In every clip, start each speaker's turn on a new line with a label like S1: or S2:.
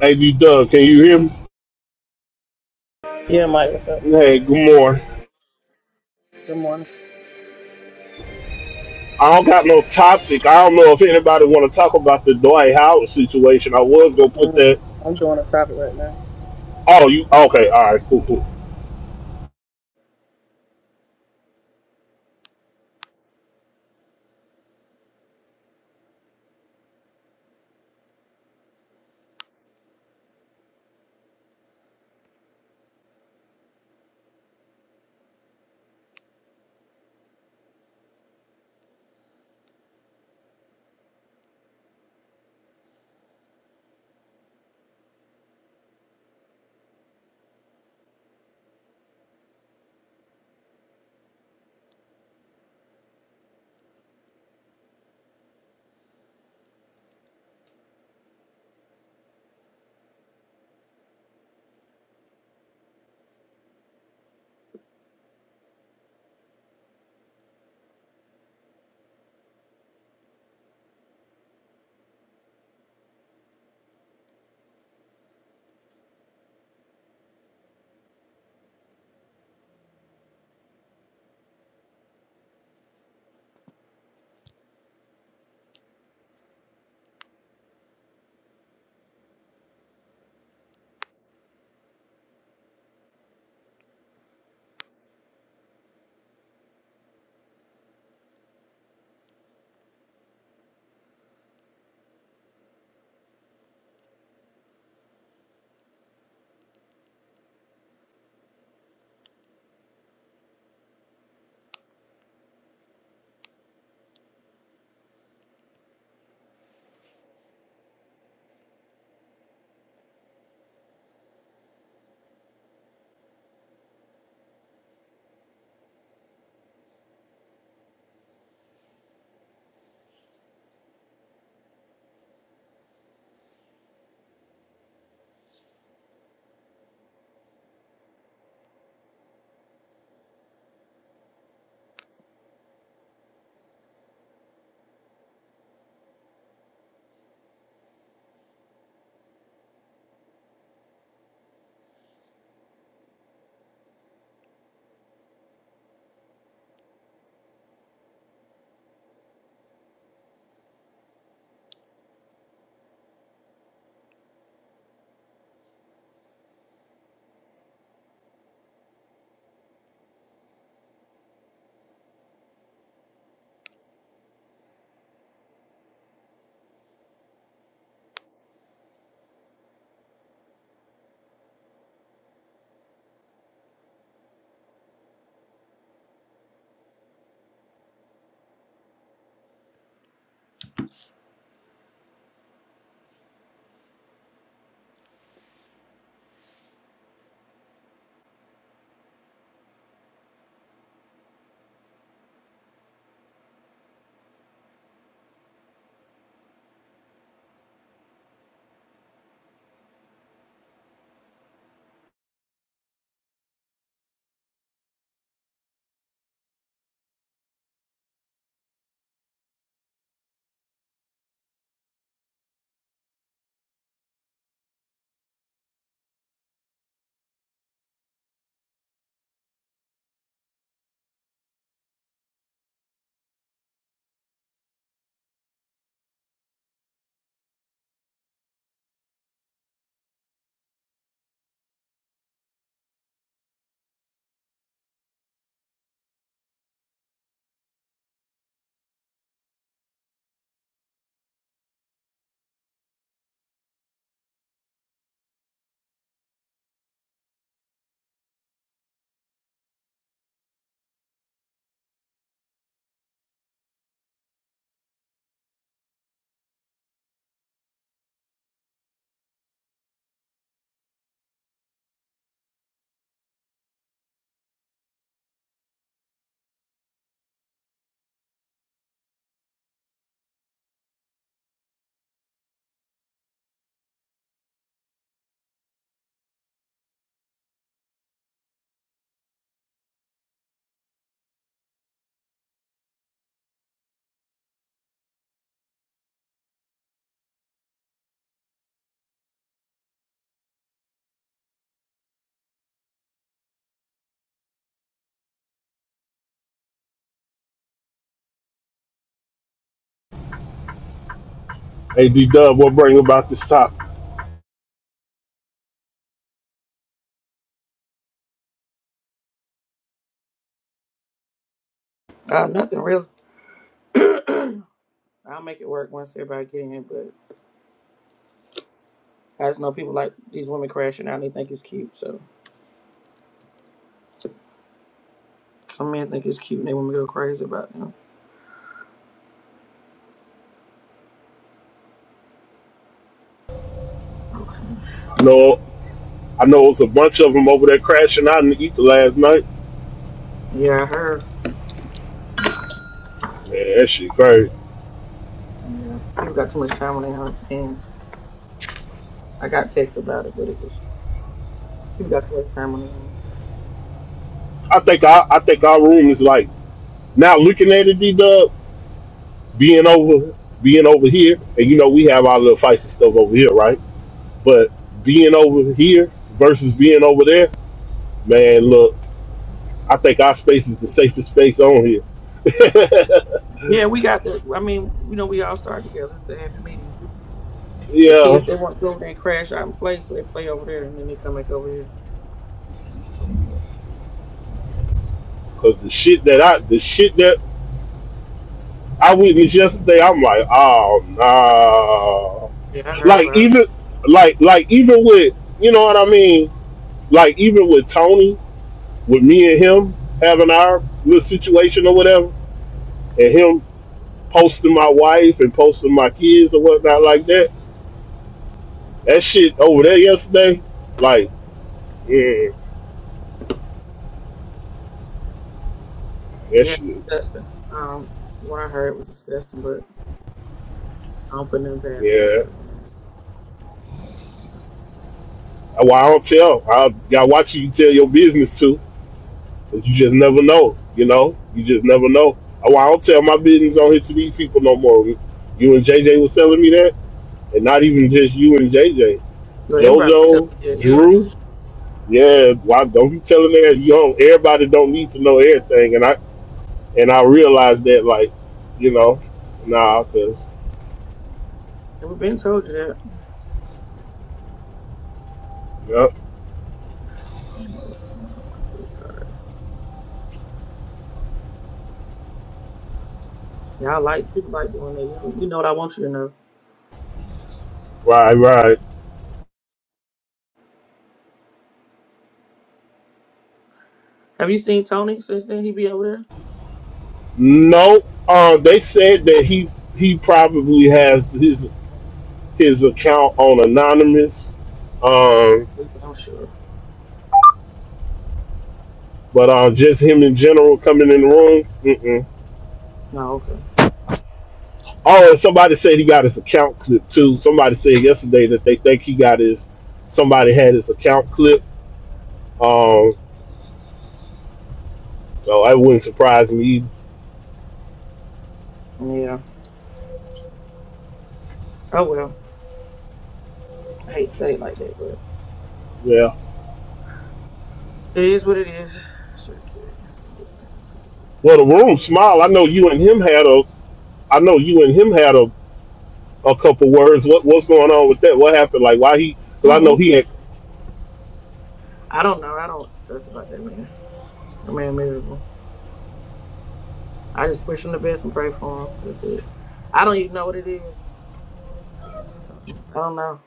S1: Hey, B Dub, can you hear me?
S2: Yeah, Mike, what's up?
S1: Hey, good morning.
S2: Good morning.
S1: I don't got no topic. I don't know if anybody want to talk about the Dwight Howard situation. I was gonna put
S2: Mm,
S1: that.
S2: I'm doing a topic right now.
S1: Oh, you okay? All right, cool, cool. Hey, D Dub, what bring about this topic?
S2: Uh, nothing real. I'll make it work once everybody get in here, but I just know people like these women crashing out and they think it's cute, so some men think it's cute and they want me to go crazy about them.
S1: I know, I know, it was a bunch of them over there crashing out in the ether last night.
S2: Yeah, I heard.
S1: Yeah, that shit crazy.
S2: Yeah. People got too much time on their hands. I got texts about it, but it was people got too much time on their hands.
S1: I think I, I think our room is like now looking at it, D Dub, being over, being over here, and you know we have our little fights and stuff over here, right? But being over here versus being over there Man, look, I think our space is the safest space on here.
S2: Yeah, we got the I mean, you know we all start together. It's the happy medium. The
S1: yeah,
S2: kids they want to go over there and crash out and play, so they play over there and then they come back over here.
S1: cause the shit that I, the shit that I witnessed yesterday, I'm like, oh no.
S2: Yeah, I heard
S1: Like
S2: about it.
S1: even, like, like even with, you know what I mean? Like even with Tony, with me and him having our little situation or whatever, and him posting my wife and posting my kids or whatnot like that. That shit over there yesterday, like, mm, that
S2: Yeah,
S1: shit,
S2: disgusting. Um, what I heard was disgusting, but I don't put nothing past
S1: yeah,
S2: nobody, man.
S1: Well, I don't tell. I got watch you tell your business to, 'cause you just never know. You know, you just never know. Oh, Well, I don't tell my business on here to these people no more. You and JJ was telling me that, and not even just you and JJ,
S2: Well, everybody been telling
S1: JoJo,
S2: you that, yeah.
S1: Drew. Yeah, why don't you telling that? You don't. Everybody don't need to know everything, and I and I realized that, like, you know, nah, cause
S2: And we've been told you that.
S1: yep,
S2: Damn it, what's going on with this card? Y'all like people like doing that. You, you know what I want you to know.
S1: right, right.
S2: Have you seen Tony since then? He be over there?
S1: No, uh, they said that he he probably has his. his account on anonymous. Um,
S2: Yeah, I'm sure.
S1: but uh, just him in general coming in the room. Mm-mm.
S2: No, okay.
S1: Oh, and somebody said he got his account clip too. Somebody said yesterday that they think he got his. Somebody had his account clip. Um, so that wouldn't surprise me.
S2: Yeah. Oh well. I hate to say it like that, but
S1: Yeah.
S2: it is what it is. Sure, carry fingerprint.
S1: Well, the room smile. I know you and him had a. I know you and him had a, a couple words. What what's going on with that? What happened? Like why he? Because I know
S2: Oh.
S1: he had.
S2: I don't know. I don't stress about that man. That man miserable. I just push him to best and pray for him. That's it. I don't even know what it is. If it is something, I don't know.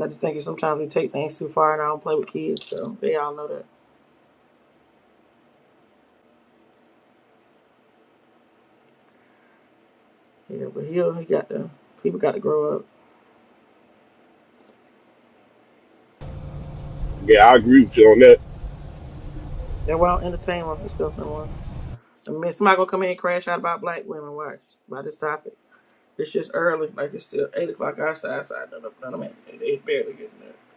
S2: I just think that sometimes we take things too far, and I don't play with kids, so they all know that. Yeah, but he'll he got to. people got to grow up.
S1: Yeah, I agree with you on that.
S2: they why I don't entertain most of stuff no more. I mean, somebody gonna come here and crash out about black women. Watch by this topic. It's just early, like it's still eight o'clock outside. So I don't know. None of them, they they barely getting there.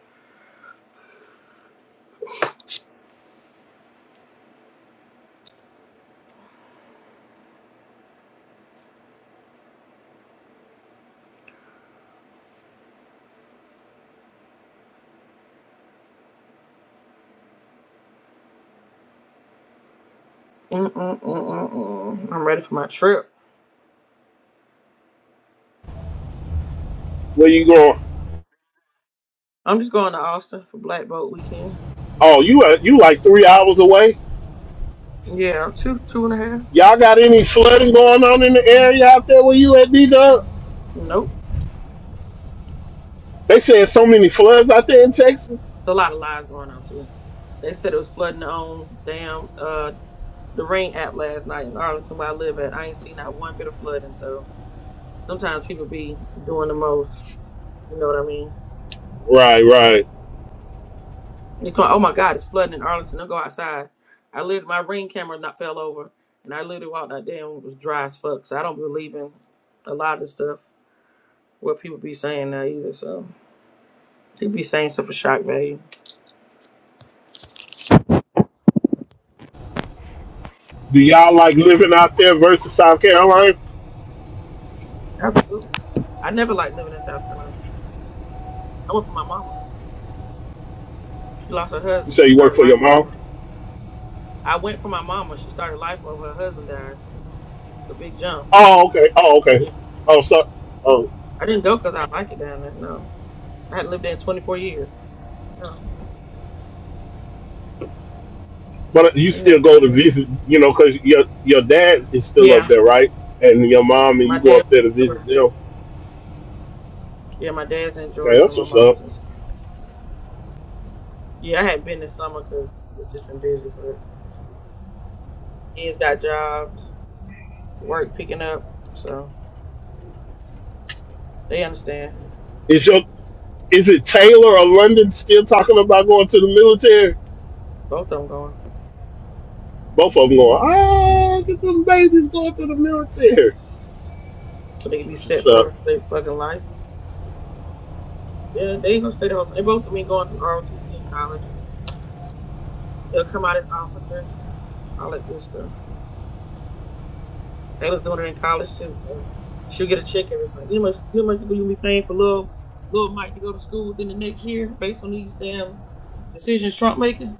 S2: Mm mm mm mm mm. I'm ready for my trip.
S1: Where you going?
S2: I'm just going to Austin for Black Boat weekend.
S1: Oh, you uh, you like three hours away?
S2: Yeah, two two and a half.
S1: Y'all got any flooding going on in the area out there where you at D Dub?
S2: Nope.
S1: They said so many floods out there in Texas.
S2: It's a lot of lies going on too. They said it was flooding on damn uh the rain app last night in Arlington where I live at. I ain't seen not one bit of flooding, so sometimes people be doing the most. You know what I mean?
S1: Right, right.
S2: And they talking, oh my God, it's flooding in Arlington. Don't go outside. I lived my ring camera not fell over, and I literally walked out there and it was dry as fuck. So I don't believe in a lot of the stuff what people be saying now either. So they be saying stuff for shock value.
S1: Do y'all like living out there versus South Carolina?
S2: Absolutely. I never liked living in South Carolina. I went for my mama. She lost her
S1: You
S2: husband.
S1: say
S2: She
S1: you work
S2: started
S1: for your
S2: life
S1: mom.
S2: over. I went for my mama. She started life over. Her husband died. It's a big jump.
S1: Oh, okay. Oh,
S2: So
S1: okay.
S2: yeah,
S1: Oh, so, oh,
S2: I didn't go 'cause I like it down there. No, I hadn't lived there in 24 years. No,
S1: but you
S2: ain't
S1: still
S2: nothing
S1: go
S2: down
S1: to
S2: there.
S1: visit, you know, because your your dad is still up
S2: Yeah,
S1: there, right? And your mom, and
S2: my
S1: you go
S2: dad.
S1: up there to visit them.
S2: Yeah, my dad's in
S1: Okay,
S2: Georgia.
S1: that's
S2: My
S1: what's
S2: mom
S1: up.
S2: was in. Yeah, I hadn't been this summer 'cause it's just been busy. But kids got jobs, work picking up, so they understand.
S1: Is your is it Taylor or London still talking about going to the military?
S2: Both of them going,
S1: Both of them going, ah, get them babies going to the military.
S2: so they can be
S1: That's what's
S2: set for the
S1: up.
S2: rest of their fucking life. Yeah, they ain't gonna stay the whole time. They both of me going through ROTC in college. They'll come out as officers, all that good stuff. They was doing it in college too, so she'll get a check every month. You know how much you know how much you'll be paying for little little Mike to go to school within the next year based on these damn decisions Trump making?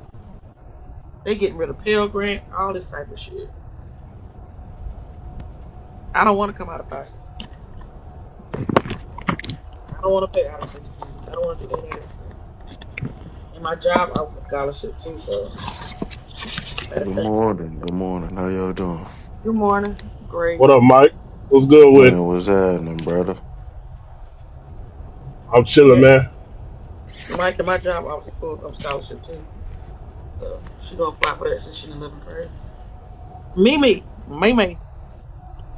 S2: They getting rid of Pell Grant, all this type of shit. I don't want to come out of pocket. I don't want to pay out of state fees. I don't want to do any of that stuff. And my job, I was a scholarship too, so matter of
S3: Good
S2: fact.
S3: morning. Good morning. How y'all doing?
S2: Good morning. Great.
S1: What up, Mike? What's good with it?
S3: Man, what's happening, brother?
S1: I'm chilling,
S2: Yeah,
S1: man.
S2: Mike, at my job, I was a full-time scholarship too. So she gonna apply for that since she's in 11th grade. Mimi, Mimi.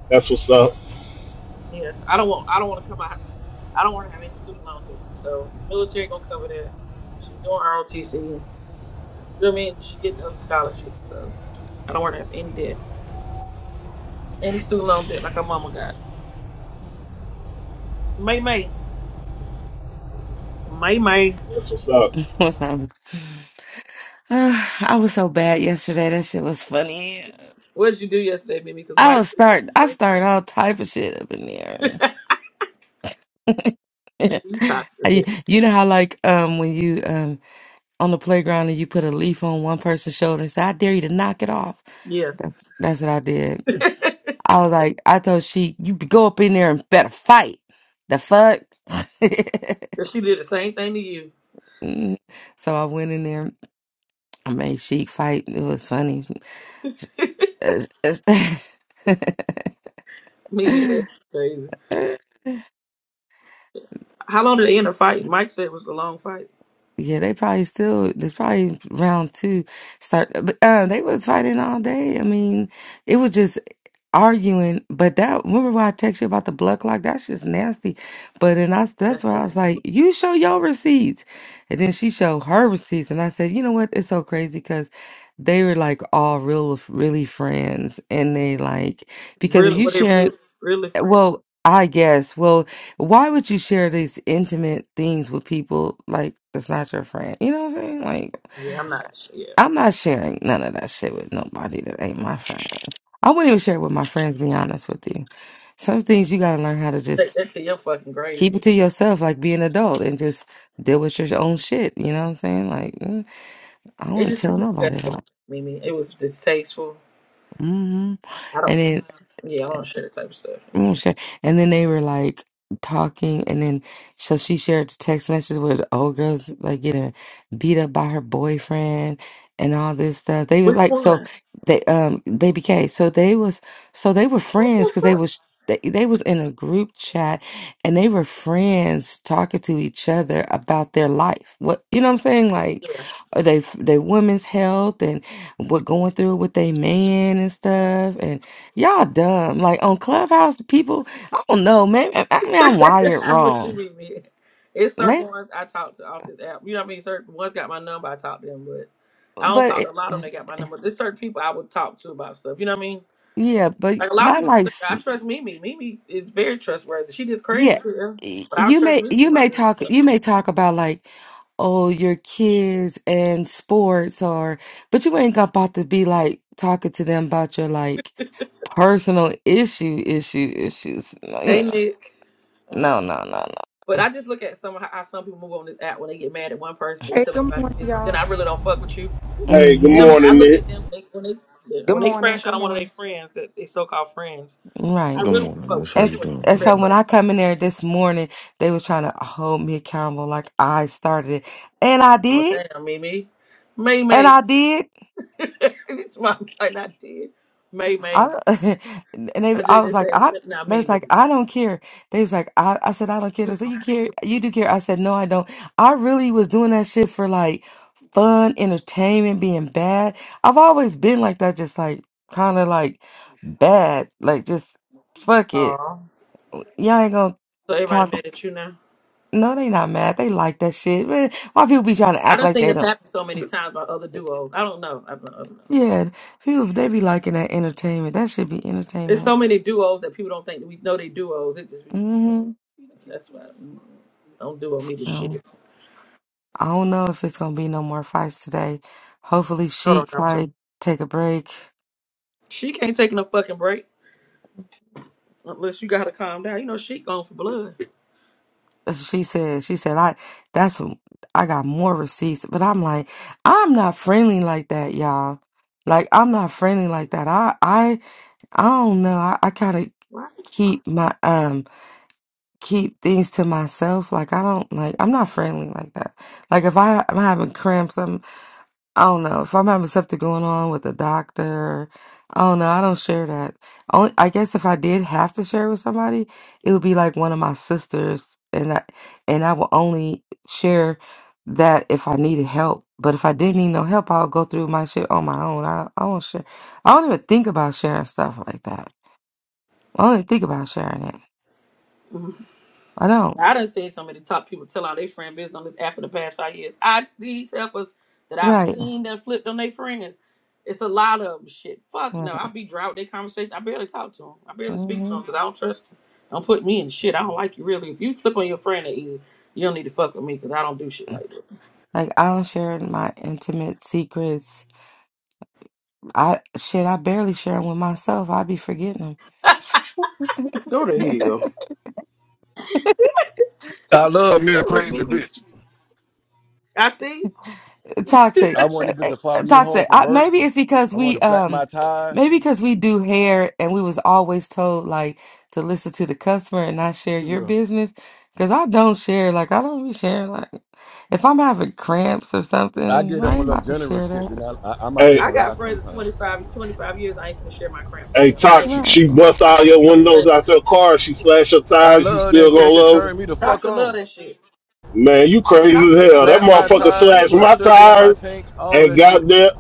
S1: That's what's up.
S2: Yes, I don't want. I don't want to come out. I don't want to have any student loan debt. So military gonna cover that. She's doing ROTC. You know what I mean? She getting other scholarships. So I don't want to have any debt, any student loan debt like her mama got. May May, May May.
S1: That's what's up.
S4: for something. I was so bad yesterday. That shit was funny.
S2: What did you do yesterday, Mimi? Because
S4: I
S2: Mike
S4: was
S2: said
S4: start. I started
S2: it's
S4: all type of shit up in
S2: crazy.
S4: there.
S2: Mimi, you talked to it.
S4: I- you know how like um when you um on the playground and you put a leaf on one person's shoulder and say, "I dare you to knock it off."
S2: Yeah.
S4: That's that's what I did. I was like, I told she, "You go up in there and better fight." The fuck.
S2: 'Cause she did the same thing to you.
S4: Mm. so I went in there. I made Sheik fight. It was funny.
S2: Mimi, it's crazy. How long did they end the fight? Mike said it was a long fight.
S4: Yeah, they probably still. It's probably round two. Start, but uh, they was fighting all day. I mean, it was just arguing. But that remember when I text you about the blood clock? That's just nasty. But and I
S2: That's
S4: that's where I was
S2: funny.
S4: like, you show your receipts, and then she showed her receipts, and I said, you know what? It's so crazy because they were like all real, really friends, and they like because if
S2: Really,
S4: you
S2: what it
S4: sharing
S2: really, really friend?
S4: Well, I guess. Well, why would you share these intimate things with people like that's not your friend? You know what I'm saying? Like,
S2: Yeah, I'm not sure. Yeah.
S4: I'm not sharing none of that shit with nobody that ain't my friend. I wouldn't even share it with my friends, to be honest with you. Some things you gotta learn how to
S2: Take
S4: just
S2: that to your fucking grave.
S4: keep it to yourself, like be an adult and just deal with your own shit. You know what I'm saying? Like, mm, I
S2: It
S4: wouldn't
S2: just
S4: tell nobody
S2: disgusting,
S4: that.
S2: Mimi. It was distasteful.
S4: hmm
S2: I
S4: And
S2: don't.
S4: then
S2: Yeah, I don't share that type of stuff.
S4: Okay. And then they were like talking, and then so she shared text messages with old girls like getting beat up by her boyfriend and all this stuff. They was
S2: Which
S4: like so
S2: one?
S4: they um baby K. So they was so they were friends because they was they, they was in a group chat and they were friends talking to each other about their life. What you know what I'm saying? Like
S2: Yeah.
S4: uh, they they women's health and what going through with their man and stuff Y'all dumb. Like on Clubhouse, people, I don't know, maybe I I mean I'm wired
S2: I wish you
S4: wrong.
S2: meet me. It's
S4: May
S2: certain ones I talk to off this app. You know what I mean? Certain ones got my number. I talk to them, but I don't
S4: but
S2: talk
S4: it-
S2: to a lot of them. They got my number. There's certain people I would talk to about stuff. You know what I mean?
S4: yeah, but
S2: Like a lot of
S4: not
S2: people don't
S4: like
S2: think
S4: s-
S2: I trust Mimi. Mimi is very trustworthy. She just crazy,
S4: yeah.
S2: yeah,
S4: y-
S2: but I
S4: You
S2: trust
S4: may
S2: Mimi with
S4: you
S2: my
S4: may
S2: business.
S4: talk you may talk about like oh your kids and sports or but you ain't about to be like talking to them about your like personal issue issue issues. No, You
S2: Hey
S4: know.
S2: Nick. Uh,
S4: No, no, no,
S2: but I just look at some how how some people move on this app when they get mad at one person, they
S5: Hey,
S2: tell
S5: good
S2: everybody
S5: morning,
S2: this. Then
S5: y'all.
S2: I really don't fuck with you.
S4: no.
S2: You
S1: Hey, good
S4: Mm-hmm.
S2: know what I mean? I
S1: morning,
S2: look
S1: Nick.
S2: at them they, when they yeah,
S5: Good
S2: when they
S5: morning.
S2: crash out
S5: Good
S2: on one of their
S5: morning.
S2: friends that they so called friends. I
S4: Right.
S3: Good
S2: really wouldn't
S3: morning,
S2: fuck with
S3: miss.
S2: you
S3: How
S4: And,
S3: you
S4: s-
S2: anyway. If
S3: doing,
S2: you
S4: and
S2: crash
S4: so
S3: baby?
S4: when
S2: on
S4: I come in there this morning, they was trying to hold me accountable like I started it. And I
S2: your oh
S4: did.
S2: damn Mimi, May
S4: And
S2: May.
S4: I did.
S2: it's my like I did May
S4: I,
S2: May.
S4: and they,
S2: I
S4: I was
S2: just
S4: like,
S2: said
S4: I,
S2: not
S4: they was
S2: Mimi.
S4: like, I don't care. They was like, I, I said, I don't care. They said, you care, you do care. I said, no, I don't. I really was doing that shit for like fun, entertainment, being bad. I've always been like that, just like kind of like bad, like just fuck it.
S2: Aw.
S4: Y'all ain't gonna
S2: So everybody
S4: talk.
S2: mad at you now.
S4: No, they not mad. They like that shit. Man, why people be trying to
S2: I
S4: act
S2: done
S4: like
S2: seen
S4: they
S2: this
S4: don't?
S2: happen so many times by other duos. I don't know. I don't know.
S4: Yeah, people they be liking that entertainment. That should be
S2: There's so
S4: entertainment.
S2: many duos that people don't think we know they duos. It just be
S4: hmm
S2: that's why mm, don't duo me the
S4: So
S2: shit.
S4: I don't know if it's gonna be no more fights today. Hopefully,
S2: Hold
S4: she
S2: on, I'm sorry.
S4: probably take a break.
S2: She can't take no fucking break unless you got her to calm down. You know she going for blood,
S4: That's what She said. She said I. That's what- I got more receipts, but I'm like, I'm not friendly like that, y'all. Like I'm not friendly like that. I I I don't know. I, I kind of
S2: right?
S4: keep my um. keep things to myself. Like I don't like I'm not friendly like that. Like if I I'm having cramps, I'm I don't know if I'm having something going on with the doctor. I don't know. I don't share that. Only I guess if I did have to share with somebody, it would be like one of my sisters, and I and I will only share that if I needed help. But if I didn't need no help, I'll go through my shit on my own. I I won't share. I don't even think about sharing stuff like that. I don't even think about sharing it. I don't.
S2: I done seen some of the top people tell all their friend business on this app for the past five years. I these helpers that I've
S4: Right.
S2: seen that flipped on their friends. It's a lot of 'em. Shit, fuck no. I be drought their conversation. I barely talk to them. I barely speak to them
S4: Mhm.
S2: because I don't trust them. Don't put me in shit. I don't like you really. If you flip on your friend that easy, you don't need to fuck with me because I don't do shit like that.
S4: Like I don't share my intimate secrets. I shit, I barely share them with myself. I be forgetting
S6: Go to
S4: them.
S6: hell.
S7: I love me a
S2: That would
S7: crazy
S2: be me.
S7: bitch.
S2: I see.
S4: Toxic,
S7: I want
S4: Eh,
S7: that bitch
S4: eh,
S7: to
S4: eh,
S7: follow me home
S4: toxic.
S7: from
S4: I,
S7: work.
S4: maybe it's because
S7: I want
S4: we
S7: to flat my
S4: um,
S7: tires.
S4: maybe because we do hair and we was always told like to listen to the customer and not share your
S7: Yeah.
S4: business. Cause I don't share. Like I don't be sharing. Like if I'm having cramps or
S7: I give
S4: something,
S7: them
S4: I
S7: a
S4: ain't
S7: little
S4: about to
S7: generous
S4: share
S7: shit, then
S4: that.
S7: I, I I might
S1: Hey,
S2: I
S7: even lie
S2: got friends of twenty
S7: sometimes.
S2: five, 25 years. I ain't finna share my cramps with
S1: hey,
S2: them. I ain't finna
S1: Toxic,
S4: Right.
S1: she busts out your
S2: share
S1: windows
S2: things.
S1: out your car, she slashed your
S7: I
S1: tires, you
S7: love that
S1: still
S7: shit.
S1: gonna
S7: That shit
S1: love
S7: turn me
S1: her?
S7: the fuck
S2: Tasha love
S7: on.
S2: that shit.
S1: Man, you crazy as
S2: Tasha, I'm
S1: hell. That
S7: Flat
S2: telling you,
S7: my
S2: it's
S1: motherfucker
S2: niggas I
S7: tires,
S2: here
S1: slashed
S2: that
S7: put
S1: my
S2: like
S7: sugar in my
S2: Tasha.
S1: tires
S7: tank, all
S1: and
S7: that shit.
S1: got there.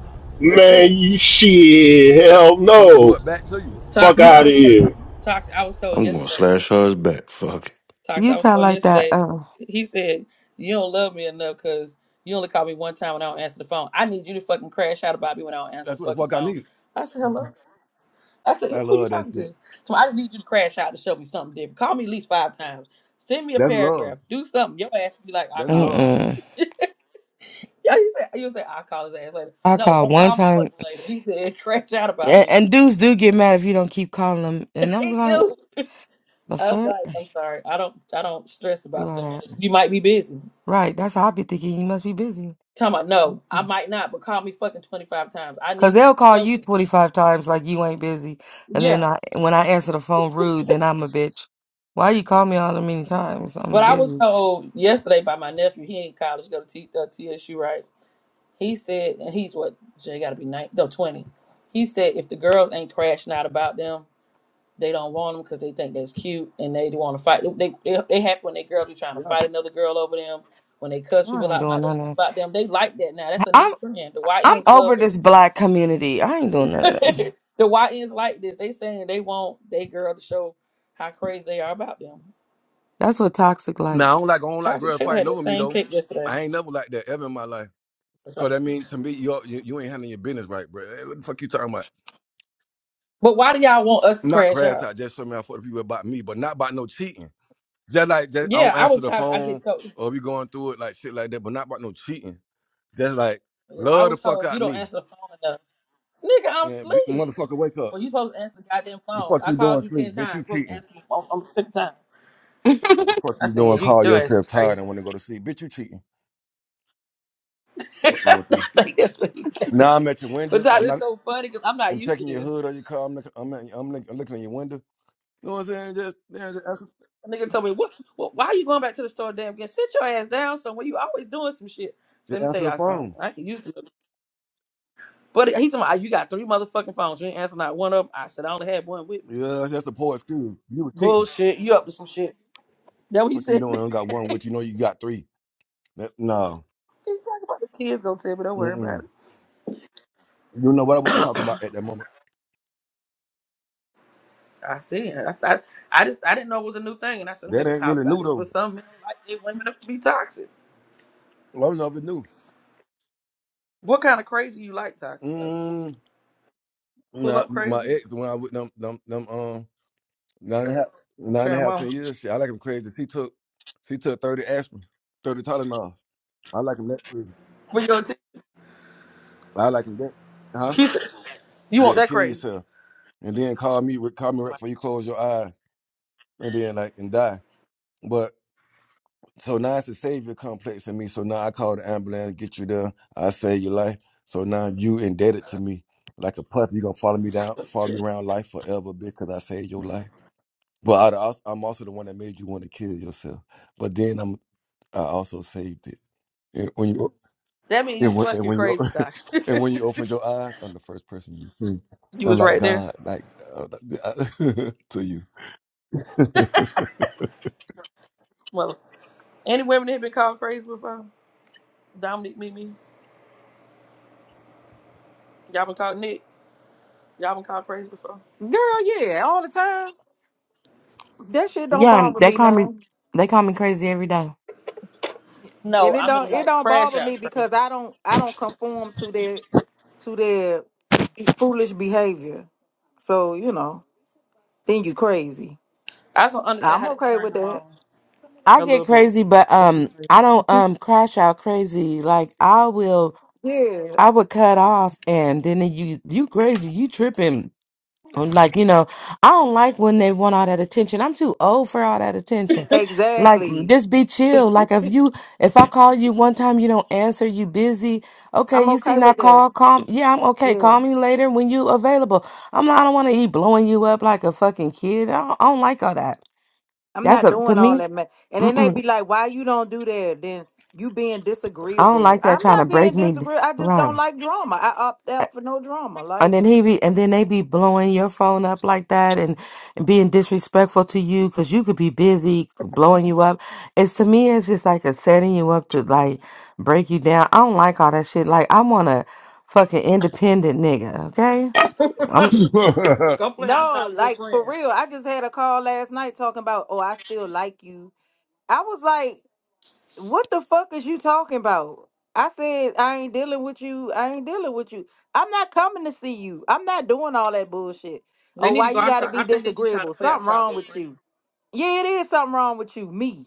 S1: Man, you shit. Hell
S7: I'm gonna do
S1: no.
S7: it back to you.
S1: Fuck
S4: You
S2: Toxic. I
S7: Huh?
S4: s-
S1: out of
S2: was
S1: here.
S2: toxic. I was told
S3: I'm gonna
S2: yesterday.
S3: slash hers back. Fuck
S2: Toxic.
S4: you
S2: I was
S4: sound
S2: told
S4: like that.
S2: yesterday.
S4: Uh,
S2: He said, "You don't love me enough because you only call me one time when I don't answer the phone. I need you to fucking crash out about me when I don't answer the
S7: That's what the
S2: fucking
S7: fuck I
S2: phone."
S7: need.
S2: I said, "Hello." I said,
S7: I
S2: "Who you
S7: love that
S2: talking
S7: shit.
S2: to?" So I just need you to crash out to show me something different. Call me at least five times. Send me a
S7: That's love.
S2: paragraph. Do something. Your ass be like, "I'll
S7: That's
S2: call him later."
S7: love.
S4: mm-mm.
S2: Yeah, he said. You say I'll call his ass later.
S4: I
S2: No,
S4: called
S2: don't
S4: one
S2: call me
S4: time.
S2: fucking later. He said, "Crash out about
S4: And,
S2: me."
S4: and dudes do get mad if you don't keep calling them. And I'm
S2: He
S4: like,
S2: do.
S4: the
S2: I was
S4: fuck?
S2: like, I'm sorry. I don't I don't stress
S4: Do
S2: about
S4: all
S2: stuff like
S4: that.
S2: that. You might be busy.
S4: Right. That's how I be thinking. You must be busy.
S2: Tell me, no, I might not, but call me fucking 25 times. I
S4: Because
S2: need you
S4: they'll
S2: to
S4: call
S2: show
S4: you
S2: me.
S4: 25 times like you ain't busy. And
S2: Yeah.
S4: then I, when I answer the phone rude, then I'm a bitch. Why you call me all the many times? I'm
S2: But I was
S4: busy.
S2: told yesterday by my nephew, he in college, go to T, uh, TSU, right? He said, and he's what, Jay got to be nine, no, 20. He said if the girls ain't crashing out about them, they don't want them because they think that's cute and they want to fight. They, they, they happy when they girls be trying to
S7: Yeah.
S2: fight another girl over them. When they cuss
S4: I
S2: people
S4: ain't
S2: out about
S4: doing
S2: them,
S4: none of that.
S2: about them, they like that now. That's a new
S4: I'm,
S2: trend. The Y
S4: I'm
S2: Ns love
S4: over
S2: this.
S4: this black community. I ain't doing none of
S2: the
S4: that.
S2: YNs like this. They saying they want they girl to show how crazy they are about them.
S4: That's what toxic like.
S7: Now I don't like I don't like
S2: Tasha
S7: girls
S2: Taylor had
S7: fighting
S2: the
S7: over me
S2: same
S7: though.
S2: cake yesterday.
S7: I ain't never like that ever in my life.
S2: So-
S7: Cause I mean to me, you you, you ain't handling your business right, bro. Hey, what the fuck you talking about?
S2: But why do y'all want us to
S7: not
S2: crash
S7: crash
S2: out?
S7: out, just show me how for the people about me, but not about no cheating. Just like just, I
S2: Yeah,
S7: don't
S2: I
S7: answer
S2: was
S7: the
S2: talking. I
S7: phone
S2: get told.
S7: or be going through it like shit like that, but not about no cheating. Just like
S2: Yeah, I
S7: love the
S2: was
S7: fuck
S2: told you
S7: out
S2: don't
S7: me.
S2: answer the phone enough. Nigga, I'm
S7: And b-
S2: asleep.
S7: motherfucker, wake up.
S2: Well, you supposed to answer the goddamn
S7: The
S2: phone.
S7: fuck
S2: I
S7: you doing
S2: called you ten
S7: sleep? Bitch,
S2: times.
S7: you
S2: You supposed to
S7: cheating.
S2: answer my phone. I'm sick time.
S7: The fuck
S2: I
S7: you
S2: said, yeah,
S7: doing?
S2: you
S7: Call
S2: your ass is
S7: yourself tired
S2: crazy.
S7: and want to go to sleep. Bitch, you cheating. Fuck
S2: I
S7: wrong with you?
S2: think that's what you
S7: Now
S2: think.
S7: I'm at your
S2: But
S7: window.
S2: Todd,
S7: I'm
S2: it's
S7: not.
S2: so funny because I'm not
S7: I'm
S2: used to
S7: checking your
S2: this.
S7: hood or your car. I'm looking. I'm, at- I'm looking, I'm looking in your window. You know what I'm saying? Just, yeah, just, answer,
S2: A nigga told me, what, what, why are you going back to the store damn again? Sit your ass down somewhere. You always doing some shit. So let
S7: just
S2: me tell
S7: answer the
S2: y'all something.
S7: phone.
S2: I can use it. But he told me, you got three motherfucking phones. You ain't answering not one of them. I said, I only had one with me.
S7: Yeah, that's a poor excuse. You were cheating.
S2: Bullshit. You up to some shit. That what he
S7: What you
S2: said.
S7: doing? I don't got
S2: he
S7: one with
S2: talking
S7: you. Know you got three. That- no.
S2: about the kids gonna tell me, don't worry about
S7: Mm-mm.
S2: it.
S7: You know what I want to talk about at that moment?
S2: I see. I, I, I just, I didn't know it was a new thing. And I said, let me
S7: That
S2: make a
S7: ain't
S2: talk
S7: really
S2: about
S7: new
S2: this.
S7: though.
S2: But some men like their women to be toxic.
S7: Well, I don't know if it's new.
S2: What kind of crazy you like toxic though?
S7: Mm,
S2: Pull
S7: nah,
S2: up
S7: m- my
S2: crazy?
S7: ex, when I with them, them, them, um, nine and a half,
S2: I'm
S7: nine
S2: sure
S7: and a
S2: I'm
S7: half,
S2: on.
S7: ten years. Shit, I like him crazy. She took, she took thirty aspirin, thirty Tylenols. I like him that crazy.
S2: for your.
S7: I like him that. Huh?
S2: He said, "You want
S7: Yeah,
S2: that
S7: kill
S2: crazy?
S7: yourself, and then call me, with- call me right before you close your eyes, and then like and die. But. So now it's a savior complex in me. So now I call the ambulance, get you there. I save your life. So now you indebted to me like a puppy. you going to follow me down, follow me around life forever because I saved your life. But I, also, I'm also the one that made you want to kill yourself. But then I'm, I also saved it. And when you,
S2: That means
S7: and
S2: you
S7: when, and
S2: fucking
S7: when you,
S2: crazy, Doc.
S7: and when you opened your eyes, I'm the first person you see.
S2: you
S7: I'm
S2: was
S7: like
S2: right there,
S7: God, like uh, to you.
S2: Well, Any women that been called crazy before? Dominic, me, me. Y'all been called Nick. Y'all been called crazy before?
S5: Girl, yeah, all the time. That shit don't
S4: Yeah, um,
S5: bother
S4: they
S5: me
S4: call me,
S5: none.
S4: they call me crazy every day.
S2: No,
S5: And it
S2: I mean
S5: don't it
S2: like
S5: don't
S2: crash
S5: bother
S2: out
S5: me
S2: crazy.
S5: because I don't I don't conform to their to their be- foolish behavior. So, you know, then you crazy.
S2: I just don't understand
S5: I'm
S2: how that
S5: okay
S2: turned
S5: with
S2: them
S5: that.
S2: on
S4: I
S2: a
S4: get
S2: little bit.
S4: crazy, but
S2: It'd be
S4: um, I don't um crash out crazy. Like I will.
S5: yeah.
S4: I would cut off and then you you crazy, you tripping. I'm like, you know, I don't like when they want all that attention. I'm too old for all that attention. Like mm,
S5: Exactly.
S4: just be chill. Like if you if I call you one time you don't answer, you busy. Okay,
S5: I'm
S4: you
S5: okay
S4: seen I
S5: with that.
S4: call, call yeah, I'm okay.
S5: Yeah.
S4: Call me later when you available. I'm not I don't wanna be blowing you up like a fucking kid. I don't, I don't like all that.
S5: I'm
S4: That's
S5: not
S4: a to
S5: doing all
S4: me,
S5: that. Man. And then they
S4: mm-mm,
S5: be like, why you don't do that? Then you being
S4: I don't
S5: disagreeable.
S4: like that
S5: I'm
S4: trying to
S5: not
S4: break
S5: being
S4: me down.
S5: disagreeable. I just don't
S4: Right.
S5: like drama. I opt out for no drama.
S4: And
S5: Like,
S4: then he be, and then they be blowing your phone up like that and, and being disrespectful to you because you could be busy blowing you up. It's to me, it's just like a setting you up to like break you down. I don't like all that shit. Like I want a fucking independent nigga. Okay,
S2: crazy.
S4: I'm
S2: Go
S7: Mm-mm.
S2: play outside
S5: no,
S2: with your
S5: like for
S2: friends.
S5: real. I just had a call last night talking about, oh, I still like you. I was like, what the fuck is you talking about? I said, I ain't dealing with you. I ain't dealing with you. I'm not coming to see you. I'm not doing all that bullshit.
S2: They
S5: Oh,
S2: need to
S5: why
S2: go
S5: you gotta
S2: outside. I
S5: be
S2: think they need to try to
S5: disagreeable?
S2: play
S5: Something
S2: outside with
S5: wrong
S2: their
S5: with
S2: friends.
S5: you. Yeah, it is something wrong with you, me.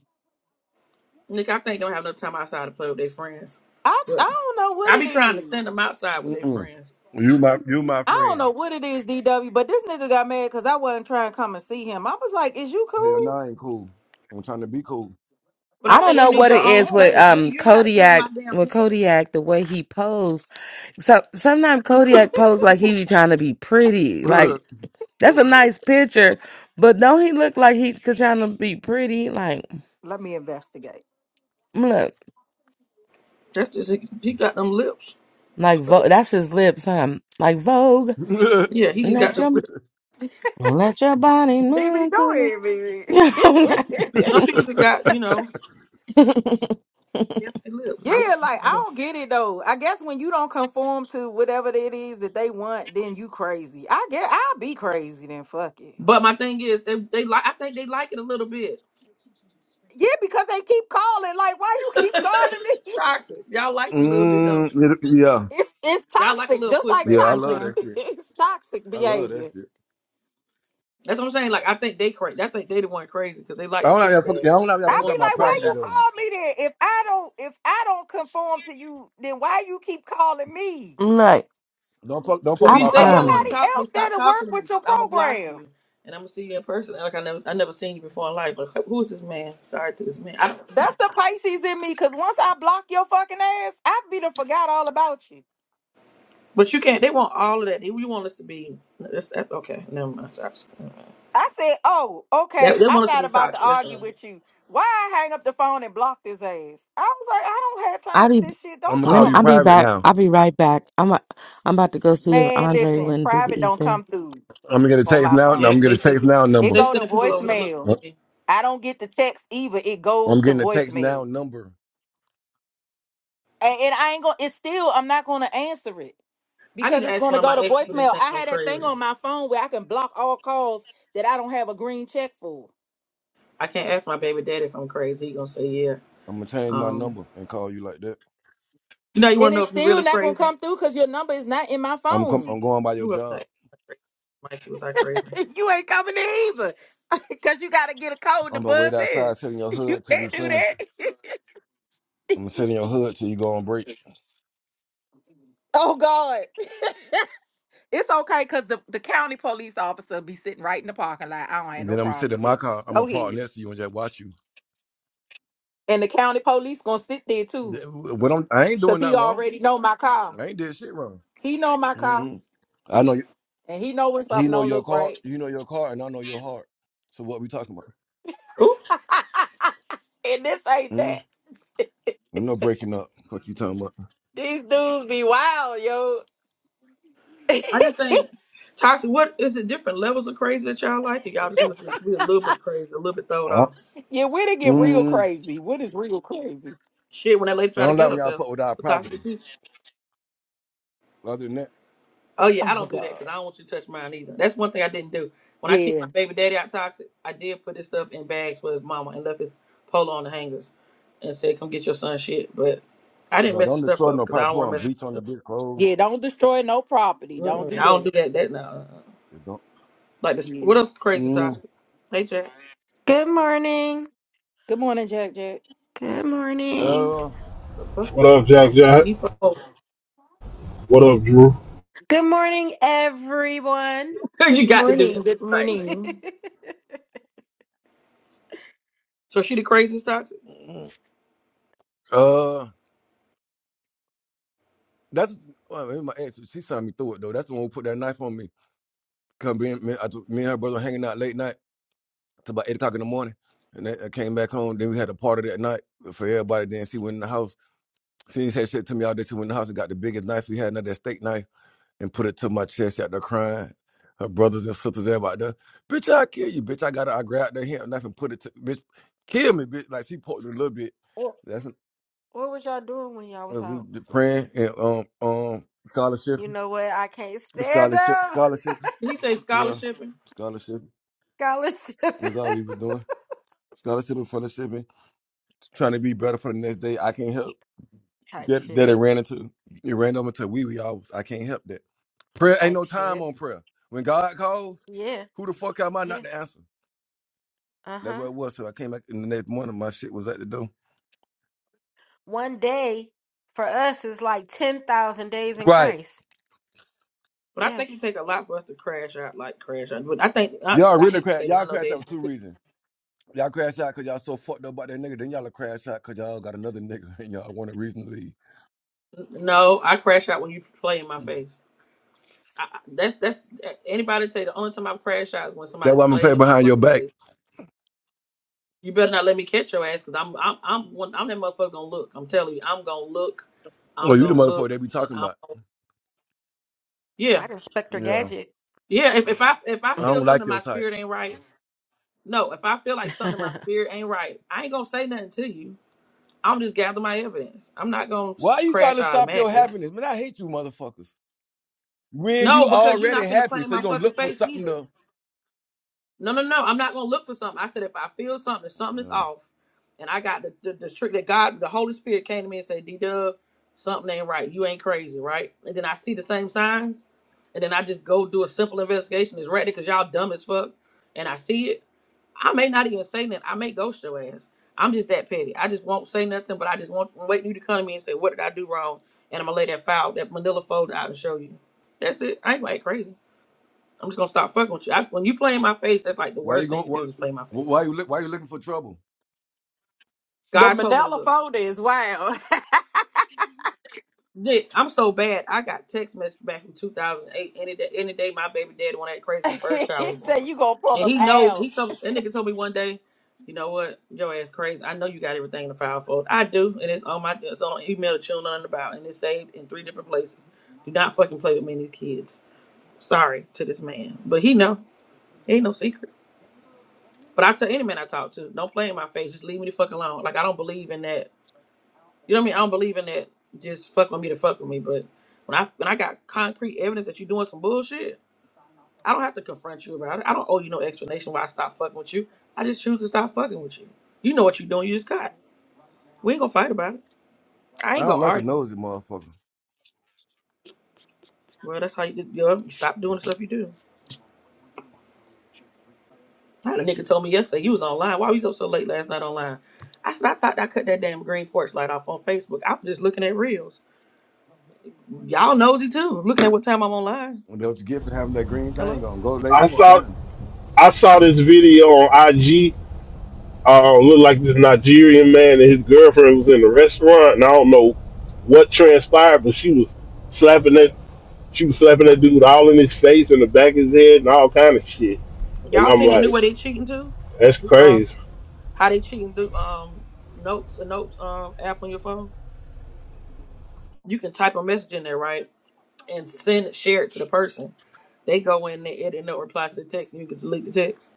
S2: Nick, I think they don't have no time outside to play with their friends.
S5: I I
S2: But
S5: don't know what
S2: I be
S5: it
S2: trying to send them
S5: is.
S2: outside with their friends.
S7: You my, you my
S5: I don't
S7: friend.
S5: know what it is, DW, but this nigga got mad because I wasn't trying to come and see him. I was like, is you
S7: Hell
S5: cool?
S7: nah, I ain't cool. I'm trying to be cool.
S2: But I
S4: I
S5: Man,
S4: don't
S2: think you
S5: get
S4: know
S5: the
S2: need
S4: what
S2: your
S4: it
S5: fuck
S2: own
S4: is with
S2: space.
S5: on.
S2: Really,
S4: um
S2: You ain't got to be in my
S4: Kodiak
S2: damn
S4: with
S2: panties.
S4: Kodiak the way he posed. So sometimes Kodiak posed like he be trying to be pretty. Like that's a nice picture, but don't he look like he could trying to be pretty? Like
S5: Let me investigate.
S4: look,
S2: That's just, he got them lips.
S4: like Vogue. That's his lips, huh? Like Vogue,
S2: Yeah, he just got
S4: let
S2: them
S4: your
S2: lips.
S4: let your body
S5: BB,
S4: move
S5: go
S4: to
S5: ahead,
S4: the.
S2: Some
S5: BB.
S2: people just got, you know, hefty lips. And I think
S5: Yeah,
S2: that's
S5: like
S2: how
S5: I
S2: it is.
S5: don't get it though. I guess when you don't conform to whatever it is that they want, then you crazy. I get I'll be crazy then fuck it.
S2: But my thing is, they, they like. I think they like it a little bit.
S5: Yeah, because they keep calling. Like, why you keep calling me?
S2: Toxic. Y'all like it a little bit, don't
S7: Mm,
S2: you?
S7: it- yeah,
S5: It's, it's
S2: Y'all like a
S5: toxic,
S2: little
S5: just like
S7: yeah,
S2: pushback
S7: I love
S5: toxic.
S2: sometimes.
S7: that shit.
S5: It's toxic
S7: I love
S5: behavior.
S7: that shit.
S2: That's what I'm saying. Like I think they crazy. I think they the one crazy because they
S7: I
S2: like the
S7: don't have y'all fuck.
S2: pushback,
S7: yeah, I don't have y'all
S2: but they
S5: I
S7: fuck
S5: be
S7: up
S2: want to
S7: my
S2: be
S5: like, why
S2: pressed
S7: property
S5: you
S2: out.
S7: though.
S5: call me then? If I don't, if I don't conform to you, then why you keep calling me?
S4: like
S7: Don't fuck. Don't fuck
S2: If
S7: with
S2: you
S4: I'm
S7: my
S5: Call
S2: say you don't
S7: property
S4: um.
S2: want
S7: though.
S2: to
S5: somebody
S2: talk to me,
S5: else there
S2: stop
S5: to work
S2: talking to me.
S5: with your
S2: I'm gonna block
S5: program.
S2: you, and I'm gonna see you in person. Like I never, I never seen you before in life. But who is this man? Sorry to this man. I, don't-
S5: That's the Pisces in me, cause once I block your fucking ass, I be done forgot all about you.
S2: but you can't. They want all of that. They, you want us to be. That's, that, okay, never mind. Sorry. Never mind.
S5: I said, oh,
S2: That,
S5: okay,
S2: they
S5: I'm
S2: want us to
S5: not
S2: be
S5: about to
S2: toxic. That's
S5: argue
S2: all.
S5: with you. Why I hang up the phone and block this ass? I was like, I don't have
S4: I
S5: time for
S4: be
S5: this shit.
S7: I'm
S5: Don't
S7: gonna
S4: let
S7: call
S4: me,
S5: call
S7: you
S4: I'll
S5: me.
S4: be
S7: private
S4: back.
S7: now.
S4: I'll be right back. I'm a, I'm about to go see if
S5: Man,
S4: Andre
S5: listen,
S4: went to the
S5: private don't
S4: ether.
S5: come through
S7: I'm gonna get a
S5: on
S7: text
S5: my
S7: now. No,
S2: Yeah,
S7: I'm
S5: phone.
S2: 'cause
S7: gonna
S2: they
S7: get a
S2: send
S7: text
S2: people,
S7: now
S5: It
S7: number.
S2: they
S5: go to
S2: sending people over to look
S5: voicemail.
S7: Uh,
S2: at me.
S5: I don't get the text either. It goes
S7: I'm
S5: to
S7: getting a text now
S5: voicemail.
S7: number.
S5: And, and I ain't gonna it's still I'm not gonna answer it
S2: I need
S5: because
S2: to
S5: it's
S2: ask one
S5: gonna
S2: of
S5: go
S2: my
S5: to
S2: exes if they
S5: voicemail.
S2: think
S5: I
S2: I'm
S5: had that thing
S2: crazy.
S5: on my phone where I can block all calls that I don't have a green check for.
S2: I can't ask my baby daddy if I'm crazy. He gonna say yeah.
S7: I'm gonna change my
S2: Um,
S7: number and call you like that.
S2: you know, you want
S5: And
S2: to know
S5: it's
S2: if you're
S5: still
S2: really
S5: not gonna
S2: crazy.
S5: come through because your number is not in my
S7: I'm com-
S5: phone.
S7: I'm going by your
S2: Who else can I
S7: job.
S2: ask? Mikey, was I crazy?
S5: you ain't coming in either. Cause you gotta get a code to
S7: I'm gonna wait
S5: buzz in.
S7: outside, sit in your
S5: You
S7: hood till you
S5: can't do
S7: finish.
S5: that.
S7: I'm gonna sit in your hood till you go on break.
S5: oh God. It's okay because the, the county police officer be sitting right in the parking lot. I don't
S7: And
S5: have no
S7: then I'm gonna
S5: problem
S7: sit in
S5: with
S7: my
S5: that.
S7: car. I'm gonna
S5: Go
S7: park
S5: ahead.
S7: next to you and just watch you.
S5: And the county police gonna sit there
S7: Th-
S5: too,
S7: What I'm, I ain't
S5: cause
S7: doing
S5: he
S7: nothing wrong.
S5: already know my car.
S7: I ain't did shit wrong.
S5: He know my car,
S7: hmm I know you,
S5: and he know when
S7: he
S5: something
S7: know
S5: don't
S7: your
S5: look
S7: car,
S5: right.
S7: you know your car, and I know your heart. So what we talking about?
S2: Ooh.
S5: and this ain't
S7: mm
S5: that.
S7: Ain't no breaking up. Fuck you talking about?
S5: These dudes be wild, yo.
S2: I just think toxic. What is it? Different levels of crazy that y'all like, and y'all just want to be a little bit crazy, a little bit throwed
S7: Uh,
S2: off.
S5: yeah, where they get real
S7: mm
S5: crazy? What is real crazy?
S2: Shit, when that lady
S7: I
S2: tried to
S7: don't like
S2: kill
S7: when y'all
S2: herself
S7: fuck with our
S2: with toxic
S7: property.
S2: people.
S7: Other than that,
S2: Oh yeah,
S5: Oh
S2: I
S5: my
S2: don't do that
S5: god.
S2: because I don't want you to touch mine either. That's one thing I didn't do. When I kicked my
S5: Yeah,
S2: baby daddy out toxic, I did put his stuff in bags for his mama and left his polo on the hangers, and said, "Come get your son shit." But I didn't
S7: no,
S2: mess the
S7: don't
S2: stuff
S7: destroy
S2: up
S7: no
S2: because I
S7: property.
S2: don't
S7: Put
S2: want to
S7: on
S2: mess.
S7: bleach on
S2: my
S7: the
S2: stuff Up.
S7: bitch clothes.
S5: yeah. Don't destroy no property. Don't
S2: Mm-mm,
S5: do
S2: I don't
S5: that.
S2: do that. That no. uh-uh.
S7: Just don't.
S2: Like this. What
S5: Yeah.
S2: else? Crazy
S7: mm
S2: toxic. Hey Jack.
S8: Good morning.
S5: Good morning, Jack. Jack.
S8: Good morning.
S7: Uh,
S2: The fuck.
S1: What up, Jack
S2: Off the
S1: Jack?
S2: depot.
S1: What up, Drew?
S8: Good morning, everyone.
S5: Good
S2: you got to do that
S5: morning. Good
S2: tonight.
S5: morning.
S2: So she the craziest toxic.
S7: mm, uh, that's well, it was my ex. She signed me through it though. That's the one who put that knife on me. Cause me, and- me, I, me and her brother hanging out late night. to about eight o'clock in the morning. And that, I came back home. Then we had a party that night for everybody. Then she went in the house. She said shit to me all day. She went in the house and got the biggest knife we had, another steak knife, and put it to my chest. She out there crying. Her brothers and sisters, everybody there. Bitch, I kill you, bitch. I got it. I grabbed the hand knife and put it to bitch. Kill me, bitch. Like she poked me a little bit.
S8: what,
S7: That's
S8: what was y'all doing when y'all was
S7: uh, we
S8: out?
S7: was praying and um um scholarship,
S8: You know what? I can't stand
S7: scholarship,
S8: up.
S7: scholarship.
S2: Did he say
S7: Yeah,
S2: scholarshiping?
S7: scholarship.
S8: Scholarship.
S7: That's all we were doing. Scholarship and fellowship, and trying to be better for the next day. I can't help.
S8: Type
S7: that, that it
S8: shit.
S7: ran into it ran over to wee wee. I was I can't help that. Prayer ain't
S8: Type
S7: no time
S8: shit.
S7: on prayer. When God calls,
S8: Yeah.
S7: who the fuck am I not
S8: Yeah.
S7: to answer?
S8: Uh
S7: That's
S8: huh.
S7: what it was. So I came back in the next morning, my shit was at the door.
S8: One day for us is like 10,000 days in
S7: Right.
S8: Christ.
S2: But I
S8: Yeah.
S2: think it take a lot for us to crash out, like crash out. But I think I,
S7: Y'all
S2: I
S7: really
S2: hate to
S7: crash.
S2: say this. I
S7: Y'all
S2: know
S7: crash
S2: Deja.
S7: out for two reasons. Y'all crash out because y'all so fucked up about that nigga. Then y'all crash out because y'all got another nigga and y'all want a reason to leave.
S2: No, I crash out when you play in my face. I, I- that's that's anybody tell you the only time I've crashed out is when
S7: That's
S2: somebody's
S7: why I'm gonna play
S2: played in my
S7: behind your
S2: fucking
S7: back.
S2: face. You better not let me catch your ass because I'm I'm I'm one, I'm that motherfucker gonna look. I'm telling you, I'm gonna look,
S7: Oh,
S2: I'm
S7: you the
S2: gonna
S7: motherfucker they
S2: look,
S7: be
S2: and
S7: talking
S2: I'm
S7: about.
S2: gonna, yeah
S8: Not Inspector
S7: Yeah.
S8: Gadget.
S2: yeah. If if I if I
S7: I
S2: feel
S7: don't
S2: something
S7: like
S2: in my
S7: your type.
S2: spirit ain't right. No, if I feel like something in my spirit ain't right, I ain't gonna say nothing to you. I'm just gather my evidence. I'm not gonna s-
S7: Why are you trying
S2: crash
S7: to stop your
S2: automatically.
S7: happiness? Man, I hate you motherfuckers. When
S2: No,
S7: you
S2: because you're
S7: already
S2: not finna play
S7: happy,
S2: in
S7: so you're
S2: my
S7: gonna
S2: fucking
S7: look for
S2: face
S7: something
S2: either.
S7: to
S2: No, no, no. I'm not gonna look for something. I said if I feel something, if something is
S7: Yeah.
S2: off, and I got the the, the trick that God, the Holy Spirit came to me and said, D Dub, something ain't right. You ain't crazy, right? And then I see the same signs, and then I just go do a simple investigation. It's right there because y'all dumb as fuck, and I see it. I may not even say nothing. I may ghost your ass. I'm just that petty. I just won't say nothing, but I just want wait you to come to me and say, What did I do wrong? And I'm gonna lay that file, that manila folder out and show you. That's it. I ain't like crazy. I'm just gonna stop fucking with you. I, when you play in my face, that's like the
S7: Why you
S2: worst thing you
S7: going?
S2: can do
S7: What?
S2: is play in my face.
S7: Why you look? Why you looking for trouble?
S5: The
S2: God told me to
S5: Manila
S2: look.
S5: folder is wild.
S2: Nick, I'm so bad. I got text message back from 2008. Any day, any day, my baby daddy went that crazy when first child
S5: he
S2: was born,
S5: said you gonna pull
S2: and
S5: them
S2: he knows.
S5: out.
S2: He told that nigga told me one day, you know what, your ass crazy. I know you got everything in the file folder. I do, and it's on my it's on an email that you don't know nothing about, and it's saved in three different places. Do not fucking play with me and these kids. Sorry to this man, but he know. ain't no secret. But I tell any man I talk to, don't play in my face. Just leave me the fuck alone. Like I don't believe in that you know what I mean? I don't believe in that. Just fuck with me to fuck with me. But when I when I got concrete evidence that you're doing some bullshit, I don't have to confront you about it. I don't owe you no explanation why I stopped fucking with you. I just choose to stop fucking with you. You know what you're doing. You just caught. We ain't gonna fight about it. I
S7: I
S2: ain't gonna
S7: don't like a
S2: argue.
S7: nosy motherfucker.
S2: Well, that's how you You, know, you stop doing the stuff you do. I had a nigga told me yesterday you was online. Why was you up so late last night online? I said I thought I cut that damn green porch light off on Facebook. I was just looking at reels. Y'all nosy too. Looking at what time I'm online.
S7: That was you get of having that green
S2: Hello.
S7: thing on. Go lay the
S1: I
S7: fuck
S1: saw.
S7: down.
S1: I saw this video on IG. Uh, looked like this Nigerian man and his girlfriend was in the restaurant, and I don't know what transpired, but she was slapping that she was slapping that dude all in his face and the back of his head and all kind of shit. And
S2: Y'all
S1: I'm
S2: seen the new
S1: like,
S2: way they cheating too?
S1: that's
S2: Uh,
S1: crazy.
S2: how they cheating through um notes, the notes um app on your phone? You can type a message in there, right, and send it, share it to the person. They go in, they edit, and they'll reply to the text, and you can delete the text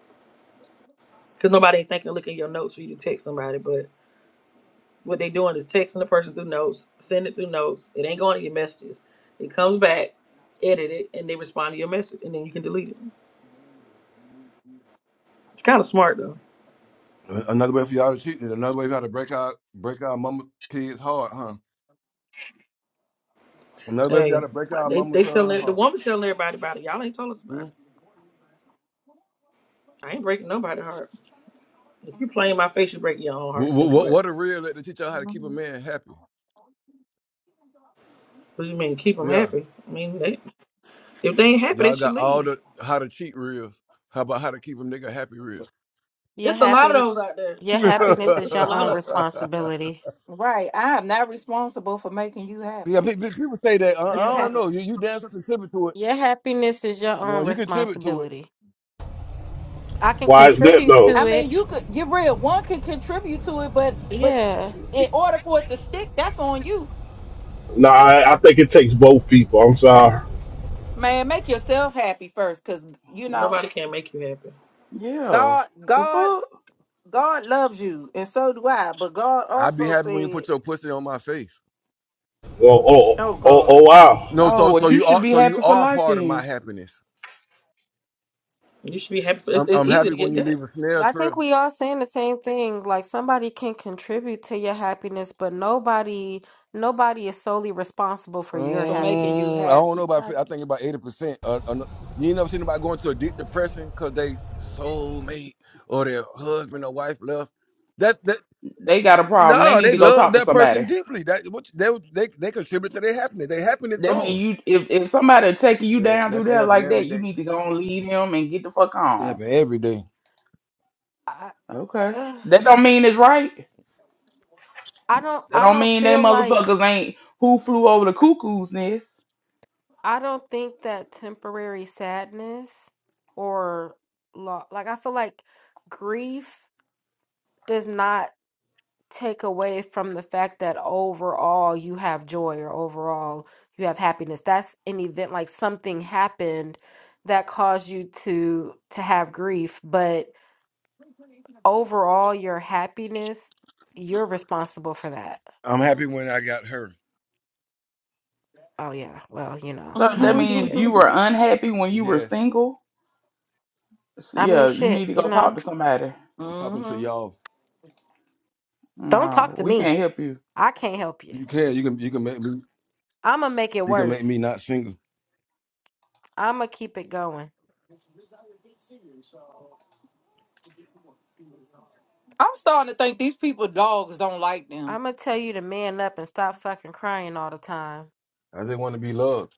S2: because nobody ain't thinking to look at your notes for you to text somebody. But what they doing is texting the person through notes, send it through notes. It ain't going to your messages. It comes back, edit it, and they respond to your message, and then you can delete it. It's kind of smart though.
S7: A- Another way for y'all to cheat. Another way for y'all to break our break our mama kids heart, huh? Another way for y'all
S2: Hey,
S7: to break our
S2: they
S7: mama
S2: they
S7: son
S2: telling the
S7: heart.
S2: woman telling everybody about it. Y'all ain't told us about it.
S7: Hmm?
S2: I ain't breaking nobody's heart. If you play in my face, you break your own heart,
S7: What,
S2: stinker.
S7: what
S2: But
S7: what a reel that to teach y'all how to keep a
S5: Mhm.
S7: man happy.
S2: what do you mean? Keep them
S7: Yeah,
S2: happy. I mean, they, if they ain't happy, they
S7: y'all
S2: should
S7: got all
S2: leave.
S7: the how to cheat reels. How about how to keep a nigga happy reels?
S8: your,
S2: It's a
S8: happy,
S2: lot of those out there.
S8: your happiness
S2: It's,
S8: is
S2: it's a
S8: your
S2: lot
S8: own
S2: of them.
S8: responsibility.
S5: Right. I am not responsible for making you
S7: Yeah,
S5: happy.
S7: pe- pe- people say that. Uh, I
S2: It's
S8: Your
S2: a
S8: Yeah.
S7: don't
S2: lot of
S7: know.
S2: them.
S7: You, you damn sure contribute to it.
S8: Your happiness is your
S7: You know,
S8: own
S7: you contribute to it.
S8: responsibility. I can
S1: Why is that
S8: contribute
S1: though?
S8: to
S5: I mean,
S8: it.
S5: you could get real. One can contribute to it, but but
S8: Yeah.
S5: in order for it to stick, that's on you,
S1: Nah, I, I think it takes both people. I'm sorry.
S5: man. Make yourself happy first, cause you know
S2: Nobody can make you happy.
S6: Yeah.
S5: God,
S6: The
S5: God,
S6: fuck?
S5: God loves you, and so do I. But God
S7: I'd be
S5: also
S7: happy when you
S5: said,
S7: put your pussy on my face.
S1: Oh, oh,
S5: "Oh
S1: oh,
S5: God,
S1: oh wow.
S7: No,
S6: Oh,
S7: so
S6: well,
S7: so
S6: you
S7: you
S6: should
S7: are
S6: be
S7: so you
S6: happy for
S7: are
S6: life
S7: part of my
S6: then.
S7: happiness.
S2: You should be happy. For, it's,
S7: I'm
S2: it's
S7: I'm
S2: easy
S7: happy
S2: to
S7: when
S2: get
S7: you
S2: that.
S7: leave a snail
S8: I think
S7: trail.
S8: we all saying the same thing. Like somebody can contribute to your happiness, but nobody nobody is solely responsible for
S7: Um,
S8: your
S5: for making you
S8: happiness.
S7: I don't know
S5: happy."
S7: about. fi- I think about eighty percent. Uh, uh, no- you ain't never seen anybody going to a deep depression because they soulmate or their husband or wife left. That that
S6: They got a problem. They
S7: no,
S6: need
S7: they
S6: to go
S7: love
S6: talk to
S7: that person
S6: somebody.
S7: deeply. That what they they they contribute to their happiness. Their happiness
S6: That mean
S7: gone.
S6: you if, if somebody taking you
S7: Yeah,
S6: down
S7: and that
S6: through
S7: should
S6: there
S7: happen
S6: like
S7: every
S6: that, you
S7: day.
S6: need to go and leave him and get the fuck
S7: That shit
S6: on.
S7: happen every day.
S8: I
S6: Okay.
S8: uh,
S6: That don't mean it's right.
S8: I don't
S6: That
S8: I
S6: don't
S8: don't
S6: mean they
S8: feel like
S6: motherfuckers ain't who flew over the cuckoo's nest.
S8: I don't think that temporary sadness or lo- like I feel like grief does not take away from the fact that overall you have joy or overall you have happiness that's an event like something happened that caused you to to have grief but overall your happiness you're responsible for that
S7: I'm happy when I got her.
S8: oh yeah well you know
S6: So
S8: i
S6: that
S5: hmm
S8: mean
S6: means
S8: shit
S6: you were unhappy when you were
S7: Yes,
S6: single. So,
S8: i mean
S6: yeah, you
S8: shit
S6: need to
S8: you
S6: go talk
S8: know
S6: to somebody.
S7: I'm talking to
S5: I'm
S7: y'all.
S8: don't
S6: No,
S8: talk to
S6: we
S8: me
S6: can't help you.
S8: i can't help you
S7: You can, you can, you can make me,
S8: i'ma make it
S7: you can make me
S8: worse
S7: not single.
S8: i'ma keep it going
S5: starting to think these people dogs don't like them.
S8: i'ma tell you to man up and stop fucking crying all the time
S7: I just want to be loved.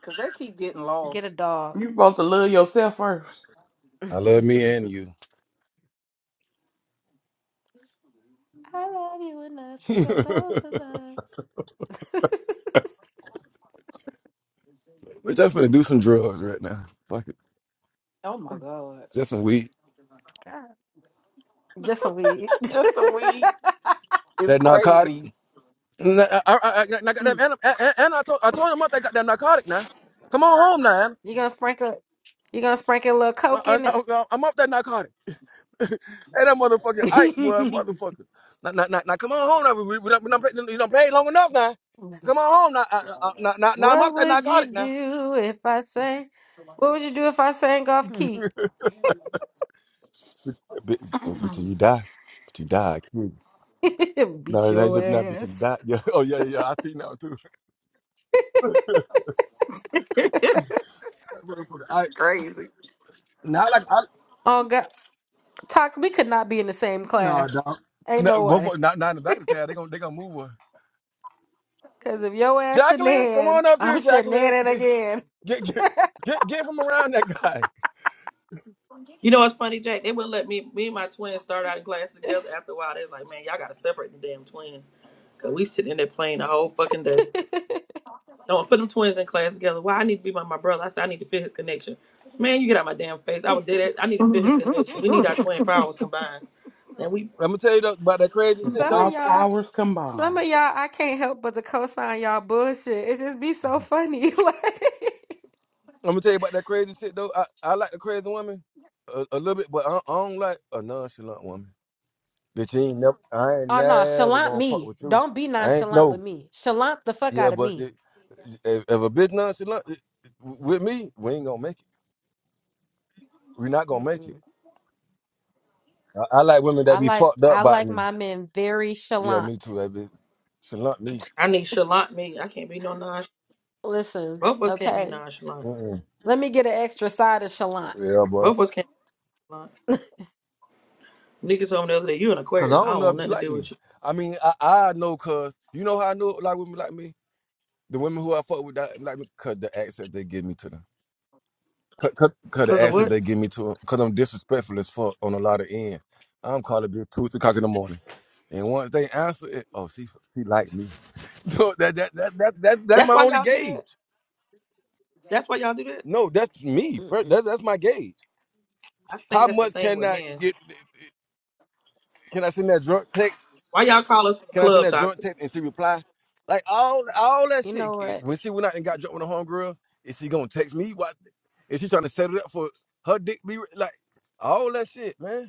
S5: Cause they keep getting
S8: get a
S5: lost.
S8: dog
S6: You supposed to love yourself first.
S7: I love me and you.
S8: I love you enough for the both of
S7: Bitch,
S8: us.
S7: I'm finna do some drugs right now. Fuck it,
S5: Oh my
S8: Oh
S5: god.
S7: just some weed.
S8: God, just some weed.
S5: Just a weed is
S7: That narcotic.
S5: crazy.
S7: Nah, I, I, I, I got them,
S8: Mm.
S7: and, and, and I told, I told him about that goddamn narcotic now. Come on home now.
S8: you gonna sprinkle? You gonna sprinkle a little coke
S7: I, I,
S8: in it?
S7: I, I'm off that narcotic. Hey, that motherfucker, Ike, boy, motherfucker. Now, now, now, now come on home now. We, we, we done, we done, play- you done played long enough now. Come on home now. I, I, I- now, now, now I'm
S8: what
S7: off that
S8: would you
S7: narcotic now.
S8: do if I sang? What would you do if I sang off key?
S7: Bitch, bitch, you die. But you die. I kid.
S8: Beat
S7: No, that
S8: your
S7: ain't now, bitch, you die.
S8: ass.
S7: Yeah. Oh, yeah, yeah, I see now, too. That motherfucker, Ike.
S5: crazy.
S7: Now, like, I,
S8: Oh God, Tox, we could not be in the same
S7: no,
S8: class.
S7: dog.
S8: Ain't
S7: Now,
S8: no way.
S7: motherfucker, now, now in the back of the town, they gonna, they gonna move her.
S8: Cause if your ass
S7: Jacqueline, come
S8: shenan,
S7: on up
S8: I'm
S7: here, Jacqueline.
S8: shenaning
S7: Get,
S8: again.
S7: get, get, get, get from around that guy.
S2: You know what's funny, Jack? They wouldn't let me, me and my twins start out in class together. After a while, they was like, man, y'all got to separate the damn twins. Because we sitting in there playing the whole fucking day. Don't put them twins in class together. Why I need to be by my brother. I said I need to feel his connection. Man, you get out my damn face. I would did it. I need to feel his connection. We need our twin powers combined. And we
S7: I'm gonna tell you though, about that crazy
S6: with
S7: shit,
S8: Some of
S6: our
S7: though.
S8: y'all.
S6: powers
S8: Some
S6: combined.
S8: of y'all, I can't help but to co-sign y'all bullshit. It just be so funny. like,
S7: I'm gonna tell you about that crazy shit though. I, I like the crazy woman a, a little bit, but I, I don't like a nonchalant woman. Bitch, you ain't never. I ain't
S8: oh no,
S7: never
S8: chalant
S7: gonna fuck
S8: me.
S7: with you.
S8: Don't be
S7: I ain't
S8: nonchalant with
S7: no.
S8: me. Chalant the fuck
S7: Yeah,
S8: out of
S7: but the,
S8: me.
S7: if, if a bitch nonchalant it- with me, we ain't gonna make it. we not gonna make it.
S8: Mm-mm.
S7: I, I like women
S8: I
S7: that be
S8: like
S7: fucked up
S8: I
S7: by
S8: like
S7: me.
S8: my men very
S7: Yeah, me too.
S8: chalant.
S7: That bitch chalant me.
S2: I need Shallant me. I can't be no nonchalant.
S8: Listen,
S2: Both of us can't be
S8: okay.
S2: nonchalant.
S7: Mm-mm.
S8: Let me get an extra side of chalant.
S7: Yeah,
S2: Both
S7: bro.
S2: of us can't be nonchalant. Nigga told me the other day, you an
S7: Cause I
S2: Aquarius. I
S7: don't
S2: don't
S7: know
S2: want
S7: if you
S2: nothing to
S7: like
S2: do
S7: me.
S2: with you.
S7: I mean, I, I know, cause you know how I know like women like me. The women who I fuck with that like me, cause the access they give me to them. Cut, cut, cut the
S2: Cause of
S7: acid
S8: Mm,
S2: what?
S7: they give me to him, cause I'm disrespectful as fuck on a lot of ends. I'm calling bitch two, three o'clock in the morning, and once they answer it, oh, she, she like me. No, that, that, that, that, that, that's
S2: That's
S7: my
S2: why
S7: only
S2: y'all do that?
S7: gauge.
S2: That's why y'all do that?
S7: No, that's me. per-
S8: mm-mm.
S7: That's that's my gauge.
S2: I think
S7: How
S2: that's the
S7: much
S2: thing
S7: can
S2: with
S7: I
S2: men.
S7: get? Can I send that drunk text?
S2: Why y'all call us from the
S7: Can I send
S2: club
S7: that drunk
S2: toxic?
S7: text and she reply? Like all, all that
S8: You
S7: shit.
S8: know
S7: it-
S8: what?
S7: When she went out and got drunk with the homegirls, is she gonna text me? What is she trying to set it up for her dick? Be re- like all that shit, man.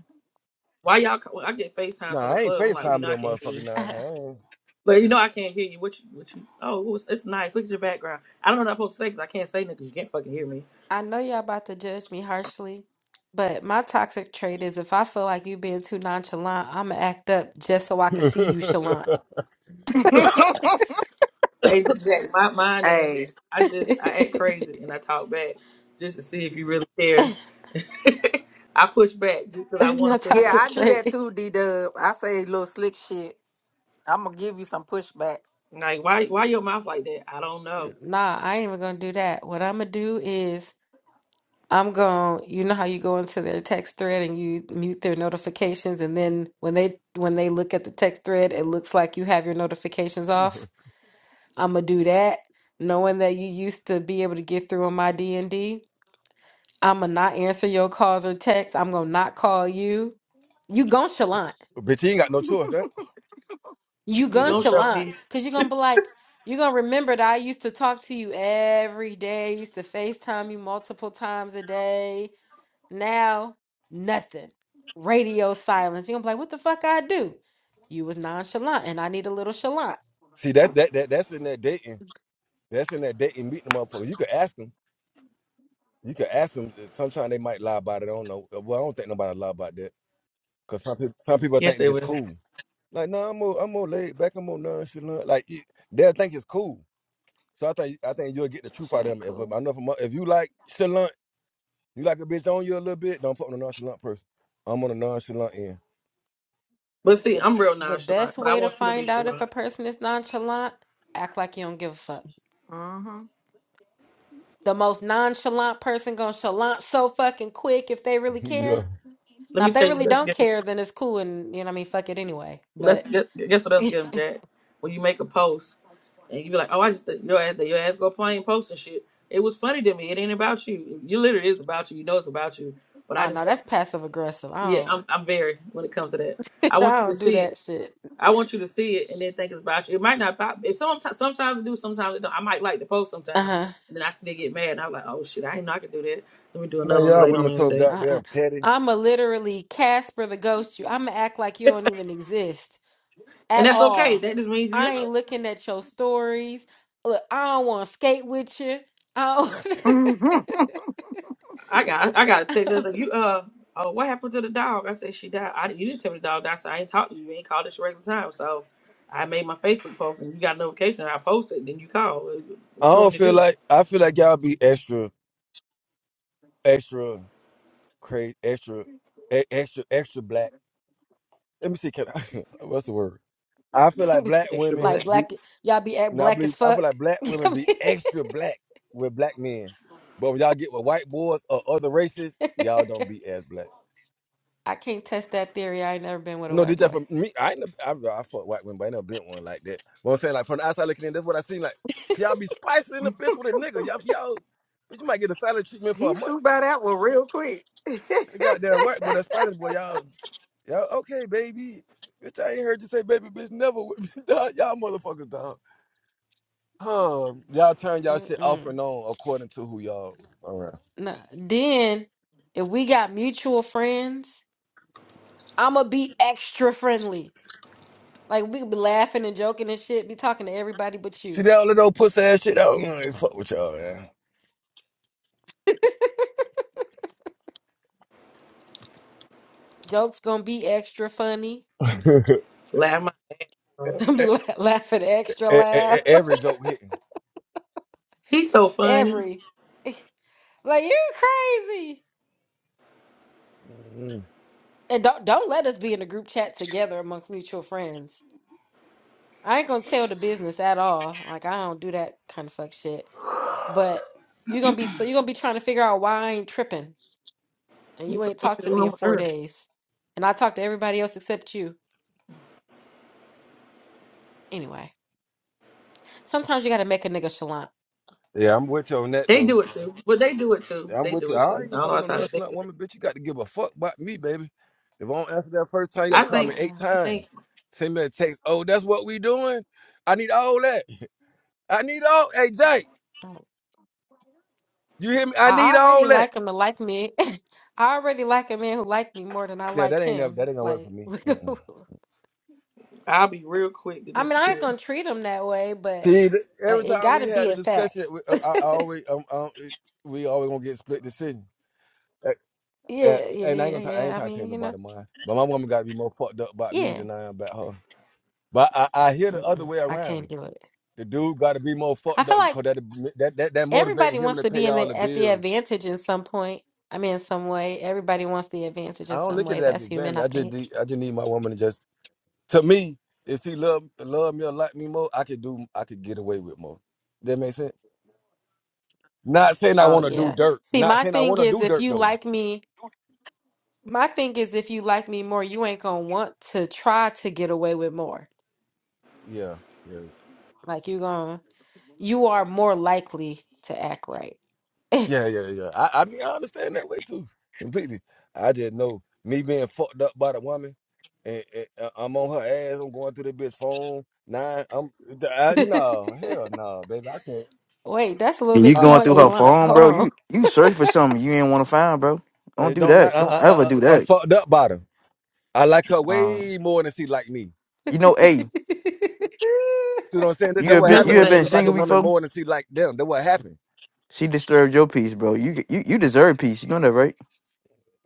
S2: Why y'all ca- when I get FaceTimes
S7: Nah,
S2: from the
S7: I ain't
S2: club, I'm like, "Well, you
S7: FaceTime
S2: know
S7: with
S2: I
S7: that
S2: can't hear you.
S7: motherfucker. Nah, I ain't.
S2: But you know I can't hear you. What you? What you? Oh, it's, it's nice. Look at your background. I don't know what I'm supposed to say because I can't say nothing because you can't fucking hear me.
S8: I know y'all about to judge me harshly, but my toxic trait is if I feel like you being too nonchalant, I'm gonna act up just so I can see you chalant.
S2: Hey, the- Jack, my mine is
S5: hey.
S2: I just I act crazy and I talk back just to see if you really care. I push back just because I
S8: That's my
S2: want to push
S5: Yeah,
S2: back.
S8: toxic
S5: I do that
S8: trait.
S5: too, D Dub. I say little slick shit. I'm gonna give you some pushback.
S2: Like why? Why your mouth like that? I don't know.
S8: N- Nah, I ain't even gonna do that. What I'm gonna do is I'm gonna, you know how you go into their text thread and you mute their notifications, and then when they when they look at the text thread, it looks like you have your notifications off. I'm gonna do that, knowing that you used to be able to get through on my D and D. I'm gonna not answer your calls or texts. I'm gonna not call you. You nonchalant.
S7: bitch, you ain't got no choice. Huh?
S8: You
S2: You
S7: Yeah.
S2: gonna show
S8: nonchalant,
S2: me?
S8: because you're gonna be like, you're gonna remember that I used to talk to you every day, I used to FaceTime you multiple times a day. Now, nothing. Radio silence. You're gonna be like, what the fuck I do? You was nonchalant and I need a little chalant.
S7: See, that that that that's in that dating. That's in that dating meeting the motherfuckers. You could ask them. You could ask them. Sometimes they might lie about it. I don't know. Uh, Well, I don't think nobody lie about that. Cause some people some people
S2: Yes,
S7: think
S2: they
S7: it's
S2: will.
S7: cool. Like, no, nah, I'm more I'm more laid back. I'm more nonchalant. Like, it, they'll think it's cool. So I think I think you'll get the truth
S8: Shit
S7: out of
S8: ain't
S7: them. If
S8: cool.
S7: I know from if you like chalant, you like a bitch on you a little bit. Don't fuck with a nonchalant person. I'm on a nonchalant end.
S2: But see,
S8: The
S2: I'm real
S8: the
S2: nonchalant,
S8: best
S2: but I
S8: way to
S2: want you to be
S8: find out if
S2: chalant.
S8: a person is nonchalant, act like you don't give a fuck.
S5: Mm-hmm.
S8: The most nonchalant person gonna chalant so fucking quick if they really
S7: Yeah.
S8: care.
S2: Let
S8: Now,
S2: me
S8: if they
S2: tell you what.
S8: really
S2: else.
S8: don't care, then it's cool and you know what I mean, fuck it anyway.
S2: Let's
S8: But
S2: gu- guess what else
S8: oh
S2: get them, Jack? When you make a post and you be like, "Oh, I just your ass, your ass go playing post and shit." It was funny to me. It ain't about you. You literally is about you. You know it's about you. But I just
S8: no,
S2: feel like,
S8: that's passive aggressive. I
S2: yeah,
S8: don't
S2: I'm I'm very when it comes to that. I
S8: I
S2: want you to
S8: don't do
S2: see it.
S8: that shit.
S2: I want you to see it and then think it's about you. It might not. pop- If some sometimes it do, sometimes it don't. I might like the post sometimes,
S8: Uh-huh.
S2: and then I still get mad. And I'm like, "Oh shit, I didn't know I could do that. Let me do
S7: Man,
S2: another one
S7: y'all
S2: later on
S7: women
S2: in
S7: so
S2: the day."
S8: Uh-uh.
S7: goddamn petty.
S8: I'ma literally Casper the ghost you. I'ma act like you don't even exist.
S2: And
S8: at
S2: that's okay.
S8: all.
S2: That just means you're
S8: I
S2: up.
S8: ain't looking at your stories. Look, I don't want to skate with you. I
S2: I got I got a text. I was like, you uh oh, what happened to the dog? I said she died. I didn't you didn't tell me the dog died. So I ain't talked to you. You ain't called this regular time. So I made my Facebook post and you got a notification. I posted. Then you called. Uh,
S7: I
S2: What you want
S7: don't
S2: me to
S7: feel
S2: do?
S7: like I feel like y'all be extra, extra crazy, extra, e- extra, extra black. Let me see, can I, what's the word? I feel like
S8: don't
S7: black
S2: Extra
S7: women
S8: like
S2: black.
S7: be.
S8: black. Y'all be act
S7: No, I
S8: black
S7: believe
S8: as
S7: I feel
S8: fuck.
S7: like black women be extra black with black men, but when y'all get with white boys or other races, y'all don't be as black.
S8: I can't test that theory. I ain't never been with a
S7: No, this
S8: white
S7: just
S8: boy.
S7: for me. I ain't. never- I, I fuck white women, but I ain't never been one like that. But I'm saying like from the outside looking in, that's what I seen. Like 'cause y'all be spicing the bitch with a nigga. Y'all, y'all But you might get a silent treatment for a
S5: he
S7: month.
S5: flew by that one real quick.
S7: That goddamn white boy, that Spanish boy, y'all, y'all okay, baby. Bitch, I ain't heard you say baby, bitch, never with me, dog. Y'all motherfuckers, dog. Huh? Y'all turn y'all shit off
S8: Mm-mm.
S7: and on according to who y'all around.
S8: Nah. Then if we got mutual friends, I'ma be extra friendly. Like we be laughing and joking and shit. Be talking to everybody but
S7: See
S8: you.
S7: that all little old pussy ass shit i out. Mm, fuck with y'all, man.
S8: Jokes gonna be extra funny.
S2: Laugh my.
S7: E-
S2: off.
S8: I'll be la- laughing extra
S7: e- e- e-
S8: loud.
S7: Every joke hitting.
S2: He's so funny.
S8: Every like you crazy.
S7: Mhm.
S8: And don't don't let us be in a group chat together amongst mutual friends. I ain't gonna tell the business at all. Like I don't do that kind of fuck shit. But you're gonna be so you're gonna be trying to figure out why I ain't tripping, and you ain't
S2: What's
S8: talked to me
S2: wrong
S8: in
S2: with
S8: four
S2: her?
S8: days, and I talked to everybody else except you. Anyway, sometimes you gotta make a nigga chalant.
S7: Yeah, I'm with you on that
S2: They
S7: though.
S2: do it too. But they do it too.
S7: Yeah, I'm
S2: They
S7: with
S2: do
S7: you.
S2: it
S7: I
S2: too. I
S7: ain't
S2: don't know
S7: fucking
S2: how
S7: with no
S2: to think.
S7: nonchalant
S2: Of it.
S7: woman, bitch. You got to give a fuck about me, baby. If I don't answer that first time, you got to
S2: I
S7: call me
S2: think
S7: eight
S8: Yeah.
S2: I
S7: times.
S2: think
S7: Send me a text. Oh, that's what we doing. I need all that. I need all. Hey, Jake, you hear me? I
S8: I
S7: need all
S8: already
S7: that.
S8: like him to like me. I already like a man who like me more than I
S7: Yeah,
S8: like
S7: that ain't never. That
S8: him.
S7: ain't gonna work for
S8: Like,
S7: me. Mm-mm.
S2: I'll be real quick to
S8: I mean, I ain't
S2: disappear.
S8: gonna treat him that way, but
S7: See, th-
S8: uh,
S7: every
S8: it
S7: time we
S8: gotta
S7: had
S8: be
S7: a
S8: a
S7: discussion,
S8: fact.
S7: we, uh,
S8: yeah,
S7: I, I always, um, um, it- we always gonna get split decision. Uh, uh,
S8: yeah,
S7: And I ain't
S8: yeah,
S7: gonna. Try, I ain't
S8: yeah. I
S7: trying to change
S8: mean, you know,
S7: nobody's mind. But my woman got to be more fucked up about me
S8: yeah.
S7: than I am about her. But I, I hear the other
S8: Mm-mm,
S7: way
S8: I
S7: around.
S8: can't do it.
S7: The dude got to be more
S8: I
S7: fucked up
S8: feel
S7: because
S8: like
S7: that, that that that motivates
S8: everybody
S7: him
S8: wants
S7: to
S8: to be
S7: pay
S8: in
S7: all the
S8: the at the
S7: bills.
S8: advantage in some point. I mean, in some way, everybody wants the advantage
S7: I
S8: in
S7: don't
S8: some
S7: look at
S8: way.
S7: it as
S8: That's
S7: an
S8: human, I
S7: advantage. I just
S8: think.
S7: de- I just need my woman to just to me if she love love me or like me more, I could do I could get away with more. That make sense. Not saying I
S8: Oh
S7: want to do
S8: yeah.
S7: dirt.
S8: See,
S7: Not
S8: my
S7: saying I
S8: thing
S7: want to
S8: is,
S7: do
S8: if
S7: dirt
S8: you
S7: though.
S8: like me. My thing is, if you like me more, you ain't gonna want to try to get away with more.
S7: Yeah. yeah.
S8: Like you gonna, you are more likely to act right.
S7: Yeah, yeah, yeah. I, I mean, I understand that way too, completely. I just know me being fucked up by the woman, and, and uh, I'm on her ass. I'm going through the bitch phone. Nah, I'm I, no hell no, baby. I can't.
S8: Wait, that's a little
S9: And you
S8: bit
S7: I,
S8: too
S9: going
S7: I,
S8: much
S9: through her
S7: oh, I,
S8: chalant.
S9: phone,
S7: I, I-
S8: Hold
S9: bro. You
S8: on.
S9: you search for something you ain't want to find, bro. Don't
S7: it
S9: do
S7: don't matter.
S9: that.
S7: I,
S9: Don't
S7: I,
S9: ever
S7: I,
S9: do
S7: I'm
S9: that.
S7: fucked up by her. I like her
S9: Uh,
S7: way more than she like me.
S9: you know, hey,
S7: See what I'm saying? That,
S9: you
S7: that
S9: have
S2: You
S7: what
S2: know,
S9: been
S2: that's the
S7: happened
S9: you have
S7: when
S2: thing,
S9: been
S7: niggas
S2: man.
S7: like a
S2: Dude,
S9: single
S2: like,
S7: woman
S9: before.
S7: more than she like them. That what happened.
S9: She disturbed your peace, bro. You you you deserve peace. You know that, right?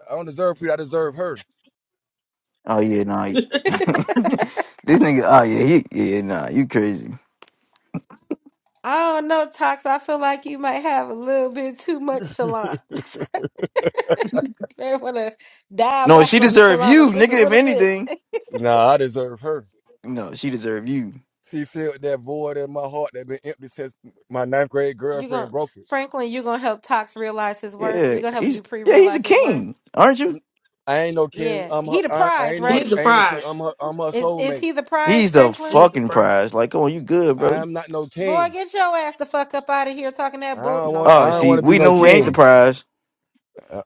S7: I don't deserve people. I deserve her.
S9: Oh yeah, nah. this nigga. Oh yeah, he yeah nah. You crazy?
S8: I don't know, Tox. I feel like you might have a little bit too much chalant. You may want to dial
S9: No,
S8: back
S9: she
S8: on the
S9: deserve you,
S8: chalant just a
S9: nigga. If
S8: little bit.
S9: anything,
S7: Nah, I deserve her.
S9: no, she deserve you.
S7: She filled that void in my heart that been empty since my ninth grade
S8: You
S7: girlfriend
S8: gonna,
S7: broke
S8: Franklin, you gonna help Tox realize his worth.
S9: Yeah,
S8: You gonna help
S9: he's
S8: Dupree
S9: yeah he's a
S8: realize his worth.
S9: king, aren't you?
S7: it. I ain't no king.
S8: Yeah,
S7: I'm her,
S8: he the
S7: I, I
S8: prize,
S7: ain't her.
S2: he's
S8: right?
S2: the
S7: I ain't no king.
S2: prize.
S7: I'm her. I'm her
S8: Is is
S7: soulmate.
S8: he the prize,
S9: He's the
S8: Franklin?
S2: He's the
S9: fucking
S2: prize.
S9: prize. Like, come on, you good,
S7: I
S9: bro?
S7: am not no
S8: Boy,
S7: king.
S8: get your ass the fuck up out of here talking that
S7: I
S8: bull.
S7: don't
S8: No, I'm
S7: want.
S8: just
S9: Oh,
S7: I don't
S8: playing.
S7: want
S9: see,
S7: to be
S9: we
S7: no
S9: know who ain't the
S7: king.
S9: prize.
S7: I,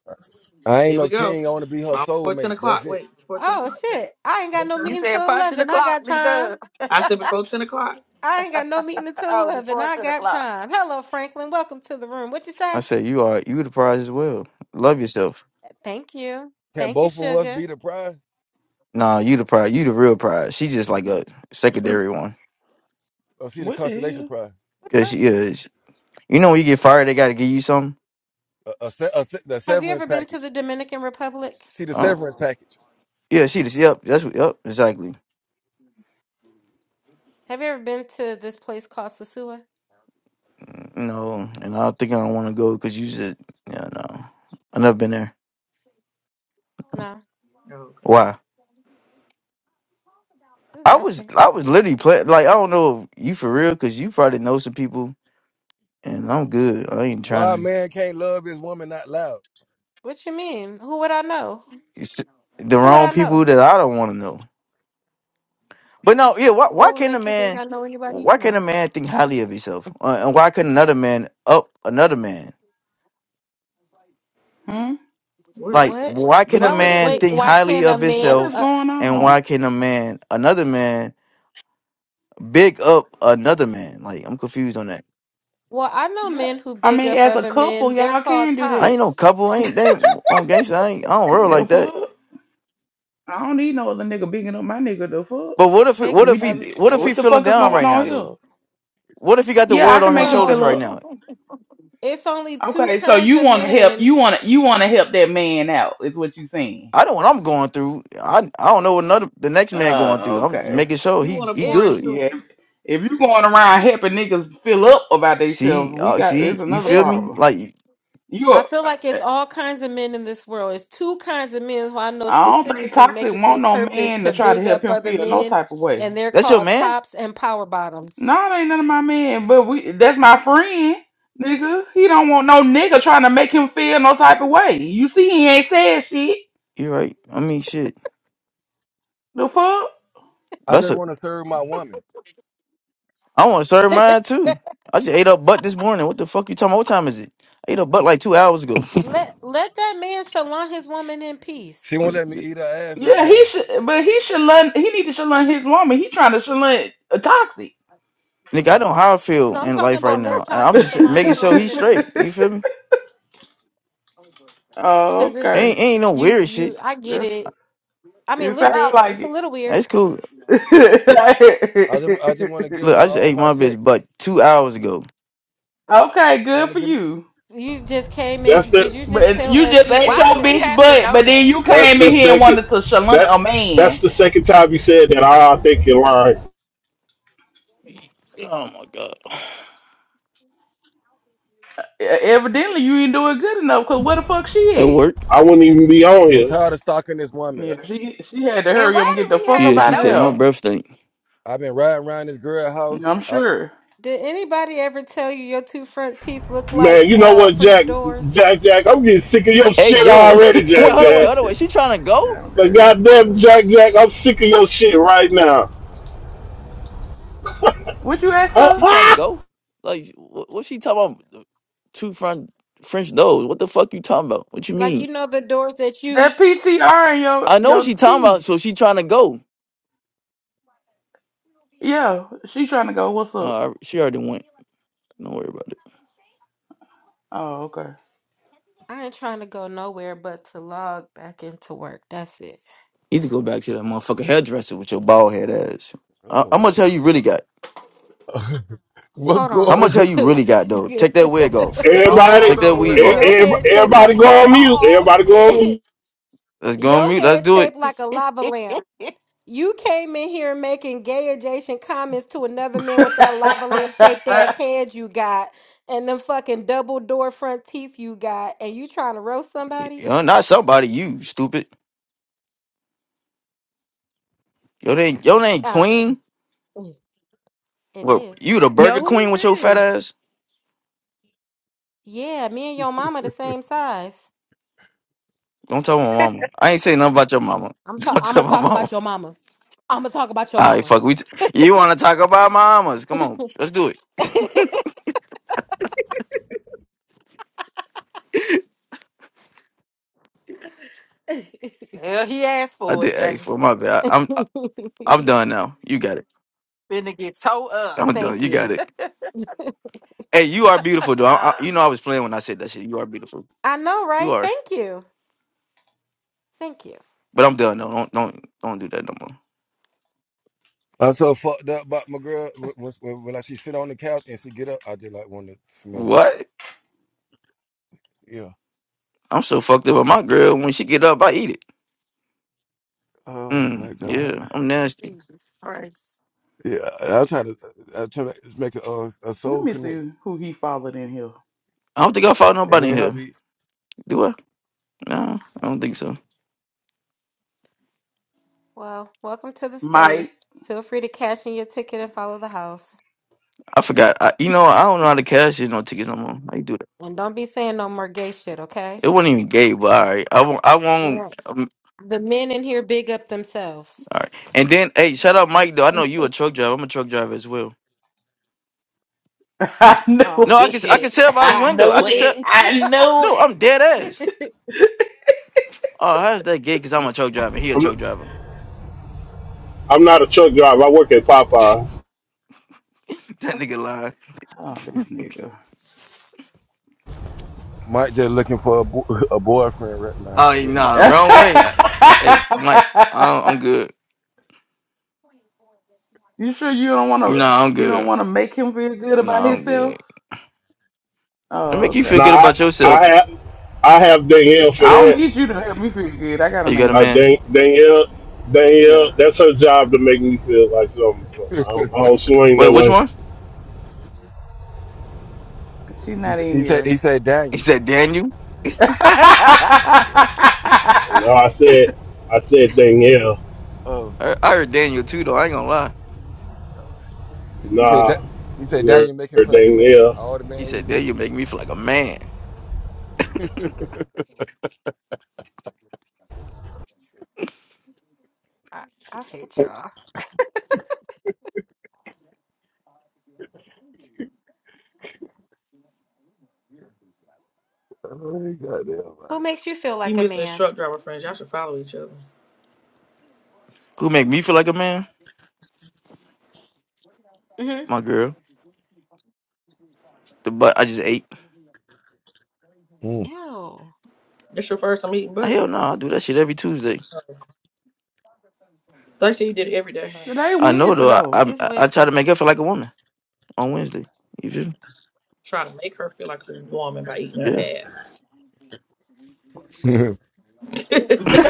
S7: I ain't
S2: Here we
S7: no
S2: go.
S7: king. I want to be her
S2: Well, before 10
S7: soulmate. That's
S2: o'clock.
S7: it.
S2: Wait, before 10
S8: oh
S2: o'clock, Jack.
S8: shit, I ain't got
S2: What
S8: no
S5: you
S8: meeting
S2: time?
S5: said
S8: till
S5: punching the
S8: eleven. I
S5: clock,
S8: got
S5: D
S8: time.
S5: Dub.
S2: I said before 10 o'clock.
S8: I ain't got no meeting until
S5: oh,
S8: eleven.
S5: before it's
S8: I
S5: to the
S8: got
S5: clock.
S8: time. Hello, Franklin. Welcome to the room. What you say?
S9: I said, you are you the prize as well. Love yourself.
S8: Thank you.
S7: Can
S8: Thank you,
S7: both of us
S8: sugar.
S7: be the prize?
S9: Nah, you the prize. You the real prize. She's just like a secondary one.
S7: Or see the
S6: What the
S7: constellation
S6: hell?
S7: prize?
S8: What
S9: Yeah,
S8: the fuck?
S9: she is. You know when you get fired, they got to give you something.
S7: A, a, se- a, se- the
S8: Have you
S7: severance
S8: ever been to
S7: package.
S8: the Dominican Republic?
S7: See the severance
S9: Oh,
S7: package.
S9: yeah, she just yep. That's what yep exactly.
S8: Have you ever been to this place called Sasua?
S9: Mm, No, and I don't think I don't want to go because you just yeah no. I never been there.
S8: No.
S2: Oh, okay.
S9: Why?
S8: Just
S9: I was
S8: asking.
S9: I was literally playing. Like I don't know if you for real because you probably know some people and I'm good. I ain't trying
S7: Why a
S9: to.
S7: man can't love his woman not loud?
S8: What you mean? Who would I know?
S9: It's the
S8: Who would
S9: wrong
S8: I
S9: people
S8: know?
S9: that I don't want to know. But no, yeah. Why,
S8: What
S9: why
S8: would
S9: can't a
S8: make you think
S9: man?
S8: I know anybody No.
S9: Why can't a man think highly of himself? Uh, and why can another man up another man?
S6: Hmm?
S2: What?
S9: Like,
S8: What?
S9: why
S2: We
S9: can a
S8: Why
S2: didn't say
S8: would
S2: that
S9: man
S8: wait?
S2: shit.
S9: think
S8: Why
S9: highly
S8: can't a
S9: of
S6: What
S8: man?
S6: is
S8: Uh,
S9: himself?
S6: going
S9: And
S6: on?
S9: why can a man, another man, big up another man? Like, I'm confused on that.
S8: well, I know
S6: Yeah.
S8: men who
S6: I
S8: big
S6: mean,
S8: up
S6: as a
S8: other
S6: couple,
S8: men. They're
S6: y'all
S8: called
S6: can do
S9: I
S6: that.
S9: ain't no
S8: tops.
S9: couple. I ain't they ain't on gangster. I ain't. I don't worry
S6: The
S9: like that.
S6: fuck? I don't need no other nigga bigging up my nigga. The fuck?
S9: But what if? He,
S8: They
S9: what if
S6: We
S9: he?
S8: um.
S9: What if
S8: w-
S9: he
S6: what the
S9: feeling
S6: fuck is
S9: down
S6: going
S9: right now,
S6: on
S9: though?
S6: here?
S9: What if he got the
S6: Yeah, I
S9: world
S6: can
S9: on his
S6: make him
S9: shoulders
S6: fill
S8: Well,
S9: right
S6: up.
S9: now?
S8: it's only two
S6: Okay, so
S8: kinds
S6: you
S8: of
S6: want to help? You
S8: men.
S6: want to you want to help that man out? Is what you saying?
S9: I know what I'm going through. I I don't know what another the next man going
S6: Oh,
S9: through. I'm just
S6: okay.
S9: making sure
S2: He
S9: he
S2: want to
S9: he
S2: pour
S8: It's
S9: good.
S2: into him.
S6: Yeah. If you going around helping niggas fill up about themselves,
S9: She,
S6: we
S9: uh,
S6: got it's
S9: she, you
S6: another
S9: feel
S8: it's.
S9: me?
S6: problem.
S9: Like
S6: You
S8: I feel
S6: are.
S8: like it's all kinds of men in this world. It's two kinds of men who I know
S6: I don't think
S8: specifically
S6: Toxic
S8: make it
S6: want
S8: their
S6: no
S8: purpose
S6: man to
S8: to
S6: try to
S8: big
S6: help
S8: up
S6: him
S8: other
S6: feel no
S8: men,
S6: type of way.
S8: and they're
S9: that's your
S8: called
S9: man.
S8: tops and power bottoms.
S6: No, it ain't none of my men, but we that's my friend, nigga. He don't want no nigga trying to make him feel no type of way. You see he ain't said shit.
S9: You're right. I mean, shit.
S6: The fuck?
S7: I
S9: That's
S7: just
S9: a.
S7: want to serve my woman.
S9: I want to serve mine too. I just ate up butt this morning. What the fuck you talking? about? What time is it? I ate up butt like two hours ago.
S8: Let let that man shalom his woman in peace.
S7: She won't
S9: It's-
S7: let me eat her ass right
S6: Yeah,
S7: now.
S6: he should but he should learn he need to should learn his woman. He trying to should learn a toxic.
S7: You
S9: Nigga, I
S7: know,
S9: know how I feel
S8: No, I'm
S9: in
S8: talking
S9: life right
S8: about let
S9: now, and I'm
S8: toxic
S9: just
S8: Shalon
S9: making
S8: his
S9: sure
S8: woman
S9: he's
S8: in
S9: straight.
S8: peace.
S9: You feel me?
S6: oh,
S8: Cause it's
S6: okay.
S9: Ain't ain't no
S8: you
S9: weird
S8: you
S9: shit.
S8: I get
S6: That's
S8: it. I mean
S6: it
S8: a little
S6: sound
S8: bit.
S6: like
S8: It's a
S6: it.
S8: little weird.
S9: It's cool. It-
S7: I just I just want to give
S9: look,
S7: her
S9: I just
S7: all
S8: It's-
S9: ate
S7: my
S9: my
S7: check.
S9: bitch butt two hours ago.
S6: okay,
S7: I
S6: good
S7: want to
S6: for
S7: give.
S6: you.
S8: you just came
S1: That's
S8: in. Did
S1: the
S8: you just
S6: But
S8: tell
S6: you just
S8: us you
S6: ate your
S8: ate
S5: Why did we
S8: your
S6: bitch
S5: have to
S6: butt,
S5: know
S6: but then
S5: that?
S6: you
S1: that's
S6: came in
S1: the
S6: here and
S1: second
S6: wanted to shalant a
S1: that's that's
S6: man.
S1: the second time you said that. I, I think you're lying.
S9: Oh my god.
S6: E- Evidently, you ain't doing good enough. Cause where the fuck
S9: At
S6: she
S9: work?
S1: I wouldn't even be on
S7: I'm
S1: here.
S7: tired of stalking this
S6: at?
S7: woman.
S6: Yeah, she she had to
S5: And
S6: hurry up and
S5: why
S6: get
S5: did
S6: the
S5: we
S6: fuck
S5: have
S6: up
S9: Yeah,
S5: to
S9: she
S6: out
S7: I,
S6: of
S5: know
S9: said my
S5: that?
S6: there.
S9: breath stink.
S7: I've been riding around this girl
S6: mm,
S7: house.
S6: I'm
S7: I,
S6: sure.
S8: did anybody ever tell you your two front teeth look like
S1: Man, you know
S8: uh
S1: what,
S8: French
S1: Jack,
S8: doors?
S1: Jack, Jack, I'm getting sick of your
S9: Hey
S1: shit
S9: yo,
S1: already,
S9: eh, wait,
S1: Jack,
S9: hold on, wait,
S1: Jack.
S9: hold on, wait. She trying to go?
S1: But
S6: Okay, yes, yeah.
S1: goddamn, Jack, Jack, I'm sick of your shit right now.
S6: What you ask
S1: Uh,
S6: her?
S9: She trying to
S1: ah!
S9: go? Like, what, what she talking about? Two front French doors. What the fuck you talking about? What you
S8: Like you
S9: mean?
S8: know the doors that you
S6: That PTR and your
S9: I know what
S6: your
S9: she talking about.
S6: teeth.
S9: So she trying to go.
S6: Yeah, she trying to go. What's up?
S9: Uh, she already went. Don't worry about it.
S6: Oh, okay.
S8: I ain't trying to go nowhere but to log back into work. That's it.
S9: You need to go back to that motherfucking hairdresser with your bald head ass. Uh, how
S7: oh,
S9: much hair you really got?
S7: what
S8: Hold on.
S9: How
S7: going?
S9: much hair you really got
S8: 'Cause
S9: though? Take that wig off.
S7: What's
S1: Everybody,
S5: Oh
S7: going
S9: Take that
S7: on
S1: e-
S9: weave
S7: right
S5: shit.
S9: off.
S7: now?
S8: your head
S1: e-
S8: shaped
S1: everybody
S8: like
S1: go on mute.
S5: Oh
S1: Everybody go
S5: shit.
S1: on mute.
S9: Let's go on
S8: your
S9: mute. Let's
S8: head
S9: do it.
S8: shaped like a lava lamp. You came in here making gay adjacent comments to another man with that lava lamp shaped ass head you got and them fucking double door front teeth you got, and you trying to roast somebody?
S9: You're not somebody. You stupid. Your name. Your name
S8: Oh, okay.
S9: Queen.
S8: Mm. It
S9: What?
S8: is.
S9: You the
S10: Yo,
S9: Burger
S10: who
S9: Queen
S10: is
S9: with your fat
S10: this?
S9: ass?
S8: Yeah, me and your mama the same size.
S9: Don't tell my mama. I ain't say nothing about your mama.
S8: I'm so
S9: Don't
S8: I'm
S9: tell
S8: gonna
S9: my
S8: talk
S9: mama.
S8: about your mama. I'm gonna talk about your
S9: All right,
S8: mama.
S9: fuck. We t- you want to talk about mamas? Come on, let's do it.
S5: Well, he asked
S9: I
S5: for
S9: did
S5: it, Jay.
S9: ask for my bad. I, I'm I, I'm done now. You got it.
S5: Finna get towed up.
S9: I'm done.
S8: Thank
S9: You got
S8: you.
S9: it. Hey, you are beautiful, though. I, I, you know I was playing when I said that shit. You are beautiful.
S8: I know,
S9: You
S8: right?
S9: are.
S8: Thank you. Thank you.
S9: But I'm done. No, don't don't don't do that no more.
S7: I'm so fucked up about my girl. When, when, when I see sit on the couch and she get up, I just like want to smell it.
S9: What?
S7: Yeah.
S9: I'm so fucked up with my girl. When she get up, I eat it.
S7: Oh my
S9: Mm, yeah,
S7: god.
S9: I'm nasty.
S5: Jesus Christ.
S7: Yeah. I'm trying to I'm trying to make a, a, a
S6: Let
S7: soul
S6: me
S7: connect.
S6: see who he followed in here.
S9: I don't think I found
S7: And
S9: nobody
S7: me
S9: in
S7: and
S9: here.
S7: hubby
S9: Do I? No, I don't think so.
S8: Well, welcome to the
S6: Mike.
S8: space. Feel free to cash in your ticket and follow the house.
S9: I forgot. I, you know, I don't know how to cash in no tickets no more. How you do that?
S8: And don't be saying no more gay shit, okay?
S9: It wasn't even gay, but all right. I won't. I won't.
S8: Well,
S9: Um,
S8: the men in here big up themselves.
S9: all right. And then, hey, shout out Mike though. I know you a truck driver. I'm a truck driver as well.
S6: I
S8: Oh
S6: knew
S9: No, I can. I
S6: it.
S8: shit.
S9: can tell by
S6: I
S9: his window. I
S6: knew
S9: can
S6: it.
S9: tell.
S8: Golly.
S6: I knew
S9: No,
S6: it.
S9: I'm dead ass.
S8: I,
S9: Oh, how's that gay? Cause I'm a truck driver. He a truck
S1: I'm,
S9: driver.
S1: I'm not a truck driver. I work at Popeyes.
S9: That nigga lying.
S6: Oh, this nigga.
S7: might just looking for a, bo- a boyfriend right now.
S9: Oh, yeah,
S7: Hell no.
S9: nah, wrong way. I, hey, Mike, I, I'm good.
S6: you sure you don't want to?
S9: Nah, I'm
S6: You don't
S9: good.
S6: want to make him feel good about
S9: Nah, I'm
S6: himself?
S9: good. It
S6: Oh,
S9: make you feel
S6: okay.
S1: Now,
S9: good
S1: I,
S9: about yourself.
S1: I have, I have Danielle for
S6: I don't
S1: that.
S6: need you to help me feel good. I got
S9: Oh,
S6: a
S9: you got a
S1: Uh,
S6: man.
S9: man?
S1: Dan, Danielle, Danielle,
S6: Yeah,
S1: that's her job to make me feel like something. I don't, I don't swing
S9: Wait,
S1: that
S9: which
S1: way.
S9: one?
S6: she's
S7: he,
S6: not
S7: said-
S6: in
S7: he said,
S6: here.
S7: he said,
S9: He
S7: Daniel.
S9: said Daniel. I
S7: Yeah.
S1: No, I said, I said Danielle.
S7: Oh,
S9: I heard Daniel too though. I ain't gonna lie.
S7: he said,
S1: Nah,
S7: "Da- he said,
S1: nerd
S7: Daniel, make him feel like a
S1: dang
S7: man,
S1: yeah.
S7: all the
S9: He
S7: man he
S9: said Daniel
S7: need.
S9: make me feel like a man.
S8: I hate y'all.
S7: Oh, goddamn
S8: Who makes you feel
S2: He
S8: like a
S2: missing his
S8: man?
S2: truck driver friends. Y'all should follow each other.
S9: Who make me feel like a man?
S8: Mm-hmm.
S9: My girl. The butt I just ate.
S7: right.
S8: Ew.
S2: This your first time eating
S9: Ah,
S2: butt.
S9: Hell no, I do that shit every Tuesday.
S2: They say you did it every day.
S6: Today
S9: I know
S6: Wednesday
S9: though. I
S6: though.
S8: It's
S9: I, I try to
S8: wisdom.
S9: make her feel like a woman on Wednesday. You feel? me?
S2: Try to make her feel like a woman by eating her
S9: Yeah.
S2: ass.
S7: Mm.
S8: There's-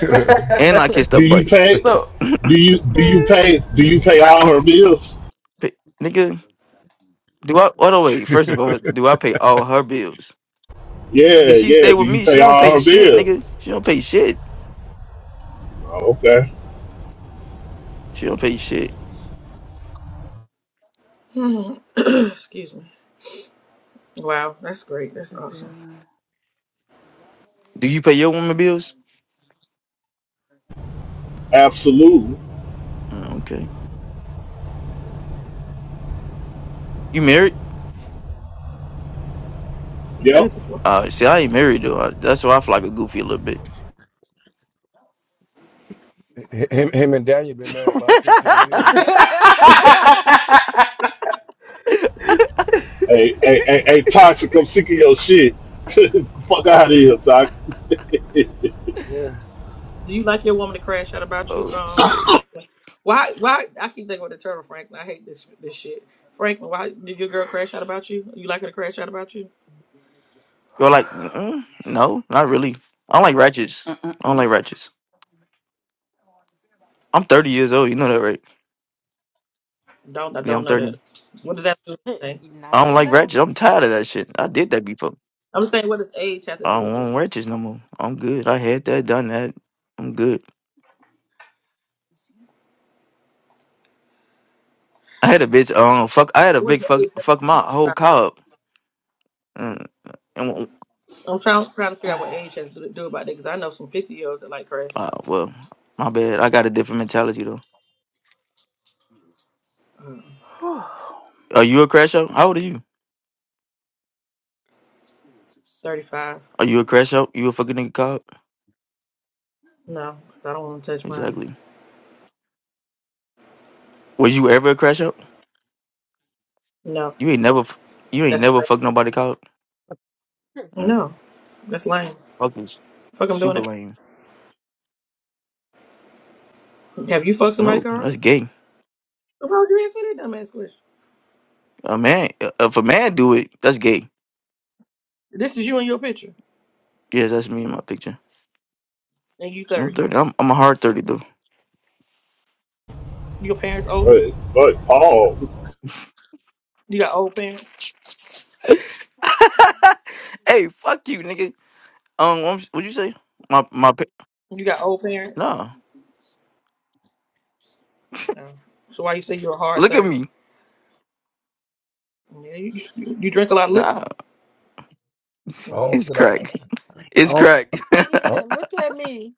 S9: And I kissed her
S1: Do
S9: butt.
S1: you pay?
S6: so.
S1: Do you do you pay? Do you pay all her bills?
S9: P- nigga, do I? What the wait? First of all, do I pay all her bills?
S1: Yeah,
S9: Nigga, she
S1: yeah.
S9: stay
S1: Do
S9: with
S1: you
S9: me. She
S1: pay
S9: don't
S1: all
S9: pay
S1: her
S9: shit.
S1: bills?
S9: Nigga, she don't pay shit.
S1: Oh, okay,
S9: She don't pay shit.
S2: Hmm. Excuse me. Wow, that's great. That's awesome.
S9: Do you pay your woman bills?
S1: absolutely.
S9: Uh, okay. You married?
S2: You
S1: Yep.
S2: said
S9: Uh, see, I ain't married though. I, that's why I feel like a goofy a little bit.
S7: him, him and Daniel been married about fifteen years.
S2: it.
S1: Hey, hey, hey, hey, toxic. I'm sick of your shit. Fuck out of here, toxic.
S7: Yeah.
S2: Do you like your woman to crash out about
S9: oh
S2: you, um,
S9: shit.
S2: Franklin? Why? Why? I keep thinking about the turtle, Franklin. I hate this this shit, Franklin. Why did your girl crash out about you? You like her to crash out about you?
S9: You're like, mm no, not really. I don't like ratchets. I don't
S6: Mm-mm-mm.
S9: like ratchets. I'm 30 years old. You know that, right?
S2: Don't I
S9: Yeah,
S2: don't
S9: I'm
S2: know
S9: 30.
S2: that. What does that do? with anything?
S8: now
S9: I don't
S8: you
S9: like
S8: know.
S9: ratchets. I'm tired of that shit. I did that before.
S2: I'm just saying, what does age have to
S9: I
S2: do
S9: don't
S2: with that?
S9: want ratchets no more. I'm good. I had that, done that. I'm good. I had a bitch. Um, fuck. I had a
S2: What
S9: big
S2: does
S9: fuck.
S2: age have to
S9: Fuck
S2: do
S9: my
S2: with
S9: whole
S2: that?
S9: car up. And, and
S2: I'm trying, I'm trying, trying to figure out what age has to do, do about that because I know some 50 year olds that like crash
S9: uh,
S2: outs.
S9: well, my bad. I got a different mentality though.
S2: Uh,
S9: Are you a crash out? How old are you?
S2: 35.
S9: Are you a crash out? You a fucking nigga car up?
S2: No, 'cause I don't want to touch mine.
S9: Exactly. Was you ever a crash out?
S2: No,
S9: You ain't never. f- You ain't
S2: that's
S9: never fucked nobody car up.
S2: lame.
S9: Mm.
S2: No, that's lame.
S9: Fucking
S2: Fuck, I'm doing
S9: super
S2: it.
S9: lame.
S2: Have you fucked somebody,
S9: No,
S2: Carl?
S9: that's gay.
S2: Why would you ask me that dumbass question?
S9: A man, uh, if a man do it, that's gay.
S2: This is you in your picture,
S9: Yes, that's me in my picture.
S2: and you
S9: And I'm
S2: thirty.
S9: thirty. I'm, I'm a hard thirty though.
S2: Your parents older.
S1: but, but Paul,
S2: You got old parents.
S9: hey, fuck you, nigga. Um, what would you say? My my pic-
S2: You got old parents.
S9: nah.
S2: No. So why you say you're a hard
S9: Look at
S2: thirty?
S9: me.
S2: Yeah, you, you you drink a lot of liquor.
S9: Nah,
S7: I
S2: Mm.
S7: don't
S9: it's
S7: feel like
S9: crack.
S7: I
S9: It's
S7: don't.
S9: crack.
S8: He
S7: I don't
S8: said, "Look at me."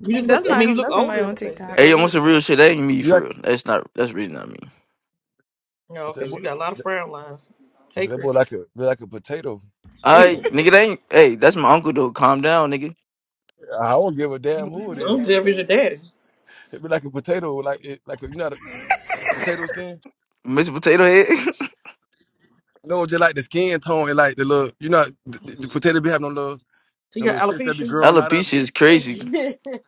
S2: You just look.
S10: That's
S2: I
S10: not
S2: mean, you
S10: him.
S2: look
S10: That's somebody
S2: older in
S10: on
S2: the face. That's
S10: TikTok.
S9: Hey,
S2: what it
S9: on
S2: is.
S9: some real shit. That ain't me
S7: you
S9: for
S7: like
S9: real. That's not. That's really not me.
S2: No,
S7: I
S2: okay.
S7: said, boy,
S2: You got a lot of frown lines.
S7: I
S2: Hey,
S7: said, that
S2: Chris.
S7: boy like a look like a potato or something.
S9: Alright,
S2: you
S9: nigga, that ain't. Hey, that's my uncle though. Calm down, nigga.
S7: I don't give a damn who it
S8: Hey,
S7: is.
S2: don't ever
S8: Chrissy.
S2: your daddy.
S7: It be like a potato, like it, like a, you know the potato skin.
S9: Mr. Potato Head.
S7: No, just like the skin tone and like the little, you know, the, the potato be having a little
S2: He
S7: The
S2: got
S7: little shits that be
S2: alopecia.
S7: growing out of
S9: Alopecia
S7: it.
S9: is crazy.
S8: you said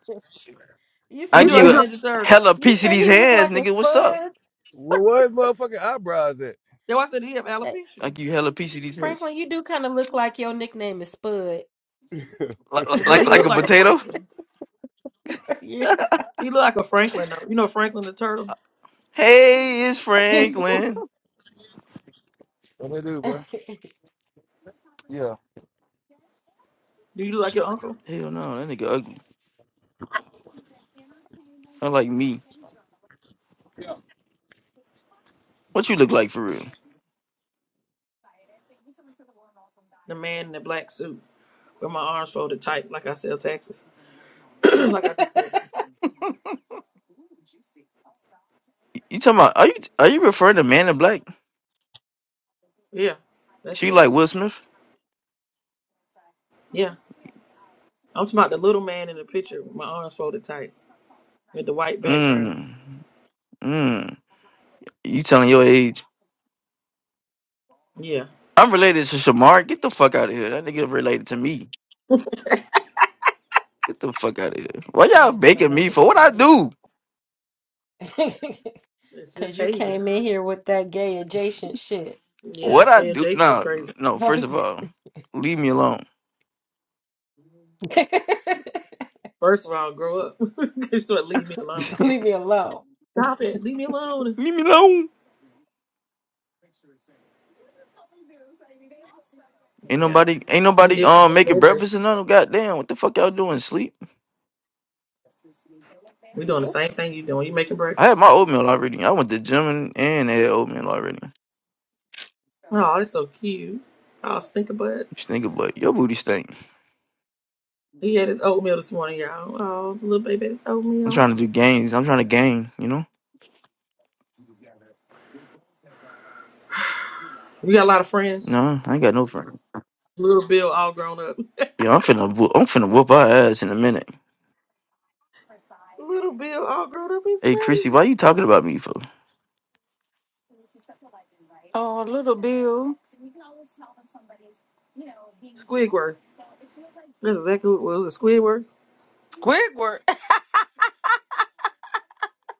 S2: He
S9: I
S2: do
S7: You
S9: give
S2: like
S9: you
S2: a
S8: like a.
S9: a
S2: ninja
S8: sp-
S2: turtle.
S9: hella
S8: You
S9: piece of
S8: said
S9: these
S8: he looked
S9: hands,
S8: like a
S9: nigga. What's up?
S8: spud.
S7: Where, where his motherfucking eyebrows at?
S2: That's why I said he have
S8: Eh,
S2: alopecia. He
S9: Like you hella piece of these heads.
S8: Franklin, you do kind of look like your nickname is Spud.
S9: Like, like
S7: what
S2: look,
S9: like
S2: he
S9: like
S2: look
S9: a
S2: like a
S9: potato.
S2: Franklin.
S8: yeah,
S2: He look like a Franklin though. You know Franklin the turtle.
S9: Hey, it's
S8: that
S9: Franklin.
S7: they do, bro? Yeah.
S2: Do you look like your uncle?
S9: Hell no, that nigga ugly. Not like me. What you look like for real?
S2: the man in the black suit with my arms folded tight, like I sell taxes, like I do taxes.
S9: You you talking about? Are you are you referring to Man in Black?
S2: Yeah, that's
S9: She
S2: me.
S9: like Will Smith?
S2: Yeah, I'm talking about the little man in the picture with my arms folded tight with the white background.
S9: Mmm. Mmm. You telling your age?
S2: Yeah,
S9: I'm related to Shamar. Get the fuck out of here. That nigga related to me. Get the fuck out of here. Why y'all
S8: nigga
S9: baking me
S8: related
S9: for
S8: to
S9: what I do?
S8: me.
S2: it's just
S8: Cause you
S2: hazing.
S8: came in here with that gay adjacent shit.
S2: Yeah,
S9: What I
S2: yeah,
S9: do?
S2: Jason is
S9: No,
S2: crazy.
S9: no. First of all, leave me alone.
S2: First of all, grow up. Just don't leave me alone.
S8: Leave me alone.
S2: Stop it. Leave me alone.
S9: leave me alone. Ain't
S2: Yeah,
S9: nobody, ain't
S2: you
S9: nobody
S2: did come
S9: um
S2: in
S9: making
S2: here, Jason.
S9: breakfast and none of goddamn. What the fuck y'all doing? Sleep?
S2: We doing the same thing you doing. You making
S9: I had
S2: breakfast.
S9: my oatmeal already. I went to gym and, and had oatmeal already. You
S2: Oh, that's so cute. Oh, stink about.
S9: stink about your booty stink.
S2: He had his oatmeal this morning, y'all. Oh, the little baby had his
S9: I'm
S2: oatmeal.
S9: trying to do gains. I'm trying to gain. You know?
S2: You got a lot of friends.
S9: No, I ain't got no friend.
S2: Little Bill all grown up.
S9: Yeah, I'm finna, whoop- I'm finna whoop our ass in a minute.
S2: Little Bill all grown up is
S9: Hey, Chrissy, why
S2: crazy.
S9: you talking about me for?
S5: Oh, little Bill.
S2: Squidworth. That's exactly what was it was. Was it Squidworth.
S5: Squidward.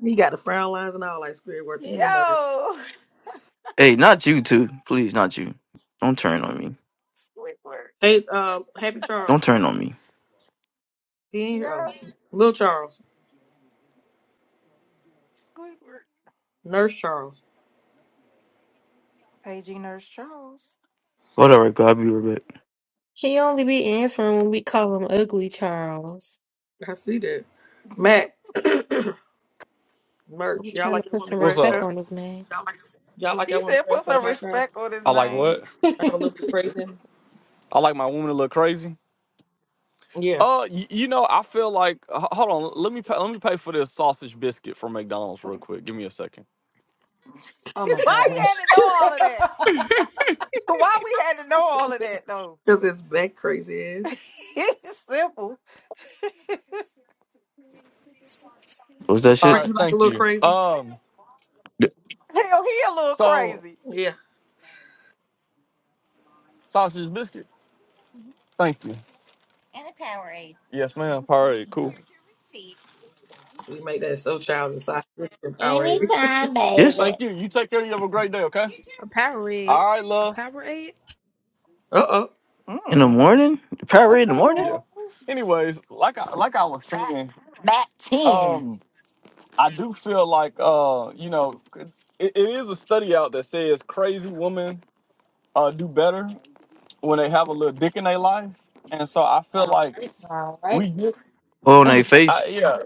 S2: He got the frown lines and all like Squidworth and the nurse.
S5: Yo.
S9: Hey, not you too. Please, not you. Don't turn on me.
S5: Squidward.
S2: Hey, uh, Happy Charles.
S9: Don't turn on me.
S2: He ain't here. Oh,
S5: Yo.
S2: Little Charles.
S5: Squidward.
S2: Nurse Charles.
S5: Paging Nurse Charles.
S9: Whatever, God, I'll be right back.
S8: He only be answering when we call him Ugly Charles.
S2: I see that. Matt.
S8: I'm
S2: Merch. Y'all
S8: trying to
S2: like y'all
S8: put
S2: want to
S8: some
S11: What's
S2: crash
S8: respect
S11: up?
S2: out?
S8: on his name.
S2: Y'all like
S5: He
S2: y'all want
S5: said
S2: to crash
S5: put
S2: out of
S5: some
S2: my car?
S5: respect on his
S11: I like
S5: name.
S11: what?
S2: I have a little
S8: oh
S2: bit of crazy in me.
S11: I like my woman a little crazy.
S2: Yeah.
S11: Uh, you, you know, I feel like h- hold on. Let me pay, let me pay for this sausage biscuit from McDonald's real quick. Give me a second.
S8: my
S5: Why you
S8: gosh.
S5: had to know all of that? Why we had to know all of that though?
S2: Because it's back crazy ass.
S5: It's simple.
S9: What was that
S11: All
S9: shit?
S2: Brent,
S11: right,
S2: you like a
S11: thank
S2: little
S11: you.
S2: crazy?
S11: Um,
S9: Y-
S5: Hell, he a little
S11: so
S5: crazy.
S2: Yeah.
S11: sausage biscuit. Thank you. Yes, ma'am. All right, cool.
S8: Mhm.
S2: You make that so childish. I should power.
S8: Anytime,
S9: Yes,
S8: baby.
S11: Thank you. You take care. You have a great day. Okay.
S10: A Powerade.
S11: All right,
S10: A
S11: love.
S10: Powerade?
S2: Uh oh.
S9: in the
S5: Mm.
S9: morning. The Powerade in
S8: Okay.
S9: the morning.
S11: Yeah.
S8: All
S11: Anyways, like I like I was saying,
S5: Back 10.
S11: um, I do feel like uh, you know, it's, it, it is a study out that says crazy women uh do better when they have a little dick in their life, and so I feel like
S8: right.
S11: we,
S9: Oh, on their face.
S11: I, yeah,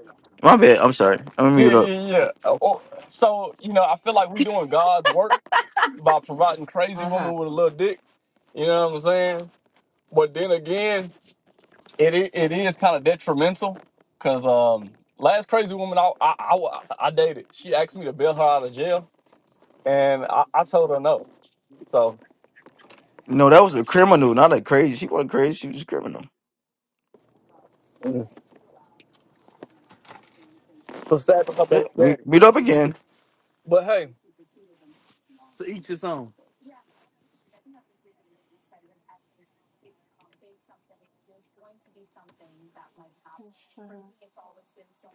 S9: My bad. I'm sorry. I'm gonna
S11: yeah,
S9: mute up.
S11: yeah, yeah. Uh, oh, So you know, I feel like we doing God's work by providing crazy
S8: Uh-huh.
S11: women with a little dick. You know what I'm saying? But then again, it i- it is kind of detrimental because um, last crazy woman I, I I wa- I dated, she asked me to bail her out of jail, and I, I told her no. So,
S9: No, that was a criminal, not a crazy. She wasn't crazy. She was a criminal.
S11: mm, so sad for my
S9: Yeah,
S11: baby daddy.
S9: meet, meet up again.
S11: But hey, to each his own.
S8: Yes, uh,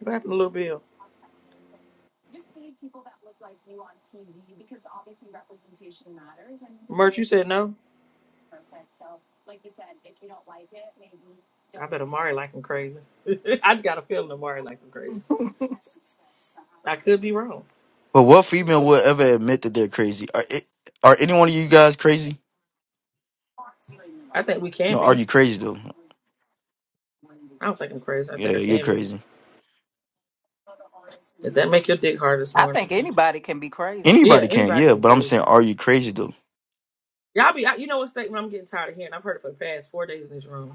S2: What happened to Little Bill? Merch, you said no? I bet Amari like him crazy. I just got a feeling Amari like him crazy. I could be wrong.
S9: But what female would ever admit that they're crazy? Are it, are any one of you guys crazy?
S2: I think we can
S9: No, are
S2: be.
S9: you crazy though?
S2: I don't think I'm crazy. I
S9: Yeah,
S2: think
S9: yeah,
S2: I
S9: you're
S2: can be.
S9: crazy.
S2: Did that make your dick hard this
S5: I
S2: morning?
S5: think anybody can be crazy.
S2: Yeah,
S9: Anybody can,
S2: anybody can
S9: yeah.
S2: be
S9: But I'm
S2: crazy.
S9: saying, are you crazy though?
S2: Y'all be, I, you know what statement I'm getting tired of hearing? I've heard it for the past four days in this room.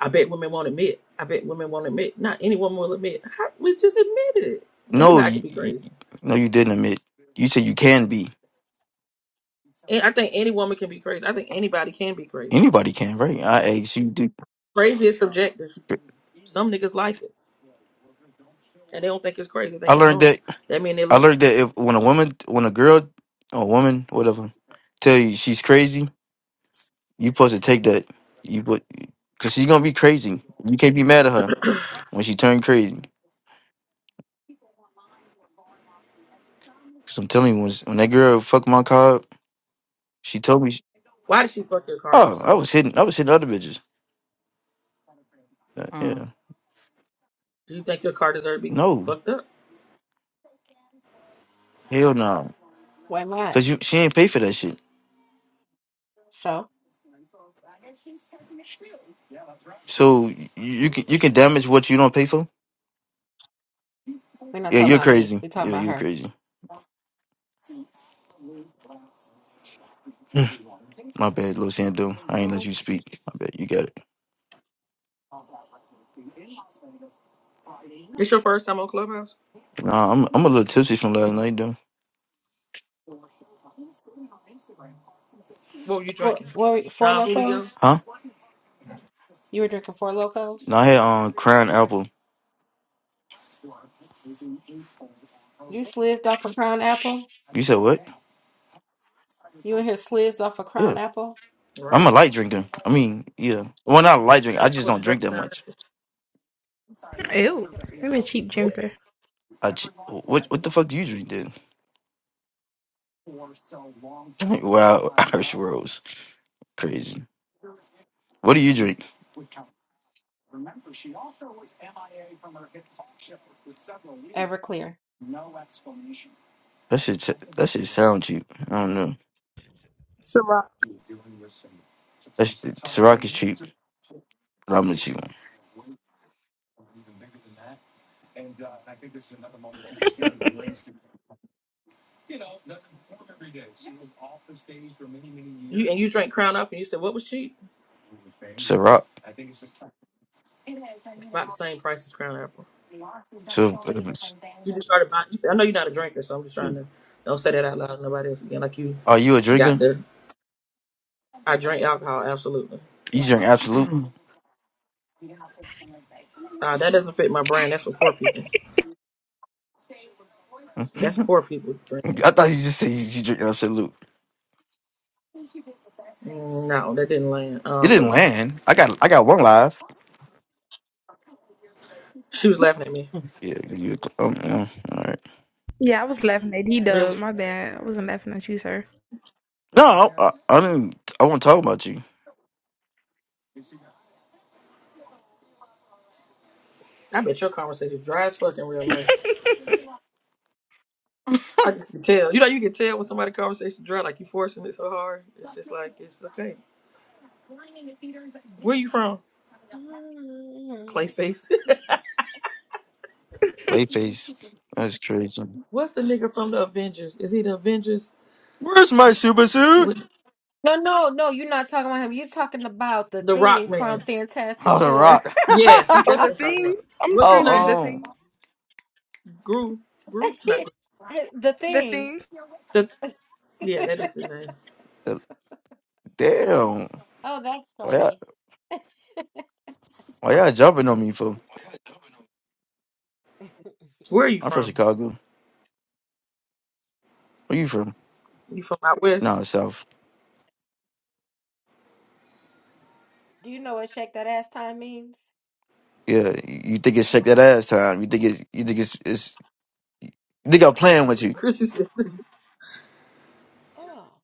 S2: I bet women won't admit. I bet women won't admit. Not any woman will admit. How, we just admitted it.
S9: No,
S2: Anybody can
S9: you,
S2: be
S9: you
S2: crazy.
S9: no, you didn't admit. You said you can be.
S2: And I think any woman can be crazy. I think anybody can be crazy.
S9: Anybody can, right? I asked you. Do.
S2: Crazy is subjective. Some niggas like it. and they don't think it's crazy. They
S9: I
S2: think it's
S9: learned
S2: normal.
S9: that.
S2: That mean they
S9: I
S2: love. You.
S9: learned that if when a woman, when a girl, or woman, whatever, tell you she's crazy, You supposed to take that. You put because she's gonna be crazy. You can't be mad at her when she turned crazy. Cause I'm telling you, when, when that girl fucked my car up, she told me, she-
S2: Why did you fuck your car up,
S9: "Oh, I
S2: sir?
S9: was hitting, I was hitting other bitches." Uh,
S5: Mm.
S9: Yeah,
S2: Do you think your car deserves to be
S9: no,
S2: fucked up?
S9: hell no,
S8: Why not?
S9: cause you she ain't pay for that shit.
S8: So
S9: So you, you can you can damage what you don't pay for.
S8: we're not
S9: Yeah,
S8: talking
S9: you're
S8: about me.
S9: crazy.
S8: We're
S9: Yeah,
S8: talking about
S9: you're
S8: her.
S9: crazy. Hmm, my bad, Lil Sando. I ain't let
S8: Um,
S9: you speak. My bad, you got it.
S2: It's your first time on Clubhouse.
S9: Nah, I'm I'm a little tipsy from last night, though.
S2: What were you
S8: what,
S2: drinking?
S8: what were you- four
S2: Don Julio.
S8: locos?
S9: Huh?
S8: You were drinking four locos?
S9: No, I had um crying apple.
S8: You slizzed off a crown apple?
S9: You said what?
S8: You in here slizzed off a
S9: Yeah.
S8: crown apple?
S9: I'm
S2: Right.
S9: a light drinker. I mean, yeah. Well, not a light drinker.
S2: So
S9: I
S2: why
S9: just
S2: would
S9: don't
S2: you drink
S9: drink that
S2: Crown?
S9: much.
S2: Apple?
S10: Ew. I'm a cheap drinker.
S9: I j- what what the fuck do you drink then? wow, Irish Rose, crazy. What do you drink?
S8: Everclear.
S9: That shit s- that shit sound cheap. I don't know.
S10: Ciroc.
S9: That's Ciroc is cheap. but I'm the cheap one.
S2: You and you drank Crown Apple, and you said what was cheap?
S9: Ciroc.
S2: It's about the same price as Crown Apple.
S9: So, if it's-
S2: You just started buying. I know you're not a drinker, so I'm just trying to don't say that out loud to nobody else again. Like you
S9: are you a
S2: got
S9: drinker?
S2: the I drink alcohol absolutely.
S9: You drink Absolute.
S2: Uh, that doesn't fit my brand. That's for poor people. That's poor people drinking.
S9: I thought you just said you, you drink Absolute.
S2: Mm, No, that didn't land.
S9: It
S2: Um, but
S9: didn't
S2: no,
S9: land. I got I got one live.
S2: she was laughing at me.
S9: Yeah, you. Um, yeah, all right.
S10: Yeah, I was laughing at D
S2: Real,
S10: Dub. My bad. I wasn't laughing at you, sir.
S9: No, I, I didn't. I won't talk about you.
S2: I bet your conversation dry as fuck in real life. I just can tell. You know, you can tell when somebody conversation dry, like you forcing it so hard. It's just like it's okay. Where you from?
S8: Mm.
S2: Clayface.
S9: Clayface. That's crazy.
S2: What's the nigga from the Avengers? Is he the Avengers
S9: Where's my super suit?
S2: with
S8: No, no, no, you're not talking about him. You're talking about the
S2: the Rock
S8: thing from
S2: Man?
S8: Fantastic
S9: Oh, the
S8: Four.
S2: Yes, he-
S10: Oh,
S2: that's
S10: the
S9: rock.
S2: what I'm talking
S10: thing.
S2: about.
S10: I'm
S2: What's his
S10: screaming.
S2: name?
S10: The
S9: oh, um,
S10: thing.
S2: Gru. Gru? Not Gru.
S8: The
S10: The
S8: thing.
S10: thing.
S2: The, yeah, that is his name.
S9: the- damn.
S8: Oh, that's
S9: Why y'all,
S8: funny.
S9: why y'all jumping on me for?
S2: Where are you
S9: I'm from
S2: from?
S9: Chicago. Where you from?
S2: You from out west?
S9: No, South.
S8: Do you know what shake that ass time means?
S9: Yeah, you think it's shake that ass time. You think it's you think it's it's you think I'm playing with you.
S2: Christian.
S8: Oh,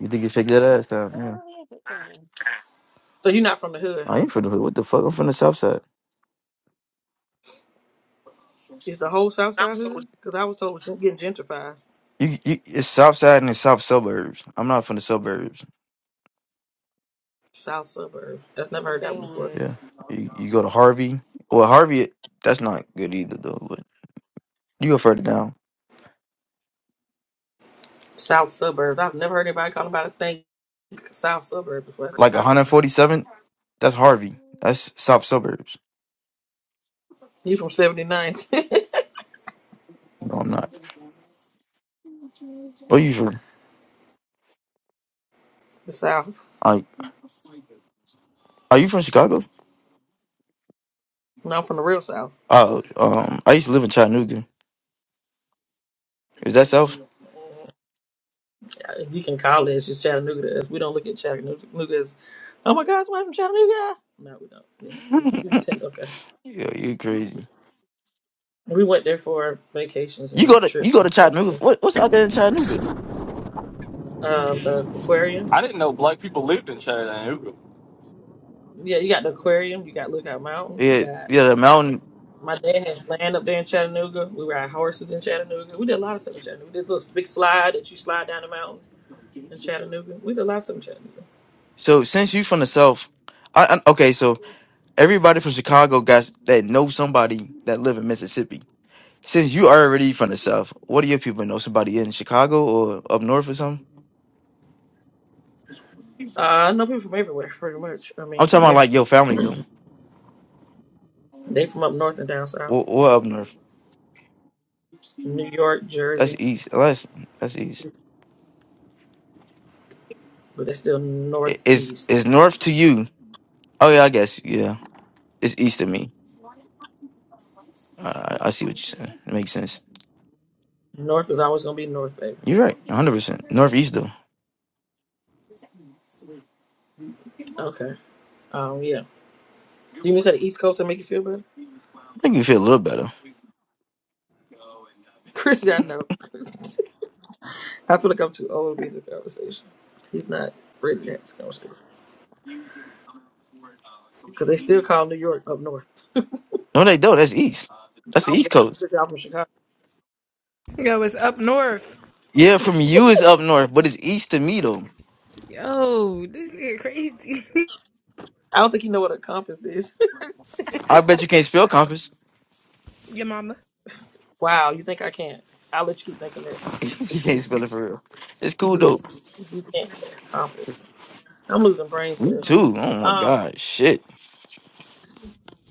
S9: You think it's shake that ass time.
S8: so that
S9: Yeah.
S8: really is a thing.
S2: So you're not from the hood,
S9: I
S2: huh?
S9: ain't from the hood. What the fuck? I'm from the South Side.
S2: Is the whole South
S9: South
S2: Side
S9: Side.
S2: hood? Because I was told it's getting gentrified.
S9: You, you, it's South Side and it's South suburbs. I'm not from the suburbs.
S2: South suburb. I've
S8: You're
S2: never
S8: from
S2: heard that one before.
S9: Yeah.
S8: Bellwood.
S9: You, you go to Harvey. Well, Harvey, that's not good either, though. But you go further down,
S2: South suburbs. I've never heard anybody call about a thing South suburb before. That's a
S9: like
S2: Chicago thing.
S9: 147th. That's Harvey. That's South Suburbs.
S2: You from 79th,
S9: No, I'm not. Where you from?
S2: the South.
S9: I are you from Chicago?
S2: No, I'm from the real South.
S9: Oh, um, I used to live in Chattanooga. Is that South?
S2: Yeah, You can call it. It's just Chattanooga to us. We don't look at Chattanooga Chattanooga as, oh my God, somebody from Chattanooga. No, we don't. Yeah. You from Ten- Okay.
S9: Yo, you crazy.
S2: We went there for vacations
S9: You go
S2: and
S9: to you
S2: trips
S9: go
S2: and
S9: to
S2: stuff.
S9: Chattanooga.
S2: That's,
S9: What what's out there in Chattanooga?
S2: um, the aquarium.
S11: I didn't know black people lived in Chad and Uga.
S2: Yeah, you got the aquarium. You got Lookout Mountain. You
S9: Yeah,
S2: got
S9: yeah, the mountain.
S2: my dad has land up there in Chattanooga. We ride horses in Chattanooga. We did a lot of stuff in Chattanooga. We did a little big slide that you slide down the mountain. in Chattanooga. We did a lot of stuff in Chattanooga.
S9: So since you from the South, I, I okay. So everybody from Chicago guys that know somebody that live in Mississippi. Since you already from the South, what do your people know? Somebody in Chicago or up north or something?
S2: Uh, I know people from everywhere, pretty much. I
S9: I'm
S2: mean,
S9: talking about
S2: yeah,
S9: like your family do.
S2: they from up north and down south,
S9: Or, or up north.
S2: New York,
S9: That's
S2: Jersey,
S9: east. That's that's east.
S2: but they're still
S9: I- Is
S2: northeast.
S9: is north to you? Oh yeah, I guess yeah. It's east to me. I I I see what you're saying. It makes sense.
S2: North is always gonna be north, baby.
S9: You're right. 100. percent Northeast though.
S2: Okay. Um, yeah. Do you mean to say the East Coast to make you feel better,
S9: Make me feel a little better.
S2: Chrissy? I know. I feel like I'm too old to be in this conversation. He's not ready to have this conversation because they still call New York up north.
S9: No, they don't. That's east. That's
S2: I
S9: the
S2: don't
S9: east
S2: know,
S9: coast.
S2: because y'all from Chicago.
S10: Yo, it's up north.
S9: Yeah, from you is up north, but it's east to me though.
S10: Yo, this nigga crazy.
S2: I don't think you know what a compass is.
S9: I bet you can't spell compass.
S10: Your mama.
S2: wow, you think I can't? I'll let you keep thinking that.
S9: you can't spell it for real. It's cool though
S2: You can't say accomplished. I'm losing brain cells.
S9: too. Oh my
S2: Um,
S9: god, shit.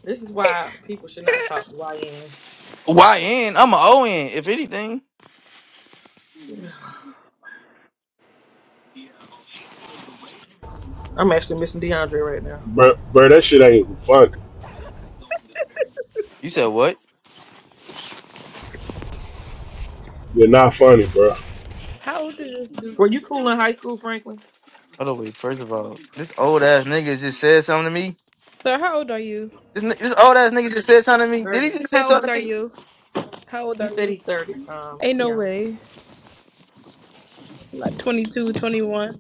S2: this is why people should not talk to YNs.
S9: YN. I'm a ON, if anything.
S2: I'm actually missing DeAndre right now.
S1: bro, bro, that shit ain't funny.
S9: You said what?
S1: You're not funny, bro.
S10: How old is this
S2: Were you
S10: dude?
S2: cool in high school, Franklin?
S9: Hold on, wait. First of all, this old ass nigga just said something to me.
S10: Sir, how old are you?
S9: This, ni- this old ass nigga just said something to me. Did
S2: Thirty.
S9: he just say
S10: How old
S9: something
S10: are
S9: to me?
S10: you? How old
S2: He
S10: are
S2: said
S10: you?
S2: he's thirty. Um,
S10: Ain't no
S2: Keanu.
S10: way. Like 22, 21.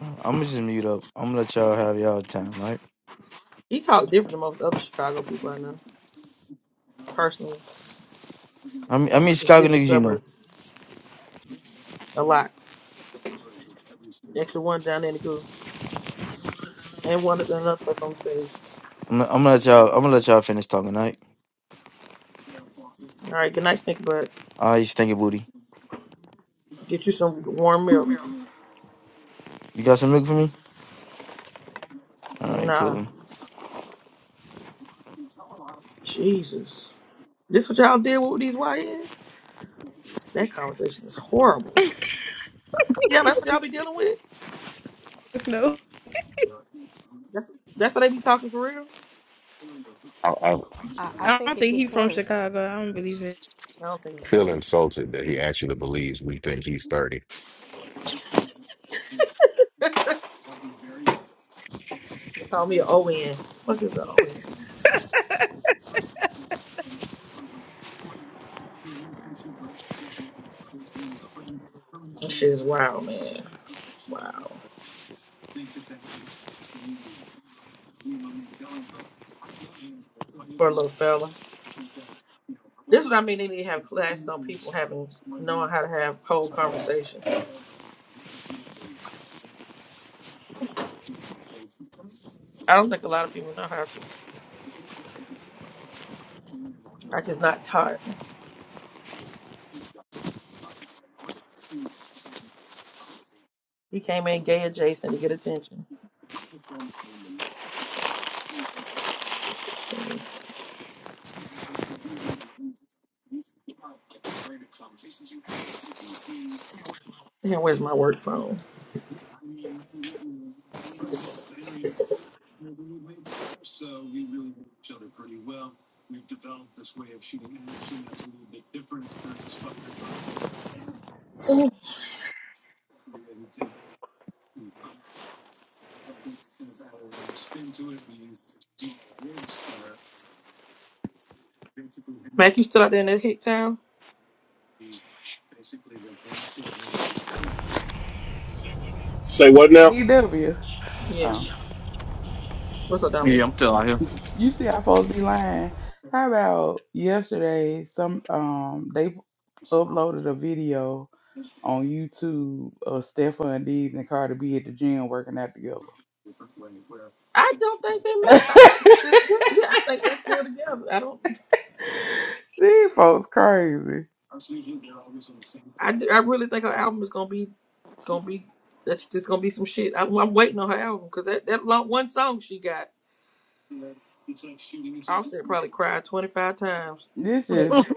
S9: I'm gonna just mute up. I'm gonna let y'all have y'all time, right?
S2: He talked different than most other Chicago people I know. Personally,
S9: I mean, I mean
S2: it's
S9: Chicago
S2: giving
S9: niggas, you
S2: suburb
S9: know.
S2: a lot. Extra one down there in the goo, and one another person on the stage.
S9: I'm, gonna- I'm gonna let y'all. I'm gonna let y'all finish talking, right?
S2: All right, good night, Stink Butt.
S9: All right, you stinky booty.
S2: Get you some warm milk.
S9: You got some milk for me? All right,
S2: Nah,
S9: cool.
S2: Jesus. This what y'all did with these YNs? That conversation is horrible. Yeah, that's what y'all be dealing with.
S10: No.
S2: That's that's what they be talking for real.
S12: I, I
S8: I, I
S10: I
S8: think
S10: don't
S8: it
S10: think he
S8: gets
S10: from
S8: worse.
S10: Chicago. I don't believe it.
S2: I don't think it's
S12: feel
S2: real. They
S12: insulted that he actually believes we think he's 30.
S2: call me an ON. Fuck is an ON?
S8: Mm.
S2: That shit is wild, man. Wow. For a little fella. This is what I mean. They need to have classes on people having knowing how to have cold conversation. I don't think a lot of people know how to. Like it's not taught. He came in gay adjacent to get attention. Damn, where's my work phone? Mhm. Mac, you still out there in that hick town?
S1: Say
S2: What?
S1: what now?
S6: CW.
S2: Yeah.
S6: Oh,
S2: What's up,
S11: Yeah,
S2: Dominic?
S11: I'm still out here.
S6: you see, I supposed to be lying. How about yesterday? Some um, they uploaded a video on YouTube of Stephon Diggs and Cardi B at the gym working out together.
S2: I don't think they messed up. Yeah, I think they're still together. I don't.
S6: These folks crazy.
S2: I, d- I really think her album is gonna be gonna be that's just gonna be some shit. I, I'm waiting on her album because that that long, one song she got, Offset probably cried 25 times.
S6: This
S2: That
S6: is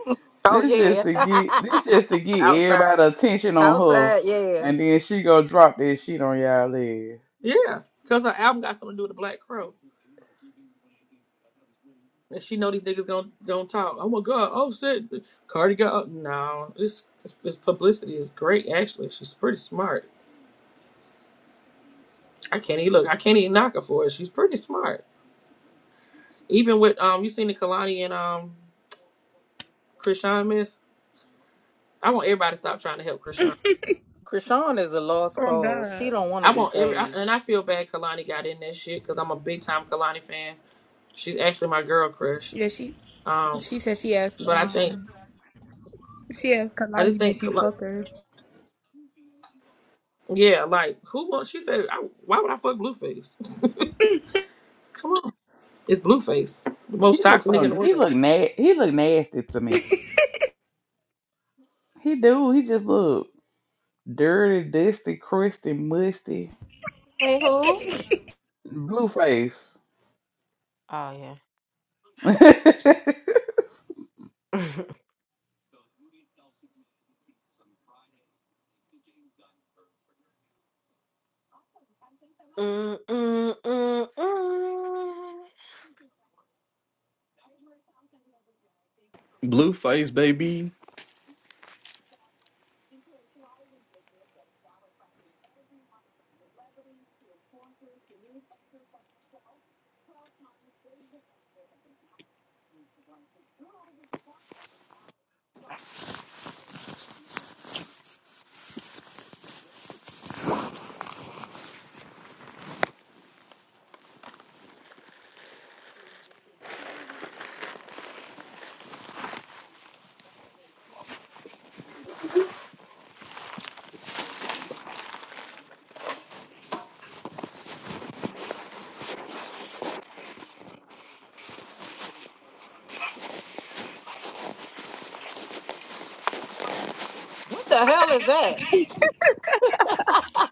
S5: Oh,
S6: this just
S5: yeah.
S6: to get this just to get
S2: outside,
S6: everybody attention on her,
S5: Outside, yeah.
S6: and then she go drop that shit on y'all legs.
S2: yeah, because her album got something to do with the Black Crow, and she know these niggas gonna gonna talk. Oh my God, Offset, Cardi got no. This this, this publicity is great. Actually, she's pretty smart. I can't even look. I can't even knock her for it. She's pretty smart. Even with um, you seen the Kalani and um, Krishan miss. I want everybody to stop trying to help Krishan
S5: Krishan is a lost
S10: Oh
S5: cause. She
S10: God.
S5: don't want to
S2: I
S5: be
S2: want every, I-
S5: saved.
S2: and I feel bad Kalani got in that shit because I'm a big time Kalani fan. She's actually my girl crush.
S10: Yeah, she
S2: Um,
S10: she said she asked
S2: but I think
S10: um she asked
S2: I just
S10: Kalani did
S2: think,
S10: she
S2: Kalani,
S10: fuck her.
S2: yeah, like who wants? She said, I, why would I fuck Blueface? Come on, it's Blueface, the most
S6: He looks
S2: toxic nigga
S6: so
S2: in the
S6: he
S2: world.
S6: look na- he look nasty to me. He do. He just look. Dirty, dusty, crusty, musty,
S8: Wait, who? Oh
S6: blue face.
S8: yeah.
S6: Cause
S8: mm, mm, mm, mm.
S11: Blueface, baby.
S5: What the hell is that?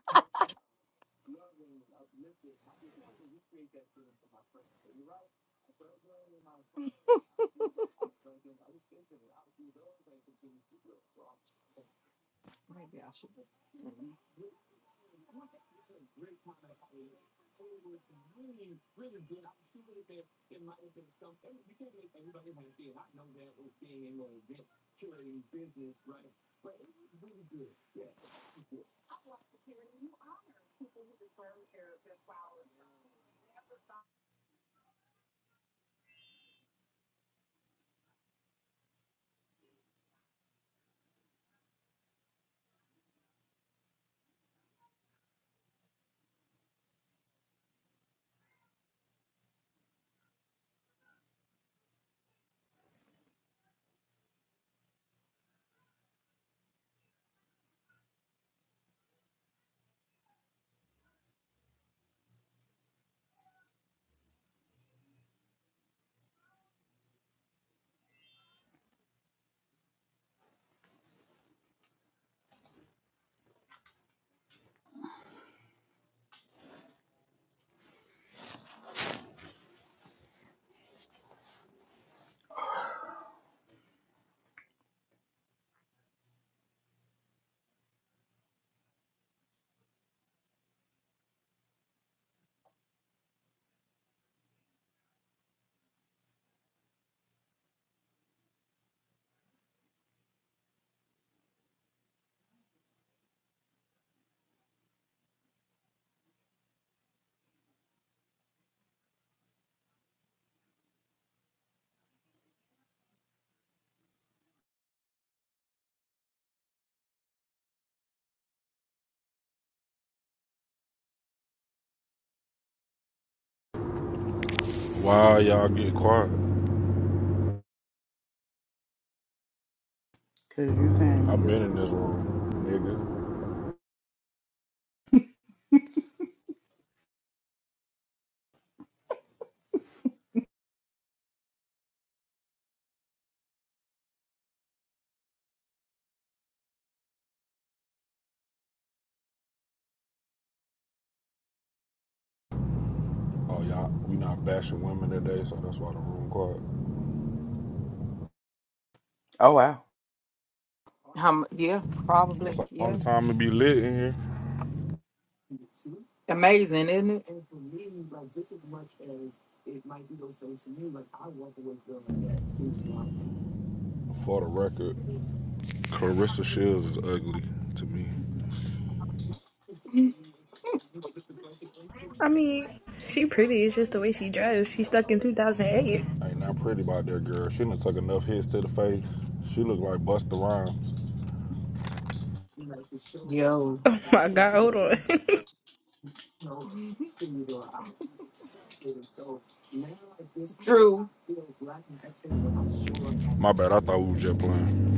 S13: Why y'all get quiet?
S6: you came in
S13: I've
S6: here.
S13: been in this room, nigga. Oh y'all, we not bashing women today, so that's why the room quiet.
S6: Oh wow.
S5: Um, yeah,
S13: That's
S5: probably.
S13: the
S5: Yeah.
S13: only time it be lit in here.
S5: Amazing, isn't
S13: For the record, Carissa Shields is ugly to me.
S10: I mean, she pretty, it's just the way she dressed. She stuck in two thousand eight.
S13: I Ain't not pretty about that girl. She done took enough hits to the face. She look like Busta Rhymes.
S10: Oh my god, hold on.
S5: it? It's true.
S13: My bad, I thought we was just playing.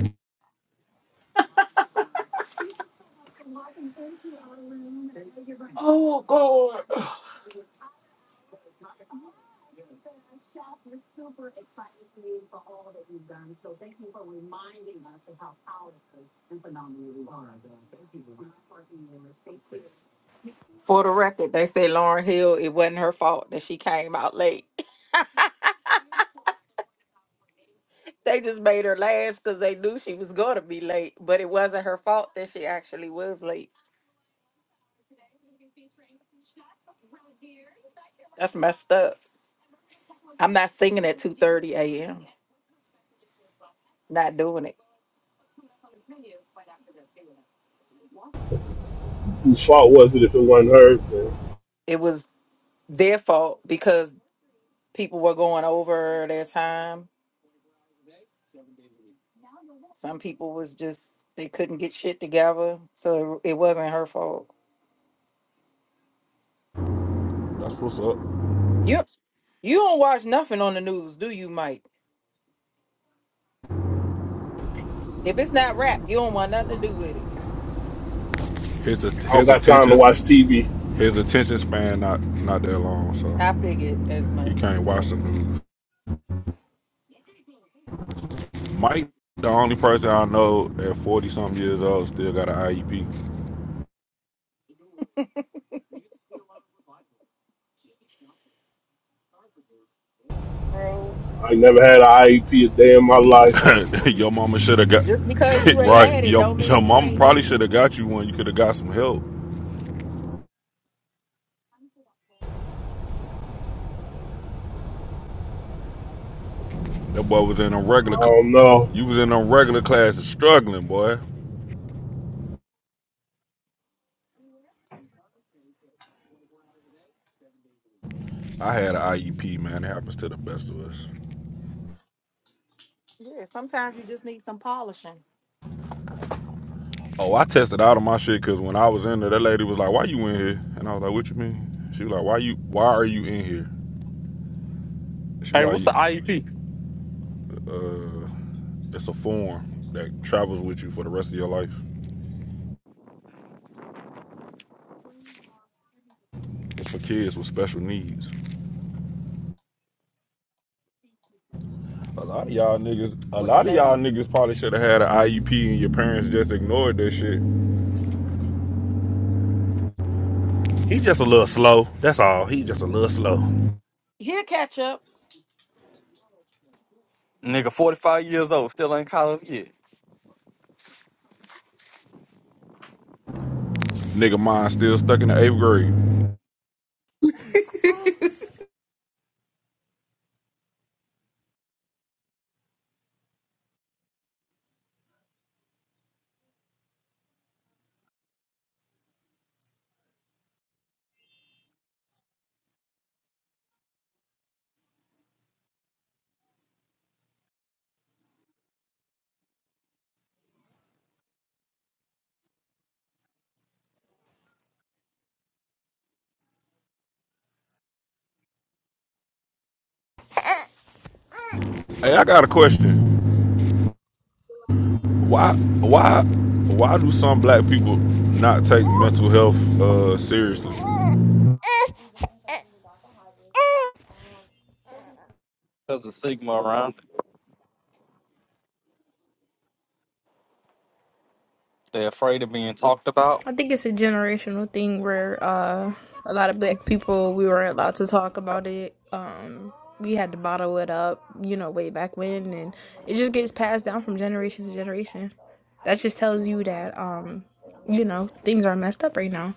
S5: Oh, For the record, they say Lauren Hill, it wasn't her fault that she came out late. they just made her last because they knew she was going to be late, but it wasn't her fault that she actually was late. That's messed up. I'm not singing at 2.30 a.m. Not doing it.
S1: Whose fault was it if it wasn't hers? man?
S5: It was their fault because people were going over their time. Some people was just, they couldn't get shit together. So it, it wasn't her fault.
S13: That's what's up.
S5: You, you don't watch nothing on the news, do you, Mike? If it's not rap, you don't want nothing to do with it.
S13: His
S1: I don't
S13: his
S1: got time to
S13: attention
S1: watch TV.
S13: his attention span not not that long, so
S5: I figured as
S13: he
S5: much.
S13: can't
S5: Yeah.
S13: watch the news. Mike, the only person I know at forty something years old still got an IEP.
S5: bro.
S1: I ain't never had an IEP a day in my life.
S13: your mama should have got
S5: Just because you ain't
S13: right.
S5: had it
S13: Your
S5: don't
S13: your
S5: mean you
S13: mama
S5: ain't
S13: probably
S5: need
S13: should
S5: it.
S13: have got you one. You could have got some help. That boy was in a regular.
S1: I
S13: cl-
S1: don't know.
S13: You was in a regular class and struggling, boy. I had an IEP, man. It happens to the best of us.
S5: Yeah, sometimes you just need some polishing
S13: Oh, I tested out of my shit because when I was in there, that lady was like, "Why you in here?" And I was like, "What you mean?" She was like, "Why you? Why are you in here?" She was
S11: Hey, what's
S13: like,
S11: the IEP?
S13: uh, "It's a form that travels with you for the rest of your life." for kids with special needs. A lot of y'all niggas, a
S5: or
S13: lot of y'all
S5: delays.
S13: niggas probably should have had an IEP and your parents just ignored that shit. He just a little slow. That's all. He just a little slow.
S5: He'll catch up.
S11: Nigga, 45 years old, still ain't caught up yet.
S13: Nigga mine still stuck in the eighth grade. Hey, I got a question. Why why why do some black people not take mental health uh seriously?
S11: Because the stigma around it. They're afraid of being talked about.
S10: I think it's a generational thing where uh, a lot of black people we weren't allowed to talk about it. Um, we had to bottle it up, you know, way back when, and it just gets passed down from generation to generation. That just tells you that, um, you know, things are messed up right now.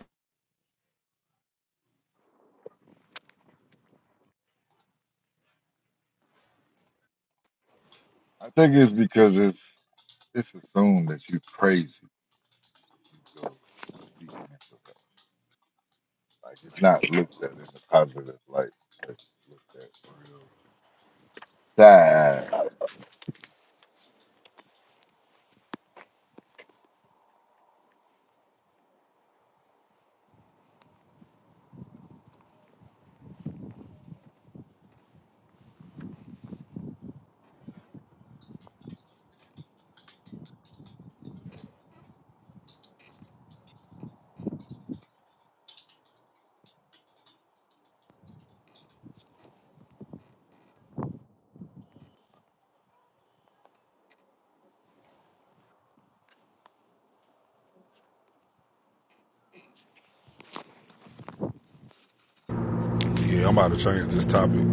S14: I think it's because it's it's assumed that you're crazy if you go seek mental health. Like it's not looked at in a positive light. It's looked at real sad.
S13: Yeah, I'm about to change this topic.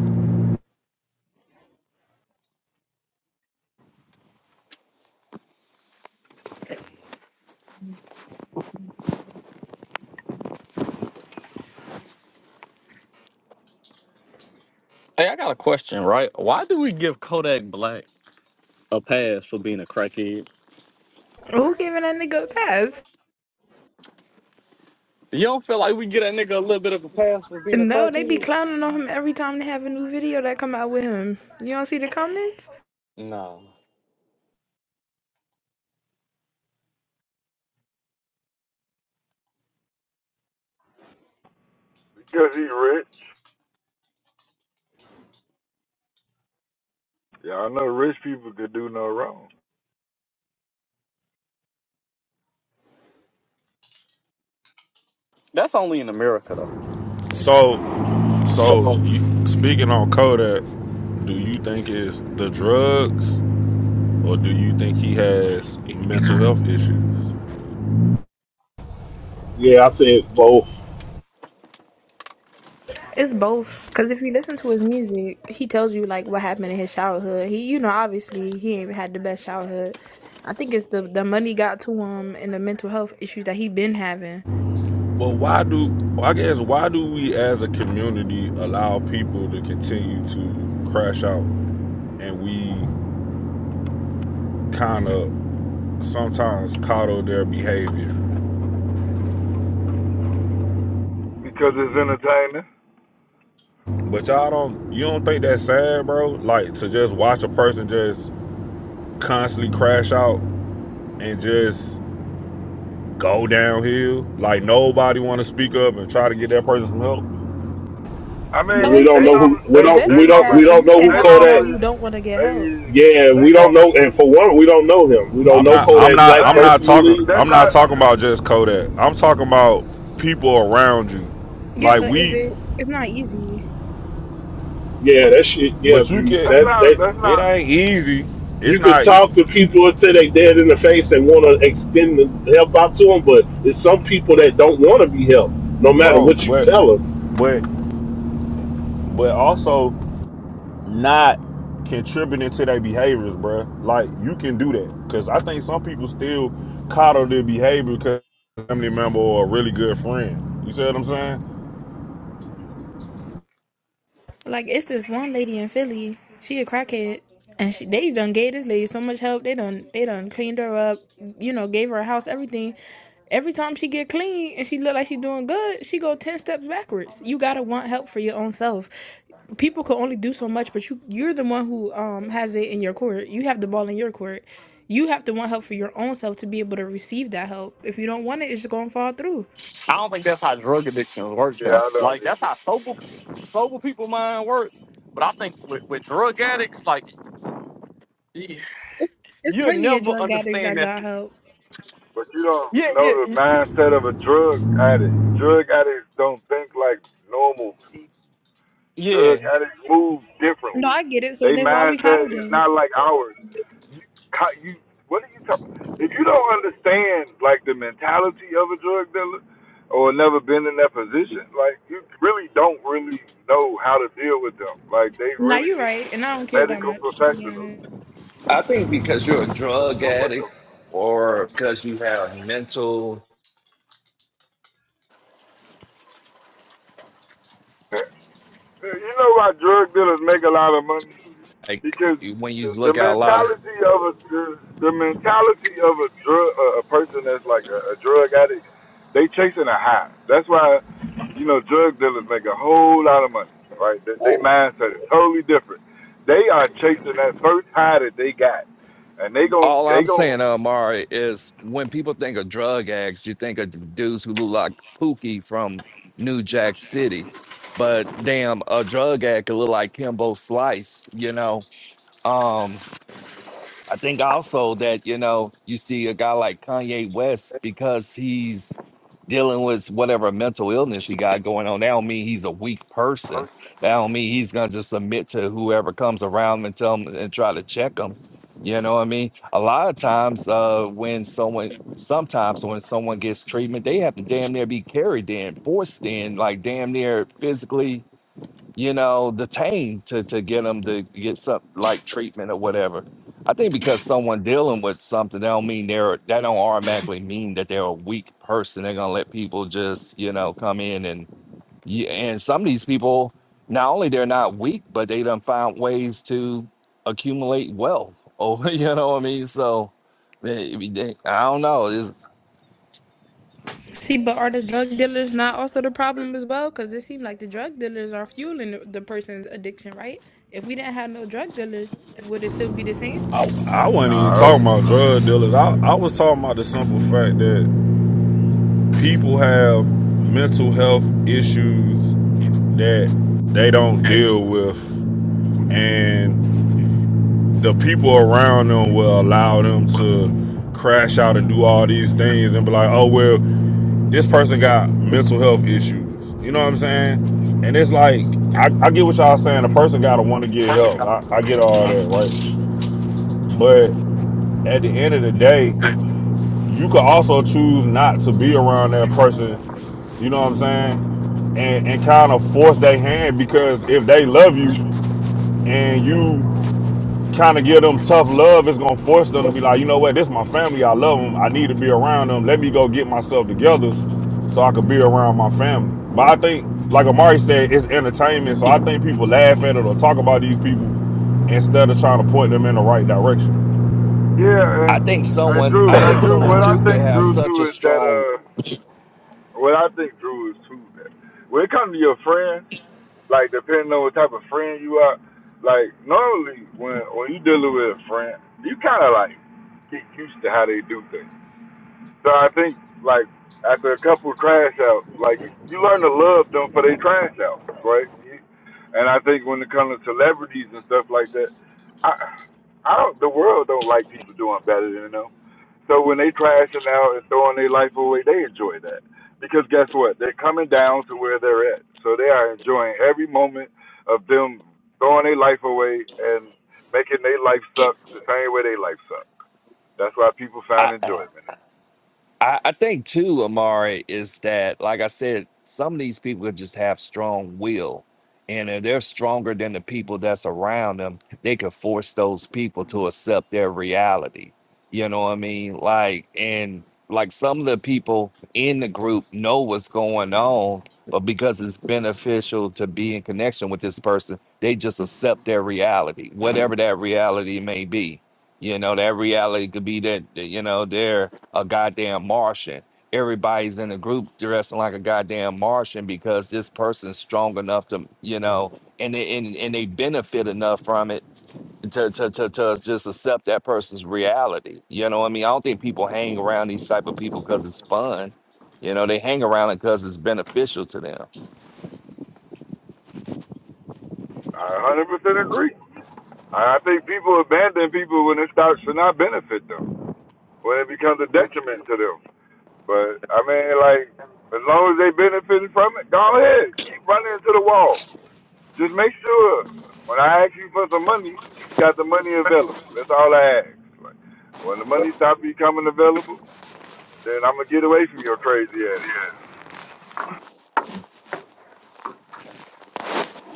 S11: Hey, I got a question, right? Why do we give Kodak Black a pass for being a crackhead?
S10: Who giving that nigga a pass?
S11: You don't feel like we get that nigga a little bit of a pass for being a
S10: No, they be
S11: crackhead?
S10: clowning on him every time they have a new video that come out with him. You don't see the comments?
S11: No.
S14: Because he's rich. Yeah, I know rich people could do no wrong.
S11: That's only in America, though.
S13: So so you, speaking on Kodak, do you think it's the drugs or do you think he has mental health issues?
S1: Yeah, I said both.
S10: It's both. Cause if you listen to his music, he tells you like what happened in his childhood. He, you know, obviously he ain't had the best childhood. I think it's the the money got to him and the mental health issues that he been having.
S13: But why do I guess why do we as a community allow people to
S6: I don't
S13: continue
S6: want to speak to
S13: to
S6: you.
S13: crash out and we kind of sometimes coddle their behavior?
S14: Because it's entertaining.
S13: But y'all don't you don't think that's sad, bro? Like to just watch a person just constantly crash out and just go downhill. Like nobody want to speak up and try to get that person some help.
S14: I
S10: No,
S14: mean,
S1: We
S10: it's
S1: don't
S14: they
S1: know
S10: it's
S1: who
S14: normally
S1: we
S14: they
S10: it's
S1: don't
S14: they
S1: we
S10: definitely
S1: don't we
S10: sad,
S14: normally
S10: but
S1: don't
S10: you
S1: know
S10: can't
S1: who
S14: they
S10: help somebody
S1: Kodak.
S14: normally
S10: who don't want to get help.
S14: they
S1: Yeah,
S14: they
S1: we don't
S14: normally
S1: know, and for one, we don't know him. We don't
S13: I'm
S1: know
S13: not. I'm
S1: Kodak
S13: not.
S1: Black
S13: I'm not talking.
S14: they
S1: personally.
S14: that's
S13: I'm not
S14: not
S13: talking about just Kodak. I'm talking about people around you.
S10: Yeah,
S13: Like
S10: but is
S13: we,
S10: it? It's not easy.
S1: Yeah, that shit. Yeah,
S13: but you
S1: Drew.
S14: that's
S1: That
S14: not
S1: that
S14: that's
S13: can. It
S14: not
S13: ain't easy. It's
S1: you could
S13: not,
S1: talk to people until they dead in the face and want to extend the help out to them, but it's some people that don't want to be helped, no matter
S13: bro.
S1: what you
S13: But,
S1: tell
S13: but, but also not contributing to their behaviors, bro. Like you can do that because I think some people still coddle their behavior because a family member or a really good friend. You see what I'm saying?
S10: Like it's this one lady in Philly. She a crackhead, and she, they done gave this lady so much help. They done they done cleaned her up. You know, gave her a house, everything. Every time she get clean and she look like she doing good, she go ten steps backwards. You gotta want help for your own self. People can only do so much, but you you're the one who um has it in your court. You have the ball in your court. You have to want help for your own self to be able to receive that help. If you don't want it, it's just gonna fall through.
S11: I don't think that's how drug addictions work
S14: yeah
S11: though.
S14: I don't
S11: Like
S14: need
S11: that's
S14: to
S11: how sober sober people mind work. But I think with, with drug addicts, like y-
S10: It's it's
S11: you'll
S10: plenty of
S11: never
S10: drug addicts
S11: understand
S10: that
S11: that.
S10: got help.
S14: But you don't
S11: Yeah,
S14: know
S11: yeah,
S14: the
S11: y-
S14: mindset of a drug addict. Drug addicts don't think like normal people. Drug
S11: yeah.
S14: addicts move
S10: No,
S14: differently.
S10: I get it. So
S14: They
S10: then why we
S14: mindset
S10: coddle
S14: is
S10: them?
S14: not like ours. Co- You, what are you talking? If you don't understand like the mentality of a drug dealer, or never been in that position, like you really don't really know how to deal with them. Like they
S10: Nah,
S14: really
S10: you're right,
S14: need
S10: and I don't care that
S14: medical
S10: much to be
S14: professionals.
S10: honest.
S15: I think because you're a drug
S14: So what the?
S15: addict or because you have mental,
S14: F- you know why drug dealers make a lot of money?
S15: like
S14: because
S15: you- when you
S14: the, the
S15: look at a lot of,
S14: mentality of a the, the mentality of a drug a person that's like a, a drug addict, they chasing a high. That's why you know drug dealers make a whole lot of money, right? They, they
S15: Well,
S14: mindset is totally different. They are chasing that first high that they got, and they gon'
S15: all
S14: they
S15: I'm
S14: gon'
S15: saying, Amari, is when people think of drug addicts, you think of dudes who look like Pookie from New Jack City. But damn, a drug addict could look like Kimbo Slice, you know? Um, I think also that you know you see a guy like Kanye West because he's dealing with whatever mental illness he got going on. That don't mean he's a weak person. That don't mean he's gonna just submit to whoever comes around and tell him and try to check him. You know what I mean? A lot of times, uh, when someone, sometimes when someone gets treatment, they have to damn near be carried in, forced in, like damn near physically you know, detained to to get them to get some like treatment or whatever. I think because someone dealing with something, that don't mean they're that don't automatically mean that they're a weak person. They're gonna let people just you know come in and yeah. And some of these people, not only they're not weak, but they done found ways to accumulate wealth. Over you know what I mean. So eh, they- I don't know. It's,
S10: See, but are the drug dealers not also the problem as well? Because it seems like the drug dealers are fueling the, the person's addiction, right? If we didn't have no drug dealers, would it still be the same?
S13: I, I wasn't even
S14: no
S13: talking about drug dealers. I, I was talking about the simple fact that people have mental health issues that they don't deal with and the people around them will allow them to crash out and do all these things and be like oh well this person got mental health issues you know what i'm saying and it's like i, I get what y'all saying a person gotta want to get help I, I get all that right but at the end of the day you could also choose not to be around that person, you know what I'm saying? And and kind of force their hand because if they love you and you kind of give them tough love, it's gonna force them to be like, you know what, this is my family, I love them, I need to be around them. Let me go get myself together so I could be around my family. But I think, like Amari said, it's entertainment, so I think people laugh at it or talk about these people instead of trying to point them in the right direction.
S14: yeah.
S15: I
S14: And,
S15: think
S14: and
S15: someone,
S14: Drew,
S15: I
S14: and
S15: think
S14: Drew,
S15: someone
S14: what I
S15: too could
S14: think
S15: have
S14: Drew
S15: such a
S14: too is that
S15: strong.
S14: uh, what I think Drew is too that when it comes to your friends like depending on what type of friend you are, like normally when when you dealing with a friend, you kind of like get used to how they do things. So I think like after a couple of crash outs, like you learn to love them for their crash outs, right? And I think when it comes to celebrities and stuff like that, I I don't, the world don't like people doing better than them. So when they trashing out and throwing their life away, they enjoy that. Because guess what? They're coming down to where they're at. So they are enjoying every moment of them throwing their life away and making their life suck the same way they life suck. That's why people find enjoyment. in it.
S15: I, I think too, Amari, is that like I said, some of these people just have strong will, and if they're stronger than the people that's around them, they could force those people to accept their reality. You know what I mean? Like, and like some of the people in the group know what's going on, but because it's beneficial to be in connection with this person, they just accept their reality, whatever that reality may be you know, that reality could be that, that, you know, they're a goddamn Martian. Everybody's in the group dressing like a goddamn Martian because this person's strong enough to, you know, and they, and, and they benefit enough from it to, to, to, to just accept that person's reality. You know what I mean? I don't think people hang around these type of people because it's fun. You know, they hang around it because it's beneficial to them.
S14: I 100% agree. I I think people abandon people when it starts to not benefit them, when it becomes a detriment to them. But I mean, like, as long as they benefiting from it, go ahead, keep running into the wall. Just make sure when I ask you for some money, you got the money available. That's all I ask. Like, when the money stops becoming available, then I'm gonna get away from your crazy ass.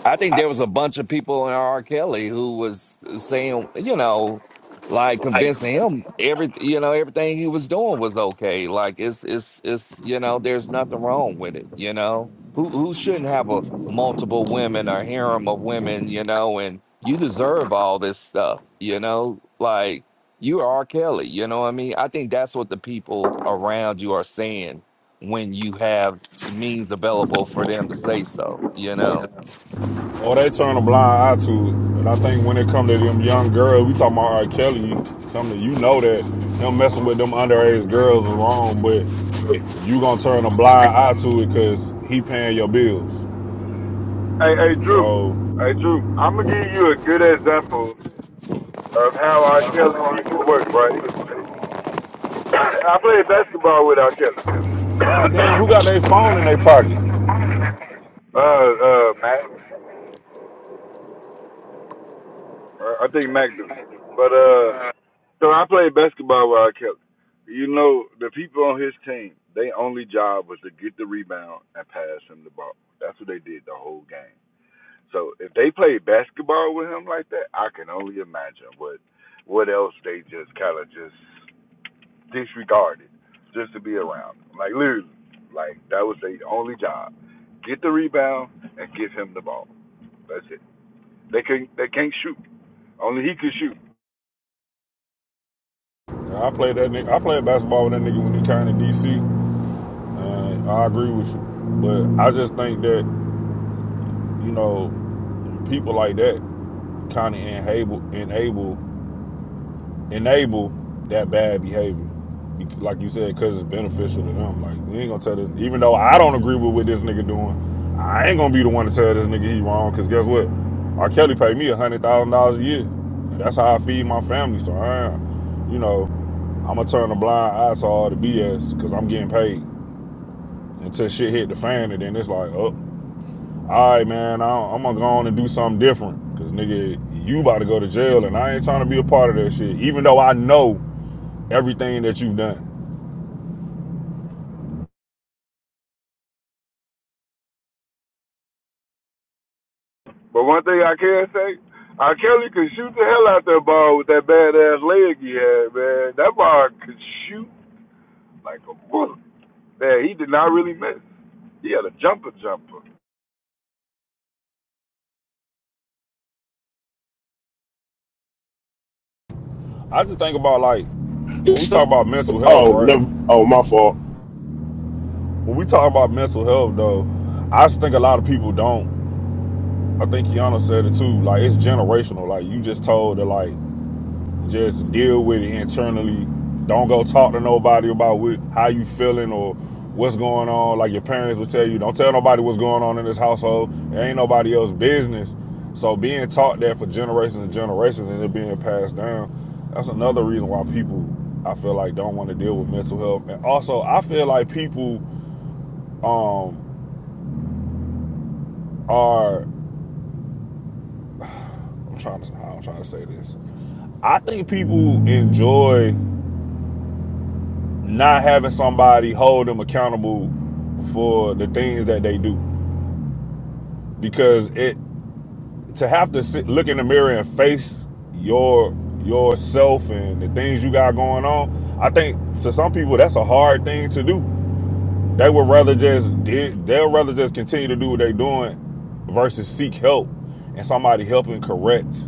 S15: I think there was a bunch of people in R. Kelly who was saying, you know, like convincing him every, you know, everything he was doing was okay. Like it's, it's, it's, you know, there's nothing wrong with it. You know, who who shouldn't have a multiple women or harem of women, you know, and you deserve all this stuff, you know, like you are R. Kelly. You know what I mean? I think that's what the people around you are saying when you have the means available for them to say so. You know.
S13: Or they turn a blind eye to it. And I think when it come to them young girls, we talking about R. Kelly, come to you know that him messing with them underage girls is wrong, but you gonna turn a blind eye to it because he paying your bills.
S14: Hey, hey, Drew.
S13: So,
S14: Hey, Drew. I'm gonna give you a good example of how R. Kelly people work, right? I played basketball with R. Kelly.
S13: goddamn, who got their phone in their pocket?
S14: uh, uh, Mac. Uh, I think Mac do. But uh.
S11: Like
S14: So I played basketball where I kept. You know, the people on his team, Their only job was to get the rebound and pass him the ball. That's what they did the whole game. So if they played basketball with him like that, I can only imagine what what else they just kind of just disregarded just to be around. him. Like literally, like that was their only job: get the rebound and give him the ball. That's it. They can not they can't shoot. Only he could shoot.
S13: Yeah, I played that nigga. I played basketball with that nigga when he came to DC. And I agree with you, but I just think that you know people like that kind of enable enable enable that bad behavior. Like you said, because it's beneficial to them. Like we ain't gonna tell this. Even though I don't agree with what this nigga doing, I ain't gonna be the one to tell this nigga he wrong. Cause guess what? R. Kelly paid me a hundred thousand dollars a year. And that's how I feed my family. So I, ain't- you know, I'm gonna turn a blind eye to all the BS because I'm getting paid until shit hit the fan. And then it's like, oh, all right, man, I'm gonna go on and do something different. Cause nigga, you about to go to jail, and I ain't trying to be a part of that shit. Even though I know everything that you've done.
S14: But one thing I can say, R. Kelly could shoot the hell out that ball with that badass leg he had, man. That ball could shoot like a bullet. Man, he did not really miss. He had a jumper jumper.
S13: I just think about like when we
S1: them.
S13: talk about mental health,
S1: Oh,
S13: right?
S1: never. Oh, my fault.
S13: When we talk about mental health, though, I just think a lot of people don't. I think Kiana said it too. Like it's generational. Like you just told that like Just deal with it internally. Don't go talk to nobody about what, how you feeling or what's going on. Like your parents would tell you, don't tell nobody what's going on in this household. It ain't nobody else's business. So being taught that for generations and generations and it being passed down, that's another reason why people I feel like don't want to deal with mental health. And also I feel like people um are I'm trying to I'm trying to say this. I think people enjoy not having somebody hold them accountable for the things that they do because it to have to sit, look in the mirror and face your yourself and the things you got going on i think to some people that's a hard thing to do they would rather just they, will rather just continue to do what they're doing versus seek help and somebody helping correct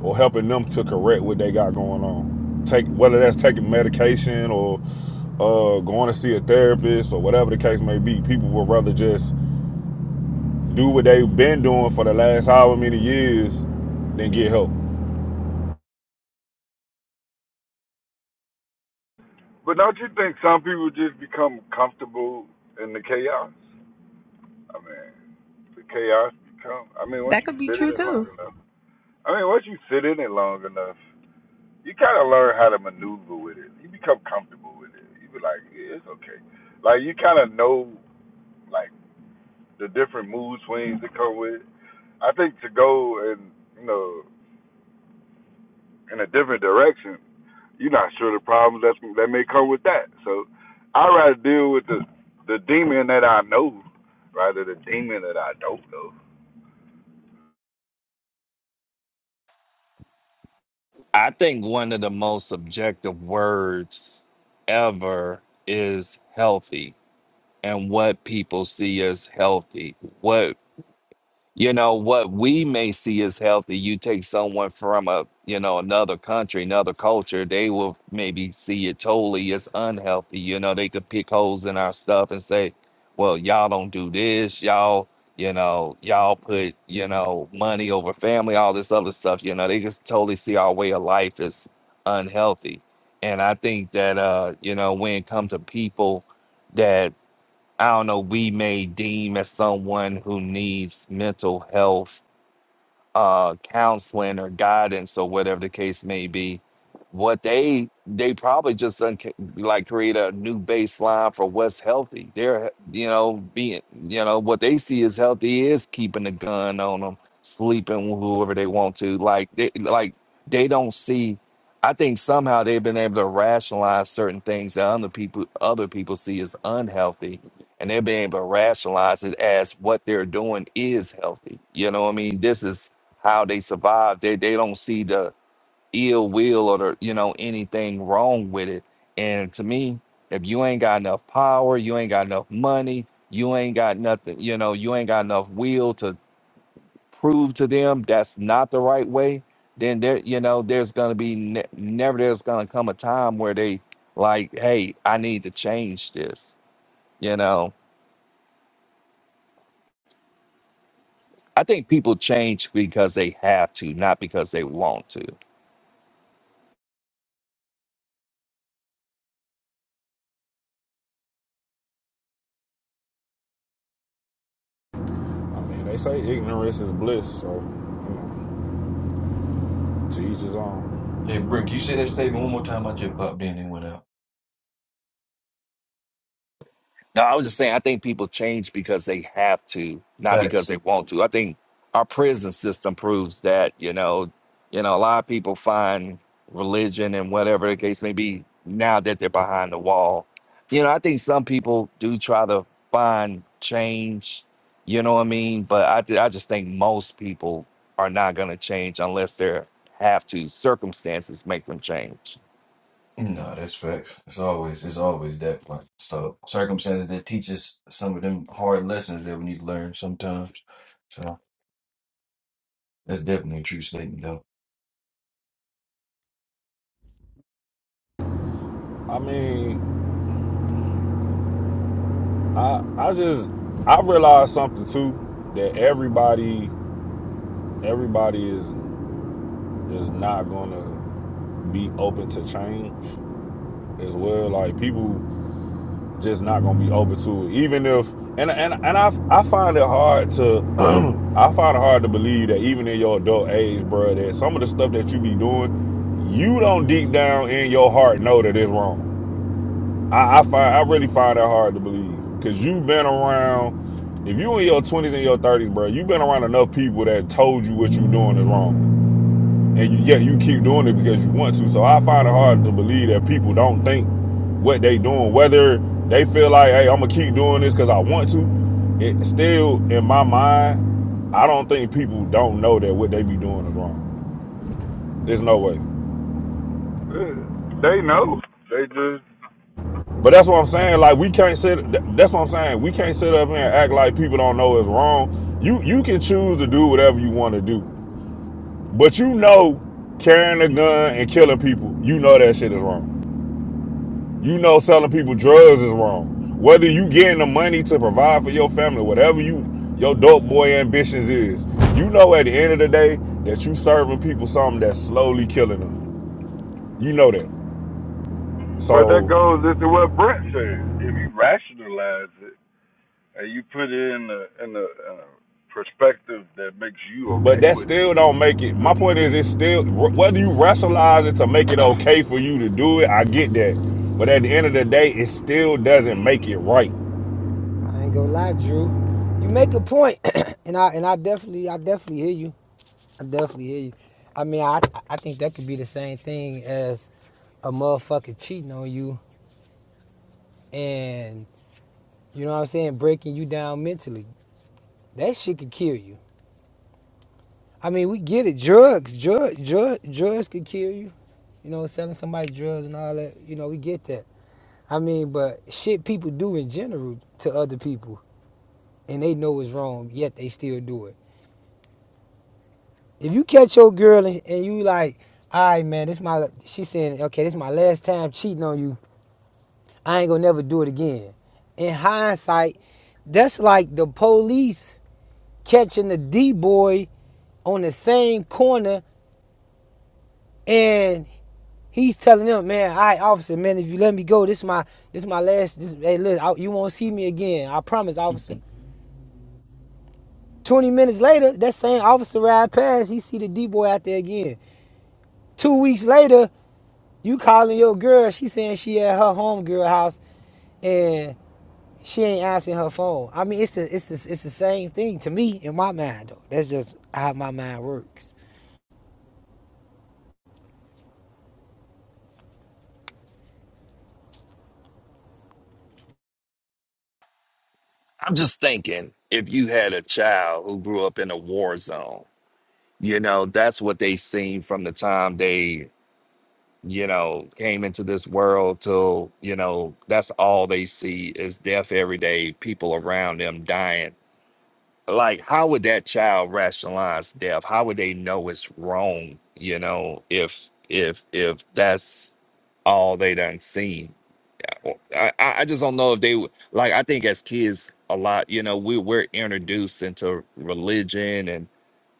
S13: or helping them to correct what they got going on. Take whether that's taking medication or uh, going to see a therapist or whatever the case may be. People would rather just do what they've been doing for the last however many years than get help.
S14: But don't you think some people just become comfortable in the chaos? I mean, the chaos become. I mean, once
S10: That
S14: you
S10: could be
S14: sit in
S10: true
S14: it long
S10: too.
S14: enough, I mean, once you sit in it long enough, you kind of learn how to maneuver with it. You become comfortable with it. You be like, yeah, it's okay. Like you kind of know, like the different mood swings that come with it. I think to go and you know in a different direction, you're not sure the problems that's that may come with that. So I'd rather deal with the the demon that I know rather than the demon that I don't know.
S15: I think one of the most subjective words ever is healthy and what people see as healthy. What you know what we may see as healthy you take someone from a you know another country another culture they will maybe see it totally as unhealthy you know they could pick holes in our stuff and say well y'all don't do this y'all you know y'all put you know money over family all this other stuff you know they just totally see our way of life as unhealthy and i think that uh you know when it comes to people that. I don't know, we may deem as someone who needs mental health uh, counseling or guidance or whatever the case may be, what they they probably just unca- like create a new baseline for what's healthy. They're you know being you know what they see as healthy is keeping the gun on them, sleeping with whoever they want to. Like they like they don't see. I think somehow they've been able to rationalize certain things that other people other people see as unhealthy and they're being able to rationalize it as what they're doing is healthy. You know what I mean? This is how they survive. They they don't see the ill will or the you know anything wrong with it. And to me, if you ain't got enough power, you ain't got enough money, you ain't got nothing, you know, you ain't got enough will to prove to them that's not the right way. Then there, you know, there's gonna be ne- never there's gonna come a time where they like, hey, I need to change this. You know, I think people change because they have to, not because they want to.
S13: I mean, they say ignorance is bliss, so you know, to each his own.
S16: Hey, Brooke, you say that statement one more time. I just popped in and went out.
S15: No, I was just saying, I think people change because they have to, not because
S16: Facts.
S15: they want to. I think our prison system proves that, you know, you know, a lot of people find religion and whatever the case may be now that they're behind the wall. You know, I think some people do try to find change, you know what I mean? But I, th- I just think most people are not going to change unless they have to. Circumstances make them change.
S16: No, that's facts. It's always it's always that point. So circumstances that teach us some of them hard lessons that we need to learn sometimes. So that's definitely a true statement, though.
S13: I mean, I I just I realized something too that everybody everybody is is not gonna be open to change as well. Like people just not gonna be open to it, even if and and and I I find it hard to I find it hard to believe that even in your adult age, bro, that some of the stuff that you be doing, you don't deep down in your heart know that it's wrong. I I, find, I really find that hard to believe because you've been around. If you in your twenties and your thirties, bro, you've been around enough people that told you what you are doing is wrong, and you, yet you keep doing it because you want to. So I find it hard to believe that people don't think what they doing, whether they feel like, hey, I'm gonna keep doing this because I want to. It still in my mind, I don't think people don't know that what they be doing is wrong. There's no way.
S14: Uh, They know. They just
S13: But that's what I'm saying. Like we can't sit. That's what I'm saying. We can't sit up here and act like people don't know it's wrong. You you can choose to do whatever you want to do, but you know carrying a gun and killing people. You know that shit is wrong. You know selling people drugs is wrong. Whether you getting the money to provide for your family, whatever you your dope boy ambitions is, you know at the end of the day that you serving people something that's slowly killing them. You know that.
S14: but that
S13: So
S14: goes into what Brent said. If you rationalize it and you put it in a in a, in a perspective that makes you
S13: But
S14: okay
S13: that
S14: with it,
S13: still don't make it. My point is, it's still whether you rationalize it to make it okay for you to do it. I get that, but at the end of the day, it still doesn't make it right.
S17: I ain't gonna lie, Drew. You make a point, and I and I definitely, I definitely hear you. I definitely hear you. I mean, I I think that could be the same thing as a motherfucker cheating on you, and you know what I'm saying, breaking you down mentally. That shit could kill you. I mean, we get it. Drugs, drug, drug, drugs could kill you. You know, selling somebody drugs and all that. You know, we get that. I mean, but shit people do in general to other people, and they know it's wrong, yet they still do it. if you catch your girl and, and you like, all right, man, this my, she saying, okay, this is my last time cheating on you. I ain't gonna never do it again. In hindsight, that's like the police catching the D boy on the same corner and he's telling them, man, all right, officer, man, if you let me go, this is my, this is my last, this, hey, look, I- you won't see me again. I promise, officer. 20 minutes later, that same officer ride past, he see the D boy out there again. Two weeks later, You calling your girl, she saying she at her home girl house and she ain't answering her phone. I mean, it's the, it's the, it's the same thing to me in my mind though. That's just how my mind works.
S15: I'm just thinking if you had a child who grew up in a war zone, you know that's what they seen from the time they you know came into this world till you know that's all they see is death every day people around them dying like how would that child rationalize death how would they know it's wrong you know if if if that's all they done seen i i I just don't know if they would- like i think as kids a lot you know we we're introduced into religion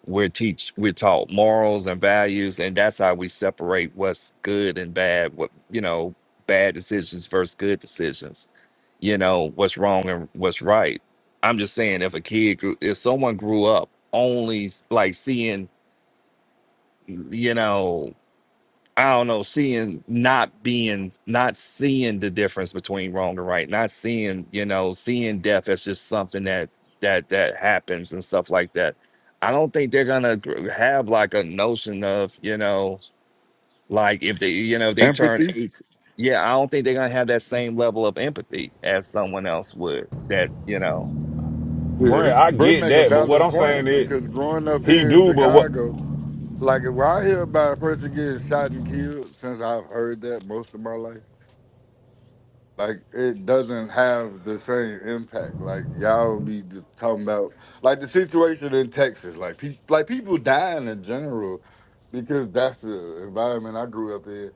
S15: we're teach we're taught morals and values and that's how we separate what's good and bad what you know bad decisions versus good decisions you know what's wrong and what's right i'm just saying if a kid grew if someone grew up only like seeing you know I don't know, seeing not being not seeing the difference between wrong and right, not seeing, you know, seeing death as just something that that that happens and stuff like that. I don't think they're gonna gr- have like a notion of, you know, like if they, you know, they turn
S14: Empathy.
S15: eight. Yeah, I don't think they're gonna have that same level of empathy as someone else would. That you know,
S14: Yeah,
S13: Brent, I
S14: Britt
S13: get
S14: make a
S13: that, but what
S14: valid
S13: I'm saying
S14: point
S13: is,
S14: because growing up
S13: he
S14: here in
S13: do. But what?
S14: Chicago, like if I hear about a person getting shot and killed, since I've heard that most of my life, like it doesn't have the same impact. Like y'all be just talking about like the situation in Texas, like pe- like people dying in general because that's the environment I grew up in.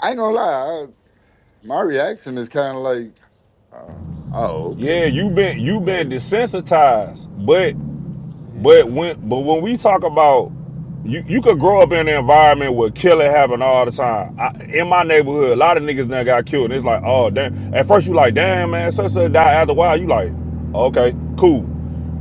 S14: I ain't gonna lie, I, my reaction is kind of like, oh, oh,
S13: Yeah,
S14: okay,
S13: you been you
S14: Like
S13: been desensitized, but But
S17: Yeah.
S13: when but when we talk about you, you could grow up in an environment where killing happen all the time. I, in my neighborhood, a lot of niggas now got killed, and it's like, oh damn. At first you like, damn man, such such died. After a while, you like, okay, cool.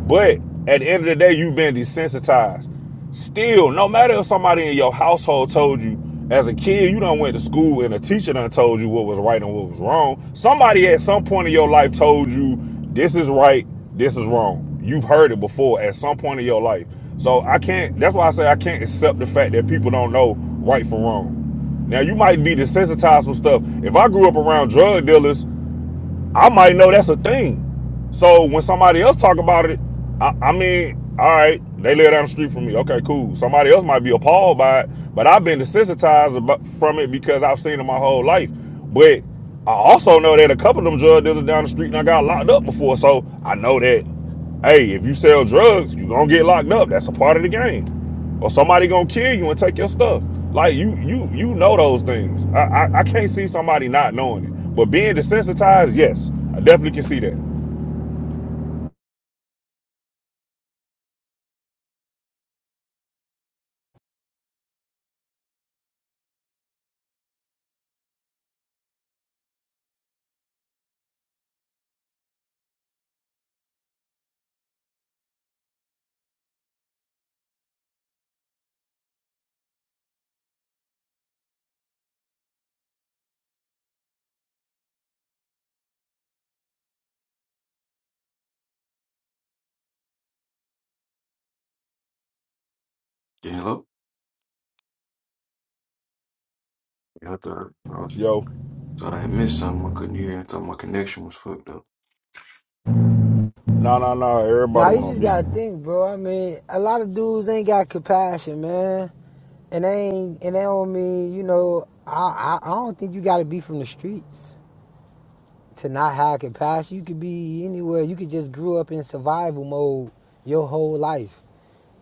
S13: But at the end of the day, you've been desensitized. Still, no matter if somebody in your household told you as a kid, you done went to school and a teacher done told you what was right and what was wrong. Somebody at some point in your life told you this is right, this is wrong. You've heard it before at some point in your life. So I can't, that's why I say I can't accept the fact that people don't know right from wrong. Now you might be desensitized from stuff. If I grew up around drug dealers, I might know that's a thing. So when somebody else talk about it, I, I mean, all right, they live down the street from me. Okay, cool. Somebody else might be appalled by it, but I've been desensitized about, from it because I've seen it my whole life. But I also know that a couple of them drug dealers down the street and I got locked up before, so I know that. Hey, if you sell drugs, you gonna get locked up. That's a part of the game. Or somebody gonna kill you and take your stuff. Like you, you, you know those things. I, I, I can't see somebody not knowing it. But being desensitized, yes, I definitely can see that.
S16: Yeah, hello. Yeah, I thought I was,
S13: Yo,
S16: thought I had missed something. I couldn't hear. I thought my connection was fucked up.
S13: nah, nah, nah.
S17: Nah,
S13: Everybody
S17: you
S13: went on
S17: just
S13: mute.
S17: gotta think, bro. I mean, a lot of dudes ain't got compassion, man. And they ain't, and they don't mean, you know, I, I, I don't think you gotta be from the streets to not have compassion. You could be anywhere. You could just grew up in survival mode your whole life.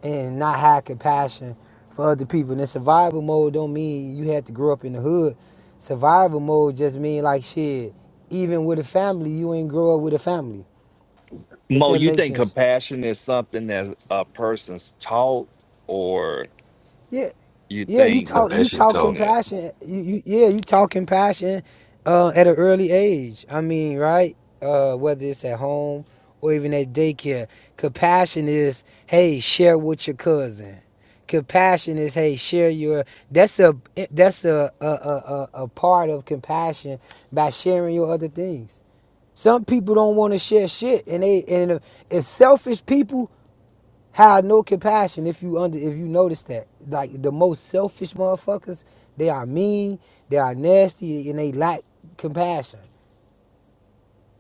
S17: and not have compassion for other people. And survival mode don't mean you had to grow up in the hood. Survival mode just mean like shit. Even with a family, you ain't grow up with a family. If
S15: Mo,
S17: that
S15: you
S17: makes
S15: think
S17: sense.
S15: compassion is something that a person's taught, or
S17: Yeah,
S15: you
S17: Yeah, you
S15: think?
S16: No,
S17: talk
S16: that
S17: you
S16: shit
S17: talk
S16: talk.
S15: yeah.
S17: compassion. You, you yeah, you talk compassion uh at an early age. I mean, right? Uh whether it's at home or even at daycare. Compassion is hey, share with your cousin. Compassion is hey, share your that's a that's a a a, a a part of compassion by sharing your other things. Some people don't want to share shit, and they and if, if selfish people have no compassion if you under if you notice that like the most selfish motherfuckers they are mean they are nasty and they lack compassion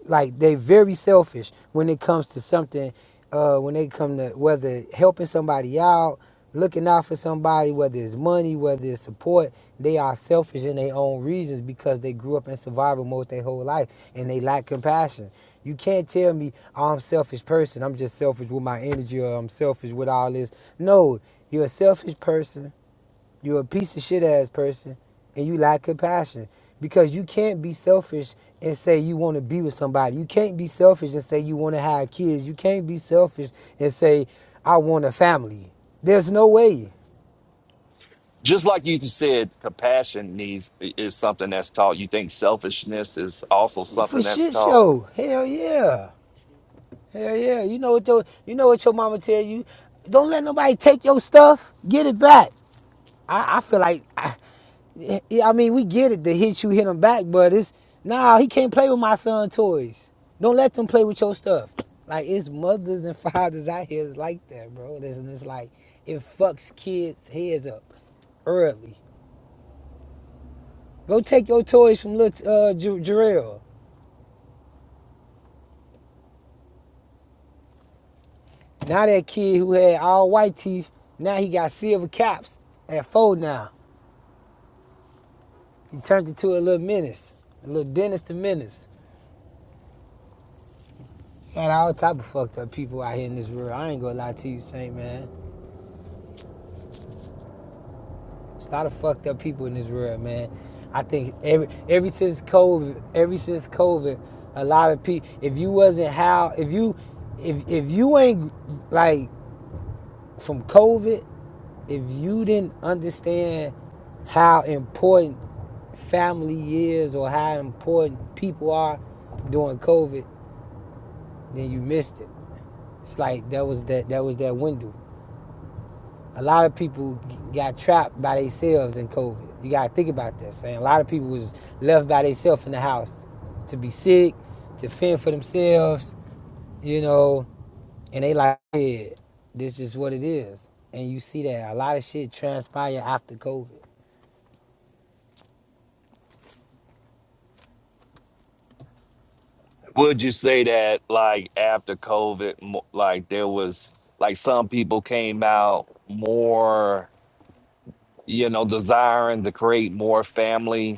S17: like they very selfish when it comes to something uh when they come to whether helping somebody out looking out for somebody whether it's money whether it's support they are selfish in their own reasons because they grew up in survival mode their whole life and they lack compassion you can't tell me oh, i'm a selfish person i'm just selfish with my energy or i'm selfish with all this no you're a selfish person you're a piece of shit ass person and you lack compassion because you can't be selfish and say you want to be with somebody. You can't be selfish and say you want to have kids. You can't be selfish and say I want a family. There's no way.
S15: just like you just said, compassion needs is something that's taught. You think selfishness is also
S17: For
S15: something that's
S17: shit
S15: taught.
S17: show. Hell yeah. Hell yeah. You know what your you know what your mama tell you? Don't let nobody take your stuff. Get it back. I, I feel like, I, yeah, I mean, we get it. The hit you, hit him back, but it's nah. He can't play with my son toys. Don't let them play with your stuff. Like it's mothers and fathers out here is like that, bro. This and it's like it fucks kids' heads up early. Go take your toys from little uh, J- Jarrell. Now that kid who had all white teeth, now he got silver caps at four. Now he turned into a little menace, a little Dennis the Menace. Man, all type of fucked up people out here in this world. I ain't gonna lie to you, Saint man. There's a lot of fucked up people in this world, man. I think every every since COVID, every since COVID, a lot of people. If you wasn't how, if you, if if you ain't like from COVID, if you didn't understand how important family is or how important people are during COVID, then you missed it. It's like that was that that was that window. a lot of people got trapped by themselves in COVID. You gotta think about this. Saying a lot of people was left by themselves in the house to be sick, to fend for themselves, you know, and they like, yeah, this is what it is. And you see that a lot of shit transpire after COVID.
S15: Would you say that like after COVID, mo- like there was like some people came out more, you know, desiring to create more family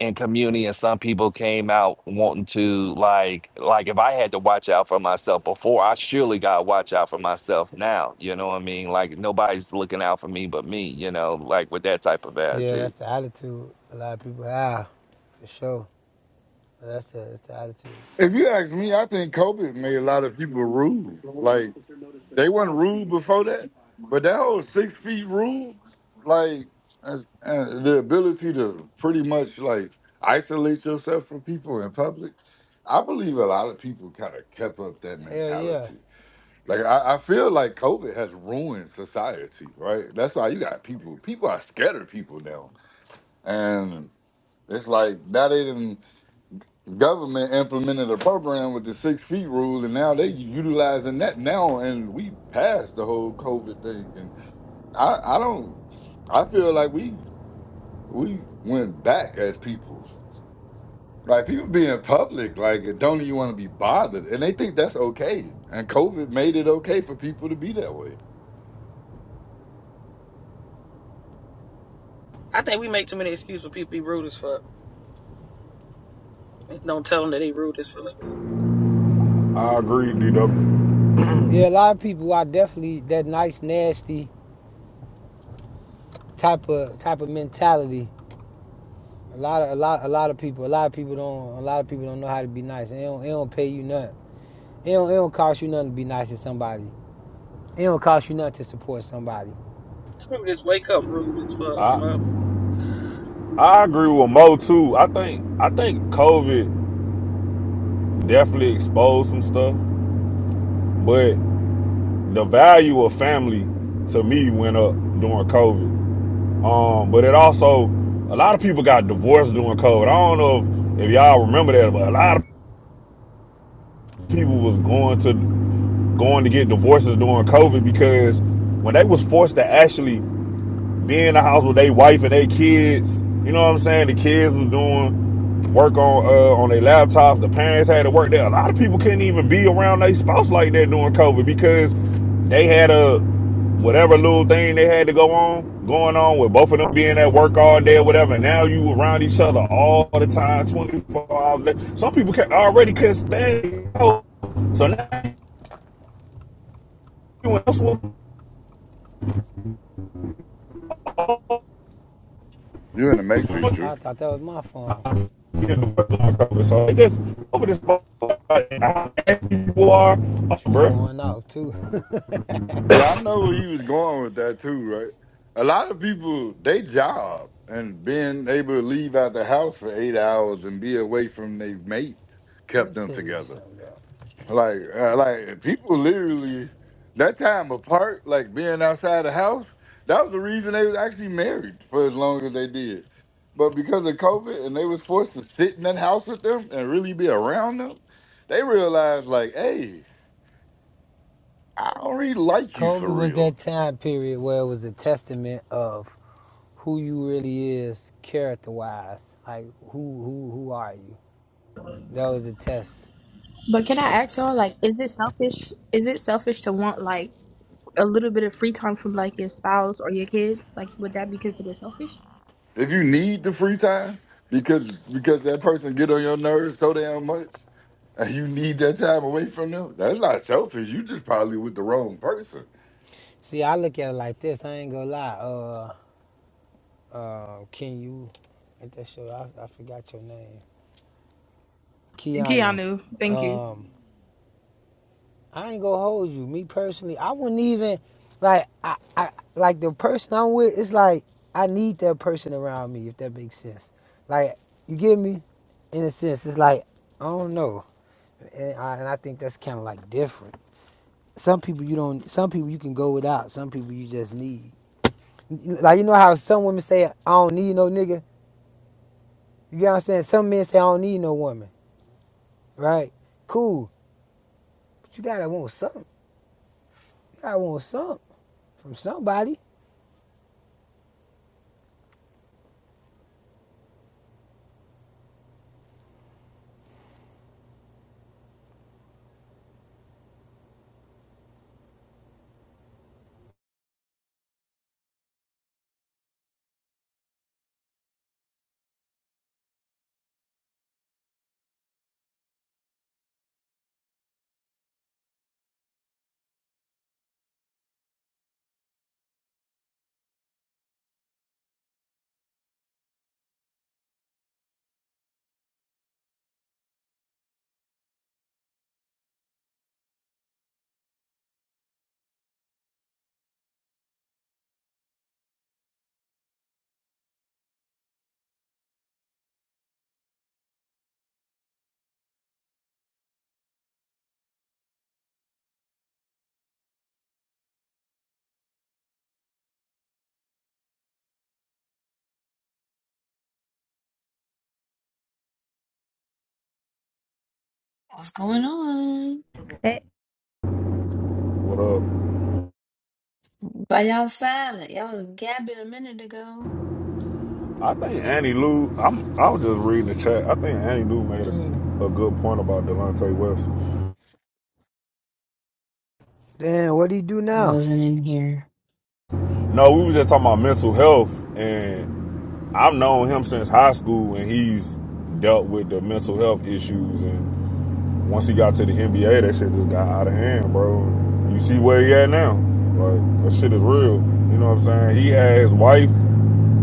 S15: in community and some people came out wanting to like like if I had to watch out for myself before, I surely gotta watch out for myself now. You know what I mean? Like nobody's looking out for me but me, you know, like with that type of
S17: Yeah, that's
S15: attitude.
S17: the attitude a lot of people have, for sure. That's the that's the attitude.
S14: If you ask me, I think COVID made a lot of people rude. Like they weren't rude before that, but that whole six feet rule, like as- uh, the ability to pretty much like isolate yourself from people in public, I believe a lot of people kind of kept up that
S17: Hell yeah,
S14: mentality. Like I, I feel like COVID has ruined society, right? That's why you got people. People are scared of people now, and it's like now they didn't government implemented a program with the six feet rule, and now they utilizing that now, and we passed the whole COVID thing. And I, I don't, I feel like we we went back as people. Like people being public, like don't even want to be bothered, and they think that's okay. And COVID made it okay for people to be that way.
S13: I agree, D W.
S17: yeah. A lot of people are definitely that nice, nasty type of type of mentality A lot of a lot a lot of people a lot of people don't a lot of people don't know how to be nice. It don't, it don't pay you nothing. It don't, it don't cost you nothing to be nice to somebody. It don't cost you nothing to support somebody.
S2: Some of this wake up rude as
S13: I
S2: fuck,
S13: I
S2: mother.
S13: agree with Mo too. I think I think COVID definitely exposed some stuff, but the value of family to me went up during COVID. Um, but it also a lot of people got divorced during COVID. I don't know if, if y'all remember that, but a lot of people was going to going to get divorces during COVID because when they was forced to actually be in the house with their wife and their kids. You know what I'm saying? The kids was doing work on uh, on their laptops. The parents had to work there. A lot of people couldn't even be around their spouse like that during COVID because they had a whatever little thing they had to go on going on with both of them being at work all day or whatever. Now you around each other all the time, 24 hours. a day. Some people can, already couldn't stand. it. So now you else will
S14: You're in the
S17: I, I
S14: matrix, Drew.
S17: thought that was my phone.
S13: you know, what's So it just over this motherfucker, how nasty you are, uh,
S17: True
S13: bro.
S17: going out too. Let
S14: Yeah, I know where he was going with that too, right? A lot of people, they job and being able to leave out the house for eight hours and be away from their mate
S17: me
S14: kept them
S17: tell you
S14: together.
S17: something, bro.
S14: Like, uh, like people literally that time apart, like being outside the house, that was the reason they was actually married for as long as they did. But because of COVID and they was forced to sit in that house with them and really be around them, they realized like, hey, I don't really like you for
S17: COVID was
S14: real.
S17: that time period where it was a testament of who you really is character wise. Like who who who are you? That was a test.
S10: But can I ask y'all, like, is it selfish? Is it selfish to want like a little bit of free time from like your spouse or your kids? Like, would that be considered selfish?
S14: If you need the free time because because that person get on your nerves so damn much, and you need that time away from them, that's not selfish. You just probably with the wrong person.
S17: See, I look at it like this. I ain't gonna lie. Uh, uh, Ken, you at that show. I, I forgot your name, Keanu.
S10: Keanu, thank you.
S17: Um, I ain't gonna hold you. Me personally, I wouldn't even like. I, I like the person I'm with. It's like I need that person around me. If that makes sense, like you get me. In a sense, it's like I don't know, and I, and I think that's kind of like different. Some people you don't. Some people you can go without. Some people you just need. Like you know how some women say I don't need no nigga. You get what I'm saying? Some men say I don't need no woman. right? Cool. But you gotta want something. You gotta want something from somebody.
S18: What's going on?
S13: What up?
S18: Why y'all silent? Y'all was gabbing a minute ago.
S13: I think Annie Lou. I'm. I was just reading the chat. I think Annie Lou made
S18: Mm,
S13: a, a good point about Delonte West.
S17: Damn, what do you do
S18: I
S17: now?
S18: wasn't in here.
S13: No, we was just talking about mental health, and I've known him since high school, and he's dealt with the mental health issues. And once he got to the NBA, that shit just got out of hand, bro. You see where he at now? Like that shit is real. You know what I'm saying? He had his wife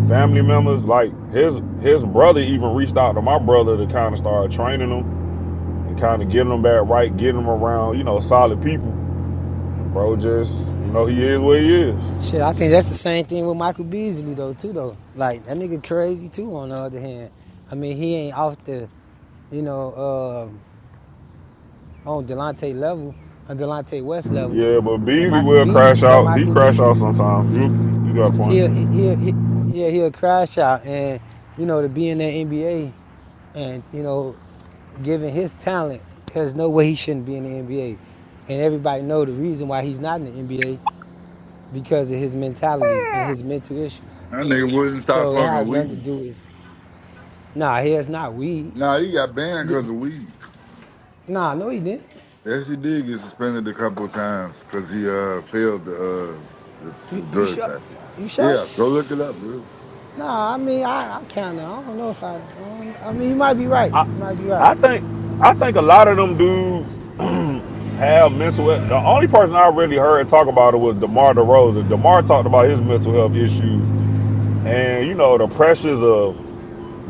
S13: family members like his his brother even reached out to my brother to kind of start training him and kind of getting him back right getting him around you know solid people bro just you know he is what he is
S17: Shit, I think that's the same thing with Michael Beasley though, too though. Like that nigga crazy too. On the other hand, I mean he ain't off the, you know, uh, on Delonte level, on Delonte West level,
S13: yeah but
S17: but
S13: beasley
S17: Michael
S13: will
S17: Beasley,
S13: crash
S17: but
S13: out he
S17: Michael
S13: crash out
S17: Beasley,
S13: sometimes you you got a
S17: he'll,
S13: point
S17: he'll, he yeah, he'll crash out. And, you know, to be in the NBA and, you know, given his talent, there's no way he shouldn't be in the NBA. And everybody know the reason why he's not in the NBA because of his mentality and his mental issues.
S14: That nigga wouldn't stop
S17: So it
S14: smoking
S17: has nothing to
S14: weed.
S17: do with, nah, he has not weed.
S14: Nah, he got banned because of weed.
S17: Nah, no, he didn't.
S14: Yes, he did get suspended a couple of times because he uh failed the, uh, the,
S17: You,
S14: the
S17: you
S14: drug
S17: sure?
S14: test.
S17: You sure?
S14: Yeah, go look it up, dude.
S17: Nah, I mean, I, I kind of, I don't know if I, I, I mean, you might be right. You might be right.
S13: i think i think a lot of them dudes have mental he- the only person i really heard talk about it was demar DeRozan. demar talked about his mental health issues and you know the pressures of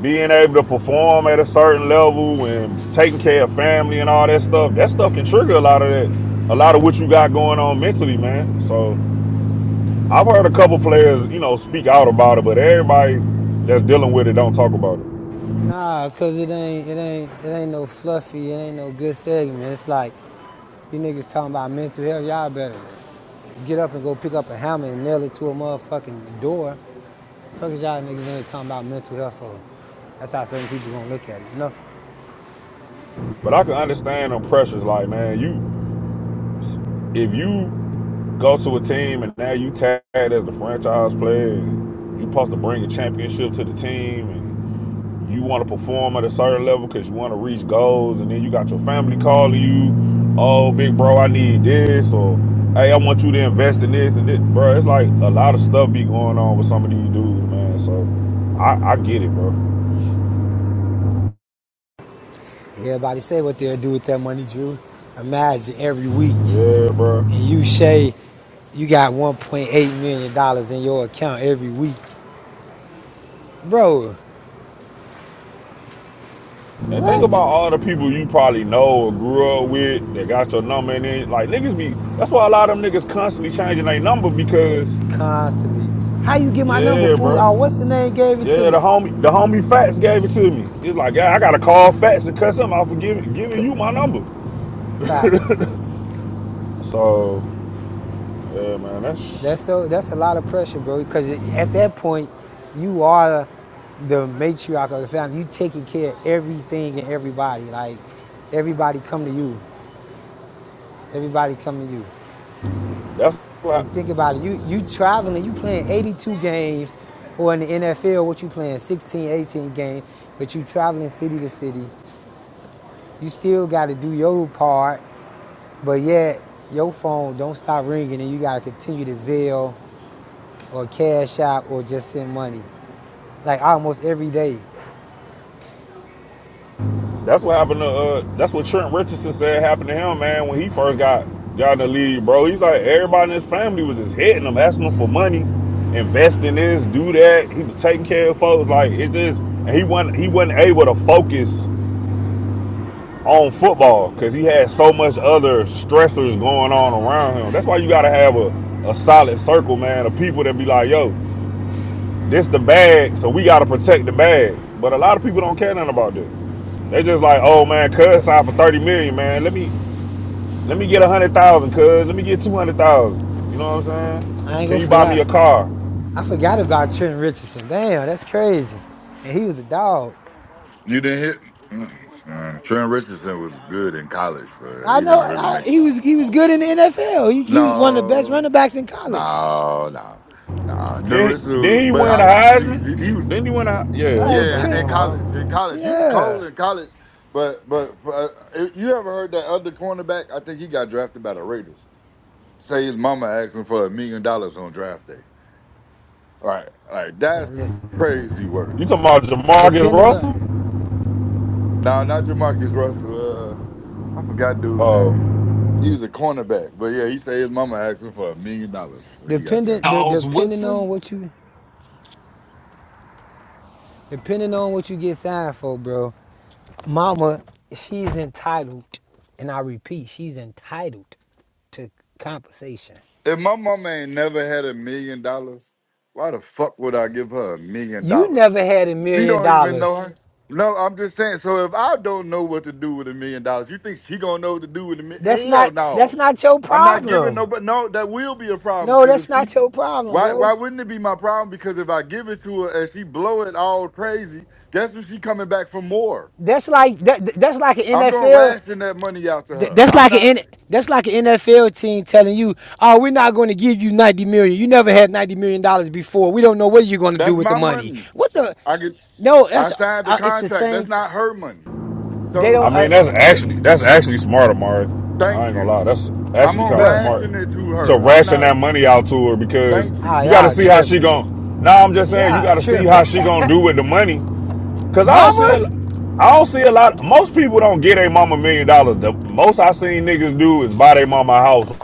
S13: being able to perform at a certain level and taking care of family and all that stuff, that stuff can trigger a lot of that, a lot of what you got going on mentally, man. So I've heard a couple players, you know, speak out about it, but everybody that's dealing with it don't talk about it.
S17: Nah, cause it ain't it ain't it ain't no fluffy, it ain't no good segment. It's like you niggas talking about mental health, y'all better get up and go pick up a hammer and nail it to a motherfucking door. Fuck is y'all niggas in here talking about mental health for? That's how certain people gonna look at it, you know?
S13: But I can understand them pressures, like man, you if you go to a team and now you tagged as the franchise player, and you supposed to bring a championship to the team and you want to perform at a certain level because you want to reach goals, and then you got your family calling you, oh, big bro, I need this, or hey, I want you to invest in this and this, bro. It's like a lot of stuff be going on with some of these dudes, man. So I, I get it, bro.
S17: Everybody say what they'll do with that money, Drew. Imagine every week
S13: Yeah, bro.
S17: and you say you got $1.8 million dollars in your account every week. Bro,
S13: And think about
S17: what?
S13: all the people you probably know or grew up with that got your number, and then like niggas be. That's why a lot of them niggas constantly changing their number because
S17: Constantly. How you get my number,
S13: yeah,
S17: fool?
S13: bro.
S17: Oh, what's the name gave it to
S13: Yeah,
S17: me?
S13: the homie, the homie Fats gave it to me. It's like, yeah, I gotta call Fats to cut something off for giving giving
S17: C-
S13: you my number.
S17: facts.
S13: So, yeah, man, that's
S17: That's so. That's a lot of pressure, bro. Because at that point, you are the matriarch of the family. You taking care of everything and everybody. Like everybody come to you. Everybody come to you.
S13: that's what
S17: And think about it. You you traveling. You playing 82 games, or in the NFL, what you playing 16, 18 games. But you traveling city to city. You still got to do your part But yet, your phone don't stop ringing and you gotta continue to Zelle or Cash App or just send money. Like almost every day.
S13: that's what happened to uh that's what Trent Richardson said happened to him, man, when he first got got in the league, bro. He's like everybody in his family was just hitting him, asking him for money, invest in this, do that. He was taking care of folks, like it just and he wasn't he wasn't able to focus on football because he had so much other stressors going on around him. That's why you gotta have a, a solid circle, man, of people that be like, yo, this the bag, so we gotta protect the bag. But a lot of people don't care nothing about that. They just like, oh man, cuz signed for 30 million, dollars, man. Let me let me get a hundred thousand, dollars, cuz. Let me get two hundred thousand. dollars. You know what I'm
S17: I
S13: saying?
S17: ain't
S13: Can you
S17: gonna
S13: buy me
S17: lie.
S13: a car?
S17: I forgot about Trent Richardson. Damn, that's crazy. And he was a dog.
S14: You didn't hit. Mm, Uh, Trent Richardson was good in college, but
S17: I
S14: he
S17: know
S14: didn't really
S17: I,
S14: make
S17: he
S14: it.
S17: was he was good in the NFL. He, he was one of the best
S14: No,
S17: running backs in college.
S14: No, no, no. Teresa,
S13: Then
S14: was-
S13: then he
S14: but
S13: win the
S14: I he, he was
S13: Heisman? Then he win a yeah, I'm gonna
S17: Like
S13: say he
S14: yeah in
S17: Trent,
S13: won a
S14: college.
S13: Heisman.
S14: In college, he was cold
S17: yeah.
S14: in college. But but uh, you ever heard that other cornerback? I think he got drafted by the Raiders. Say his mama asked him for a million dollars on draft day. All right, all right,
S17: Uh,
S14: that's
S17: Listen, man.
S14: crazy work.
S13: You talking about Jamarcus
S17: depending on
S13: Russell?
S14: No, not Jamarcus Russell. Uh, I forgot dude's
S13: Oh Uh,
S14: name. He was a cornerback, but yeah, he said his mama asked him for a million dollars when he got drafted.
S17: dependent de,
S15: Charles
S17: depending
S15: Woodson?
S17: on what you Depending on what you get signed for, bro, mama, she's entitled, and I repeat, she's entitled to compensation.
S14: If my mama ain't never had a million dollars, why the fuck would I give her a million
S17: You
S14: dollars?
S17: never had a
S14: She
S17: million
S14: don't even know
S17: dollars.
S14: her. No, I'm just saying. So if I don't know what to do with a million dollars, you think she gonna know what to do with a million?
S17: That's
S14: Hell
S17: not that's
S14: no.
S17: not your
S14: I'm not giving
S17: problem.
S14: no, but no, that will be a problem.
S17: No,
S14: Cause
S17: that's
S14: if she,
S17: not your problem,
S14: why, why
S17: bro.
S14: wouldn't it be my problem? Because if I give it to her and she blow it all crazy, guess what? She coming back for more.
S17: That's like that, that's like an
S14: I'm gonna
S17: NFL
S14: ration that money out to
S17: Th-
S14: her.
S17: that's
S14: I'm
S17: like
S14: not.
S17: an N- that's like an NFL team telling you, "Oh, we're not going to give you ninety million. You never had ninety million dollars before. We don't know what you're going to do
S14: That's
S17: with the
S14: my
S17: money."
S14: money.
S17: What the?
S14: I get.
S17: No,
S14: I
S17: that's
S14: signed the
S17: uh, it's the
S14: contract. That's
S17: same.
S14: not her money.
S17: They
S14: So
S13: I
S17: don't. Uh,
S13: mean, that's actually
S17: okay,
S13: that's actually smart, Amari. I
S14: thank
S13: ain't gonna
S14: you.
S13: lie, that's
S14: I'm
S13: actually
S14: gonna
S13: kind of
S17: bro.
S13: smart
S14: ration it to
S13: to
S14: her. I'm
S13: ration
S14: not.
S13: that money out to her because
S14: Thank you.
S17: Ah,
S13: you got to
S17: y'all
S13: see how she
S17: tripping.
S13: gon' Now I'm just saying you
S17: Y'all
S13: got to see
S17: tripping,
S13: how she gonna do with the money because I don't see
S17: mama.
S13: a, I don't see a lot. Most people don't get a mama a million dollars. The most I seen niggas do is buy their mama a house.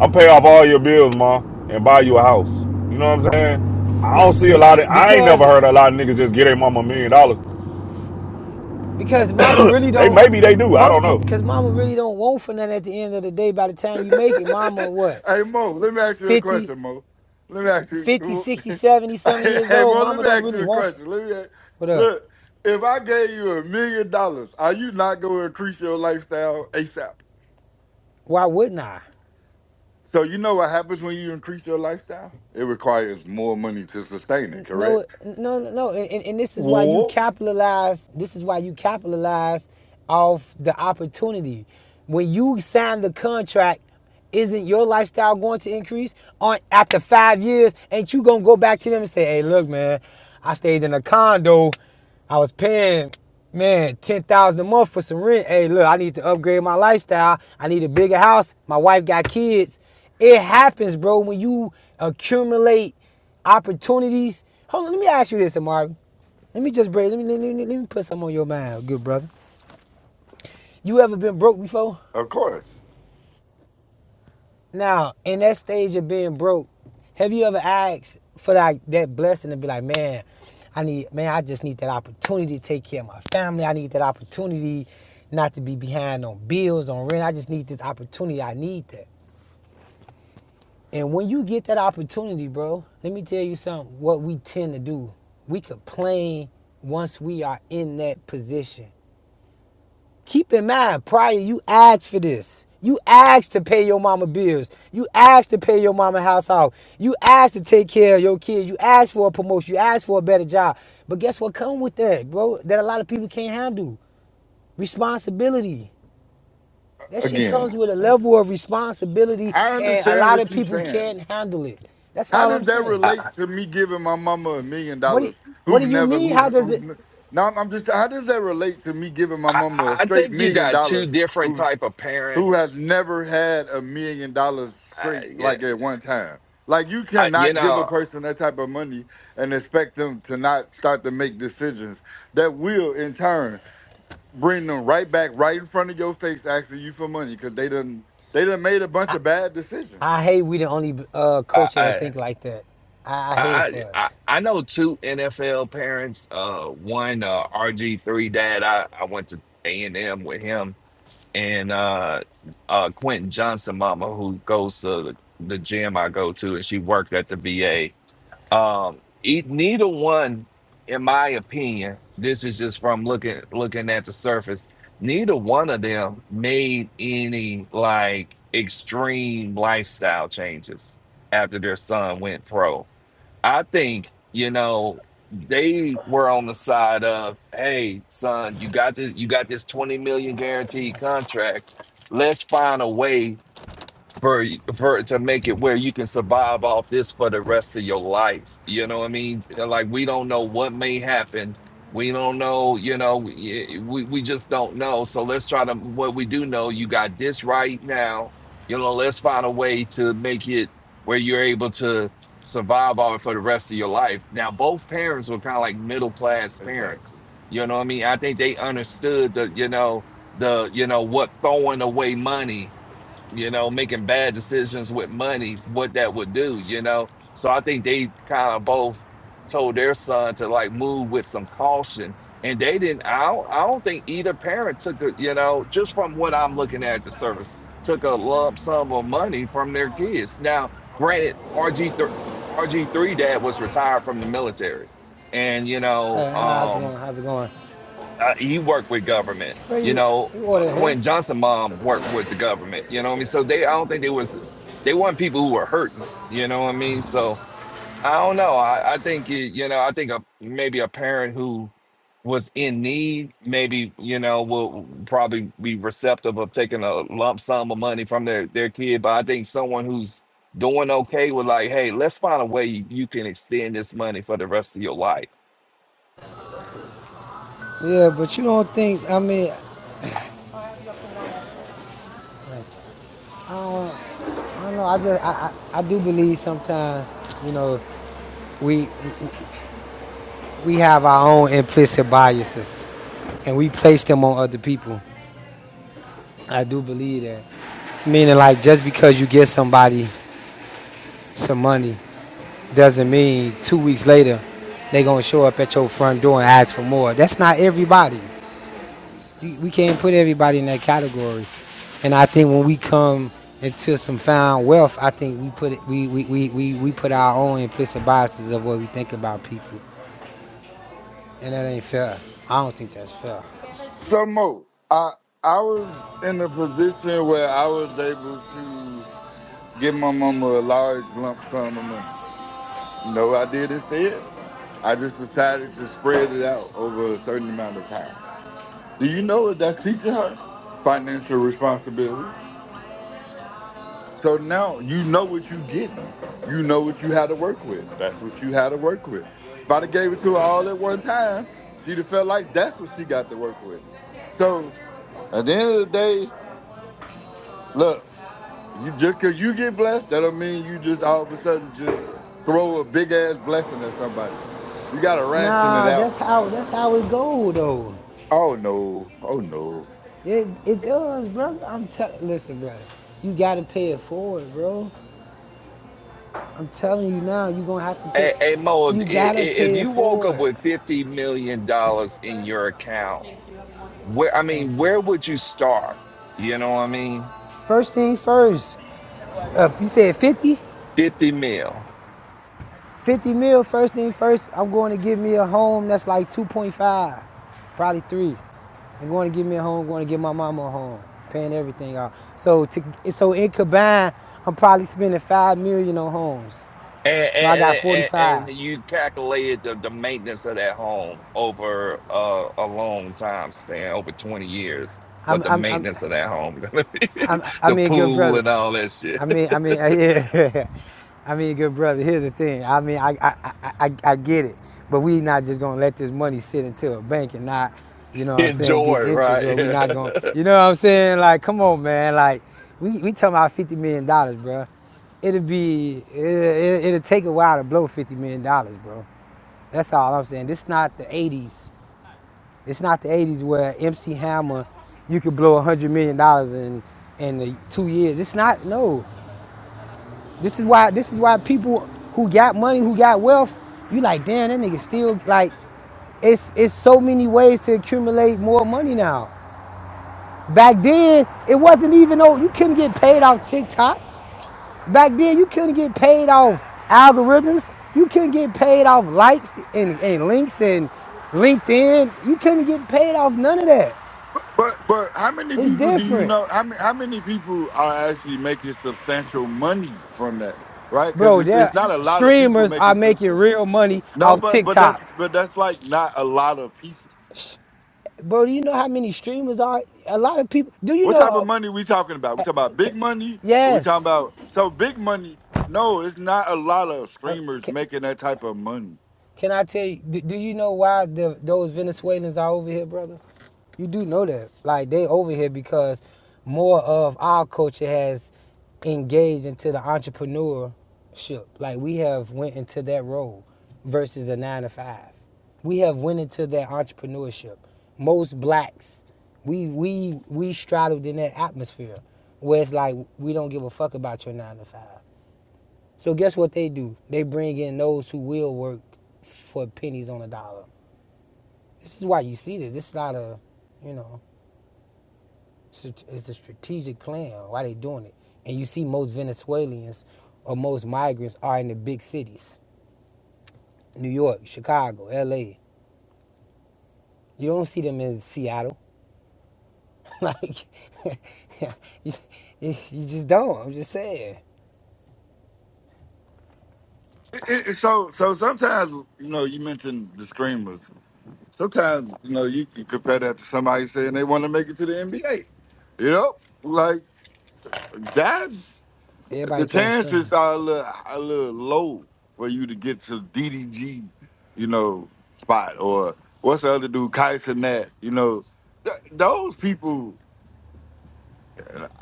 S13: I'm pay off all your bills, ma, and buy you a house. You know what I'm saying? I
S17: Be,
S13: don't see a
S17: be,
S13: lot of. I ain't never
S17: because
S13: heard a lot of niggas just get a mama a million dollars.
S17: because mama really
S13: They
S17: don't.
S13: maybe they do. I
S17: Mom,
S13: don't know.
S17: because mama really don't want for nothing at the end of the day. By the time you make it, mama, what?
S14: hey Mo, let me ask you a
S17: 50
S14: question, Mo. Let me ask
S17: Fifty,
S14: you.
S17: sixty, seventy some years
S14: hey
S17: old,
S14: Mo, let
S17: mama
S14: me
S17: don't
S14: ask
S17: really
S14: you a
S17: want. for.
S14: question. Let me
S17: What up?
S14: look. If I gave you a million dollars, are you not gonna increase your lifestyle ASAP?
S17: Why wouldn't I?
S14: So you know what happens when you increase your lifestyle? It requires more money to sustain it,
S17: no
S14: correct?
S17: no no no and, and, and this is why you
S14: Well,
S17: capitalize this is why you capitalize off the opportunity when you sign the contract isn't your lifestyle going to increase on after five years ain't you gonna go back to them and say hey look man i stayed in a condo i was paying man 10000 a month for some rent hey look i need to upgrade my lifestyle i need a bigger house my wife got kids it happens, bro, when you accumulate opportunities. Hold on, let me ask you this, Amari. Let me just break. Let me, let me, let me put some on your mind, good brother. You ever been broke before?
S14: of course.
S17: Now, in that stage of being broke, have you ever asked for like that blessing to be like, man, I need, man, I just need that opportunity to take care of my family. I need that opportunity not to be behind on bills, on rent. I just need this opportunity. I need that. And when you get that opportunity, bro, let me tell you something what we tend to do. We complain once we are in that position. Keep in mind, prior, you asked for this. You asked to pay your mama bills. You asked to pay your mama house out. You asked to take care of your kids. You asked for a promotion. You asked for a better job. But guess what comes with that, bro? That a lot of people can't handle. Responsibility. That shit
S14: Again.
S17: comes with a level of responsibility,
S14: I
S17: and a
S14: understand
S17: lot of
S14: what you're
S17: people
S14: saying.
S17: can't handle it. That's
S14: How
S17: all
S14: does
S17: I'm
S14: that
S17: saying.
S15: I,
S14: relate to me giving my mama a million
S17: What do you,
S14: dollars?
S17: What do
S14: Who've
S17: you
S14: never
S17: mean?
S14: who?
S17: How does it?
S14: who no, I'm just. How does that relate to me giving my
S15: I,
S14: mama a
S15: I
S14: straight
S15: think you
S14: million
S15: got two
S14: dollars?
S15: different
S14: who's
S15: type of
S14: who
S15: parents.
S14: has never had a million dollars
S15: Uh,
S14: straight
S15: yeah,
S14: like at one time? Like you
S15: I, you
S14: cannot give a
S15: know,
S14: person that type of money and expect them to not start to make decisions that will in turn bring them right back right in front of your face asking you for money because they done they done made a bunch of bad decisions.
S17: I hate we the only uh,
S15: I,
S17: culture that
S15: I
S17: think like that. I, I hate it
S15: I
S17: for
S15: I
S17: us.
S15: I know two NFL parents. Uh, one uh, RG three dad. I I went to A and M with him and uh uh Quentin Johnson mama who goes to the the gym I go to and she worked at the VA. Um e- neither one in my opinion, this is just from looking looking at the surface, neither one of them made any like extreme lifestyle changes after their son went pro. I think, you know, they were on the side of, hey, son, you got this you got this 20 million guaranteed contract. Let's find a way for for to make it where you can survive off this for the rest of your life. You know what I mean? Like we don't know what may happen. We don't know, you know, we, we we just don't know. So let's try to what we do know, you got this right now. You know, let's find a way to make it where you're able to survive off it for the rest of your life. Now both parents were kind of like middle class
S14: Exactly.
S15: parents. You know what I mean? I think they understood the, you know, the, you know, what throwing away money you know, making bad decisions with money, what that would do, you know. So I think they kind of both told their son to like move with some caution. And they didn't, I don't, I don't think either parent took a, you know, just from what I'm looking at the service, took a lump sum of money from their kids. Now, granted, RG3, RG3 dad was retired from the military. And, you know,
S17: Hey, how's it
S15: um,
S17: going? How's it going?
S15: uh, he worked with government.
S17: Where
S15: You
S17: you?
S15: know,
S17: You
S15: uh,
S17: order here?
S15: Quentin Johnson mom worked with the government. You know what I mean? So they, I don't think they was, they weren't people who were hurting. You know what I mean? So I don't know. I, I think you, you know, I think a, maybe a parent who was in need, maybe you know, will probably be receptive of taking a lump sum of money from their their kid. But I think someone who's doing okay with like, hey, let's find a way you can extend this money for the rest of your life
S17: Yeah, but you don't think? I mean, I don't, I don't know. I just I, I, I do believe sometimes. You know, we we have our own implicit biases, and we place them on other people. I do believe that. Meaning, like, just because you get somebody some money doesn't mean two weeks later they gonna show up at your front door and ask for more. That's not everybody. We can't put everybody in that category. And I think when we come into some found wealth, I think we put it, we, we, we, we, we put our own implicit biases of what we think about people, and that ain't fair. I don't think that's fair.
S14: some more. I I was in a position where I was able to give my mama a large lump sum of money. No, I didn't say it. I just decided to spread it out over a certain amount of time. Do you know what that's teaching her? Financial responsibility. So now you know what you're getting. You know what you had to work with. That's what you had to work with. If I'd have gave it to her all at one time, she'd have felt like that's what she got to work with. So at the end of the day, look, You just cause you get blessed, that don't mean you just all of a sudden just throw a big ass blessing at somebody. You gotta ration it
S17: Nah, that's
S14: out,
S17: how
S14: man.
S17: that's how it go though.
S14: Oh no, oh no.
S17: It it does, brother. I'm telling. Listen, brother. You gotta pay it forward, bro. I'm telling you now. You gonna have to pay.
S15: Hey, hey Mo, if,
S17: You gotta
S15: if
S17: pay it
S15: you woke up
S17: forward.
S15: with fifty million dollars in your account, where I
S17: Thank
S15: mean,
S17: you.
S15: where would you start? You know what I mean?
S17: First thing first. Uh, you said 50,
S15: Fifty mil,
S17: 50 mil. First thing first. I'm going to give me a home that's like 2.5, probably three. I'm going to give me a home. I'm going to give my mama a home. Paying everything off. So to so in combined, I'm probably spending five million on homes.
S15: and
S17: So I got
S15: and, and,
S17: 45.
S15: and you calculated the, the maintenance of that home over uh, a long time span, over twenty years.
S17: I'm
S15: What the
S17: I'm I'm
S15: maintenance of that home gonna be?
S17: I'm, I
S15: the
S17: mean, good
S15: pool
S17: brother.
S15: and all that shit.
S17: I mean, I mean, yeah. I mean, good brother. Here's the thing. I mean, I, I, I, I, get it, but we not just gonna let this money sit into a bank and not, you know what I'm saying, get
S15: Enjoy,
S17: interest, or we
S15: right?
S17: not gonna, you know what I'm saying? Like, come on, man. Like, we we talking about fifty million dollars, bro. It'll be, it, it, it'll take a while to blow fifty million dollars, bro. That's all I'm saying. This not the '80s. It's not the 80s where MC Hammer, you could blow $100 million dollars in, in the two years. It's not, no. This is why, this is why people who got money, who got wealth, you like, damn, that nigga still, like, it's, it's so many ways to accumulate more money now. Back then, it wasn't even, oh, you couldn't get paid off TikTok. Back then, you couldn't get paid off algorithms. You couldn't get paid off likes and, and links and LinkedIn. You couldn't get paid off none of that.
S14: But but how many
S17: It's
S14: people do you
S17: different.
S14: know? How many how many people are actually making substantial money from that? Right? Because
S17: Bro,
S14: it's it's
S17: there
S14: not a lot of people
S17: streamers are
S14: making sub-
S17: making real money
S14: no,
S17: off
S14: but but that's
S17: TikTok.
S14: but that's like not a lot of people.
S17: Bro, do you know how many streamers are? A lot of people. Do you
S14: What
S17: know?
S14: type of money
S17: uh,
S14: we talking about? We talking about big
S17: ca-
S14: money, or we talking
S17: yes.
S14: about so big money? No, it's not a lot of streamers
S17: Ca-
S14: making that type of money.
S17: Can I tell you? Do, do you know why the, those Venezuelans are over here, brother? You do know that, like they over here because more of our culture has engaged into the entrepreneurship. Like we have went into that role versus a nine to five. We have went into that entrepreneurship. Most blacks, we we we straddled in that atmosphere where it's like we don't give a fuck about your nine to five. So guess what they do? They bring in those who will work for pennies on a dollar. This is why you see this. This is not a, you know, it's a strategic plan. Why they doing it? And you see most Venezuelans or most migrants are in the big cities, New York, Chicago, L.A. You don't see them in Seattle. like, you, you you just don't. I'm just saying.
S14: It, it, so, so sometimes you know you mentioned the streamers. Sometimes you know you can compare that to somebody saying they want to make it to the NBA. You know, like that's the
S17: Everybody can't stream.
S14: chances are a little, a little low for you to get to DDG, you know, spot or what's the other dude, Kaiser Nat. You know, th- those people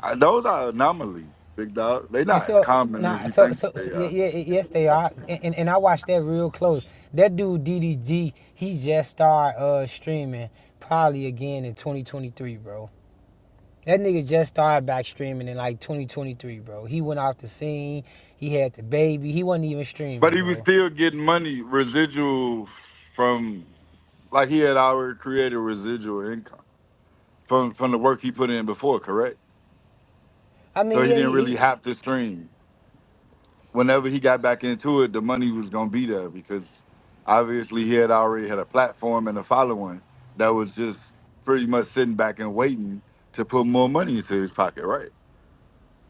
S14: I- Those are anomalies, big dog. They're
S17: And
S14: not as
S17: so
S14: common
S17: nah,
S14: as you
S17: so
S14: think
S17: so, so
S14: they
S17: yeah,
S14: are.
S17: yeah, yeah, yes they are. And, and and I watched that real close. That dude DDG, he just started uh streaming probably again in 2023, bro. That nigga just started back streaming in like 2023, bro. He went off the scene. He had the baby. He wasn't even
S14: But
S17: streaming,
S14: he was
S17: bro.
S14: still getting money residual from like he had already created residual income from from the work he put in before, correct?
S17: I
S14: So
S17: mean,
S14: he
S17: yeah,
S14: didn't
S17: he,
S14: really
S17: he
S14: have to stream. Whenever he got back into it, the money was gonna be there because obviously he had already had a platform and a following that was just pretty much sitting back and waiting to put more money into his pocket, right?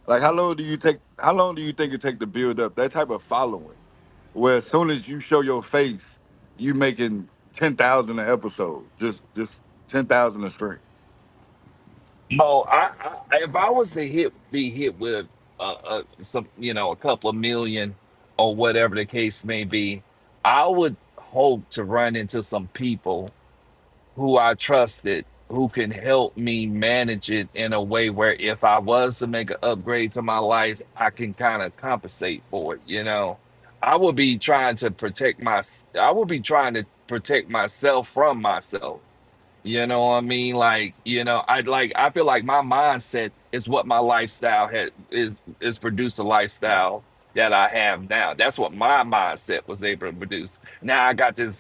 S14: Like how long do you take how long do you think it take to build up that type of following? Where as soon as you show your face, you making ten thousand an episode. Just just ten thousand a stream.
S15: No, I, I if I was to hit be hit with uh, uh some you know a couple of million or whatever the case may be, I would hope to run into some people who I trusted who can help me manage it in a way where if I was to make an upgrade to my life, I can kind of compensate for it, you know. I would be trying to protect my I would be trying to protect myself from myself you know what I mean? Like, you know, I like I feel like my mindset is what my lifestyle had is is produced a lifestyle that I have now. That's what my mindset was able to produce. Now I got this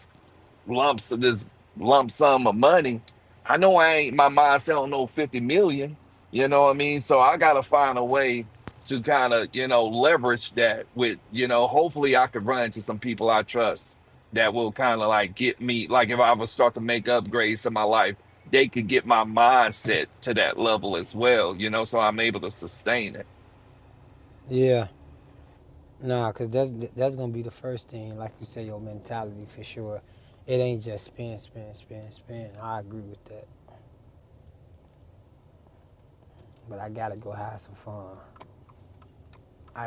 S15: lumps of this lump sum of money. I know I ain't my mindset on no 50 million, you know what I mean? So I gotta find a way to kind of, you know, leverage that with, you know, hopefully I could run to some people I trust that will kind of like get me, like if I ever start to make upgrades in my life, they could get my mindset to that level as well, you know, so I'm able to sustain it.
S17: yeah. Nah, cause that's that's gonna be the first thing, like you say, your mentality for sure. It ain't just spin, spin, spin, spin. I agree with that, but I gotta go have some fun. I I,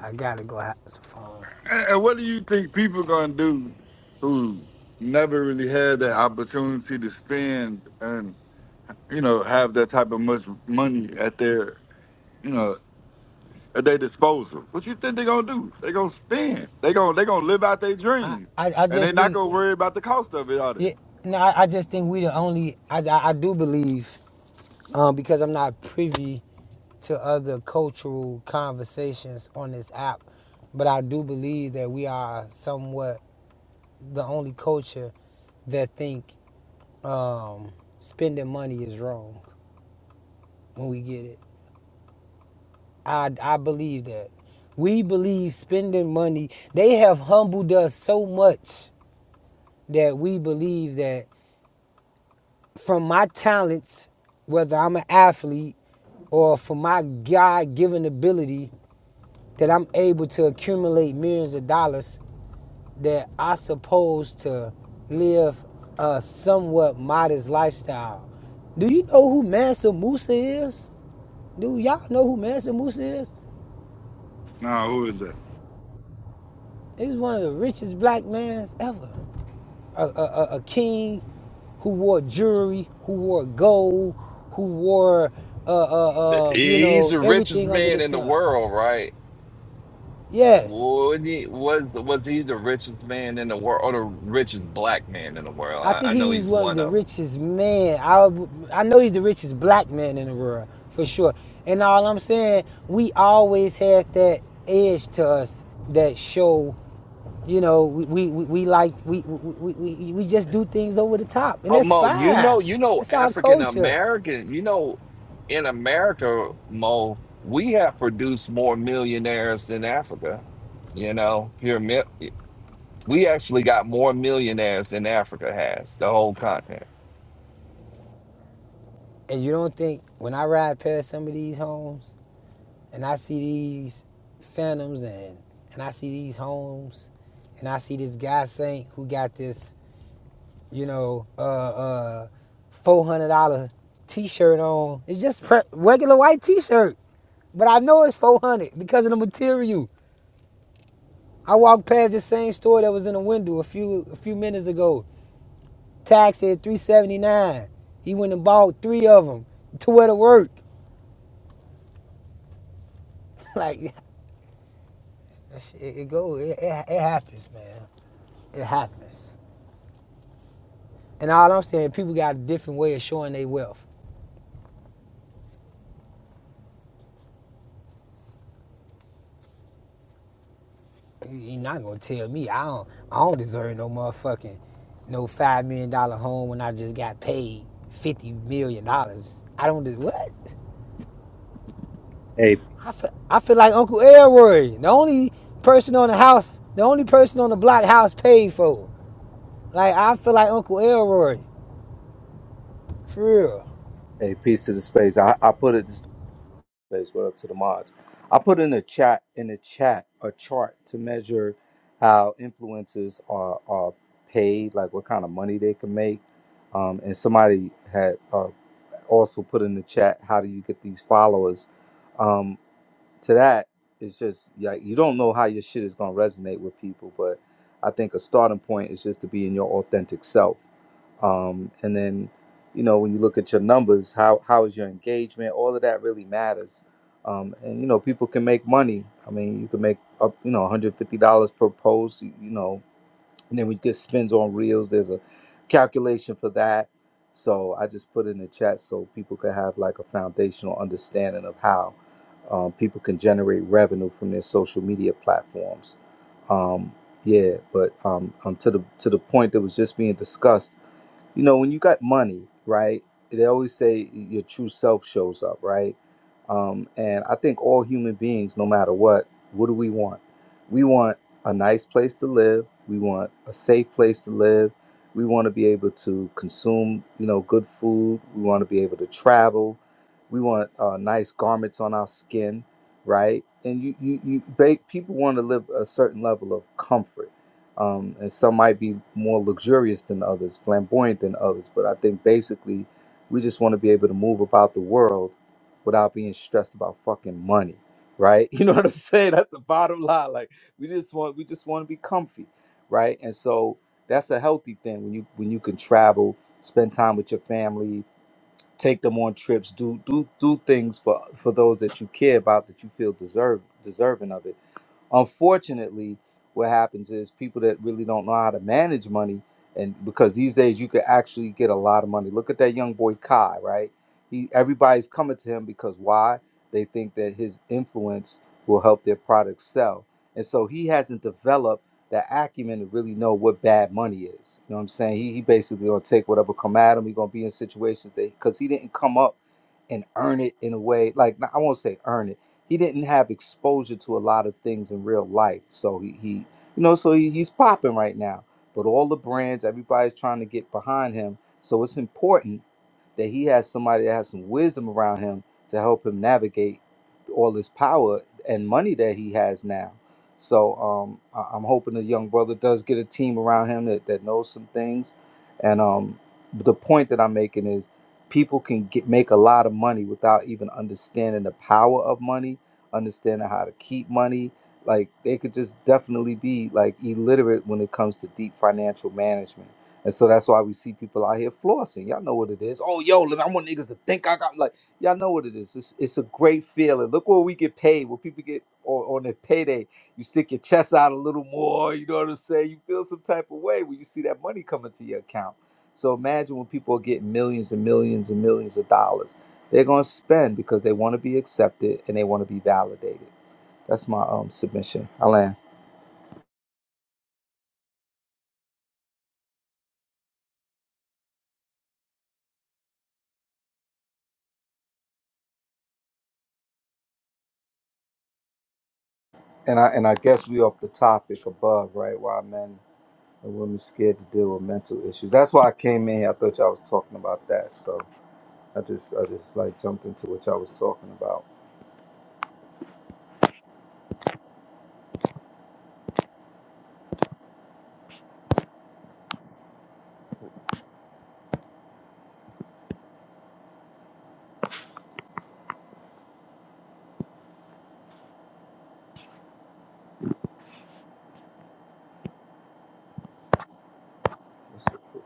S17: I, gotta go have some fun.
S14: And, and what do you think people gonna do who never really had that opportunity to spend and, you know, have that type of much money at their, you know, at their disposal? What you think they gonna do? They gonna spend. They gonna they gonna live out their
S17: I,
S14: dreams.
S17: I, I
S14: And they
S17: just
S14: not
S17: think
S14: gonna worry about the cost of it, are they?
S17: yeah, no, I, I just think we the only I, I, I do believe um because I'm not privy to other cultural conversations on this app, but I do believe that we are somewhat the only culture that think um spending money is wrong when we get it. I I believe that. We believe spending money. They have humbled us so much that we believe that from my talents, whether I'm an athlete or from my God given ability, that I'm able to accumulate millions of dollars that I supposed to live a somewhat modest lifestyle. Do you know who Mansa Musa is? Do y'all know who Mansa Musa is?
S14: Nah, who is that?
S17: He's one of the richest black mans ever. a, a, a king who wore jewelry, who wore gold, who wore, uh, uh, uh, you
S15: He's
S17: know,
S15: the richest
S17: everything under the
S15: man in the
S17: sun.
S15: world, right?
S17: Yes,
S15: Was he was was he the richest man in the world or the richest black man in the world?
S17: I
S15: I,
S17: think
S15: I
S17: he
S15: know
S17: was
S15: he's
S17: one of
S15: one
S17: the
S15: of them.
S17: richest men. I, I know he's the richest black man in the world for sure. And all I'm saying, we always had that edge to us that show, you know, we we, we, we like we we we we just do things over the top, and
S15: But
S17: that's
S15: Mo, you
S17: fine.
S15: know, you know,
S17: That's our
S15: African
S17: culture.
S15: American, you know, in America, Mo, we have produced more millionaires than Africa. You know, here, mi- we actually got more millionaires than Africa has, the whole continent.
S17: And you don't think when I ride past some of these homes and I see these phantoms and and I see these homes and I see this guy Saint who got this, you know, uh uh four hundred dollar t-shirt on. It's just pre- regular white t-shirt, but I know it's four hundred dollars because of the material. I walked past the same store that was in the window a few a few minutes ago. Tax said three seventy nine. He went and bought three of them to wear to work. Like That shit, it, it go. It, it, it happens, man. It happens. And all I'm saying, people got a different way of showing their wealth. You- You're not gonna tell me I don't. I don't deserve no motherfucking no five million dollar home when I just got paid fifty million dollars. I don't. de- What?
S19: Hey,
S17: I feel, I feel like Uncle Elroy, the only person on the house, the only person on the block house paid for. Like I feel like Uncle Elroy, for real.
S19: hey, peace to the space. I, I put it this space. What up to the mods? I put in a chat in the chat a chart to measure how influencers are are paid, like what kind of money they can make. Um, and somebody had uh, also put in the chat, how do you get these followers? Um, to that, it's just like you don't know how your shit is gonna resonate with people, but I think a starting point is just to be in your authentic self. Um, and then, you know, when you look at your numbers, how how is your engagement? All of that really matters. Um, and you know, people can make money. I mean, you can make up, you know, one hundred fifty dollars per post. You, you know, and then we get spins on reels. There's a calculation for that. So I just put in the chat so people could have like a foundational understanding of how um, people can generate revenue from their social media platforms. Um, yeah, but um, um, to the to the point that was just being discussed you know when you got money right they always say your true self shows up right um, and i think all human beings no matter what what do we want we want a nice place to live we want a safe place to live we want to be able to consume you know good food we want to be able to travel we want uh, nice garments on our skin right and you you, you ba- people want to live a certain level of comfort um, and some might be more luxurious than others, flamboyant than others. But I think basically, we just want to be able to move about the world without being stressed about fucking money, right? You know what I'm saying? That's the bottom line. Like we just want, we just want to be comfy, right? And so that's a healthy thing when you when you can travel, spend time with your family, take them on trips, do do do things for for those that you care about that you feel deserve deserving of it unfortunately what happens is people that really don't know how to manage money and because these days you could actually get a lot of money look at that young boy kai right he everybody's coming to him because why they think that his influence will help their product sell and so he hasn't developed the acumen to really know what bad money is you know what i'm saying he, he basically gonna take whatever come at him he gonna be in situations that because he didn't come up and earn it in a way like i won't say earn it he didn't have exposure to a lot of things in real life. So he, he you know, so he, he's popping right now. But all the brands, everybody's trying to get behind him. So it's important that he has somebody that has some wisdom around him to help him navigate all this power and money that he has now. So um, I- I'm hoping the young brother does get a team around him that, that knows some things. And um, the point that I'm making is people can get make a lot of money without even understanding the power of money, understanding how to keep money. Like they could just definitely be like illiterate when it comes to deep financial management. And so that's why we see people out here flossing. Y'all know what it is. Oh, yo, look, I want niggas to think I got like y'all know what it is. It's, it's a great feeling. Look where we get paid. What people get on, on their payday, you stick your chest out a little more. You know what I'm saying? You feel some type of way when you see that money coming to your account so imagine when people are getting millions and millions and millions of dollars. They're going to spend because they want to be accepted and they want to be validated. That's my um, submission, Alan. And I and I guess we off the topic above, right? Why men and women scared to deal with mental issues. That's why I came in here. I thought y'all was talking about that, so I just I just like jumped into what y'all was talking about. That's so cool.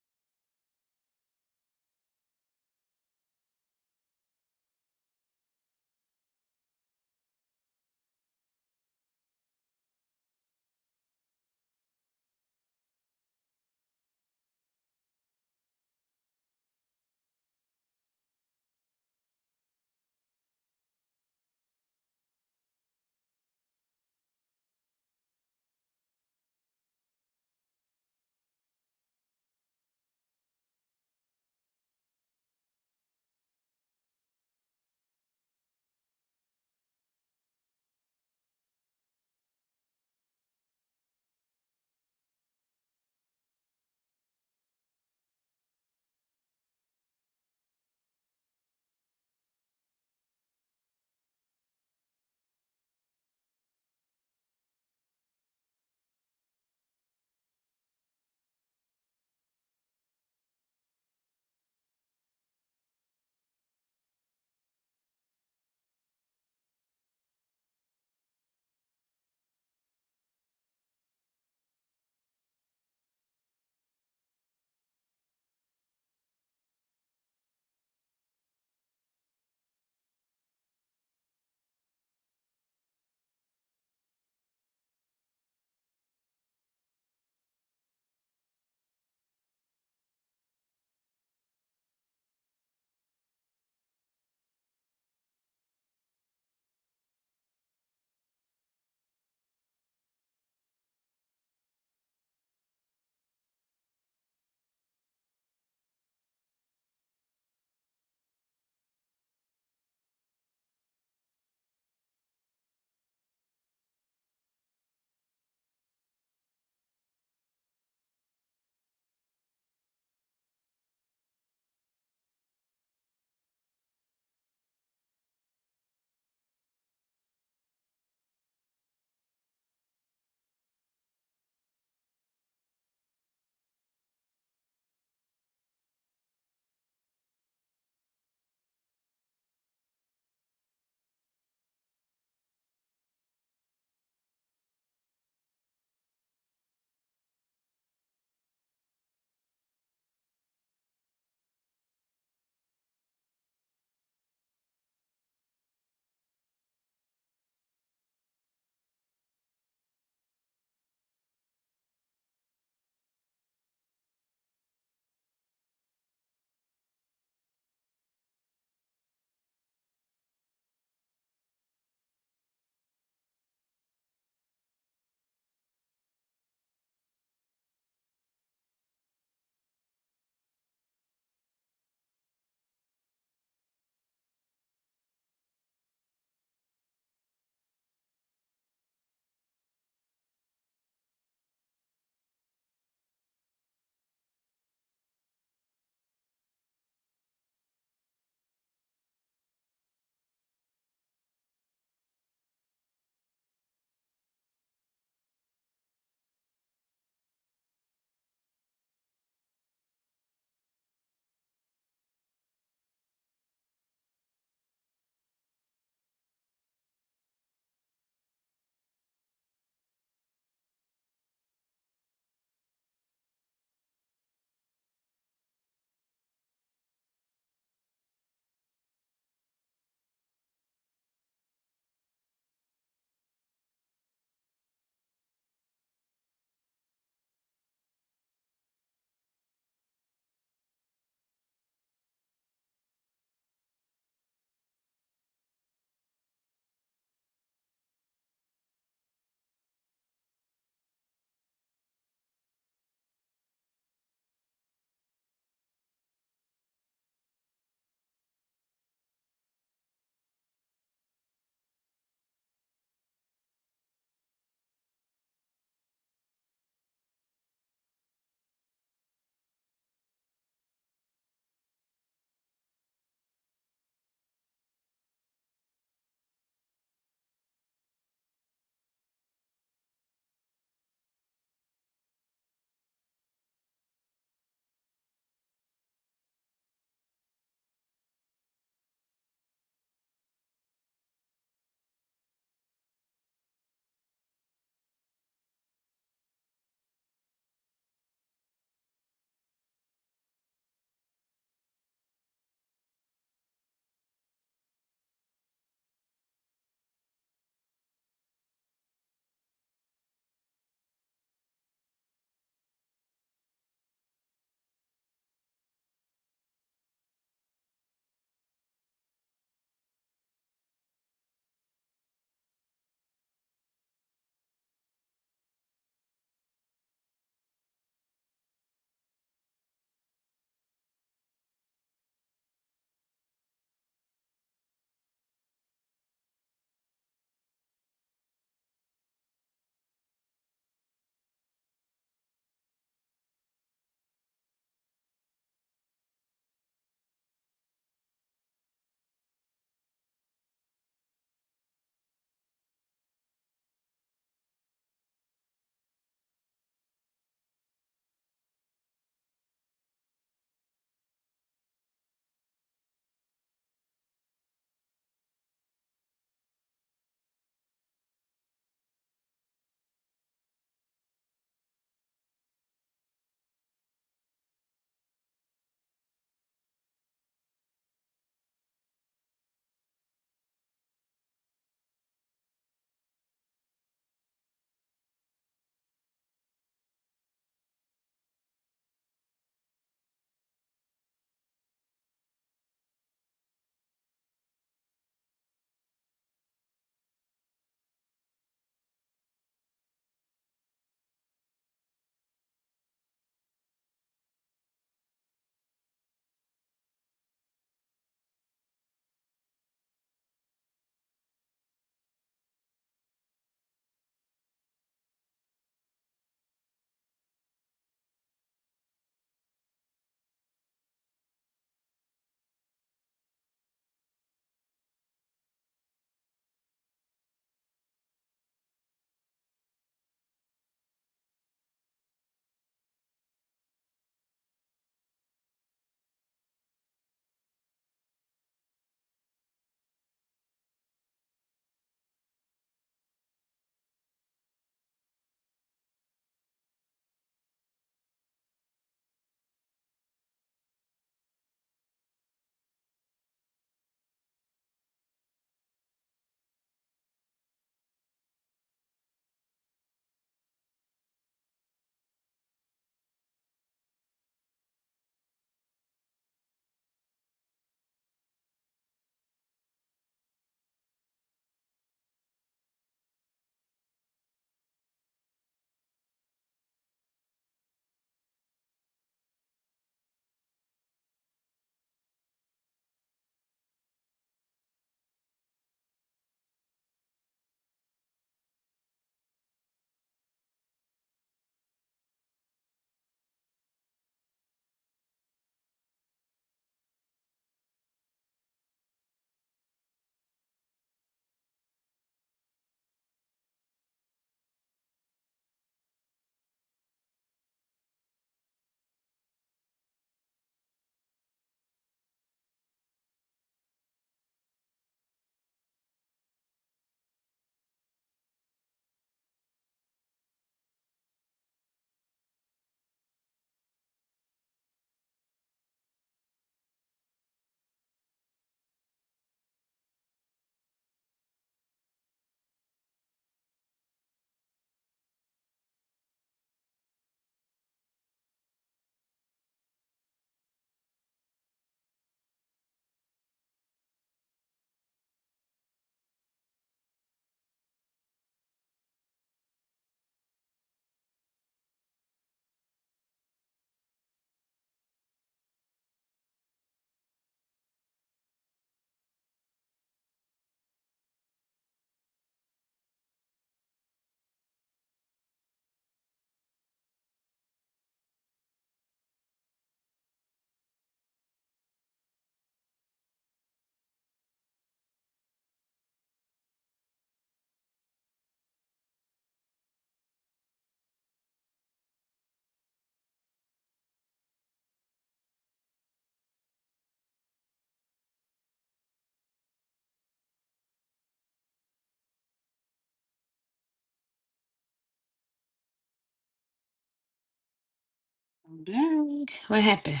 S18: Dang. What happened?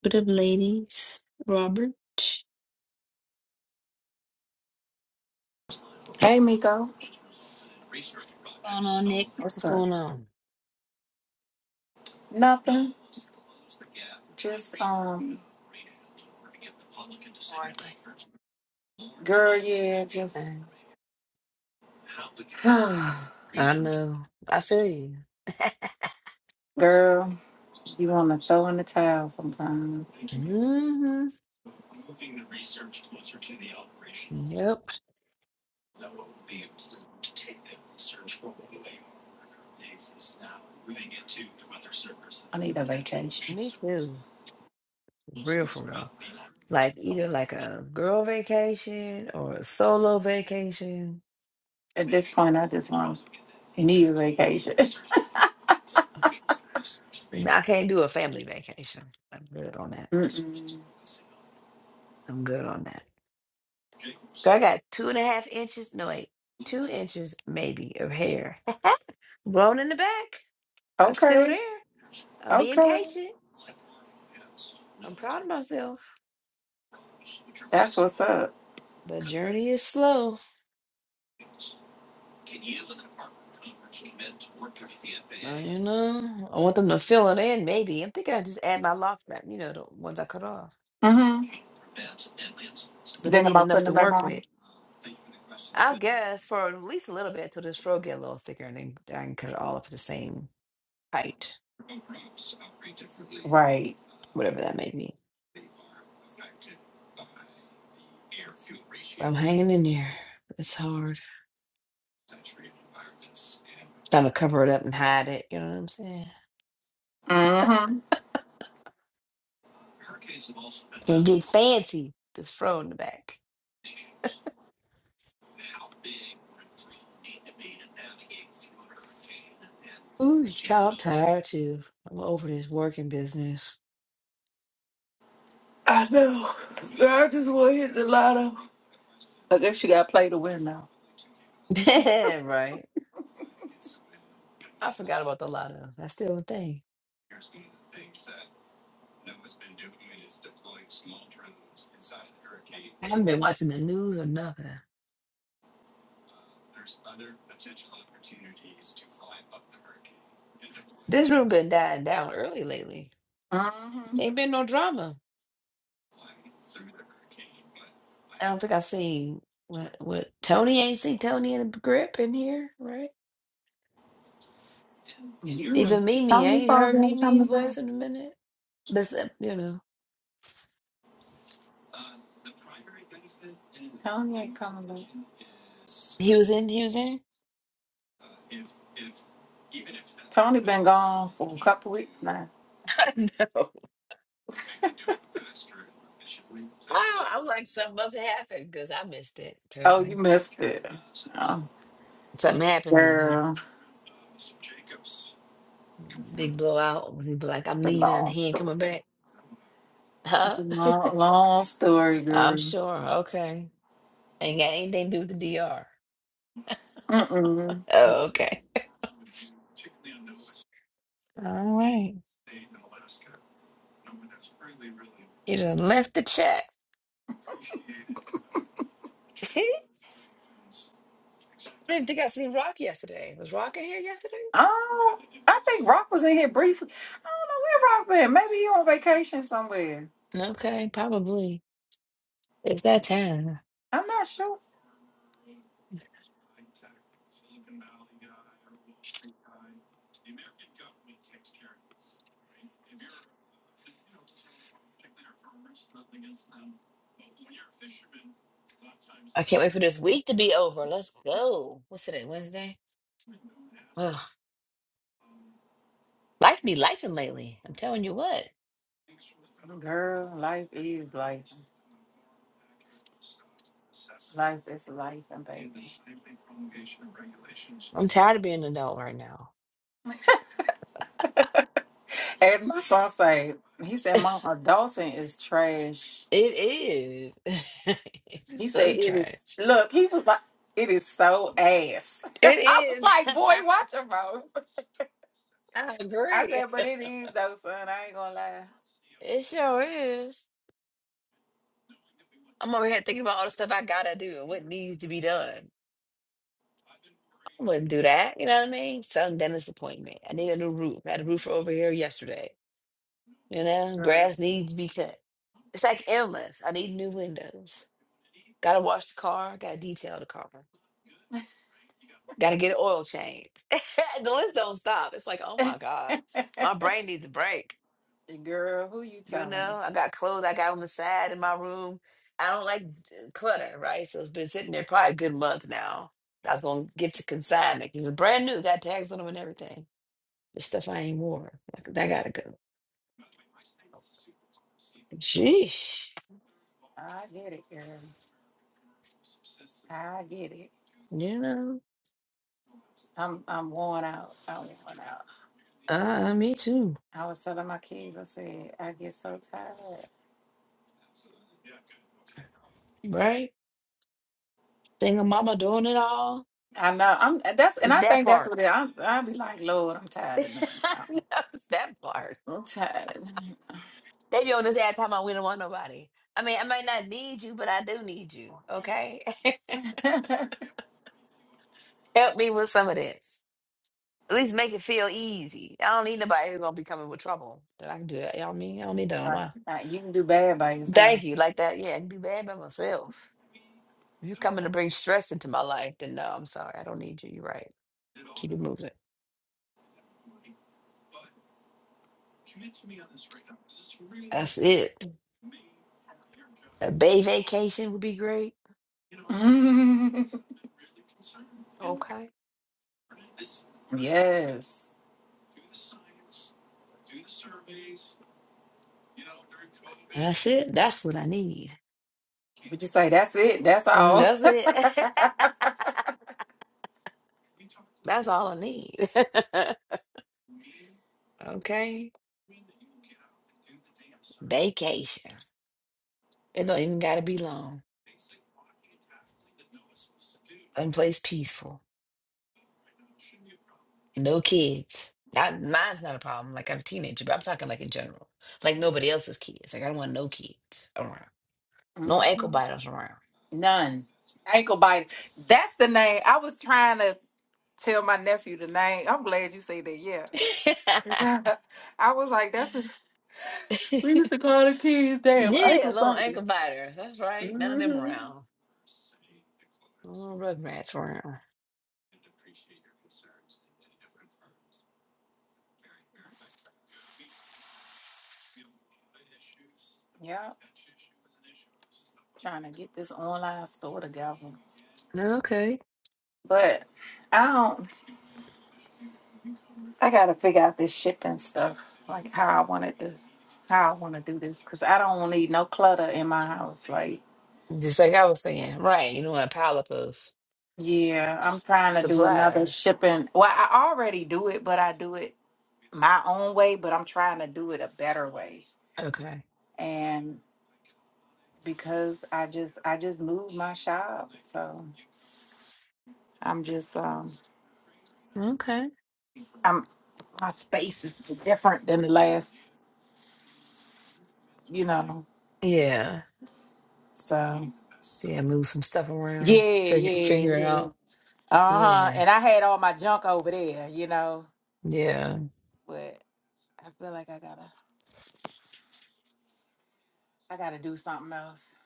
S18: What up, ladies? Robert? What's
S5: Hey Miko,
S18: going on, Nick?
S5: what's
S18: What's
S5: up?
S18: going on?
S5: Nothing. Just um,
S18: Working.
S5: girl, yeah, just
S18: Dang. I know. I feel you.
S5: girl. You want to throw in the towel sometimes.
S18: hmm Yep. Me too. Real for real. Like either like a girl vacation or a solo vacation.
S5: Immediately.
S18: I can't do a family vacation. I'm good on that.
S5: mm
S18: I'm good on that. Girl, I got two and a half inches. No, wait, two inches maybe of hair grown in the back. I'm still
S5: Okay,
S18: there. I'm being
S5: okay.
S18: patient. I'm proud of myself.
S5: That's what's up.
S18: The journey is slow. uh, you know, I want them to fill it in. Maybe I'm thinking I just add my lock wrap. You know, the ones I cut off,
S5: Mm-hmm.
S18: but they need enough
S5: Putting
S18: to
S5: it back
S18: work
S5: on.
S18: with. I guess for at least a little bit until this fro get a little thicker, and then then I can cut it all up to the same height,
S5: Right.
S18: whatever that may be. I'm hanging in there. It's hard. Trying to cover it up and hide it. You know what I'm saying?
S5: Mm-hmm.
S18: and get fancy. This fro in the back. Ooh, child, I'm tired too. I'm over this working business.
S5: I guess you got to play to win now.
S18: Yeah, right. I forgot about the lotto. That's still a thing. I haven't been watching the news or nothing. This room been dying down early lately. Ain't been no drama. I don't think I've seen what what Tony ain't seen Tony in the grip in here, right? Even
S5: Tell
S18: Mimi, I
S5: me,
S18: ain't heard Mimi's
S5: Father,
S18: voice in a minute. But you know,
S5: Tony ain't coming back.
S18: he was in. He was in.
S5: Tony been gone for a couple weeks now.
S18: I know. Oh, I'm like something must have happened because I missed it.
S5: Oh, you
S18: Apparently,
S5: missed it. Oh,
S18: something happened then, huh?
S5: girl,
S18: Big blowout. and he be like, "I'm
S5: it's a
S18: leaving.
S5: long
S18: He ain't
S5: story.
S18: coming back."
S5: It's
S18: Huh?
S5: a long, long story,
S18: I'm
S5: girl.
S18: sure. Okay, ain't got anything to do with the DR.
S5: Mm-mm.
S18: Oh, okay. All right. He just left the chat. I didn't think I seen Rock yesterday. Was Rock in here yesterday?
S5: Oh, I think Rock was in here briefly. I don't know where Rock been. Maybe he on vacation somewhere.
S18: Okay, probably. It's that time.
S5: I'm not sure.
S18: I can't wait for this week to be over. Let's go. What's today? Wednesday. Well, life be lifing lately. I'm telling you what.
S5: Life is life and baby.
S18: I'm tired of being an adult right now.
S5: As my son say, he said, "Mom, adulting is trash."
S18: It is.
S5: He
S18: it's
S5: said,
S18: so
S5: "It is."
S18: trash.
S5: Look, he was like, "It is so ass."
S18: It
S5: I was
S18: is.
S5: like, "Boy, watch your mouth."
S18: I
S5: I
S18: agree.
S5: said, but it is though, son. I ain't gonna lie.
S18: It sure is. I'm over here thinking about all the stuff I gotta do and what needs to be done. I wouldn't do that. You know what I mean? Some dentist appointment. I need a new roof. I had a roofer over here yesterday. You know,
S5: Girl,
S18: grass needs to be cut. It's like endless. I need new windows. Gotta wash the car. Gotta detail the car. Got to get an oil change. the list don't stop. It's like, oh my God, my brain needs a break.
S5: girl who you
S18: You
S5: telling?
S18: know, I got clothes I got on the side in my room. I don't like clutter, right? So it's been sitting there probably a good month now. I was going to give to consignment 'cause it's brand new, got tags on them and everything. The stuff I ain't wore. Like, that got to go. Sheesh.
S5: I get it, girl. I get it.
S18: You know,
S5: I'm I'm worn out. I'm worn out.
S18: uh, me too,
S5: I was telling my kids, I said, I get so tired.
S18: right? Single mama doing it all.
S5: I know. I'm that's and
S18: It's
S5: I
S18: that
S5: think that's
S18: part.
S5: what it I'm I'll be like, Lord, I'm tired of doing it.
S18: No, it's that part.
S5: I'm tired.
S18: They be on this ad talking about we don't want nobody. I mean, I might not need you, but I do need you. Okay. Help me with some of this. At least make it feel easy. I don't need nobody who's gonna be coming with trouble. That I can do that. You know what I mean? I don't need that on
S5: right.
S18: my
S5: Now, you can do bad by yourself.
S18: thank you. Like that, yeah, I can do bad by myself. If you're coming to bring stress into my life, then no, I'm sorry. I don't need you. You're right. Keep it moving. That's it. A bay vacation would be great. Okay.
S5: yes.
S18: That's it. That's what I need.
S5: Would you say that's it? That's
S18: Mm,
S5: all.
S18: That's it. That's all I need. Okay. Vacation. It don't even gotta be long. Some place peaceful. No kids. Not mine's not a problem. Like I'm a teenager, but I'm talking like in general. Like nobody else's kids. Like I don't want no kids around.
S5: Mm-hmm.
S18: No ankle biters around.
S5: None. Ankle bite. That's the name. I was trying to tell my nephew the name. I'm glad you say that. Yeah. Cause I, I was like, that's a,
S18: yeah, little ankle biters. That's right. None of them around. No little rugrats around.
S5: yeah, trying to get this online store together.
S18: Okay.
S5: But I don't, I got to figure out this shipping stuff, like how I wanted to, how I want to do this. Cause I don't need no clutter in my house. Like,
S18: Just like I was saying, right? You know, a pile up of
S5: yeah, I'm
S18: s-
S5: trying to do another
S18: supplies.
S5: shipping. Well, I already do it, but I do it my own way, but I'm trying to do it a better way.
S18: Okay.
S5: And because I just I just moved my shop. So I'm just um
S18: Okay.
S5: I'm my space is different than the last, you know.
S18: Yeah.
S5: So
S18: So Yeah, move some stuff
S5: yeah,
S18: around, figure
S5: yeah,
S18: figure it
S5: yeah.
S18: out.
S5: Uh-huh.
S18: Yeah,
S5: And I had all my junk over there, you know.
S18: yeah,
S5: But I feel like I gotta I gotta do something else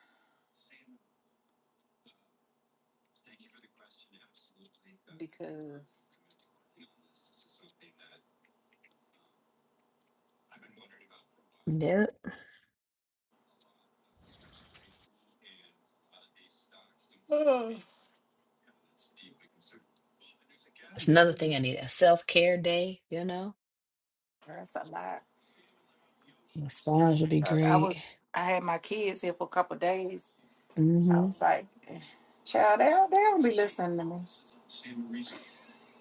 S5: because
S18: yeah. That's another thing I need a self care day. You know,
S5: that's a lot.
S18: massage would be
S5: So I
S18: great.
S5: was I had my kids here for a couple of days. I
S18: hmm
S5: was like, "Eh, child, they'll they'll be listening to me.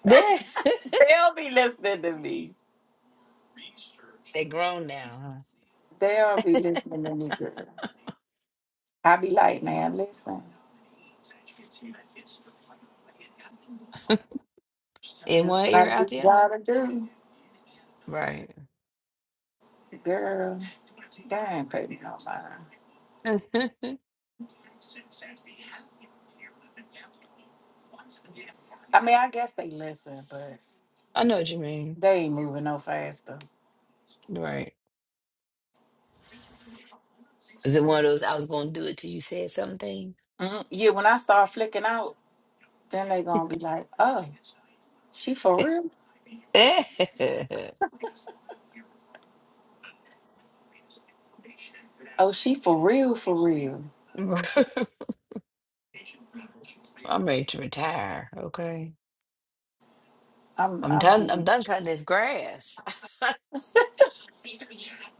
S18: Yeah,
S5: They'll be listening to me.
S18: they grown now, huh?
S5: They'll be listening to me, girl. I be like, man, listen,
S18: In
S5: this
S18: one
S5: what I
S18: ear, out
S5: need
S18: the
S5: y'all
S18: other.
S5: to do.
S18: Right.
S5: Girl, they ain't pay me no mind.
S18: I
S5: I mean, I guess they listen, but
S18: know what you mean.
S5: they ain't moving no faster.
S18: Right. Is it one of those I was going to do it till you said something?
S5: Mm, yeah, when I start flicking out, then they gonna be like, oh, she for real? Oh, she for real.
S18: I'm ready to retire. Okay.
S5: I'm,
S18: I'm
S5: I'm,
S18: done. I'm
S5: really,
S18: done cutting this grass.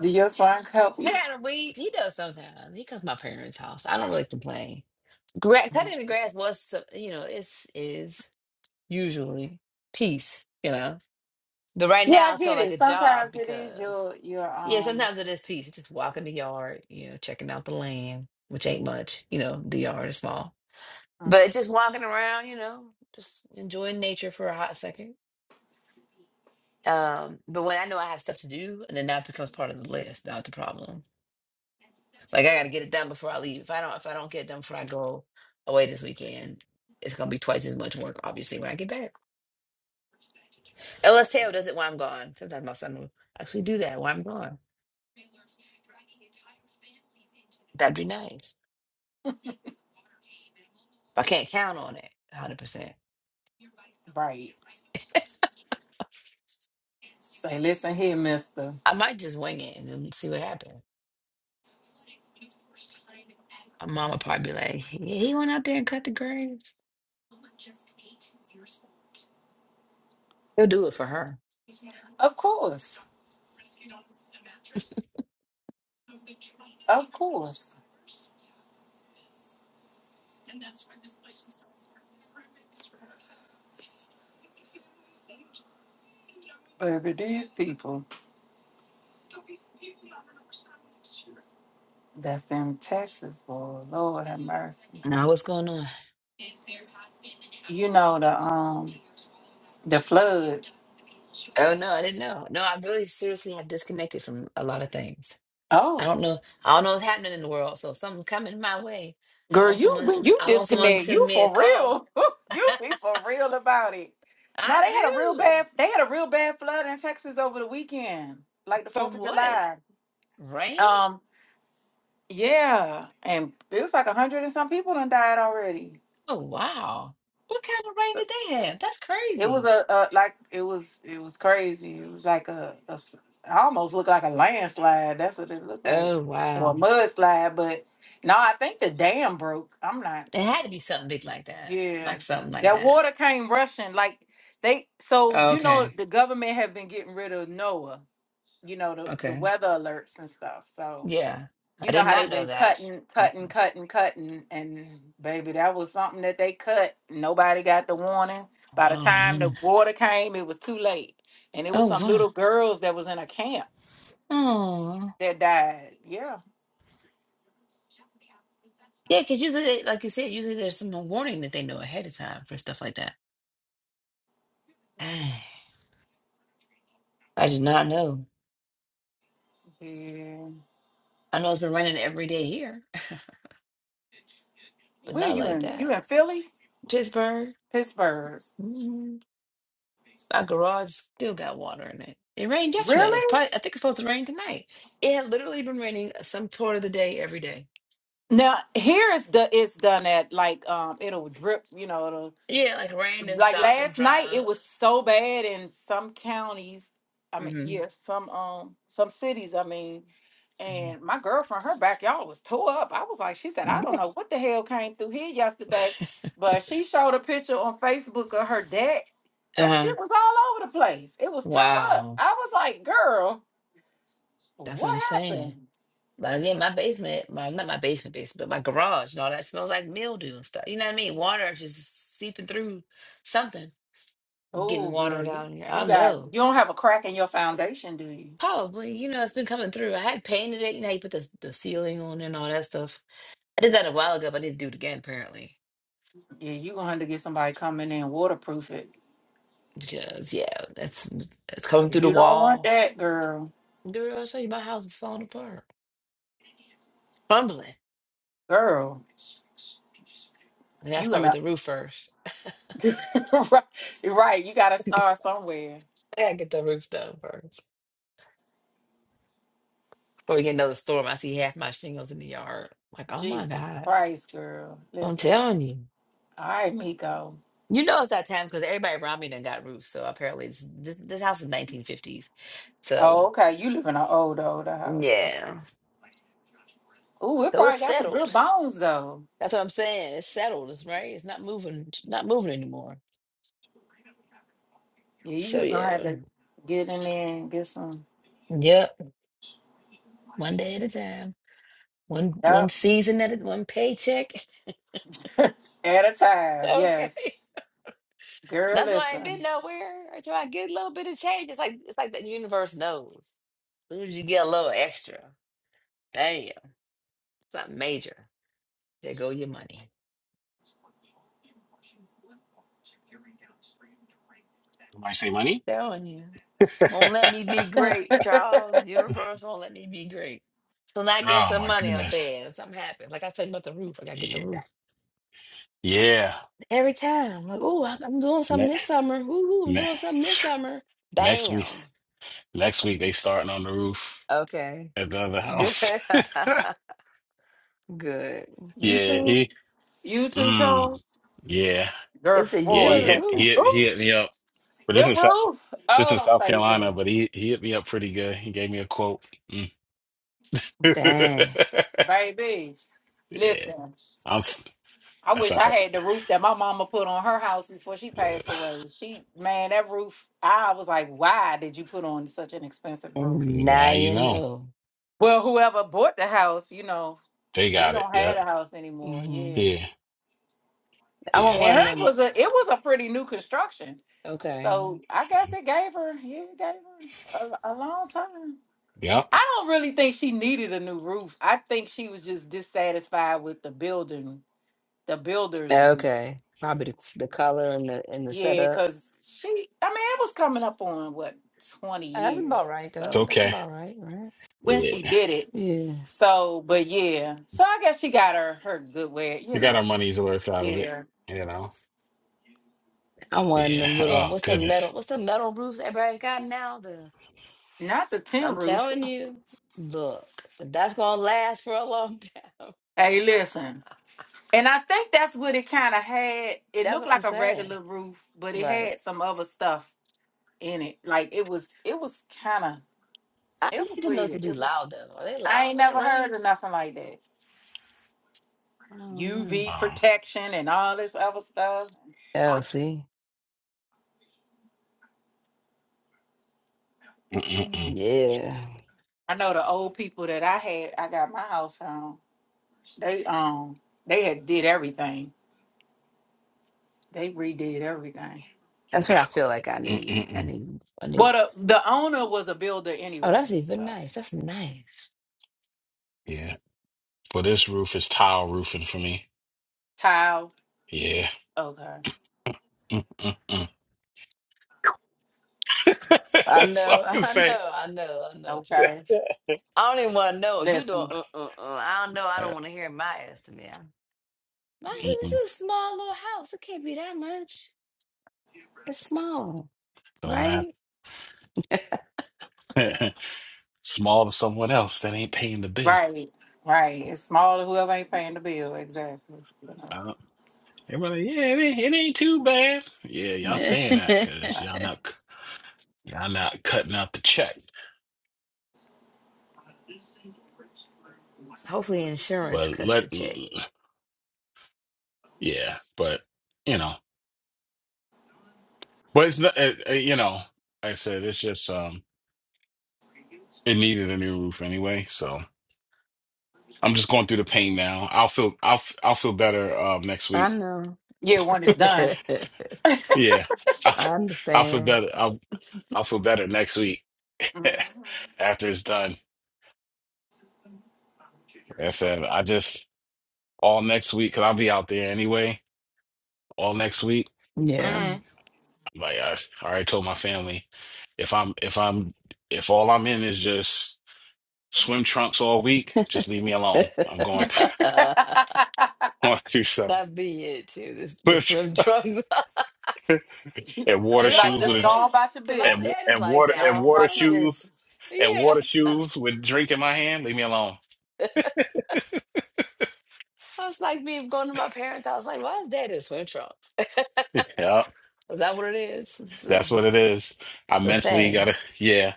S5: do your song help
S18: I
S5: you?
S18: got weed. He does sometimes. He comes to my parents' house. I don't really complain. Gra- cutting the grass was, so- you know, it's is usually peace, you know. But right
S5: Yeah, I
S18: now, it's
S5: get
S18: feeling like
S5: it.
S18: a
S5: Sometimes
S18: job
S5: it is
S18: because,
S5: your, your,
S18: yeah,
S5: um,
S18: sometimes it is peace. Just walking the yard, you know, checking out the land, which ain't much, you know. The yard is small,
S5: mm,
S18: but just walking around, you know, just enjoying nature for a hot second. Um, but when I know I have stuff to do, and then that becomes part of the list, that's the problem. Like I gotta get it done before I leave. If I don't, if I don't get it done before I go away this weekend, it's gonna be twice as much work, obviously, when I get back. Unless Taylor does it while I'm gone. Sometimes my son will actually do that while I'm gone. That'd be nice. But I can't count on it 100%.
S5: right. Say, listen here, mister.
S18: I might just wing it and then see what happens. My mom would probably be like, yeah, he went out there and cut the grass. He'll do it for her.
S5: Of course. Of course. Baby, these people. That's in Texas, boy. Lord have mercy.
S18: No, what's going on?
S5: You know the um the flood.
S18: Oh no, I didn't know. No, I really seriously have disconnected from a lot of things. I
S5: Oh,
S18: don't know. I don't know what's happening in the world. So if something's coming my way. I
S5: girl,
S18: hope
S5: you when
S18: someone
S5: you
S18: I hope someone
S5: disconnect,
S18: sends
S5: you
S18: me a
S5: for
S18: call.
S5: real. you be
S18: I
S5: for real about it. No, they had a real
S18: do.
S5: bad they had a real bad flood in Texas over the weekend, like the Fourth
S18: From
S5: of
S18: what?
S5: July.
S18: Rain?
S5: Um, yeah, and it was like a hundred and some people done died already.
S18: Oh wow. What kind of rain did they have? That's
S5: It was
S18: crazy.
S5: a, a like it was it was crazy. It was like a, a s- it almost looked like a landslide. That's what it looked like,
S18: Oh
S5: or a
S18: wow.
S5: mudslide. But no, I think the dam broke. I'm not.
S18: It had to be something big like that.
S5: Yeah,
S18: Like something like
S5: that
S18: that.
S5: water came rushing like they. So
S18: Oh,
S5: you know
S18: Okay.
S5: the government have been getting rid of NOAA. You know the the
S18: Okay.
S5: weather alerts and stuff. So
S18: Yeah. I
S5: you know
S18: did
S5: how
S18: not
S5: they've been
S18: know that.
S5: cutting, cutting, cutting, cutting, and baby, that was something that they cut. Nobody got the warning. By the
S18: Oh
S5: time the
S18: man.
S5: water came, it was too late, and it was
S18: Oh
S5: some
S18: wow.
S5: little girls that was in a camp
S18: Oh.
S5: that died. Yeah,
S18: Yeah, because usually, they, like you said, usually there's some warning that they know ahead of time for stuff like that. I did not know.
S5: yeah.
S18: I know it's been raining every day here, but
S5: Where
S18: not
S5: you
S18: like
S5: in?
S18: that.
S5: You in Philly,
S18: Pittsburgh,
S5: Pittsburgh?
S18: mm, my garage still got water in it. It rained yesterday. It's
S5: Really?
S18: probably, I think it's supposed to rain tonight. It had literally been raining some part of the day every day.
S5: Now here is the it's done at like um it'll drip. You know, it'll
S18: Yeah, like rained and
S5: like
S18: stopped and
S5: last
S18: dry
S5: night it
S18: up.
S5: was so bad in some counties. I mean,
S18: hmm
S5: yeah, some um some cities. I mean. And my girlfriend, her backyard was tore up. I was like, she said, I don't
S18: Yeah.
S5: know what the hell came through here yesterday, but she showed a picture on Facebook of her deck. Her
S18: Uh,
S5: shit was all over the place. It was tore up.
S18: wow.
S5: I was like, girl,
S18: That's
S5: what?
S18: what I'm saying. But again, my basement, my not my basement basement, but my garage and all that smells like mildew and stuff. You know what I mean? Water just seeping through something. getting
S5: Oh,
S18: water
S5: girl, you,
S18: down here. I
S5: you
S18: don't
S5: got
S18: know.
S5: you don't have a crack in your foundation, do you?
S18: Probably, you know, it's been coming through. I had painted it, you know, how you put the the ceiling on and all that stuff. I did that a while ago, but I need to do it again apparently.
S5: Yeah, you gonna have to get somebody come in there and waterproof it.
S18: Because yeah, that's it's coming through the
S5: You don't want
S18: wall.
S5: that, girl.
S18: Girl, I'll show you my house is falling apart. Crumbling.
S5: Girl,
S18: I gotta
S5: you in
S18: start with
S5: the
S18: the roof first.
S5: right. right. You gotta
S18: I
S5: start somewhere.
S18: gotta get the roof done first. Before we get another storm, I see half my shingles in the yard. like, oh my
S5: Jesus
S18: God.
S5: Christ, girl.
S18: I'm
S5: Listen.
S18: telling you.
S5: All right, Miko.
S18: You know it's that time because everybody around me done got roofs. So apparently it's, this this house is nineteen fifties. So
S5: Oh, okay. You live in those.
S18: Yeah.
S5: Ooh,
S18: So it's
S5: good
S18: settled.
S5: though.
S18: That's what I'm saying. It's settled, it's right? It's not moving, it's not moving anymore.
S5: Yeah, you
S18: So
S5: just gonna have
S18: yeah.
S5: to get in there and get some.
S18: Yep. One day at a time. One one
S5: Yep.
S18: season at a one paycheck.
S5: At a time.
S18: Okay.
S5: Yes. Girl,
S18: That's why I ain't been
S5: listen.
S18: nowhere until I get a little bit of change. It's like it's like the universe knows. As soon as you get a little extra, damn, something major. There go your money.
S20: Somebody say money?
S18: Telling you. Won't let me be great, Charles. Universe won't let me be great. So now I get
S20: Oh
S18: some
S20: my
S18: money, I'm
S20: goodness.
S18: saying. Something happened. Like I said about the roof, I gotta get the
S20: Yeah.
S18: roof.
S20: Yeah.
S18: Every time. Like, oh, I'm doing
S20: Ne-
S18: something this summer. Ooh, ooh, I'm
S20: ne-
S18: doing something this summer.
S20: next week
S18: Bam.
S20: next week they starting on the roof
S18: Okay.
S20: at the other
S18: Good.
S20: house.
S18: Good.
S20: yeah,
S5: You too.
S20: he
S5: You too,
S20: mm,
S5: Charles.
S20: yeah.
S5: Girl,
S18: It's the
S20: Yeah,
S18: year
S5: boy,
S18: of
S20: he
S18: the
S20: hit
S5: listen.
S18: roof.
S20: he hit
S5: Ooh,
S20: he hit me up. But this
S5: them
S20: is South
S5: roof.
S20: this
S5: Oh,
S20: is
S5: don't
S20: South
S5: say roof.
S20: Carolina, but he he hit me up pretty good. He gave me a quote. Mm. yeah.
S18: Dang.
S5: Baby, listen.
S20: I'm s-
S5: I went
S20: that's all right.
S5: the roof that my mama put on her house before she
S20: Look,
S5: passed away. She, man, that roof. I was like, why did you put on such an expensive roof?
S18: And now
S20: Now you
S18: you
S20: know.
S18: know.
S5: Well, whoever bought the house, you know,
S20: They
S5: we
S20: got it.
S5: don't
S20: Yeah.
S5: have a house anymore.
S18: hmm
S5: Yeah,
S20: Yeah.
S18: I
S20: Yeah,
S18: want
S5: and
S18: one of
S20: nah.
S5: hers
S18: them.
S5: was a it was a pretty new construction,
S18: Okay.
S5: so I guess it gave her yeah, it gave her a, a long time.
S20: Yep.
S5: I don't really think she needed a new roof. I think she was just dissatisfied with the building, the builder's roof.
S18: Okay. Probably the, the color and the and the
S5: Yeah,
S18: setup.
S5: because she, I mean, it was coming up on what twenty
S18: That's about
S5: years,
S18: right
S20: It's
S18: though.
S5: so
S18: That's
S20: okay.
S18: about right, right?
S5: when
S20: Yeah.
S5: she did it.
S18: Yeah.
S5: So, but yeah, so I guess she got her her good way, you
S20: We got
S5: know.
S20: our money's worth out of it,
S5: Yeah.
S20: you know?
S18: I'm one of
S20: Yeah.
S18: them little
S20: Oh,
S18: what's the metal
S20: goodness.
S18: what's the metal roofs everybody got now? The
S5: Not the tin
S18: I'm
S5: roof.
S18: telling you, look, that's gonna last for a long time.
S5: Hey, listen. And I think that's what it kind of had. It
S18: That's
S5: looked
S18: what I'm
S5: like a
S18: saying.
S5: regular roof, but it
S18: Right.
S5: had some other stuff in it. Like it was, it was kind of,
S18: I
S5: it was
S18: need to know
S5: weird.
S18: to be
S5: It was.
S18: loud though. Are they
S5: I
S18: loud
S5: ain't
S18: when it
S5: never heard of
S18: rains?
S5: nothing like that.
S18: I don't know.
S5: UV
S20: Um,
S5: protection and all this other stuff.
S18: Oh, see?
S20: mm-mm-mm,
S18: Yeah.
S5: I know the old people that I had. I got my house from. They um, they had did everything. They redid everything.
S18: That's what I feel like I need. I
S20: mm-mm-mm.
S18: need I need
S5: Well, the, the owner was a builder
S18: Oh, that's
S5: anyway,
S18: even
S5: so
S18: nice. That's nice.
S20: Yeah. Well, this roof is tile roofing for me.
S5: tile.
S20: Yeah.
S5: Okay.
S20: Mm-mm-mm.
S18: I
S20: That's all
S18: know,
S20: I can
S18: I
S20: say.
S18: know, I know, I know,
S5: Okay.
S18: Charles. I don't even want to know if you don't.
S5: Listen,
S18: Uh, uh, uh, I don't know. I don't
S20: Uh,
S18: want to hear my estimate. I, I said, this
S20: Mm-mm.
S18: is a small little house. It can't be that much. It's small,
S20: Don't
S18: right?
S20: matter. Small to someone else that ain't paying the bill.
S5: right, right. It's small to whoever ain't paying the bill. Exactly.
S20: Uh, everybody, yeah, it ain't, it ain't too bad. Yeah, y'all saying that because y'all not c- y'all not cutting out the check.
S18: Hopefully, insurance
S20: But
S18: cuts
S20: let,
S18: the check.
S20: yeah, but you know. But it's not, uh uh, you know, like I said it's just um, it needed a new roof anyway. So I'm just going through the pain now. I'll feel, I'll, f- I'll feel better um next
S18: I
S20: week.
S18: know.
S5: Yeah, when it's done.
S20: Yeah, I'll,
S18: I
S20: f- I'll feel
S18: understand.
S20: better. I'll, I'll feel better next week
S5: Mm-hmm.
S20: after it's done. Like I said, I just all next week because I'll be out there anyway. All next week,
S18: Yeah.
S5: mm-hmm.
S20: I'm like I, I already told my family, if I'm, if I'm, if all I'm in is just swim trunks all week, just leave me alone. I'm going through,
S18: that
S20: going through something.
S18: be it too. This the swim trunks. is that
S20: and water
S5: You like
S18: what
S20: shoes with
S5: just
S18: that
S5: go
S20: a,
S5: on
S18: is?
S5: about your
S18: Cause my
S20: and
S5: business,
S18: dad is
S20: and
S18: like
S20: water
S18: that.
S20: and
S5: y'all.
S20: water
S18: I'm like,
S20: shoes and
S18: yeah.
S20: water shoes with drink in my hand. Leave me alone.
S18: I was like me going to my parents' house. Like, why is dad in swim trunks?
S20: Yeah,
S18: Is that what it is? It's the,
S20: that's what it is. I
S18: it's the
S20: mentally
S18: thing.
S20: gotta. Yeah,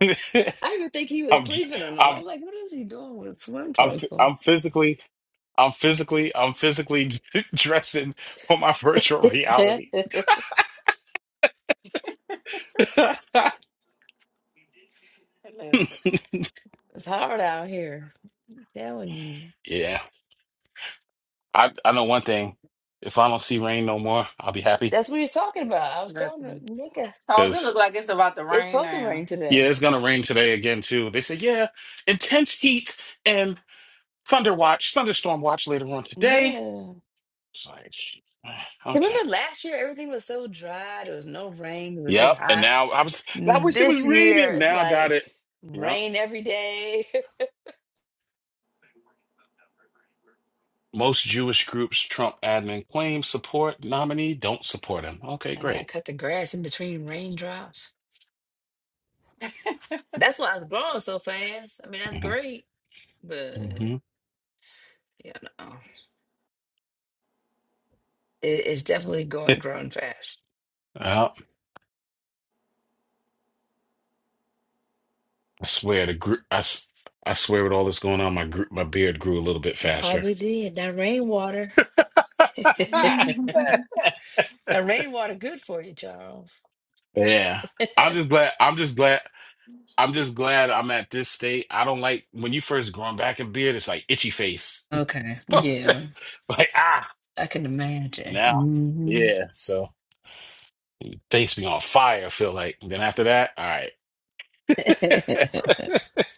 S18: I didn't even think he was
S20: I'm
S18: sleeping on them.
S20: I'm
S18: I'm like, what is he doing with swim
S20: I'm
S18: trunks on?
S20: I'm physically I'm physically I'm physically dressing for my virtual
S18: it's
S20: reality.
S5: Listen,
S18: hard out here. I'm telling you.
S20: yeah, I I know one thing. If I don't see rain no more, I'll be happy
S18: That's what he was talking about. I was telling him,
S5: listen.
S18: nigga,
S5: So it look
S20: because.
S5: like it's about to
S18: it's
S5: rain
S18: supposed to
S5: now.
S18: rain
S20: Yeah,
S18: today.
S20: it's gonna rain today again too. They say, yeah, intense heat and. Thunder watch, thunderstorm watch later on today.
S18: Yeah.
S20: It's like, okay,
S18: Remember last year, everything was so dry. There was no rain. It was just
S20: yep. And
S18: hot.
S20: now I was, I wish it was
S18: This year,
S20: raining.
S18: it's
S20: Now I got
S18: like
S20: it. Yep.
S18: rain every day.
S20: Most Jewish groups Trump admin claims support nominee don't support him. Okay,
S18: I gotta
S20: great.
S18: cut the grass in between raindrops. That's why I was growing so fast. I mean, that's
S20: hmm
S18: great, but
S20: hmm
S18: yeah, no. It, it's definitely going growing fast.
S20: Yeah, I swear the group. I, s- I swear with all this going on, my gr- my beard grew a little bit
S18: It
S20: faster.
S18: probably did. That rainwater. that rainwater good for you, Charles.
S20: yeah, I'm just glad. I'm just glad. I'm just glad I'm at this state. I don't like when you first growing back a beard, it's like itchy face.
S18: Okay.
S5: Mhm.
S18: Yeah.
S20: Like, ah,
S18: I can
S20: now.
S18: imagine. hmm
S20: Yeah. So face be on fire, I feel like. Then after that, all right.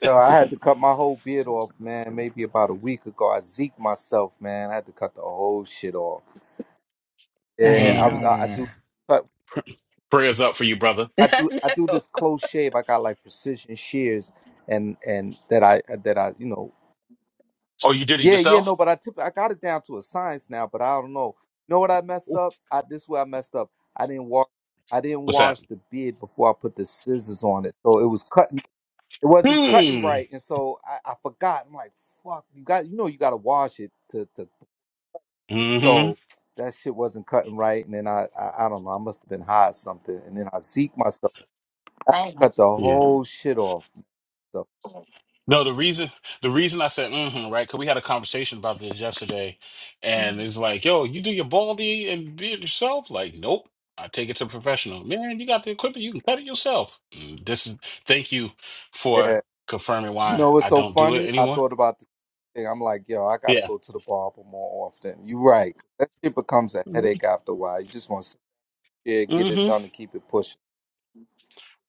S19: Yo, I had to cut my whole beard off, man. Maybe about a week ago, I zeked myself, man. I had to cut the whole shit off. Yeah,
S20: Mm,
S19: I was.
S5: Damn.
S19: I, I
S18: Man.
S19: do. cut
S20: prayers up for you, brother.
S19: I do
S18: I
S19: I do
S18: know.
S19: this close shave. I got like precision shears and and that I uh, that I you know
S20: Oh, you did it
S19: yeah yeah
S20: yourself?
S19: no but I tip, I got it down to a science now but I don't know. You know what I messed
S20: Ooh,
S19: up? I this is where I messed up. I didn't wash I didn't
S20: What's that?
S19: wash the beard before I put the scissors on it, so it was cutting. It wasn't cutting
S20: Mm.
S19: right, and so I, I forgot. I'm like, fuck, you got you know you got to wash it to to
S20: hmm
S19: so. That shit wasn't cutting right, and then I, I I don't know I must have been high or something, and then I zeke myself. I
S5: Damn.
S19: cut the
S20: Yeah.
S19: whole shit off. So
S20: No, the reason the reason I said mm-hmm, right, because we had a conversation about this yesterday, and it's like, yo, you do your baldy and be it yourself. Like, nope, I take it to professional. Man, you got the equipment, you can cut it yourself. Mm, This is thank you for
S19: yeah,
S20: confirming
S19: you
S20: why
S19: know what's
S20: I
S19: so
S20: don't do it
S19: funny? I
S20: anymore.
S19: thought about the thing. I'm like, yo, I gotta
S20: Yeah.
S19: go to the barber more often. You're right. That shit becomes a
S20: Mm-hmm.
S19: headache after a while. You just want to yeah, get it
S20: Mm-hmm.
S19: done, and keep it pushing.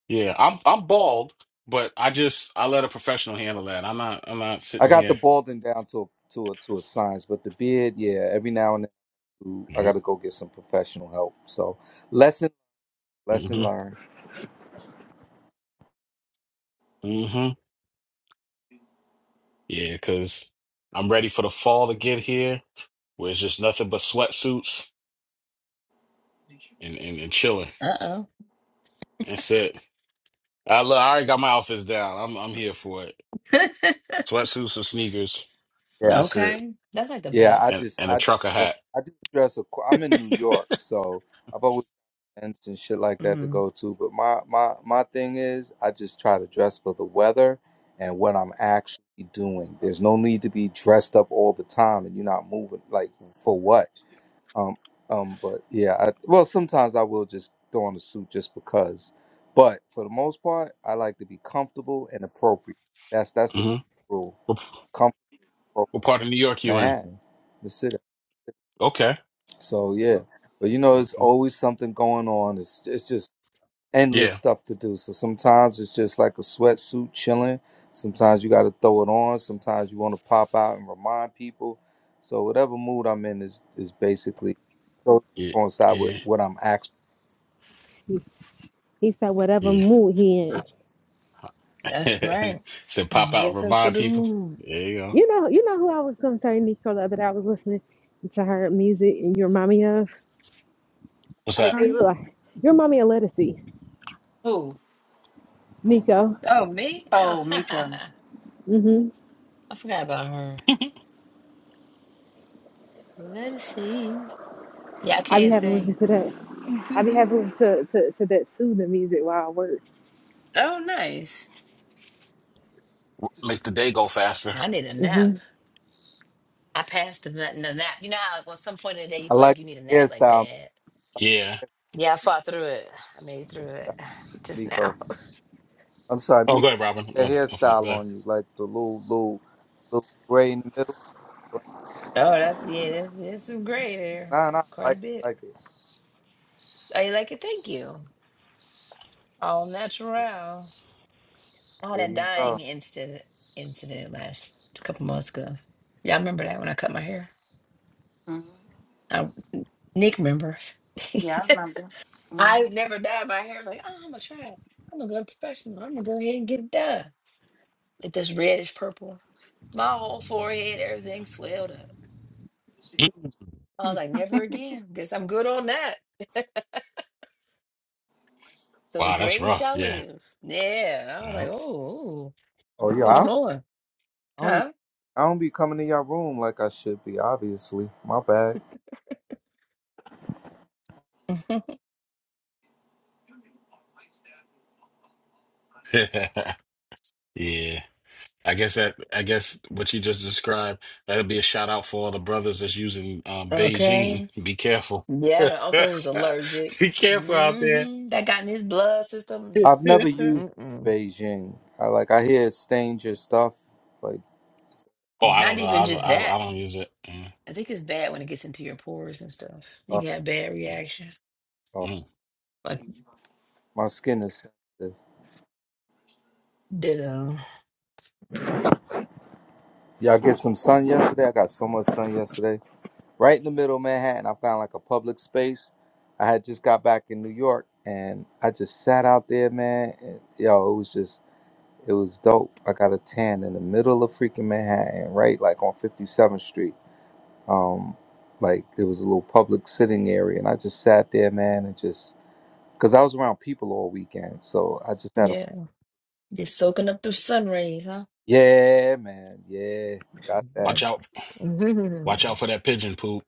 S20: Yeah, I'm I'm bald, but I just I let a professional handle that. I'm not I'm not
S19: I
S20: sitting
S19: got the
S20: here.
S19: balding down to a, to a, to a science, but the beard, yeah, every now and then I
S20: Yeah.
S19: gotta go get some professional help. So lesson lesson
S20: Mm-hmm.
S19: learned.
S20: Mm-hmm. Yeah, because I'm ready for the fall to get here, where it's just nothing but sweatsuits and, and, and chilling.
S18: Uh-oh.
S20: That's it. I look, I already got my outfits down. I'm I'm here for it. Sweatsuits and sneakers,
S19: Yeah.
S20: and that's it.
S18: okay. That's like the
S19: Yeah, I
S18: best.
S20: And
S19: just
S20: and a
S19: I
S20: trucker hat.
S19: I just dress a. qu- I'm in New York, so I've always events and shit like that to
S18: hmm
S19: go to. But my my my thing is, I just try to dress for the weather and what I'm actually doing. There's no need to be dressed up all the time, and you're not moving like for what. Um um. But yeah, I, well sometimes I will just throw on a suit just because. But for the most part, I like to be comfortable and appropriate. That's that's the
S20: hmm
S19: rule.
S20: What,
S19: Comfortable
S20: what part of New York you in?
S19: Manhattan, the city.
S20: Okay.
S19: So yeah, but you know, it's
S20: Okay.
S19: always something going on. It's it's just endless
S20: Yeah.
S19: stuff to do. So sometimes it's just like a sweatsuit chilling. Sometimes you got to throw it on. Sometimes you want to pop out and remind people. So whatever mood I'm in is is basically so
S20: Yeah.
S19: coincide with
S20: Yeah.
S19: what I'm actually.
S21: He said whatever
S20: Yeah.
S21: mood he in.
S18: That's right.
S20: Said pop out and
S18: Dressing for
S20: remind
S18: the
S20: people.
S18: mood.
S20: There you go.
S21: You know, you know who I was gonna say, Nico, the other day I was listening to her music and you remind me of.
S20: What's
S21: I didn't
S20: that?
S21: say you
S5: Mhm.
S21: look like you remind me of Lettucey,
S5: Who?
S21: Nico.
S18: Oh, me? Oh,
S5: Oh, Mika.
S21: hmm
S18: I forgot about her. Let us see. Yeah, I
S21: I be
S18: can't
S21: having to listen
S18: sing.
S21: to that. I be having to to, to that soothing music while I work.
S18: Oh, nice.
S20: Makes the day go faster.
S18: I need a
S21: hmm
S18: nap.
S21: You
S18: I passed the, na- the nap. You know how at some point in the day you
S19: I
S18: feel
S19: like
S18: like you need a
S19: the
S18: nap like
S19: hairstyle,
S18: bad.
S20: Yeah.
S18: Yeah, I fought through it. I made it through it just now.
S19: Miko. I'm sorry,
S20: Oh, go
S19: Miko.
S20: ahead, Robin.
S19: The
S20: My, my phone.
S19: hairstyle
S20: Go
S19: on
S20: ahead.
S19: you, like the little little little gray in the middle. Like,
S18: Oh, that's yeah. There's, there's some gray there,
S19: nah, nah, I
S18: quite
S19: like
S18: a
S19: I
S18: bit.
S19: like
S18: Oh, you like it? Thank you. All
S19: it.
S18: natural. I
S19: There
S18: had a
S19: you go.
S18: dying incident incident last a couple months ago. Yeah, I remember that when I cut my hair.
S5: Mhm.
S18: Nick members.
S5: Yeah, I remember. Mhm.
S18: I never dyed my hair. Like, oh, I'm gonna try it. I'm gonna go to professional. I'm gonna go ahead and get it done. Like this reddish purple. My whole forehead, everything swelled up. I was like, never again. Guess I'm good on that. so the
S20: Wow, that's
S18: gray
S20: rough.
S18: shall
S20: Yeah.
S18: live. Yeah. I was like, oh,
S20: Yeah.
S18: oh,
S19: Oh
S18: what's
S19: yeah, I
S18: going on?
S19: don't,
S18: Huh?
S19: I don't be coming to your room like I should be, obviously. My bad.
S20: Yeah. I guess that I guess what you just described, that'll be a shout out for all the brothers that's using um,
S18: Okay.
S20: Beijing. Be careful.
S18: Yeah, the uncle was allergic.
S20: Be careful out there.
S18: hmm That got in his blood system.
S19: I've never used
S18: Mm-mm.
S19: Beijing. I like I hear it stains your stuff. Like
S20: oh, I
S18: Not
S20: don't know.
S18: even
S20: I
S18: just
S20: don't, I, don't-
S18: that.
S20: I don't use it. Mm,
S18: I think it's bad when it gets into your pores and stuff. You
S19: uh,
S18: can have bad reaction.
S19: uh,
S20: mm.
S18: Like
S19: my skin is sensitive.
S18: did uh
S19: Y'all get some sun yesterday. I got so much sun yesterday. Right in the middle of Manhattan, I found like a public space. I had just got back in New York and I just sat out there, man. And, yo, it was just it was dope. I got a tan in the middle of freaking Manhattan, right like on 57th Street. um, like there was a little public sitting area, and I just sat there, man, and just because I was around people all weekend, so I just had a
S18: yeah. Just soaking up the sun rays, huh?
S19: yeah, man, yeah, got that.
S20: Watch out. Watch out for that pigeon poop.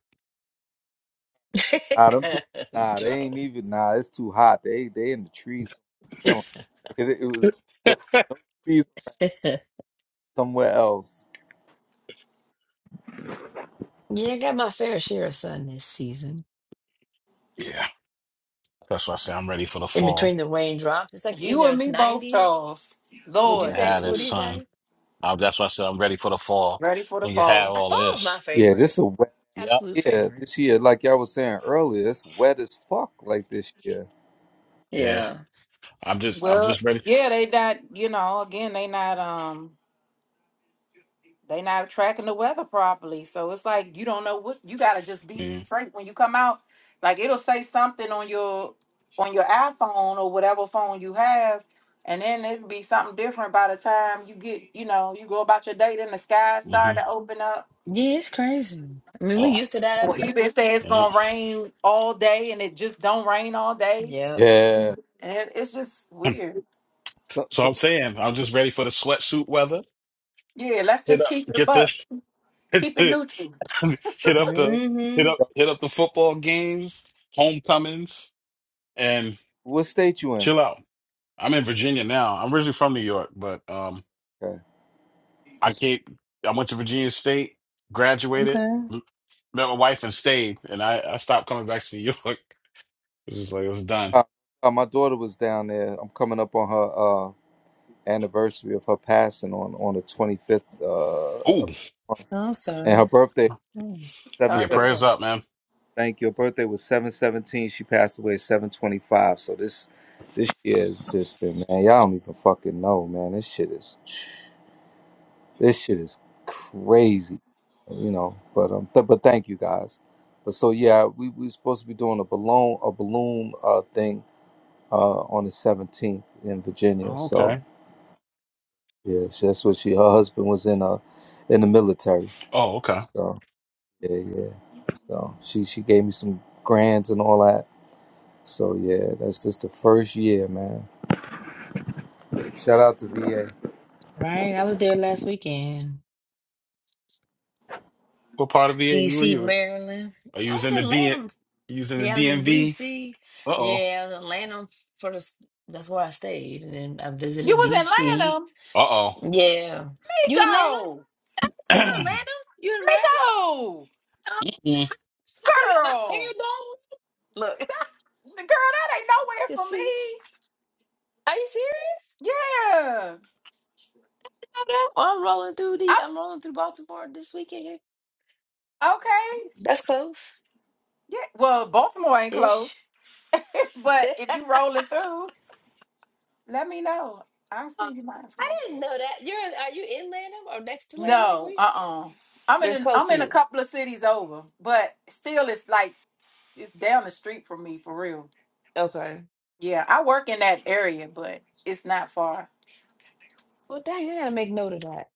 S19: Nah, them, people- nah, they
S18: Joe.
S19: ain't even nah. It's too hot. They they in the trees. chilling. It, it was them trees
S18: yeah,
S19: somewhere else.
S18: I got my fair share of sun this season.
S20: yeah. That's why I say I'm ready for the
S18: In
S20: fall.
S18: between the raindrops. It's like
S5: You
S18: either
S5: and
S18: it's
S5: me both,
S18: ninety,
S5: Charles.
S20: You
S18: would you
S20: can
S5: Lord, this
S18: say
S20: have this
S18: would
S5: heat.
S18: he
S20: son.
S18: say?
S20: Uh, that's why I said I'm ready for the fall.
S5: Ready for the
S20: And you have
S5: fall.
S18: Uh,
S20: all of
S18: Fall's my
S20: this.
S19: Yeah, this
S18: favorite.
S19: a wet
S20: Yep.
S18: Absolute
S19: year.
S18: favorite.
S19: This year, like y'all was saying earlier, it's wet as fuck. Like this year.
S20: Yeah.
S18: Yeah.
S20: I'm just I'm just
S5: Well,
S20: ready.
S5: yeah, they not, you know, again, they not um They not tracking the weather properly. So it's like you don't know what you gotta just be
S20: Yeah.
S5: straight when you come out. Like it'll say something on your on your iPhone or whatever phone you have, and then it'll be something different by the time you get, you know, you go about your day, then the sky
S20: hmm
S5: start to open up,
S18: Yeah, it's crazy. I mean we
S20: Oh,
S18: used to that up
S5: or
S18: here.
S5: even
S20: yeah.
S5: all day and it just don't rain all day.
S18: Yep.
S19: Yeah.
S5: And it, it's just weird.
S19: So,
S20: So
S19: so,
S20: I'm saying I'm just ready for the sweatsuit weather.
S5: Yeah, let's
S20: Hit
S5: just
S20: up,
S5: keep it a
S20: get the
S5: buck.
S20: hit
S5: Keep it neutral.
S20: up the
S18: Mm-hmm.
S20: hit up hit up the football games, homecomings, and
S19: what state you in?
S20: chill out. I'm in Virginia now. I'm originally from New York, but um,
S19: Okay.
S20: I came. I went to Virginia State, graduated,
S18: Okay.
S20: met my wife, and stayed. And I I stopped coming back to New York. It's just like it's done.
S19: Uh, uh, my daughter was down there. I'm coming up on her uh, anniversary of her passing on on the 25th, uh,
S20: Ooh,
S19: of this month.
S18: I'm
S19: and her
S18: sorry.
S19: birthday
S18: Hmm.
S19: seven
S20: yeah.
S5: Sorry to
S19: seven.
S5: hear
S20: Prayers
S5: that.
S20: up, man.
S19: Thank you. Her birthday was seven seventeen. She passed away seven twenty five. So this this year has just been man. Y'all don't even fucking know, man. This shit is this shit is crazy, you know. But um, th- but thank you guys. But so yeah, we we supposed to be doing a balloon a balloon uh thing uh on the seventeenth in Virginia.
S20: Oh,
S19: So
S20: okay.
S19: Yeah, she- that's what she. Her husband was in uh in the military.
S20: Oh, okay.
S19: So yeah, yeah. So she she gave me some grants and all that. So yeah, that's just the first year, man. Shout out to VA.
S18: Right. I was there last weekend.
S20: What part of VA were
S18: DC,
S20: you in?
S18: Maryland.
S20: Oh, you
S18: I
S20: was
S18: was
S20: in the
S18: in
S20: D
S18: Lanham.
S20: you was in the
S18: Yeah, I was in
S20: DMV?
S18: DC.
S20: Uh-oh.
S18: Yeah, I was in Lanham for the, that's where I stayed. And then I
S5: You
S18: visited
S5: was in
S18: DC.
S5: Atlanta.
S20: Uh-oh.
S18: Yeah. You in Lanham?
S5: Miko.
S18: I think you in Lanham? You in Maryland?
S5: Miko.
S18: Oh,
S20: Mm.
S18: I could have got my
S5: Girl.
S18: hair done. Look, I
S5: That's the girl. That ain't nowhere
S18: can
S5: from me.
S18: see. Are you serious?
S5: Yeah.
S18: I know. I'm rolling through the I'm rolling through Baltimore this weekend.
S5: I, okay.
S18: That's close.
S5: Yeah. Well, Baltimore ain't close,
S18: Ish.
S5: but if you rolling through, let me know. I'll
S18: Uh,
S5: send you my
S18: I
S5: information.
S18: didn't know that. You're in, are you in Lanham or next to Lanham? Were
S5: No.
S18: you?
S5: Uh. uh I'm
S18: But
S5: in.
S18: it's
S5: A,
S18: close
S5: I'm
S18: to
S5: in a
S18: you.
S5: couple of cities over, but still, it's like it's down the street from me for real.
S18: Okay.
S5: Yeah. I work in that area, but it's not far.
S18: Well, dang, I gotta make note of that.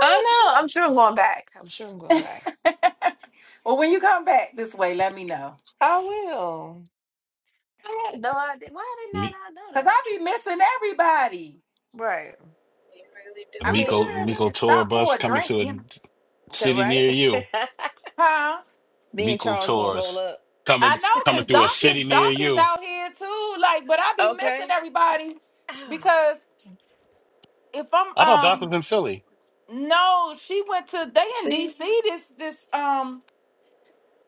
S18: I know. I'm sure I'm going back. I'm sure I'm going back.
S5: damn, amigo. well, when you come back this way, let me know.
S18: I will. I had no idea. Why did not
S20: Mi-
S18: I know
S5: Cause
S18: that?
S5: I be missing everybody.
S18: Right.
S21: really
S18: Why
S5: I
S21: do,
S5: mean,
S21: Nick.
S5: even
S20: Miko
S5: if
S18: did
S20: Miko
S5: it
S18: not
S20: tour
S5: stop
S20: bus
S5: for a
S20: coming
S5: drink,
S20: to
S5: you
S20: a
S5: know,
S18: I know? Okay,
S20: city near you.
S18: right?
S5: huh?
S18: Me and
S20: Miko
S18: Charles gonna roll
S20: tours
S18: up.
S5: I
S20: coming
S5: know,
S20: coming
S5: cause
S20: through
S5: Doc
S20: a
S5: is
S20: city near
S5: Doc is
S20: you.
S5: out here too. Like, but I be missing
S18: Okay.
S5: everybody
S18: Oh,
S5: because if I'm
S20: I thought Doc
S5: um
S20: was in Philly.
S5: no, she went to they in
S18: see,
S5: DC this this um,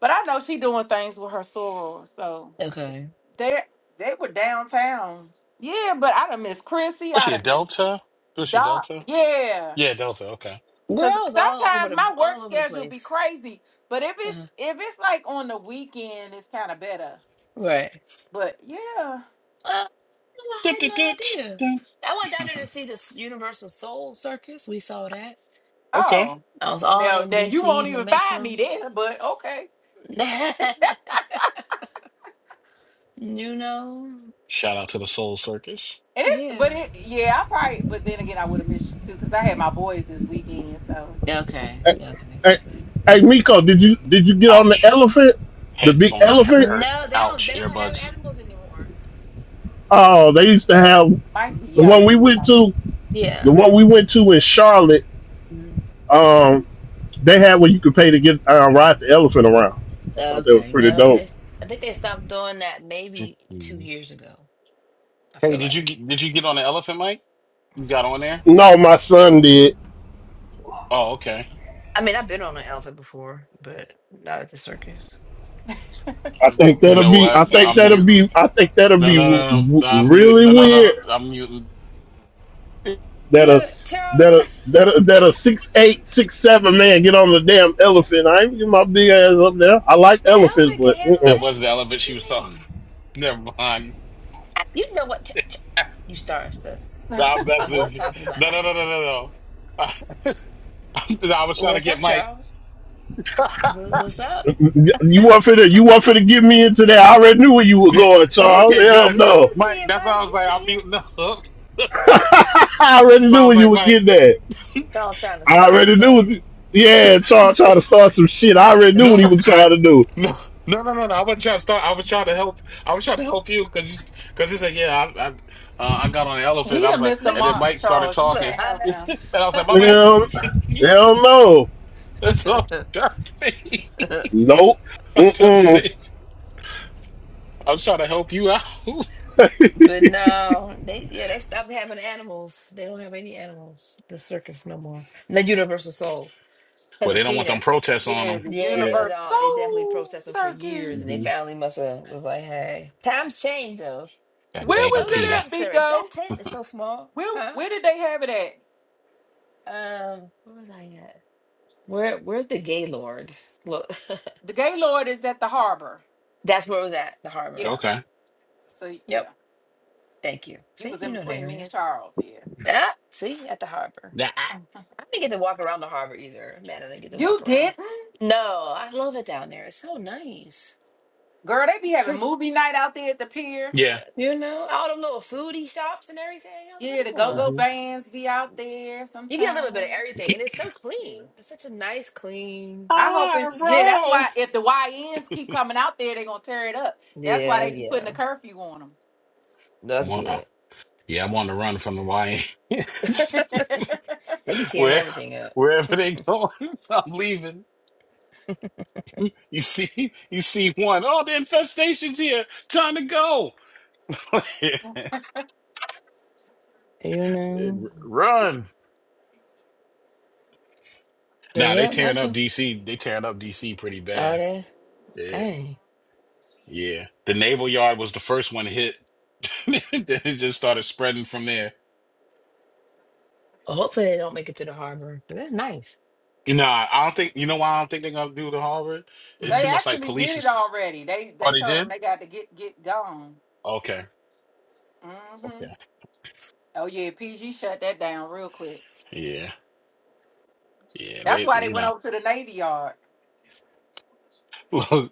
S5: but I know she doing things with her soror, so
S18: Okay.
S5: they they were downtown. Yeah, but I done miss Chrissy.
S20: Was
S5: I
S20: she a
S5: done miss
S20: Delta? Was she
S5: Doc.
S20: Delta?
S5: Yeah,
S20: Yeah, Delta. Okay.
S5: cause
S18: girls all over
S5: sometimes
S18: the
S5: my work
S18: all over the
S5: schedule be
S18: place.
S5: crazy, but if it's
S18: Uh-huh.
S5: if it's like on the weekend, it's kind of better.
S18: Right.
S5: But yeah.
S18: Uh, no, I
S20: Dut,
S18: had no
S20: dut, dut,
S18: idea.
S20: dun.
S18: I went down there to see this Universal Soul Circus. We saw that.
S20: okay.
S5: Oh.
S18: I was all
S5: Now
S18: in
S5: now you
S18: DC
S5: won't
S18: in the
S5: even find me
S18: metro.
S5: there, but okay.
S18: you know,
S20: Shout out to the Soul Circus.
S5: And it's but
S18: yeah.
S5: it yeah, I probably but then again I would have missed you too because I had my boys this weekend, so
S18: Okay,
S1: Hey,
S18: yeah, okay.
S1: hey, hey, Miko, did you did you get on the
S20: Ouch.
S1: elephant, the big
S20: Headphones hu-
S1: elephant?
S20: hurt.
S18: No, they don't.
S20: Ouch.
S18: They don't have
S20: Earbuds.
S18: animals anymore.
S1: Oh, they used to have
S5: Mike be
S1: the one
S5: yelling
S1: we
S5: and you
S1: went
S5: know.
S1: to. The
S18: Yeah.
S1: one we went to in Charlotte.
S18: Mhm.
S1: Um, they had where you could pay to get uh, ride the elephant around. I thought that was
S18: Okay.
S1: pretty
S18: No, they,
S1: dope.
S18: s- I think they stopped doing that
S20: Hey,
S18: maybe two years ago. I feel
S20: did you
S18: like.
S20: get, did you get on the elephant mic? You got on there?
S1: No, my son did.
S20: Oh, okay.
S18: I mean, I've been on an elephant before, but not at the circus.
S1: I think
S20: You
S1: that'll
S20: know
S1: be.
S20: what?
S1: I think
S20: I'm
S18: Look,
S1: that'll
S20: muting.
S1: be. I think that'll
S20: No, no,
S1: be
S20: no,
S1: r-
S20: no.
S1: r-
S20: No, I'm muting.
S1: really
S20: No, no, no, no.
S1: weird.
S20: I'm muting.
S1: That a s-
S18: Charles.
S1: that a that a, that a six eight six seven man get on the damn elephant. I ain't get my big ass up there. I like
S18: Now
S1: elephants,
S18: Elvin can
S1: but
S18: handle
S20: That
S1: mm-mm.
S18: that.
S20: wasn't the elephant
S18: What
S20: she
S18: you
S20: was talking.
S18: mean?
S20: Never mind.
S18: I- you know what? Ch- ch- you starting stuff.
S20: That
S18: I was
S20: message.
S18: talking about
S20: No,
S18: an
S20: no, no, no,
S18: elephant.
S20: no, no. No, Nah, I was trying to
S18: What's
S20: get
S18: up,
S20: Mike.
S18: Charles? Wha- What's up?
S1: you want for to you want for to get me into that. I already knew where you were
S20: Yeah.
S1: going,
S18: you
S1: Charles.
S20: okay,
S18: see it?
S1: Hell
S18: You
S20: good.
S1: no.
S18: you see
S20: Mike,
S18: it,
S20: that's why
S18: Mike?
S20: I was
S18: You
S20: like,
S18: see
S20: I'm
S18: it?
S20: muting up. So,
S1: I already
S20: so
S1: knew
S20: I was
S1: when you
S20: like,
S1: would
S20: Mike,
S1: get that.
S18: Charles trying to
S1: I
S18: start
S1: already knew.
S18: stuff,
S1: What, you, yeah, trying trying to start some shit. I
S18: trying to get
S1: already
S18: the
S1: knew
S20: no.
S1: what he
S18: room
S1: was trying to
S18: spicy.
S1: do.
S20: No, no, no, no, no. I wasn't trying to start. I was trying to help. I was trying to help you because you because he said, "Yeah, I I, uh, I got on the elephant."
S5: He
S20: I was
S5: done
S20: like,
S5: missed the
S18: Look,
S20: and then
S5: mark,
S20: Mike started
S5: Charles. You
S18: look,
S20: talking,
S5: can't help
S18: I
S20: and
S5: him.
S20: I was
S18: know.
S20: like, "My man,
S1: Hell, hell no.
S20: that's all I'm trying to say."
S1: Nope.
S20: I'm trying to
S1: Mm-mm.
S20: say- I was trying to help you out.
S18: but no, they yeah they stopped having animals. They don't have any animals. The circus no more. The Universal Soul because
S20: Well, they
S18: of
S20: don't want
S18: Peter.
S20: them protests on
S5: Yeah,
S20: them.
S5: the
S18: Yeah, they
S20: Yeah.
S18: was
S5: universe
S18: all they definitely
S5: Universal
S18: protesting for years, and they
S20: Mm-hmm.
S5: Circus.
S18: finally must have was like, "Hey, times change though.
S20: God
S18: It
S5: Where
S18: just- it
S20: damn,
S5: was
S18: was
S5: it
S20: Peter.
S5: at,
S18: unnecessary.
S5: Miko?
S18: That tent is so small,
S5: Where
S18: huh?"
S5: where did they have it at?
S18: Um, where was I at? Where Where's the Gaylord? Look,
S5: The Gaylord is at the harbor.
S18: that's where it was at the
S5: Yeah.
S18: harbor.
S20: Okay.
S5: So yeah.
S18: Yep, thank you.
S5: You
S18: See,
S5: was in
S18: you know the
S5: between me
S18: area.
S5: and Charles, yeah.
S18: Ah, see, at the harbor.
S20: Yeah. I-
S18: I didn't get to walk around the harbor either. Man, I didn't get to
S5: You
S18: walk around.
S5: did
S18: No, I love it down there. It's so nice.
S5: Girl, they be
S18: It's
S5: having
S18: pretty,
S5: movie night out there at the pier.
S20: Yeah.
S18: you know, all them little foodie shops and everything. I was like, I
S5: Yeah, they
S18: just want to.
S20: Mm-hmm.
S5: be out there
S18: You get a little bit of
S5: sometimes.
S18: everything, and it's so clean. It's such a nice, clean.
S5: I
S20: I
S5: yeah, that's
S20: roll.
S5: straight up. That's
S18: Yeah, yeah,
S5: on 'em.
S20: I'm
S18: that's
S20: on. Uh,
S18: good.
S20: yeah, I'm on the run from the YA.
S18: they be tearing
S20: Where
S18: everything up,
S20: wherever they going, I'm leaving. You see, you see one. Oh, the infestation's here, trying to go.
S18: you know.
S20: Run.
S18: But
S20: Nah, they
S18: yeah,
S20: tearing
S18: that's
S20: up
S18: a
S20: DC. They tearing up DC pretty
S18: are
S20: bad.
S18: they?
S20: Yeah.
S18: Dang.
S20: Yeah. The naval yard was the first one hit. then it just started spreading from there.
S18: Well, hopefully they don't make it to the harbor. But that's nice.
S20: Nah, I don't think you know why I don't think they're gonna do the Harvard. It's
S18: Mm.
S5: They
S20: too much like
S5: actually did
S20: police.
S5: it
S20: Is,
S5: already. They
S20: oh,
S5: they
S20: they
S5: told them
S20: did.
S5: they got to get get gone.
S20: Okay.
S5: hmm
S20: Okay.
S5: Oh yeah, PG shut that down real quick.
S20: Yeah. Yeah.
S5: That's
S20: They.
S5: why they
S20: You
S5: went over to
S20: know.
S5: the Navy Yard,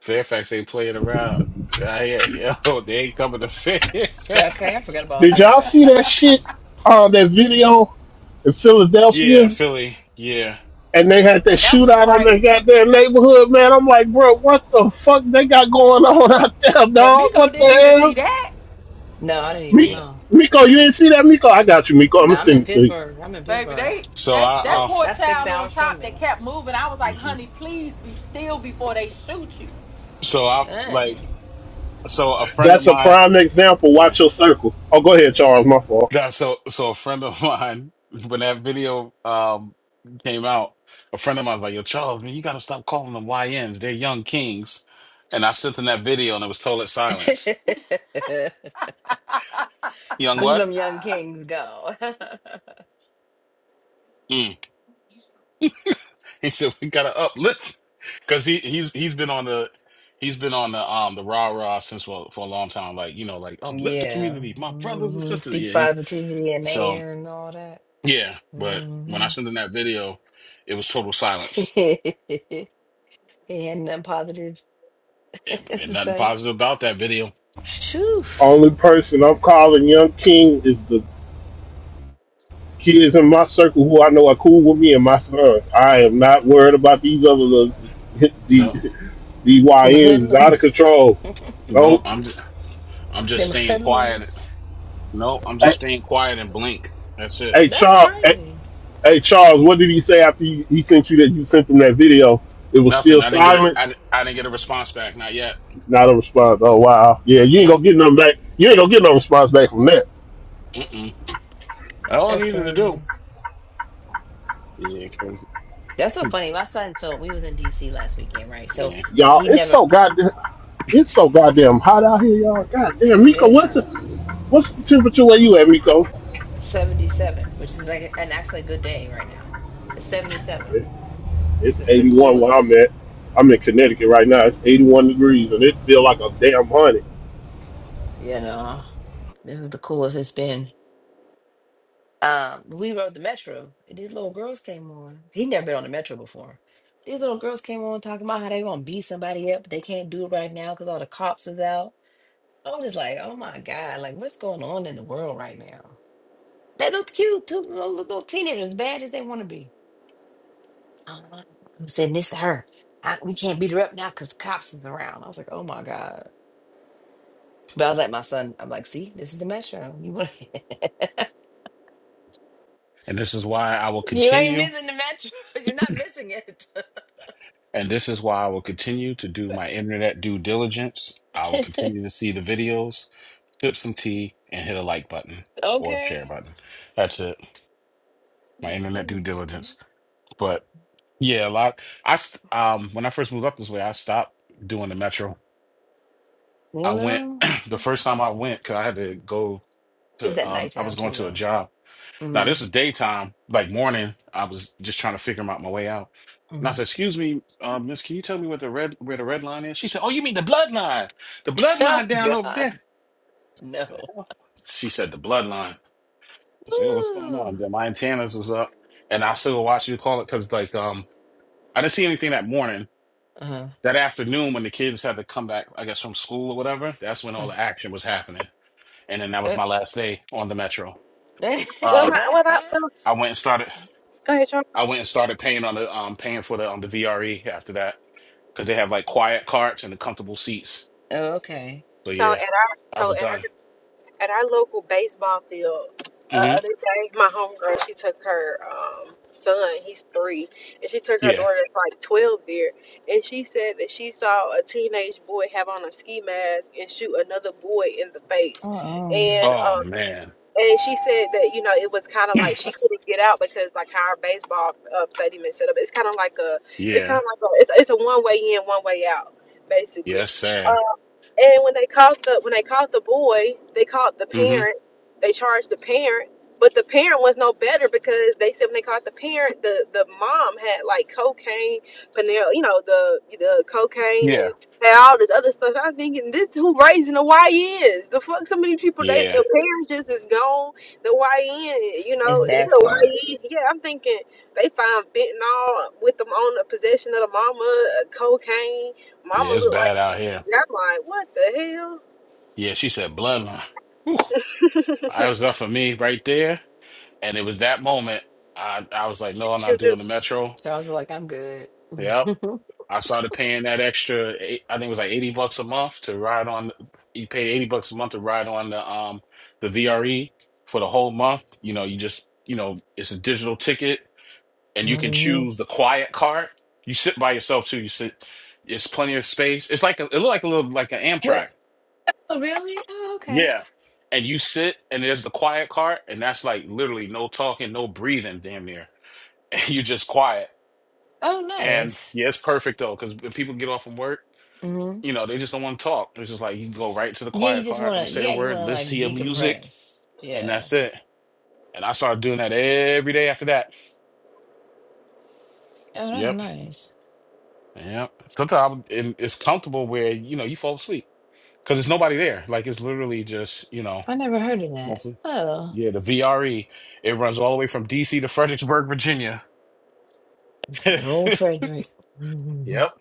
S20: Fairfax ain't playing around. I hear yo, they ain't coming to Fairfax.
S18: Yeah, Okay, I forgot about
S1: Did y'all see
S18: Fairfax.
S1: that shit? on Uh, that video in
S20: Yeah,
S1: Philadelphia,
S20: Philly. Yeah,
S1: and they had that
S5: and that was
S1: shootout on their
S5: crazy.
S1: goddamn neighborhood. Man, I'm like, bro, what the fuck they got going on out there,
S5: Now
S1: dog?
S5: Miko
S1: What the
S5: didn't even see
S1: hell?
S5: that,
S18: No, I didn't even
S1: Mi-
S20: yeah.
S18: know.
S1: Miko, you didn't see that, Miko? I got you, Miko. I'm
S18: No,
S1: gonna
S18: I'm
S1: send
S18: in
S1: it to you.
S18: Pittsburgh. I'm in
S5: baby.
S18: Pittsburgh. Ah,
S5: They
S20: So
S5: they
S20: I,
S5: that
S18: Look,
S20: uh,
S5: poor
S18: that's six
S5: child on
S18: hours from
S5: top that
S18: me.
S5: kept moving. I was like,
S20: Mhm.
S5: honey, please be still before they shoot you.
S20: so I like,
S18: Dang.
S20: so a friend of
S1: That's a
S20: mine,
S1: prime example. Watch
S20: yeah.
S1: your circle. Oh, go ahead, Charles. My fault.
S20: Nah, so, so a friend of mine, when that video um came out, a friend of mine was like, "Yo, Charles, man, you gotta stop calling them YNs. They're young kings." And I sent him that video, and it was total silence. Young
S18: Look at
S20: what?
S18: them young kings go.
S20: Mm. He said we gotta uplift because he he's he's been on the he's been on the um the rah rah since for for a long time. Like you know, like uplift the
S18: Yeah.
S20: community, my brothers and
S18: hmm
S20: sisters.
S18: Speak
S20: Yeah, he's
S18: positivity in the
S20: so
S18: air and all that.
S20: yeah. But when I
S18: hmm
S20: sent him that video, it was total silence
S18: and nothing positive
S20: and
S18: to
S20: nothing
S18: say.
S20: positive about that video.
S18: Shoo.
S1: Only person I'm calling Young King is the kids in my circle who I know are cool with me and my sons. I am not worried about these other little the
S20: No,
S1: the
S18: Them
S1: YNs is out of
S18: hoodlums.
S1: control.
S20: no,
S1: Don't
S20: I'm just, I'm just
S18: Them
S20: staying quiet.
S18: hoodlums.
S20: No, I'm
S1: hey,
S20: just staying quiet and blink. That's it.
S1: hey
S18: That's
S1: Charles. Hey,
S18: crazy.
S1: hey, Charles. What did he say after he, he sent you that? You sent him that video. It was
S20: Nothing.
S1: still
S20: I didn't get it.
S1: silent.
S20: I I didn't get a response back. Not yet.
S1: Not a response. Oh wow. Yeah, you ain't gonna
S20: Mm-hmm.
S1: get nothing back. You ain't gonna get no response back from that.
S20: Mm-mm. All I
S18: That's
S20: needed to do.
S18: crazy.
S20: Yeah, 'cause-
S18: That's so funny. My son told we was in DC last weekend, right?
S20: yeah.
S18: So
S1: Y'all,
S18: he
S1: it's
S18: never
S1: so goddamn, it's so goddamn hot out here, y'all. Goddamn,
S18: it
S1: Miko,
S18: is
S1: what's
S18: hot.
S1: the, what's the temperature where you at, Miko?
S18: 77, which is like an actually a good day right now. It's 77.
S1: It's, it's
S18: It's the
S1: 81 where I'm
S18: coolest.
S1: at. I'm in Connecticut right now. It's 81 degrees, and it feel like a damn hundred.
S18: You know, this is the coolest it's been. Um, we rode the metro. and These little girls came on. He'd never been on the metro before. These little girls came on talking about how they gonna beat somebody up, but they can't do it right now because all the cops is out. I was just like, oh my God, like what's going on in the world right now? They look cute too, little, little teenagers, as bad as they want to be. Um, I'm saying this to her. I, we can't beat her up now because the cops is around. I was like, oh my God. But I was like, my son, I'm like, see, this is the metro. You want?
S20: And this is why I will
S18: You ain't
S20: continue.
S18: missing the metro. You're not missing it.
S20: And this is why I will continue to do my internet due diligence. I will continue to see the videos, sip some tea, and hit a like button or
S18: okay.
S20: share button. That's it. My internet due diligence. But yeah, a lot. I st- um when I first moved up this way, I stopped doing the metro.
S18: You
S20: I went
S18: know,
S20: the first time I went because I had to go
S18: it's
S20: to
S18: at
S20: um I
S18: nighttime
S20: was going
S18: too,
S20: to a
S18: though.
S20: job Now
S18: hmm
S20: this is daytime, like morning. I was just trying to figure out my way out, and I
S18: hmm
S20: said, "Excuse me, uh, Miss, can you tell me what the red where the red line is?" She said, "Oh, you mean the bloodline? The
S18: Oh
S20: bloodline down over
S18: God,
S20: there."
S18: no.
S20: The hell? She said, "The bloodline." I said, oh, "What's going
S18: Ooh.
S20: on?" Then my antennas was up, and I still watch you call it because like um, I didn't see anything that morning.
S18: Uh,
S20: That afternoon, when the kids had to come back, I guess from school or whatever, that's when
S18: uh,
S20: all the action was happening. And then that was my last day on the metro.
S18: uh.
S21: Well, my,
S20: Um,
S21: well, I, well,
S20: I went and started.
S21: go ahead, Charles.
S20: I went and started paying on the um paying for the on the VRE after that because they have like quiet carts and the comfortable seats.
S18: oh, okay.
S20: So
S21: So at
S20: yeah,
S21: our,
S20: I
S21: so
S20: was
S21: at our
S20: done.
S21: at our local baseball field uh,
S20: hmm
S21: other day my homegirl she took her um, son he's three and she took her
S20: Yeah.
S21: daughter that's like 12 there and she said that she saw a teenage boy have on a ski mask and shoot another boy in the face
S18: Uh-uh.
S21: and
S20: Oh
S21: um,
S20: man.
S21: and she said that you know it was kind of like she couldn't get out because like how our baseball uh, stadium is set up it's kind of like a it's kind
S20: Yeah.
S21: of like a it's, it's a one way in one way out
S20: Yeah.
S21: basically
S20: It's sad.
S21: Uh, and when they caught the when they caught the boy, they caught the
S20: hmm
S21: parent. They charged the parent, but the parent was no better because they said when they caught the parent, the the mom had like cocaine, panel, you know the the cocaine
S20: Yeah.
S21: and had all this other stuff. I'm thinking this who raising the YNs? The fuck, some of these people they the
S20: Yeah.
S21: parents just is gone. The YN, you know,
S18: It's
S21: he
S18: that part.
S21: a YN. Yeah, I'm thinking they found fentanyl with them on the possession of the mama, uh, cocaine. Mama
S20: Yeah. It's
S21: looked
S20: bad
S21: like.
S20: out here.
S21: And I'm like, what the hell?
S20: Yeah. She said bloodline. Whew. I was up for me right there, and it was that moment. I I was like, no,
S21: But
S20: I'm
S21: you
S20: not
S21: knew
S20: doing the metro.
S18: So I was like, I'm good.
S20: Yep. I started paying that extra, eight- I think it was like 80 bucks a month to ride on, you pay 80 bucks a month to ride on the um the VRE for the whole month. You know, you just, you know, it's a digital ticket and you can
S18: Mhm.
S20: choose the quiet cart. You sit by yourself too. You sit, it's plenty of space. It's like a, it looked like a little like an
S18: What?
S20: Amtrak.
S18: Oh, really? Oh, okay.
S20: Yeah. And you sit and there's the quiet cart and that's like literally no talking, no breathing damn near. And you just quiet.
S18: Oh,
S20: And
S18: nice.
S20: yeah, it's perfect though, because people get off from work
S18: Mm-hmm.
S20: You know, they just don't want to talk. It's just like you go right to the
S18: Yeah, you
S20: quiet
S18: just
S20: part,
S18: want
S20: don't
S18: to,
S20: say a
S18: yeah, you
S20: word,
S18: want to
S20: listen to
S18: like
S20: your music,
S18: decompress.
S20: and
S18: Yeah.
S20: that's it. And I started doing that every day after that.
S18: Oh, that's
S20: Yep,
S18: nice.
S20: yep. Sometimes it- it's comfortable where you know you fall asleep because there's nobody there. Like it's literally just you know
S18: I never heard of that.
S20: mostly.
S18: Oh,
S20: Yeah, the VRE. It runs all the way from DC to Fredericksburg, Virginia.
S18: it's good old Frederick. hmm
S20: Yep.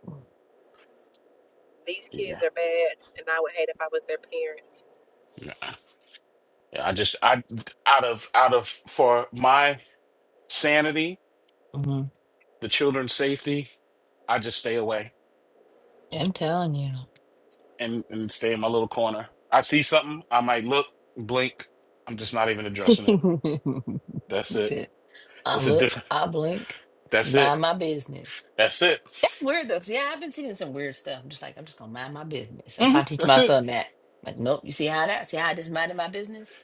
S21: these
S20: Yeah.
S21: kids are bad, and I would hate if I was their parents.
S20: Nah. Yeah. I just I out of out of for my sanity,
S18: I'm
S20: the children's safety, I just stay away.
S18: telling
S20: and and stay in my little corner. I see something, I might look, blink. I'm just not even
S18: you.
S20: addressing it. That's it.
S18: That I
S20: It's a
S18: look,
S20: different.
S18: I blink,
S20: That's it.
S18: mind my business.
S20: That's it.
S18: That's weird though, 'cause, yeah, I've been seeing some weird stuff. I'm just like, I'm just gonna mind my business. I
S20: hmm
S18: try to teach
S20: That's
S18: my
S20: it.
S18: son that. Like, nope, you see how that? See how I just minded my business?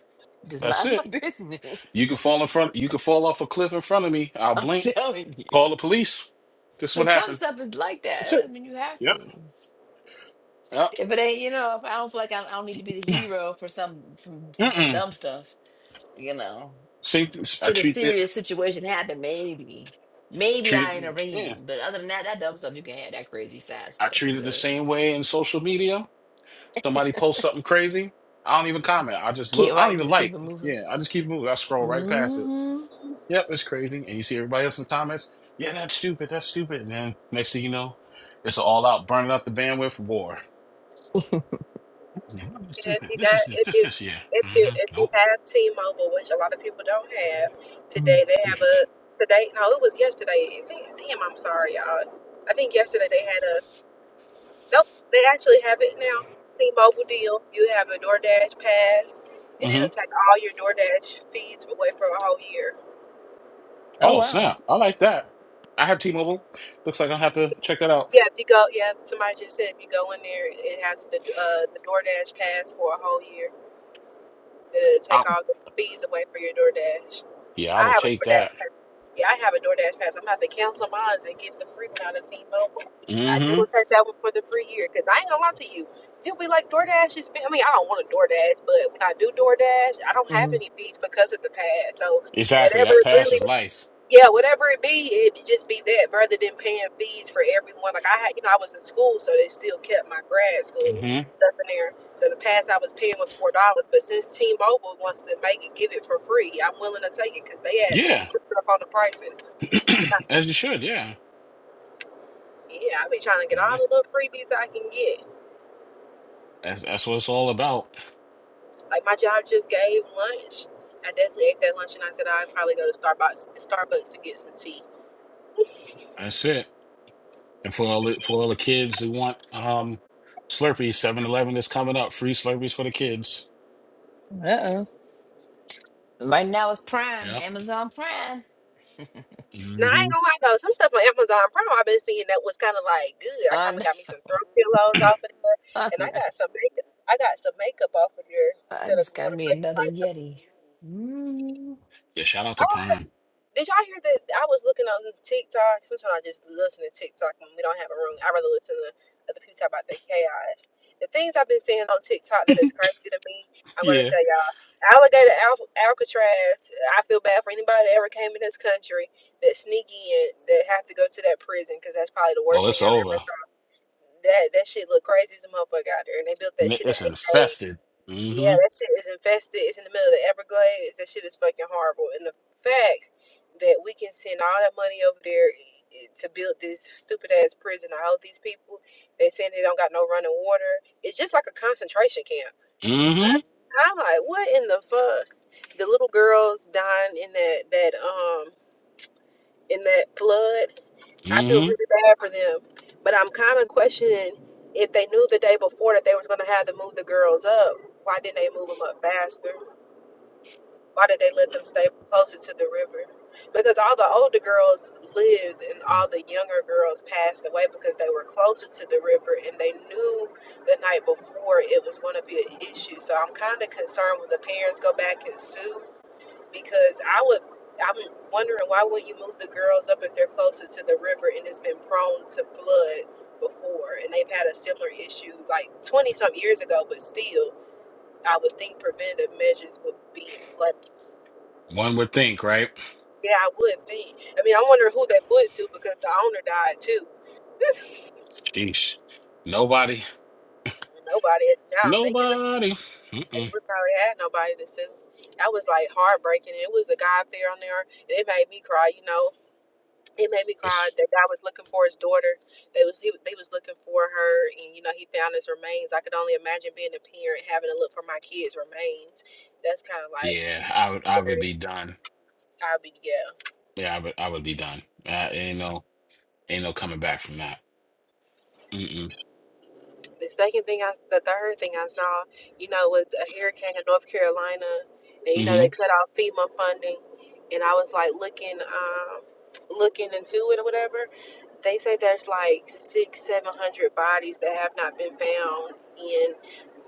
S18: Just
S20: That's
S18: mind
S20: it.
S18: my business.
S20: You can fall in front. You can fall off a cliff in front of me. I'll
S18: I'm
S20: blink.
S18: telling you.
S20: Call the police. This is what
S18: But some
S20: happened.
S18: stuff is like
S20: That's
S18: that.
S20: it.
S18: I mean, you have
S20: Yep.
S18: to.
S20: Yep.
S18: If it ain't, you know, if I don't feel like I, I don't need to be the hero for some for, for some
S20: Mm-mm.
S18: dumb stuff, you know,
S20: See, I
S18: should a
S20: treat it.
S18: serious situation happen, maybe, maybe
S20: Treat
S18: I ain't a
S20: it. Yeah.
S18: ring. But other than that, that dumb stuff you can have that crazy sad
S20: I
S18: stuff. I'm
S20: treat it the
S18: good.
S20: same way in social media. Somebody posts something crazy. I don't even comment. I just
S18: Keep
S20: look. I don't
S18: right,
S20: even
S18: just keep
S20: like.
S18: it moving.
S20: Yeah. I just keep moving. I scroll right past it.
S18: hmm
S20: Yep, it's crazy. And you see everybody else in the comments, yeah, that's stupid, that's stupid. And then next thing you know, it's all out burning up the bandwidth war.
S18: hmm
S21: And if
S20: stupid.
S21: you
S20: This is
S21: got,
S20: this,
S21: if
S20: this,
S21: you,
S20: this, yeah.
S21: if you,
S20: hmm
S21: if you
S20: Nope.
S21: have T-Mobile, which a lot of people don't have today, they have a today. No, it was yesterday. I think- Damn, I'm sorry, y'all. I think yesterday they had a. Nope, they actually have it now. T-Mobile deal. You have a DoorDash pass, and
S20: hmm
S21: it'll take all your DoorDash feeds away for a whole year.
S18: Oh
S20: Oh,
S18: wow.
S20: snap. I like that. I have T Mobile. Looks like I'll have to check that out.
S21: Yeah, if you go, yeah, somebody just said if you go in there, it has the uh, the DoorDash pass for a whole year to take
S20: Out.
S21: all the fees away for your DoorDash.
S20: Yeah, I will
S21: I have a
S20: take
S21: DoorDash
S20: that.
S21: pass. Yeah, I have a DoorDash pass. I'm gonna have to cancel mine and get the free one out of T-Mobile. I do
S20: hmm
S21: will take that one for the free year because I ain't gonna lie to you. People be like DoorDash is. I mean, I don't want a DoorDash, but when I do DoorDash, I don't have
S18: hmm
S21: any fees because of the pass. So
S20: Exactly.
S21: whatever
S20: That
S21: really
S20: passes life.
S21: yeah, whatever it be, it just be that rather than paying fees for everyone. Like I had, you know, I was in school, so they still kept my grad school
S20: hmm
S21: stuff in there. So the pass I was paying was four dollars, but since T-Mobile wants to make it give it for free, I'm willing to take it because they ask keep
S20: Yeah.
S21: putting up on the prices.
S20: As you should, yeah.
S21: Yeah, I be trying to get
S20: Yeah. yeah.
S21: all the little freebies I can get.
S20: That's that's what it's all about.
S21: Like my job just gave lunch. I definitely ate that lunch, and I said "Oh, I'd probably go to Starbucks, Starbucks to get some tea.
S20: That's it. And for all the, for all the kids who want um Slurpees, Seven Eleven is coming up. Free Slurpees for the kids.
S18: Uh-oh. Right now it's Prime,
S20: Yeah.
S18: Amazon Prime.
S21: Now I ain't
S20: hmm
S21: gonna lie though, some stuff on Amazon Prime I've been seeing that was kind of like good. I
S18: I
S21: kind of got me some throw
S18: know.
S21: pillows off of there,
S18: I
S21: and I
S18: know.
S21: got some makeup. I got some makeup off of there
S18: I
S21: instead of
S18: just got
S21: going to
S18: me
S21: places
S18: another
S21: like some.
S18: Yeti. hmm
S20: Yeah, shout out to Prime.
S21: Did y'all hear that? I was looking on the TikTok. Sometimes I just listen to TikTok when we don't have a room. I rather listen to other people talk about their chaos. The things I've been seeing on TikTok that is crazy to me, I'm gonna
S20: Yeah.
S21: tell y'all. Alligator Al- Alcatraz. I feel bad for anybody that ever came in this country that sneak in that have to go to that prison because that's probably the
S20: Well,
S21: worst thing
S20: it's
S21: I've ever.
S20: over.
S21: That that shit look crazy as a motherfucker out there, and they built that
S20: Ni-
S21: shit in
S20: It's
S21: eight days.
S20: infested.
S21: Yeah,
S20: hmm
S21: that shit is infested. It's in the middle of the Everglades. That shit is fucking horrible. And the fact that we can send all that money over there i- to build this stupid ass prison to hold these people, they saying they don't got no running water. It's just like a concentration camp.
S20: hmm
S21: I'm like, what in the fuck? The little girls dying in that that um in that flood. I feel
S20: hmm
S21: really bad for them, but I'm kind of questioning if they knew the day before that they was gonna have to move the girls up. Why didn't they move them up faster? Why did they let them stay closer to the river? Because all the older girls lived and all the younger girls passed away because they were closer to the river and they knew the night before it was going to be an issue. So I'm kind of concerned when the parents go back and sue because I would. I'm wondering why wouldn't you move the girls up if they're closer to the river and it's been prone to flood before and they've had a similar issue like 20 some years ago, but still, I would think preventive measures would be in place.
S20: One would think, right?
S21: Yeah, I would think. I mean, I wonder who that went to because the owner died too.
S20: Jeez. Nobody.
S21: nobody. Now I'm thinking,
S20: Nobody.
S21: like,
S20: Mm-mm.
S21: we probably had nobody that says that was like heartbreaking. It was a guy up there on there. It made me cry. You know, it made me cry.
S20: It's
S21: That guy was looking for his daughter. They was he, they was looking for her, and you know he found his remains. I could only imagine being a parent having to look for my kid's remains. That's kind of like
S20: yeah, I would I would be done.
S21: I'd be yeah.
S20: Yeah, I would I would be done. Uh, ain't no ain't no coming back from that. Mm-mm.
S21: The second thing I, the third thing I saw, you know, was a hurricane in North Carolina, and you know
S20: hmm
S21: they cut off FEMA funding, and I was like looking, um, looking into it or whatever. They say there's like six, seven hundred bodies that have not been found in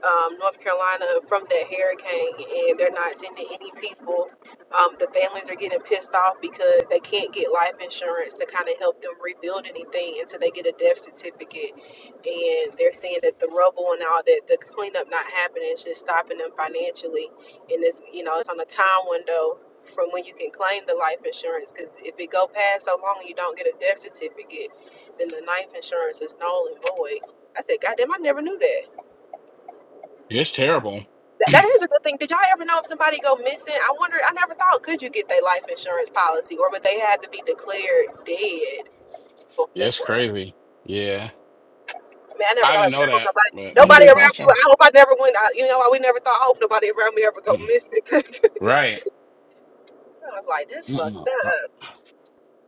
S21: um, North Carolina from that hurricane, and they're not sending any people. Um, the families are getting pissed off because they can't get life insurance to kind of help them rebuild anything until they get a death certificate. And they're saying that the rubble and all that, the cleanup not happening is just stopping them financially. And it's you know it's on a time window from when you can claim the life insurance because if it go past so long and you don't get a death certificate, then the life insurance is null and void. I said, God damn, I never knew that.
S20: It's terrible.
S21: That, that is a good thing. Did y'all ever know if somebody go missing? I wonder. I never thought could you get their life insurance policy, or would they have to be declared dead
S20: Yeah, It's
S21: before?
S20: crazy. Yeah.
S21: I mean, I never
S20: I
S21: thought
S20: didn't
S21: of that.
S20: know that,
S21: Nobody,
S20: but
S18: That's a
S21: nobody
S18: good
S20: yeah,
S21: around me.
S18: question.
S21: I hope I never went. I, you know, I- we never thought. I hope nobody around me ever go
S20: Mm.
S21: missing. I
S20: right.
S21: was like, that's fucked
S20: Mm-mm. uh,
S21: up.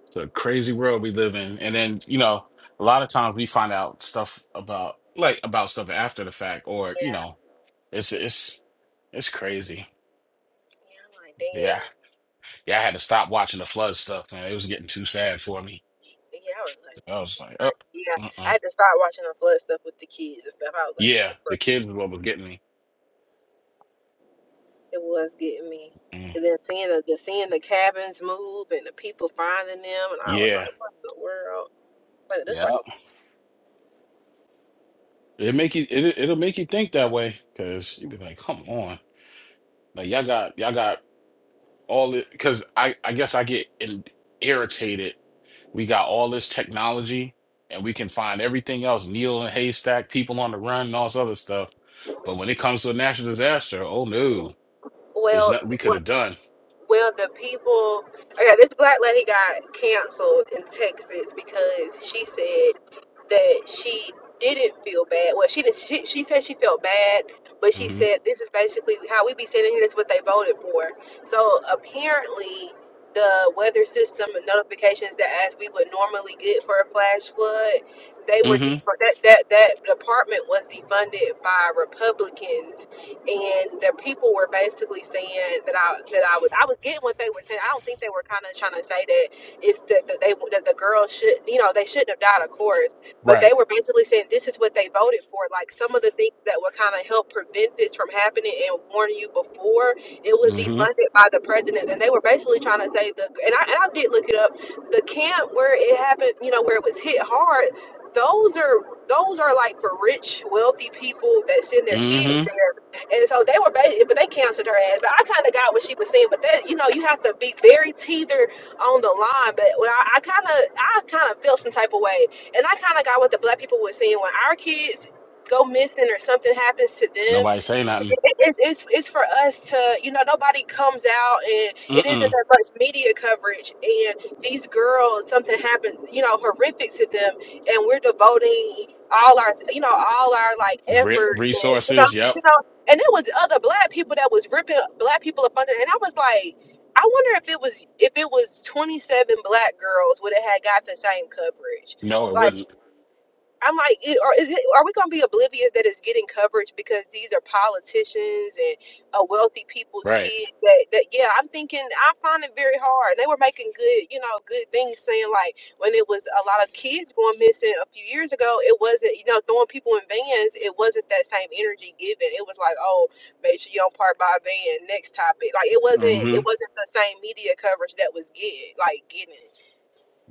S20: It's a crazy world we live in, and then you know, a lot of times we find out stuff about like about stuff after the fact, or you
S21: Yeah.
S20: know, it's it's it's crazy.
S21: Yeah. I'm like,
S20: Yeah,
S21: damn.
S20: yeah. I had to stop watching the flood stuff, man. It was getting too sad for me.
S21: Yeah. I was like.
S20: I was
S21: this is
S20: like, oh,
S21: crazy. Yeah,
S20: uh-uh.
S21: I had to start watching the flood stuff with the kids and stuff. I was like, this
S20: yeah.
S21: the
S20: The
S21: first.
S20: kids is what was getting me.
S21: It was getting me.
S20: Mm.
S21: And then seeing the, the seeing the cabins move and the people finding them, and I was like,
S20: Yeah,
S21: what in the world? Like this, like
S20: yeah.
S21: a
S20: It make you. It it'll make you think that way because you be like, come on. Like y'all got y'all got all it because I I guess I get in, irritated. We got all this technology and we can find everything else, needle and haystack, people on the run, and all this other stuff. But when it comes to a national disaster, oh no, there's
S21: well,
S20: nothing we
S21: what
S20: could have done.
S21: Well, the people, okay, this black lady got canceled in Texas because she said that she didn't feel bad. Well, she did. She, she said she felt bad, but she
S20: hmm
S21: said this is basically how we be sitting here. This is what they voted for. So apparently, the weather system and notifications that as we would normally get for a flash flood, they were
S20: hmm
S21: de- that that that department was defunded by Republicans and the people were basically saying that I that I was I was getting what they were saying. I don't think they were kind of trying to say that it's that, that they that the girl should you know they shouldn't have died, of course, but they
S20: Right.
S21: were basically saying this is what they voted for. Like some of the things that would kind of help prevent this from happening and warn you before it was
S20: hmm
S21: defunded by the presidents, and they were basically trying to say the and I and I did look it up. The camp where it happened, you know, where it was hit hard. Those are those are like for rich, wealthy people that send their kids
S20: hmm
S21: there and so they were, basi- but they canceled her ass. But I kind of got what she was saying. But that, you know, you have to be very teeter on the line. But when I kind of, I kind of felt some type of way, and I kind of got what the black people were saying when our kids go missing or something happens to them
S20: Nobody say nothing.
S21: it's, it's it's for us to you know nobody comes out and it isn't
S20: Mm-mm.
S21: that much media coverage and these girls something happened you know horrific to them and we're devoting all our you know all our like
S20: Re-
S21: effort and, you know
S20: resources. Yep.
S21: you know and it was other black people that was ripping black people up under and I was like I wonder if it was if it was 27 black girls would it had got the same coverage
S20: No, it
S21: Like,
S20: wouldn't.
S21: I'm like, i- are, is it, are we going to be oblivious that it's getting coverage because these are politicians and uh, wealthy people's
S20: Right.
S21: kids? That, that yeah, I'm thinking I find it very hard. They were making good, you know, good things, saying like when it was a lot of kids going missing a few years ago, it wasn't, you know, throwing people in vans. It wasn't that same energy given. It was like, oh, make sure you don't park by a van. Next topic, like it wasn't,
S20: hmm
S21: it wasn't the same media coverage that was get like getting.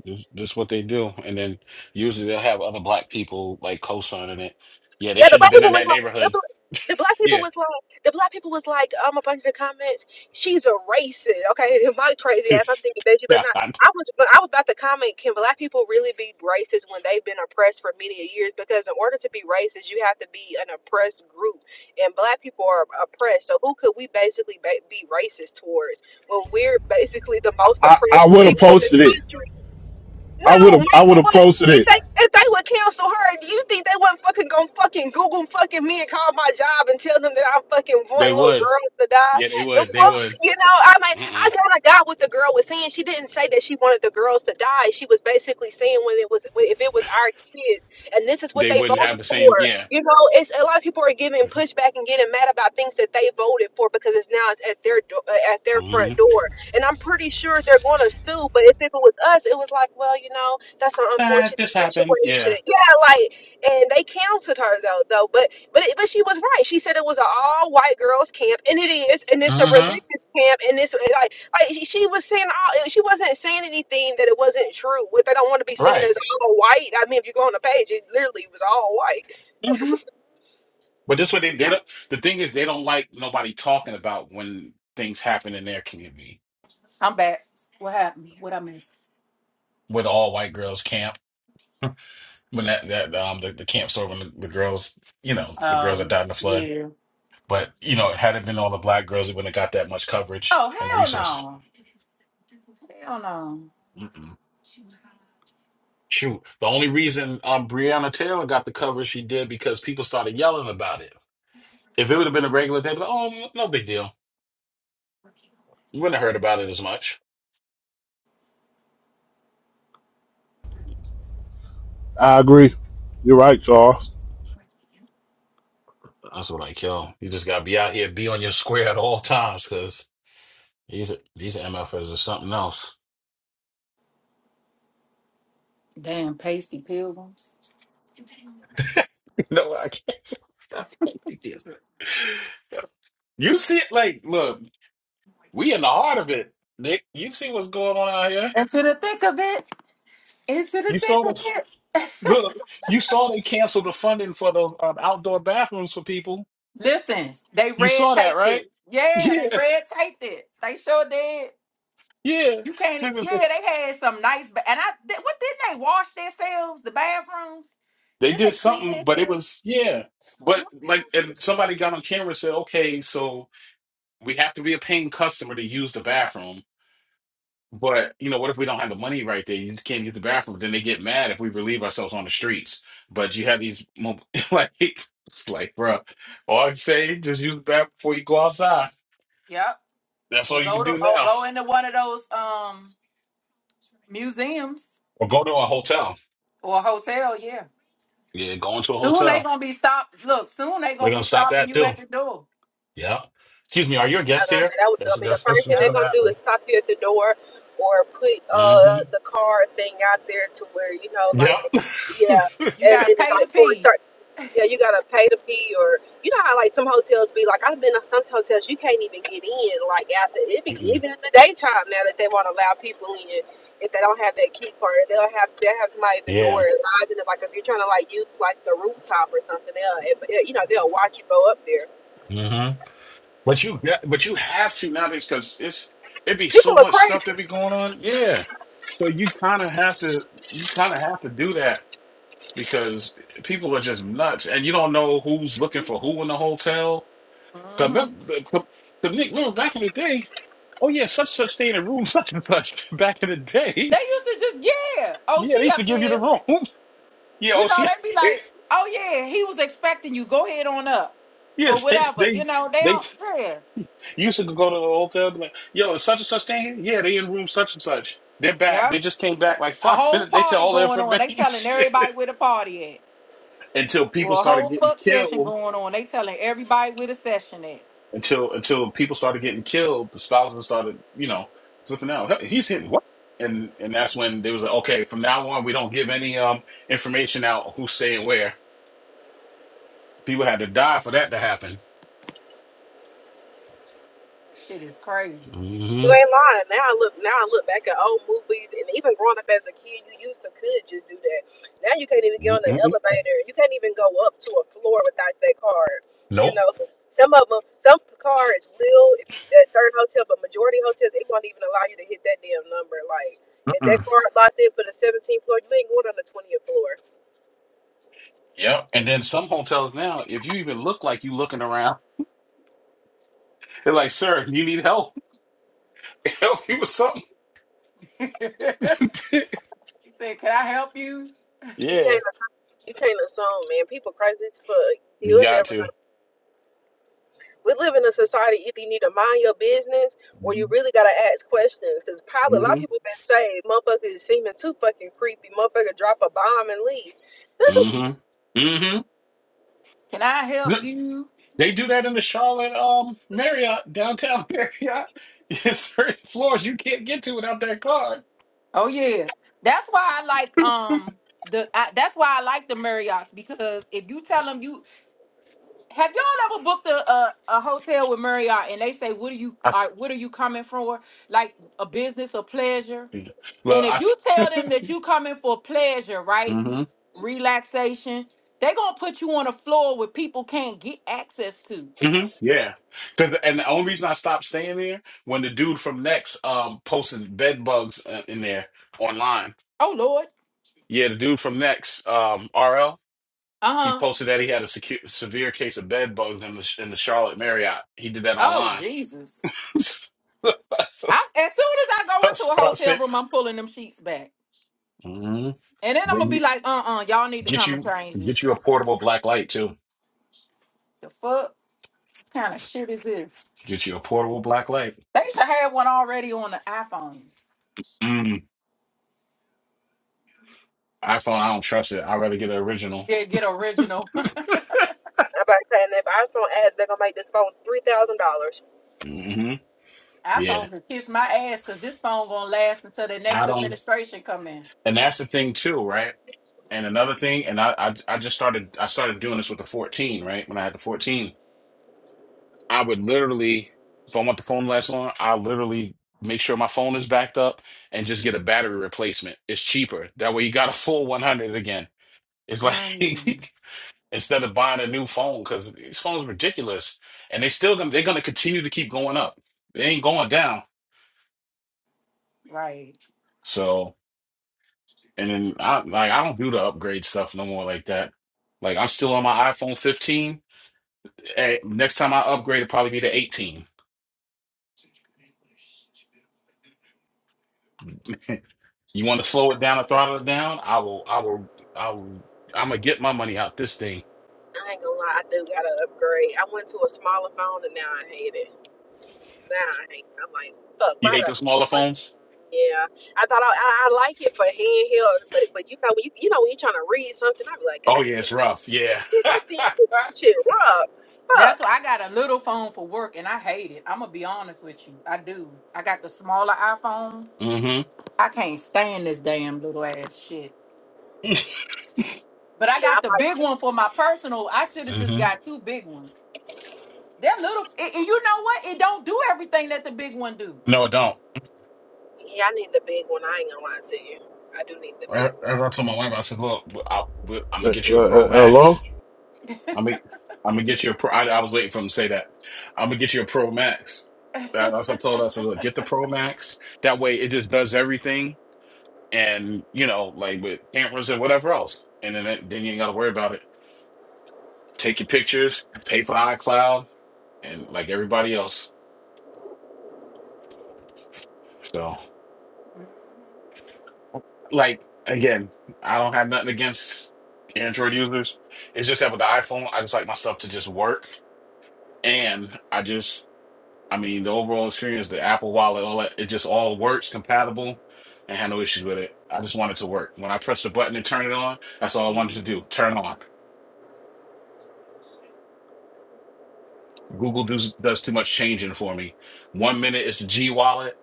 S20: This, this what they do, and then usually they'll have other black people like co-signing it. Yeah, they
S21: Yeah, the
S20: shouldn't have
S21: black
S20: been
S21: people
S20: in
S21: was
S20: that
S21: like the,
S20: neighborhood.
S21: bl- the black people was like the black people was like um a bunch of the comments. She's a racist. Okay, my crazy ass. I'm thinking, bitch, you better
S20: yeah,
S21: not.
S20: I-
S21: I was but I was about to comment. Can black people really be racist when they've been oppressed for many a years? Because in order to be racist, you have to be an oppressed group, and black people are oppressed. So who could we basically ba- be racist towards when we're basically the most
S1: I, I
S21: oppressed
S1: would have
S21: people in this
S1: posted it.
S21: country?
S1: I
S21: No,
S1: would have, I would
S21: Michael,
S1: have
S21: what?
S1: posted
S21: If
S1: it.
S21: they if they would cancel her, do you think they wouldn't fucking go fucking Google fucking me and call my job and tell them that I'm fucking
S20: they
S21: wanting little
S20: would.
S21: girls to die?
S20: Yeah, they
S21: The
S20: would. They
S21: fuck,
S20: would.
S21: you know? I mean, I
S20: Mm-mm.
S21: kind of got what the girl was saying. She didn't say that she wanted the girls to die. She was basically saying when it was when- if it was our kids, and this is what
S20: They
S21: they
S20: wouldn't
S21: voted
S20: have the
S21: for.
S20: same. Yeah.
S21: You know, it's a lot of people are giving pushback and getting mad about things that they voted for because it's now it's at their do- uh, at their
S20: Mm-hmm.
S21: front door. And I'm pretty sure they're going to sue. But if it was us, it was like, well, you know, that's an
S20: Nah,
S21: unfortunate
S20: this happened.
S21: situation.
S20: Yeah.
S21: Yeah, like, and they counseled her though, though. But but but she was right. She said it was an all white girls camp, and it is, and it's a
S20: Mm-hmm.
S21: religious camp, and it's like like she she was saying all. She wasn't saying anything that it wasn't true. What they don't want to be seen
S20: Right.
S21: as all white. I mean, if you go on the page, it literally was all white.
S20: Mm-hmm. But this way they, they don't, the thing is they don't like nobody talking about when things happen in their community
S5: I'm back. What happened? What I missed?
S20: with all white girls camp when that that um the, the camp store when the, the girls you know the girls that
S5: Um.
S20: died in the flood.
S5: Yeah.
S20: But you know, had it been all the black girls, it wouldn't have got that much coverage
S5: Oh
S20: and
S5: hell
S20: resources.
S5: no! Hell no!
S20: Shoot, the only reason um Breonna Taylor got the cover she did because people started yelling about it. If it would have been a regular day, but oh, no big deal. You wouldn't have heard about it as much.
S1: I agree. You're right, Charles.
S20: That's what I kill. You just gotta be out here, be on your square at all times, because these these MFers are something else.
S5: Damn pasty pilgrims.
S20: no, I can't. I can't do this. You see it like, look, we in the heart of it, Nick. You see what's going on out here.
S5: Into the thick of it. Into the
S20: You
S5: thick
S20: saw
S5: of
S20: that.
S5: it.
S20: Look, you saw they canceled the funding for those um, outdoor bathrooms for people
S5: Listen, they
S20: You
S5: red
S20: saw that,
S5: taped
S20: right?
S5: it. Yeah, they
S20: Yeah,
S5: red taped it. They sure did.
S20: yeah.
S5: You can't.
S20: So
S5: e,
S20: They
S5: Yeah, they had some nice. Ba- and I did, what didn't they wash themselves? The bathrooms?
S20: they
S5: Didn't they
S20: did
S5: clean
S20: something, but it
S5: themselves?
S20: was yeah.
S5: Mhm.
S20: But like, and somebody got on camera and said, "Okay, so we have to be a paying customer to use the bathroom." But you know, what if we don't have the money right there? You just can't use the bathroom. Then they get mad if we relieve ourselves on the streets. But you have these mo- like, it's like, bro, all I can say just use the bathroom before you go outside.
S5: Yep.
S20: That's
S5: Or
S20: all you can
S5: go to
S20: do
S5: or
S20: now,
S5: go into one of those um museums
S20: or go to a hotel.
S5: or a hotel. Yeah.
S20: Yeah, go into a
S5: Soon they
S20: hotel.
S5: gonna be stopped. Look, soon they
S20: We're
S5: gonna be
S20: gonna stop
S5: stopping
S20: that
S5: you
S20: too.
S5: at the door.
S20: Yeah. Excuse me, are you a
S21: Like
S20: guest
S21: I
S20: here?
S21: said, that was, I
S20: That's
S21: mean, the
S20: that's, that's
S21: first thing
S20: what's
S5: Yup.
S21: they're
S20: gonna
S21: gonna do
S20: happen.
S21: is stop you at the door or put uh
S20: hmm
S21: the car thing out there to where you know, like,
S20: Yep.
S21: yeah,
S5: You
S21: and
S5: got
S21: then
S5: to
S21: it's
S5: pay to
S21: like for a
S5: pee.
S21: certain, yeah, you gotta pay to pee or you know how like some hotels be like I've been to some hotels you can't even get in like after it be
S20: Mm-mm.
S21: even in the daytime now that they want to allow people in if they don't have that key card they'll have they'll have somebody at the door
S20: yeah.
S21: advising them like if you're trying to like use like the rooftop or something they'll eh, eh, you know they'll watch you go up there.
S20: hmm But you yeah, but you have to nowadays because it's it be
S21: People
S20: so
S21: are
S20: much
S21: crazy.
S20: stuff that be going on. Yeah. So you kinda have to you kinda have to do that because people are just nuts and you don't know who's looking for who in the hotel. Cause,
S5: hmm
S20: that- the, the, the Nick remember back in the day, oh yeah, such such stay in a room, such and such back in the
S5: They
S20: day.
S5: used to just, yeah. Oh,
S20: Yeah, they
S5: she
S20: used to
S5: up
S20: give you the
S5: there.
S20: room. Yeah,
S5: You
S20: oh,
S5: know,
S20: she,
S5: they'd be like, oh, yeah, he was expecting you. Go ahead on up
S20: yeah,
S5: or
S20: they,
S5: whatever.
S20: they,
S5: You know, they
S20: they
S5: don't, yeah.
S20: used to go to the hotel. and be Like, Yo, is such and such thing? Yeah, they in room such and such. They're back.
S5: Yeah.
S20: They just came back like
S5: A
S20: five
S5: whole
S20: minutes. They tell
S5: party
S20: all the
S5: going on. They telling
S20: information
S5: everybody where the party at.
S20: until people
S5: Or a
S20: started
S5: whole
S20: getting
S5: fuck session
S20: killed.
S5: going on. They telling everybody where the session at.
S20: Until until people started getting killed, the spouses started, you know, flipping out. "Hey, He's hitting what? And and that's when they was like, okay, from now on, we don't give any um information out who's staying where. People had to die for that to happen.
S21: You
S20: Mm-hmm.
S21: ain't lying. Now I look now I look back at old movies and even growing up as a kid, you used to could just do that. Now you can't even get on the
S20: Mm-mm.
S21: elevator. You can't even go up to a floor without that card. You
S20: Nope.
S21: know, some of them, some cards will if you at certain hotel, but majority hotels it won't even allow you to hit that damn number. Like if that card locked in for the 17th floor, you ain't going on the 20th floor.
S20: Yep. And then some hotels now, if you even look like you looking around, they're like, sir, you need help. help you with something.
S5: She said, can I help you?
S21: You
S20: yeah.
S21: can't assume. You can't assume, man. People crazy as fuck.
S20: You
S21: You'll
S20: got
S21: never
S20: to.
S21: we live in a society either you need to mind your business or you really gotta ask questions. Cause probably a lot of
S20: Mm-hmm.
S21: people been saying motherfuckers is seeming too fucking creepy. Motherfucker drop a bomb and leave.
S20: Mm-hmm. Mm-hmm.
S5: Can I help you?
S20: They do that in the Charlotte um Marriott, downtown Marriott. Yes, certain floors you can't get to without that card.
S5: Oh, yeah. That's why I like, um, the I, that's why I like the Marriotts because if you tell them you Have y'all ever booked a, a, a hotel with Marriott and they say, "What are you?
S20: I
S5: Uh,
S20: s-
S5: what are you coming for? Like a business or pleasure?" And
S20: well, I
S5: if you
S20: s-
S5: tell them that you coming for pleasure, right,
S20: hmm
S5: relaxation, they gonna put you on a floor where people can't get access to.
S20: hmm Yeah. Cause and the only reason I stopped staying there when the dude from Next um posted bed bugs uh, in there online.
S5: Oh Lord,
S20: Yeah, the dude from Next, um, RL,
S5: uh
S20: he
S5: huh.
S20: posted that he had a secu- severe case of bed bugs in the, in the Charlotte Marriott. He did that
S5: Oh
S20: online.
S5: Jesus. I, as soon as I go
S20: I
S5: into a hotel
S20: said,
S5: room, I'm pulling them sheets back,
S20: mm
S5: and then I'm
S20: bring
S5: gonna be
S20: you,
S5: like, "Uh uh, y'all need to
S20: get
S5: come and
S20: you,
S5: change this
S20: get you a
S5: shit."
S20: portable black light too.
S5: The fuck kind of shit is this?
S20: Get you a portable black light.
S5: They should have one already on the iPhone.
S20: Mm, iPhone, I don't trust it. I'd rather get an original.
S5: Yeah, get original.
S21: I'm about saying that if iPhone ads, they're gonna make this phone three thousand dollars.
S20: hmm Yeah,
S5: iPhone can kiss my ass because this phone gonna last until the
S20: I
S5: next
S20: don't.
S5: administration come in.
S20: And that's the thing too, right? And another thing, and I, I, I just started, I started doing this with the 14, right? When I had the 14 I would literally, if I want the phone to last long, I literally make sure my phone is backed up and just get a battery replacement. It's cheaper. That way you got a full 100 again. It's like
S5: Mm,
S20: instead of buying a new phone because these phones are ridiculous and they still gonna they're gonna continue to keep going up. They ain't going down.
S5: right.
S20: So and then I like I don't do the upgrade stuff no more like that. Like I'm still on my iPhone 15. Eh, Next time I upgrade, it'll probably be the 18. You want to slow it down or throttle it down? I will, I will, I will, I'm gonna get my money out this thing.
S21: I ain't gonna lie, I do gotta upgrade. I went to a smaller phone and now I hate it. Now I hate it. I'm like, fuck,
S20: You
S21: why
S20: hate
S21: would
S20: the
S21: I do that?
S20: smaller
S21: I'm like,
S20: phones?
S21: yeah, I thought I, I, I like it for handheld, but but you know when you, you know when you're trying to read something, I be like, god
S20: Oh yeah, it's
S21: damn,
S20: rough. Yeah.
S21: I seen this shit rough.
S5: That's
S21: Fuck.
S5: why I got a little phone for work and I hate it. I'm gonna be honest with you. I do. I got the smaller iPhone.
S20: hmm
S5: I can't stand this damn little ass shit. But I
S21: Yeah, I
S5: got the big one for my personal. I should have just
S20: hmm
S5: got two big ones. That little, it, it- you know what? It don't do everyone do.
S20: No, it don't.
S21: Yeah, I need the big one. I ain't gonna lie to you. I do need the big
S20: Ever
S21: one.
S20: I told my wife, I said, "Look, I, am
S1: Uh,
S20: gonna get
S1: uh,
S20: you a Pro
S1: uh, hello.
S20: Max. I'm gonna, I'm gonna get you a Pro." I, I was waiting for him to say that. I'm gonna get you a Pro Max. That, that's what I told her. I said, "Look, get the Pro Max. That way, it just does everything, and you know, like with cameras and whatever else. And then, then you ain't gotta worry about it." take your pictures, pay for iCloud, and like everybody else. So,
S5: Mhm.
S20: like again, I don't have nothing against Android users. It's just that with the iPhone, I just like my stuff to just work, and I just, I mean, the overall experience, the Apple Wallet, all that, it just all works compatible. and had no issues with it. I just want it to work. When I press the button and turn it on, that's all I wanted to
S5: Mhm.
S20: do. Turn on. Google does does too much changing for me. One minute it's the G wallet.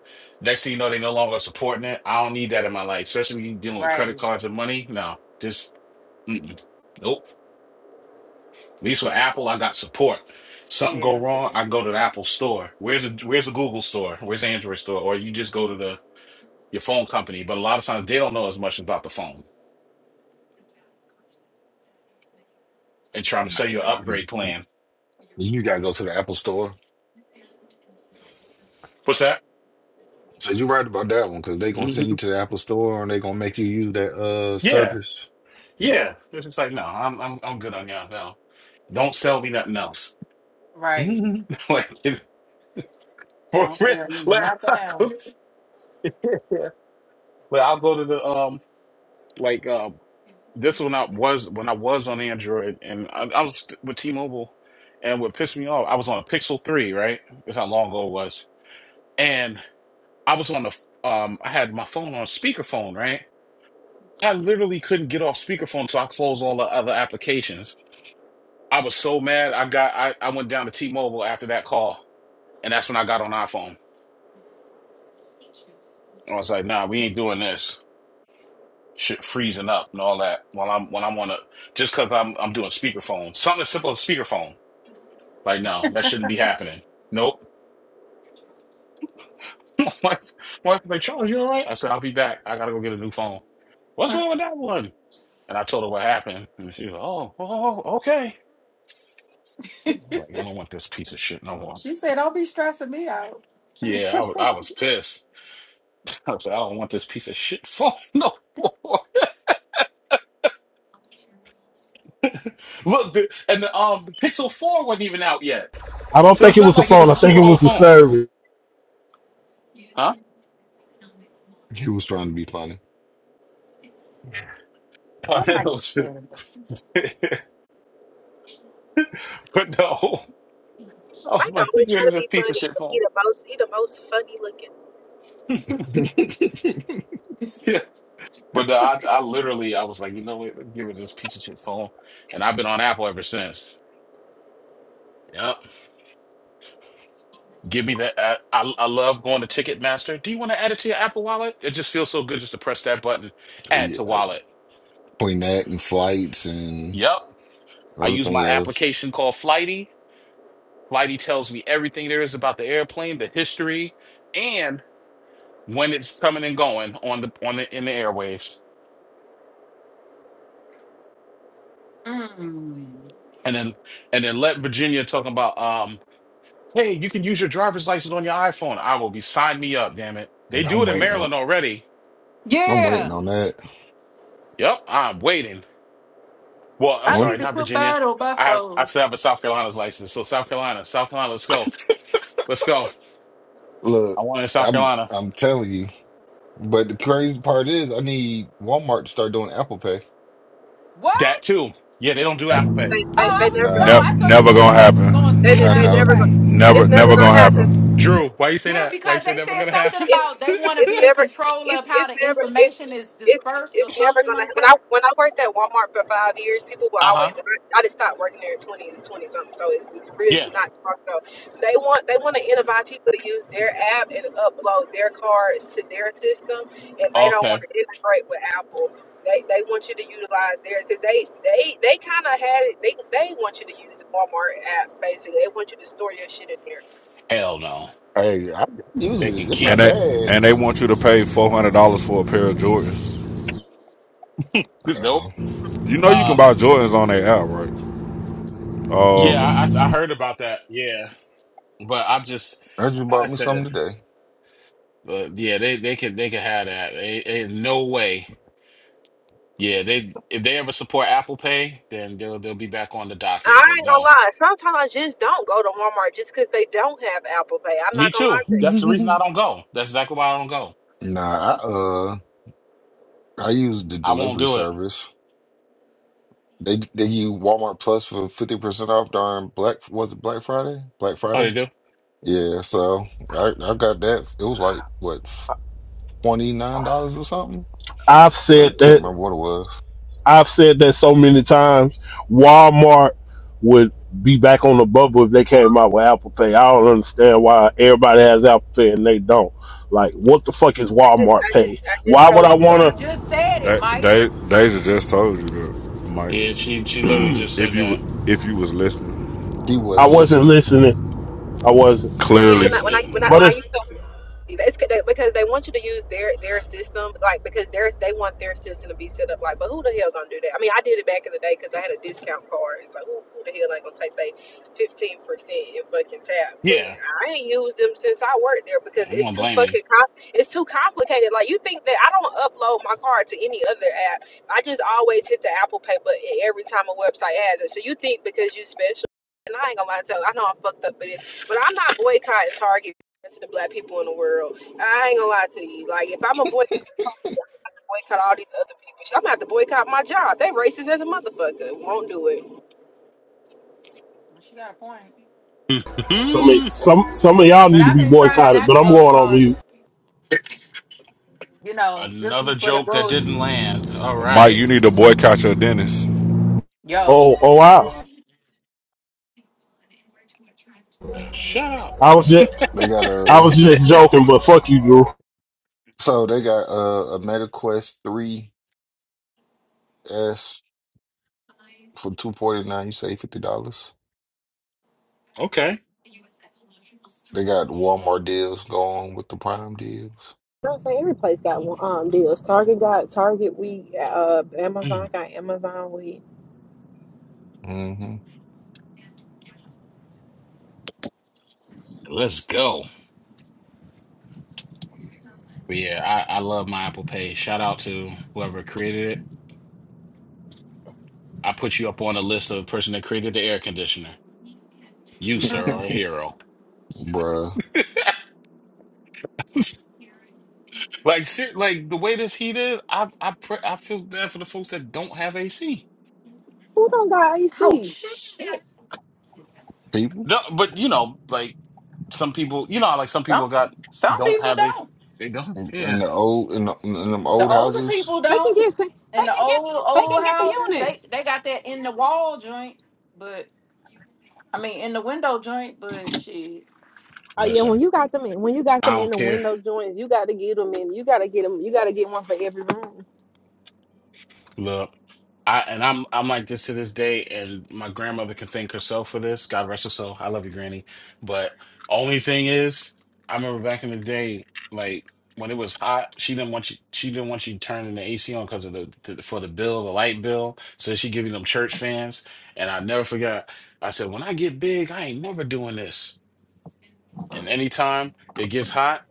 S20: Next thing you know, they no longer supporting it. I don't need that in my life, especially when you're dealing with credit
S5: Right.
S20: cards and money. No, just mm-mm. nope. At least with Apple, I got support. Something go
S5: Yeah.
S20: wrong, I go to the Apple store. Where's the Where's the Google store? Where's the Android store? Or you just go to the your phone company. But a lot of times they don't know as much about the phone and trying to sell you an upgrade plan.
S22: You gotta go to the Apple store.
S20: What's that?
S22: So you're right about that one, because they gonna
S20: hmm
S22: send you to the Apple store and they gonna make you use that uh
S20: Yeah,
S22: service.
S20: yeah. It's just like no, I'm I'm I'm good on y'all. No, don't sell me nothing else.
S5: Right.
S20: like if- for
S5: Don't
S20: real.
S5: sell me
S20: Like,
S5: nothing
S20: I go-
S5: else.
S20: yeah. like I'll go to the um like um this one I was when I was on Android and I, I was with T-Mobile and what pissed me off I was on a Pixel three right that's how long ago it was and I was on the um I had my phone on speakerphone right I literally couldn't get off speakerphone so I closed all the other applications I was so mad I got I I went down to T-Mobile after that call and that's when I got on iPhone I was like nah we ain't doing this shit freezing up and all that while I'm when I'm on a just because I'm I'm doing speakerphone. Something as simple as speakerphone. Like no, that shouldn't be happening. Nope. My wife was like, Charles, you all right? I said, I'll be back. I gotta go get a new phone. What's wrong with that one? And I told her what happened. And she was like, oh, oh, okay. Like, I don't want this piece of shit no more.
S5: She said, "Don't be stressing me out."
S20: Yeah, I was I was pissed. I was like, I don't want this piece of shit phone no more. Look, the, and the um the Pixel 4 wasn't even out yet.
S1: I don't
S20: So
S1: think
S20: it's
S1: it
S20: not
S1: was the
S20: like it was
S1: phone.
S20: a
S1: I think
S20: super
S1: it was
S20: old
S1: the
S20: phone.
S1: service.
S20: Huh?
S22: He was trying to be funny.
S5: I'm like,
S20: Cardinals.
S5: "Shit."
S20: but no, I was
S21: Mike
S20: like, you
S21: always
S20: give
S21: trying
S20: it
S21: to
S20: a
S21: be
S20: piece of
S21: funny,
S20: shit
S21: but he
S20: phone.
S21: the most he the most funny looking.
S20: Yeah. But no, I, I literally, I was like, you know what? Let me give it this piece of shit phone. And I've been on Apple ever since. Yep. Give me that. I, I, I love going to Ticketmaster. Do you want to add it to your Apple wallet? It just feels so good just to press that button, add
S22: yeah,
S20: to wallet.
S22: between that and flights and
S20: Yep. I use my
S22: everything else,
S20: application called Flighty. Flighty tells me everything there is about the airplane, the history, and when it's coming and going on the on the in the airwaves.
S5: Mm.
S20: and then and then let Virginia talk about um, hey, you can use your driver's license on your iPhone. I will be sign me up, damn it. They
S22: And
S20: do
S22: I'm
S20: it in
S22: waiting on.
S20: Maryland already.
S22: I'm waiting
S5: Yeah.
S22: on that.
S20: Yep, I'm waiting. Well, I'm
S5: I
S22: One
S5: need
S20: sorry,
S5: to
S22: th-
S20: not
S5: put
S20: Virginia.
S5: mine on my
S20: I have I
S5: phone.
S20: still have a South Carolina's license. So South Carolina, South Carolina, let's go. Let's go.
S22: look,
S20: I want it in South
S22: I'm
S20: Carolina.
S22: I'm telling you. But the crazy part is, I need Walmart to start doing Apple Pay.
S5: What?
S20: That too. Yeah, they don't do Apple Pay.
S21: They
S5: Oh,
S21: they,
S5: I
S21: they
S5: was
S21: never
S5: no,
S22: Nah,
S13: Ne-
S5: I thought you
S13: never
S22: look,
S5: said
S13: gonna
S5: they was gonna
S13: happen.
S21: they,
S5: do
S21: they
S22: I
S21: they
S5: Apple
S22: know.
S21: never go.
S5: Pay.
S21: It's
S13: Never,
S21: never
S13: never
S21: gonna
S13: gonna
S21: happen.
S13: happen.
S20: Drew, why you say
S5: Yeah,
S20: that? Why you
S5: because
S20: say
S5: they
S20: never
S5: said
S20: gonna
S5: something
S20: happen?
S21: it's
S5: about they want to
S21: it's
S5: be in
S21: never
S5: control of
S21: it's
S5: how
S21: it's
S5: the
S21: never it's
S5: information is
S21: it's
S5: dispersed or
S21: it's never
S5: something
S21: gonna
S5: like
S21: when I
S5: that.
S21: when I worked at Walmart for five years, people were
S20: Uh-huh.
S21: always I just stopped working there at twenty and twenty something, so it's, it's really
S20: Yeah.
S21: not hard though. They want they want to incentivize people to use their app and upload their cards to their system, and they don't want
S20: Okay.
S21: to integrate with Apple. They, they want you to utilize theirs because they they they kind of had it. They they want you to use the Walmart app basically. They want you to store your shit in there
S20: Hell no.
S22: Hey, I I use
S20: They
S22: it.
S20: can
S22: It's
S20: keep
S13: And
S22: not
S20: him.
S13: they and
S22: bad.
S13: they want you to pay four hundred dollars for a pair of Jordans.
S20: Nope.
S13: You know you can
S20: Um
S13: buy Jordans on their app, right?
S20: yeah, I
S13: Oh,
S20: I I heard about that. Yeah. But I'm just,
S22: I just
S20: like I
S22: bought me something
S20: said,
S22: today.
S20: uh, yeah, they they could they could have that. They, they- no way. Yeah, they if they ever support Apple Pay, then they'll they'll be back on the
S21: I
S20: docket. But
S21: ain't gonna
S20: no,
S21: lie. Sometimes I just don't go to Walmart just 'cause they don't have Apple Pay. I'm
S20: me
S21: not gonna
S20: too.
S21: lie to you.
S20: That's the reason I don't go. That's exactly why I don't go.
S22: Nah, I uh I use the
S20: I won't
S22: delivery
S20: do it.
S22: service. They they use Walmart Plus for fifty percent off during Black was it Black Friday? Black
S20: Oh, they
S22: Friday?
S20: do.
S22: Yeah, so I I got that. It was like what twenty nine dollars or something.
S1: I've
S22: I
S1: said
S22: can't
S1: that
S22: remember what it was.
S1: I've said that so many times. Walmart would be back on the bubble if they came out with Apple Pay. I don't understand why everybody has Apple Pay and they don't. Like, what the fuck is
S21: I just,
S1: Walmart
S21: I just,
S1: Pay?
S21: I just
S1: Why would I
S21: told you.
S5: They
S1: wanna?
S5: just said
S13: okay.
S5: it, Mike.
S13: they they Deja just told you that, Mike.
S20: Yeah, she she literally just
S13: If
S20: said that.
S13: you if you
S20: Um,
S13: was listening,
S22: He
S1: I
S22: wasn't
S1: wasn't
S22: listening.
S1: listening. I wasn't.
S21: Yeah, when I
S20: it's
S21: when
S13: clearly,
S21: I
S20: it,
S21: when I
S1: But
S21: when I
S1: it's
S21: used to It's c- they- because they want you to use their their system, like because there's they want their system to be set up like. But who the hell gonna do that? I mean, I did it back in the day because I had a discount card. It's like who, who the hell ain't gonna take they fifteen percent and fucking tap? But
S20: yeah.
S21: I ain't used them since I worked there because
S20: I'm
S21: it's
S20: gonna
S21: too
S20: blame
S21: fucking com- it's too complicated. Like you think that I don't upload my card to any other app. I just always hit the Apple Pay button every time a website has it. So you think because you special. And I ain't gonna lie to you, I know I'm fucked up for this, but I'm not boycotting Target to the black people in the world. I ain't gonna lie to you. Like, if I'm a boycott, boycott all these other people, I'm gonna have to boycott my job. They racist as a motherfucker. Won't do it. You know
S5: She got a point.
S20: you.
S1: some some some of y'all
S5: But
S1: need to
S5: I've
S1: be
S5: been trying
S1: boycotted.
S5: not
S1: But
S5: to
S1: I'm
S5: go to
S1: going on mute.
S5: Target, you know, just
S20: Another
S5: for the
S20: joke that didn't
S5: bullshit.
S20: land. All
S13: Mike,
S20: right,
S13: you need to boycott your dentist.
S5: Yo,
S1: Oh oh wow.
S20: now shut up.
S1: I was just
S22: They got
S1: I was
S22: a
S1: just joking, but fuck you, Drew.
S22: so they got a, a MetaQuest three S for two forty nine. You save fifty dollars.
S20: Okay,
S22: They got Walmart deals going with the Prime deals.
S21: what I'm saying? Every place got um deals. Target got Target week, uh Amazon got Amazon week.
S22: hmm
S20: let's go. But yeah, I, I love my Apple Pay. Shout out to whoever created it. I put you up on a list of person that created the air conditioner. You, sir, are a hero.
S22: bruh.
S20: like, ser- like the way this heat is, I I pre- I feel bad for the folks that don't have AC.
S21: Who don't got AC?
S22: People
S20: No, but you know, like some people, you know, how, like some
S5: some
S20: people got
S5: some
S20: don't
S5: people
S20: have AC.
S5: don't.
S20: They don't.
S22: in
S20: Yeah.
S22: in the old in, the, in them
S5: The
S22: old
S5: older
S22: houses
S5: people
S21: They
S5: don't.
S21: can get some-
S5: And
S21: they
S5: the
S21: can get
S5: old
S21: they
S5: old
S21: can get the
S5: houses, they
S21: units.
S5: they got that in the wall joint, but I mean in the window.
S21: Oh yeah, when
S20: Listen,
S21: you got them in when you got them
S20: I
S21: in
S20: don't
S21: the
S20: care.
S21: window joints, you gotta get them in. You gotta get them. You gotta get one for every room.
S20: Look, I and I'm I'm like this to this day, and my grandmother can thank herself for this. God rest her soul. I love you, Granny. But only thing is, I remember back in the day, like when it was hot, she didn't want you. She didn't want you turning the AC on because of the to, for the bill, the light bill. So she give you them church fans, and I never forgot. I said, when I get big, I ain't never doing this. And anytime it gets hot,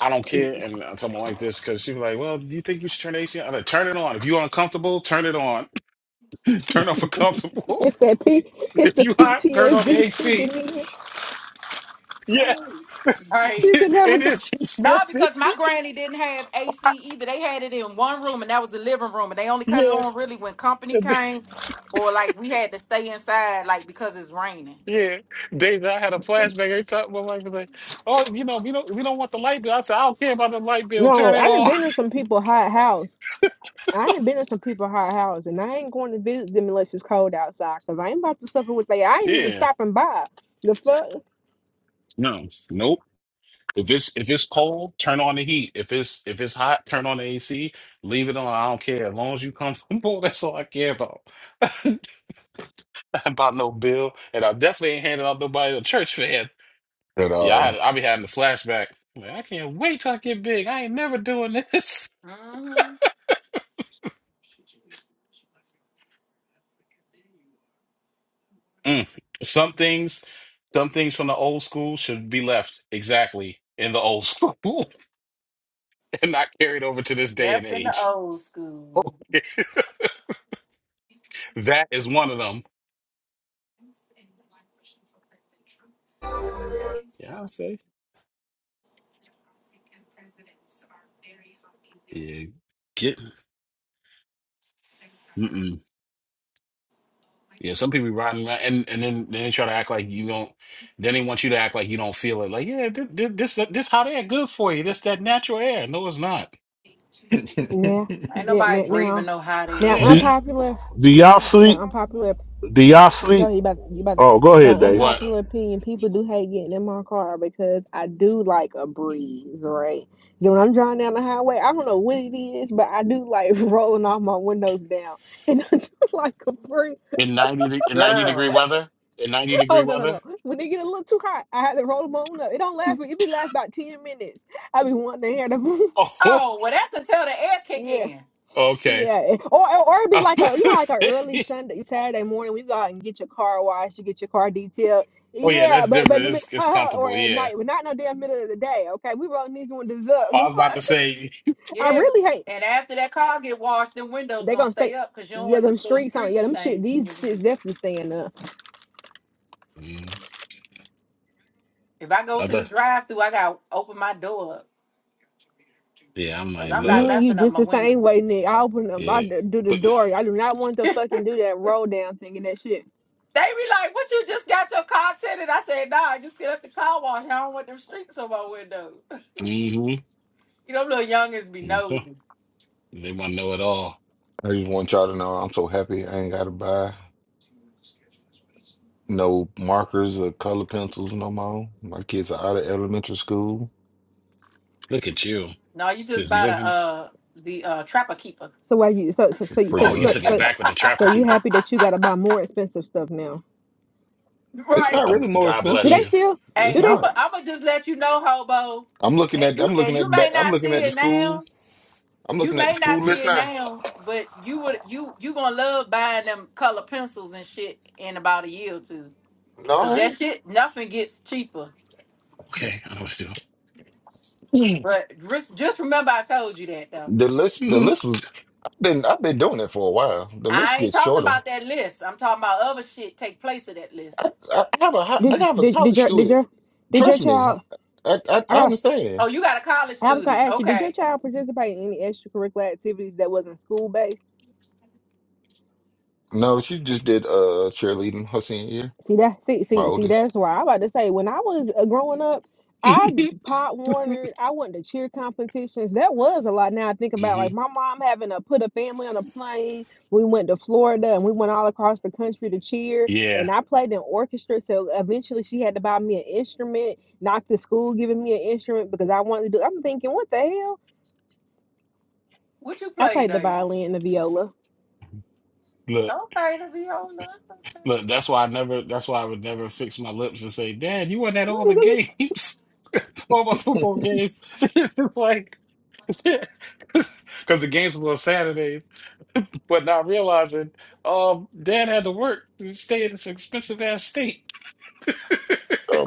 S20: I don't care. And I told my wife this because she was like, "Well, do you think you should turn the AC on?" I am like, "Turn it on. If you're uncomfortable, turn it on." Turn off a comfortable.
S21: It's that P. It's
S20: If
S21: the
S20: you hot, turn on the
S21: PTSD
S20: AC.
S21: kicking
S20: Yeah,
S21: in.
S5: Right.
S21: You can never
S20: it
S21: go.
S20: is
S5: No,
S20: PTSD.
S5: because my granny didn't have AC either. They had it in one room, and that was the living room, and they only cut it
S20: Yeah,
S5: when company came or like this like beating.
S20: yeah. David, I had a flashback every time my wife was like, "Oh, you know, we don't, we don't want the light bill." I said, "I don't care about the light bill. Turn
S21: No,
S20: it
S21: I done
S20: on."
S21: been in some people hot house. I done been in some people hot house, and I ain't going to visit them unless it's cold outside, cause I ain't about to suffer with they. I ain't even
S20: Yeah.
S21: stopping by. The fuck?
S20: No. Nope. If it's if it's cold, turn on the heat. If it's if it's hot, turn on the AC. Leave it on. I don't care. As long as you comfortable, that's all I care about. about no bill, and I definitely ain't handing out nobody a church fan.
S22: at
S20: Yeah, I
S22: all.
S20: had I be having the flashback. Man, I can't wait till I get big. I ain't never doing this.
S5: Mm-hmm.
S20: Mm. Some things, some things from the old school should be left exactly in the old school and not carried over to this day and
S5: Left in the
S20: age.
S5: old school.
S20: that is one of them. Yeah, I'll say. Yeah, get. Mm-mm. Yeah, some people be riding around and and then then they try to act like you don't. Then they want you to act like you don't feel it. Like, yeah, this this this hot air good for you. This that natural air. No, it's not.
S21: Nah,
S5: Ain't
S21: nah,
S5: nobody
S21: nah,
S5: breathing
S21: now,
S5: no hot
S21: now
S5: air,
S1: Do
S20: Yeah.
S21: unpopular,
S1: do y'all sleep?
S21: now unpopular.
S1: Do y'all
S21: Go
S1: sleep?
S21: ahead, you about you about
S1: Oh, go ahead,
S21: now
S1: Dave.
S20: What?
S21: unpopular opinion. People do hate getting in my car because I do like a breeze, right? So when I'm driving down the highway, I don't know what it is, but I do like rolling off my windows down, and I do like a breeze.
S20: in 90 de- in 90 degree
S5: girl.
S20: weather in 90
S21: Oh
S20: degree
S21: no no no!
S20: weather
S21: When they get a little too hot, I had to roll them on up. It don't last, but it be last about ten minutes. I be wanting to hear the
S20: oh
S5: Oh well, that's until the air kick
S21: yeah
S5: in.
S20: okay
S21: yeah, or or it
S20: I
S21: be
S20: was
S21: like a
S20: about
S21: you know
S20: to
S21: like a early
S20: say-
S21: Sunday Saturday morning when you go out and get your car washed, you get your car detailed.
S20: oh yeah
S21: Yeah,
S20: that's
S21: but but in
S20: different
S21: the mid-
S20: it's, it's
S21: or
S20: comfortable
S21: at
S20: yeah
S21: night, but not no damn middle of the day. Okay, we rolling these windows up.
S20: Oh,
S21: The
S20: i was about to
S21: fuck!
S20: say
S21: I
S5: Yeah,
S21: really hate.
S5: and after that car get washed, the windows
S21: They
S5: gonna
S21: gonna
S5: stay
S21: stay.
S5: up because you don't
S21: Yeah,
S5: want the
S21: them
S5: little
S21: streets on. Yeah,
S5: streaky
S21: them shit.
S5: things in
S21: These
S5: your window.
S21: shits definitely staying up.
S20: mm,
S5: If I go through the
S20: other
S5: drive through, I gotta open my door up.
S20: yeah i
S5: 'cause
S20: might
S5: I'm not
S20: look
S21: Me and you
S5: messing up
S21: just
S5: my
S21: the same
S5: windows.
S21: way, Nick. I open up, I
S20: yeah
S21: d- do the
S20: but
S21: door. I do not want to fucking do that roll down thing and that shit.
S5: They be like, What you just got your car tinted? I said, Nah, I just get up the car wash. I don't want them streaks on my window.
S20: hmm
S5: You know, little youngins be nosy.
S20: they want to know it all
S22: I just want y'all to know I'm so happy I ain't gotta buy no markers or color pencils no more. My kids are out of elementary school,
S20: look at you
S5: No, you just
S20: just
S5: buy the
S20: living
S5: uh the uh trapper keeper.
S21: So why you? So so so you-
S22: pretty
S21: so
S20: oh you
S21: so
S20: took it
S22: much.
S21: so,
S20: back with the
S21: so
S20: trapper
S21: you
S20: keeper
S21: happy that you gotta buy more expensive stuff now?
S22: It's
S5: Right.
S22: not
S20: god,
S22: really more
S20: god
S21: Do
S20: bless
S21: they
S22: expensive.
S20: you
S21: still?
S22: It's
S5: Hey,
S21: Do they?
S5: I'm
S22: not.
S5: i
S21: st-
S5: I'm gonna just let you know, hobo.
S22: I'm looking
S5: And
S22: at
S5: you
S22: I'm
S5: and
S22: looking
S5: you
S22: at
S5: may
S22: back I'm
S5: not
S22: looking
S5: see
S22: at the
S5: it now.
S22: school. I'm
S5: You
S22: looking at the
S5: may
S22: school
S5: not see
S22: list
S5: it
S22: now.
S5: now, but you would you you gonna love buying them color pencils and shit in about a year or two.
S22: No,
S5: Cause
S22: I
S5: that
S22: ain't.
S5: shit, nothing people.
S20: okay i know what to
S22: Mm.
S5: But just, just remember I told you that though.
S22: The list, the
S20: do
S22: list was. I've been, I've been doing it for a while. The
S5: I
S22: list gets shorter. I, I I have a, hi- I
S21: Did you-
S22: have a
S21: did did
S22: college
S21: your did
S22: student.
S21: your did your
S22: Trust me,
S21: child?
S22: I, I
S21: I
S22: I
S21: gotta.
S5: oh,
S22: understand.
S5: you got a college
S21: I was gonna
S5: student.
S21: ask you. Did your
S5: Okay.
S21: child participate in any extracurricular activities that wasn't school based?
S22: No, she just did uh cheerleading her senior year.
S21: See that? See,
S22: My
S21: see, see.
S22: oldest.
S21: That's why I'm about to say. When I was uh, growing up, I pot Warner. I went to cheer competitions. That was a lot. Now I think about
S20: hmm
S21: like my mom having to put a family on a plane. We went to Florida and we went all across the country to cheer.
S20: yeah
S21: And I played in orchestra. So eventually, she had to buy me an instrument. Knocked the school giving me an instrument because I wanted to. do I'm thinking, what the hell?
S5: What you
S21: I
S5: play,
S21: played the
S5: Deja?
S21: violin and the viola.
S20: look
S5: Okay, the viola. Okay.
S20: Look, that's why I never. That's why I would never fix my lips and say, "Dad, you weren't at all the games, all my
S22: I'm
S20: football games." It's just like, because the games were on Saturdays, but not realizing, um, Dad had to work to stay in this expensive ass state.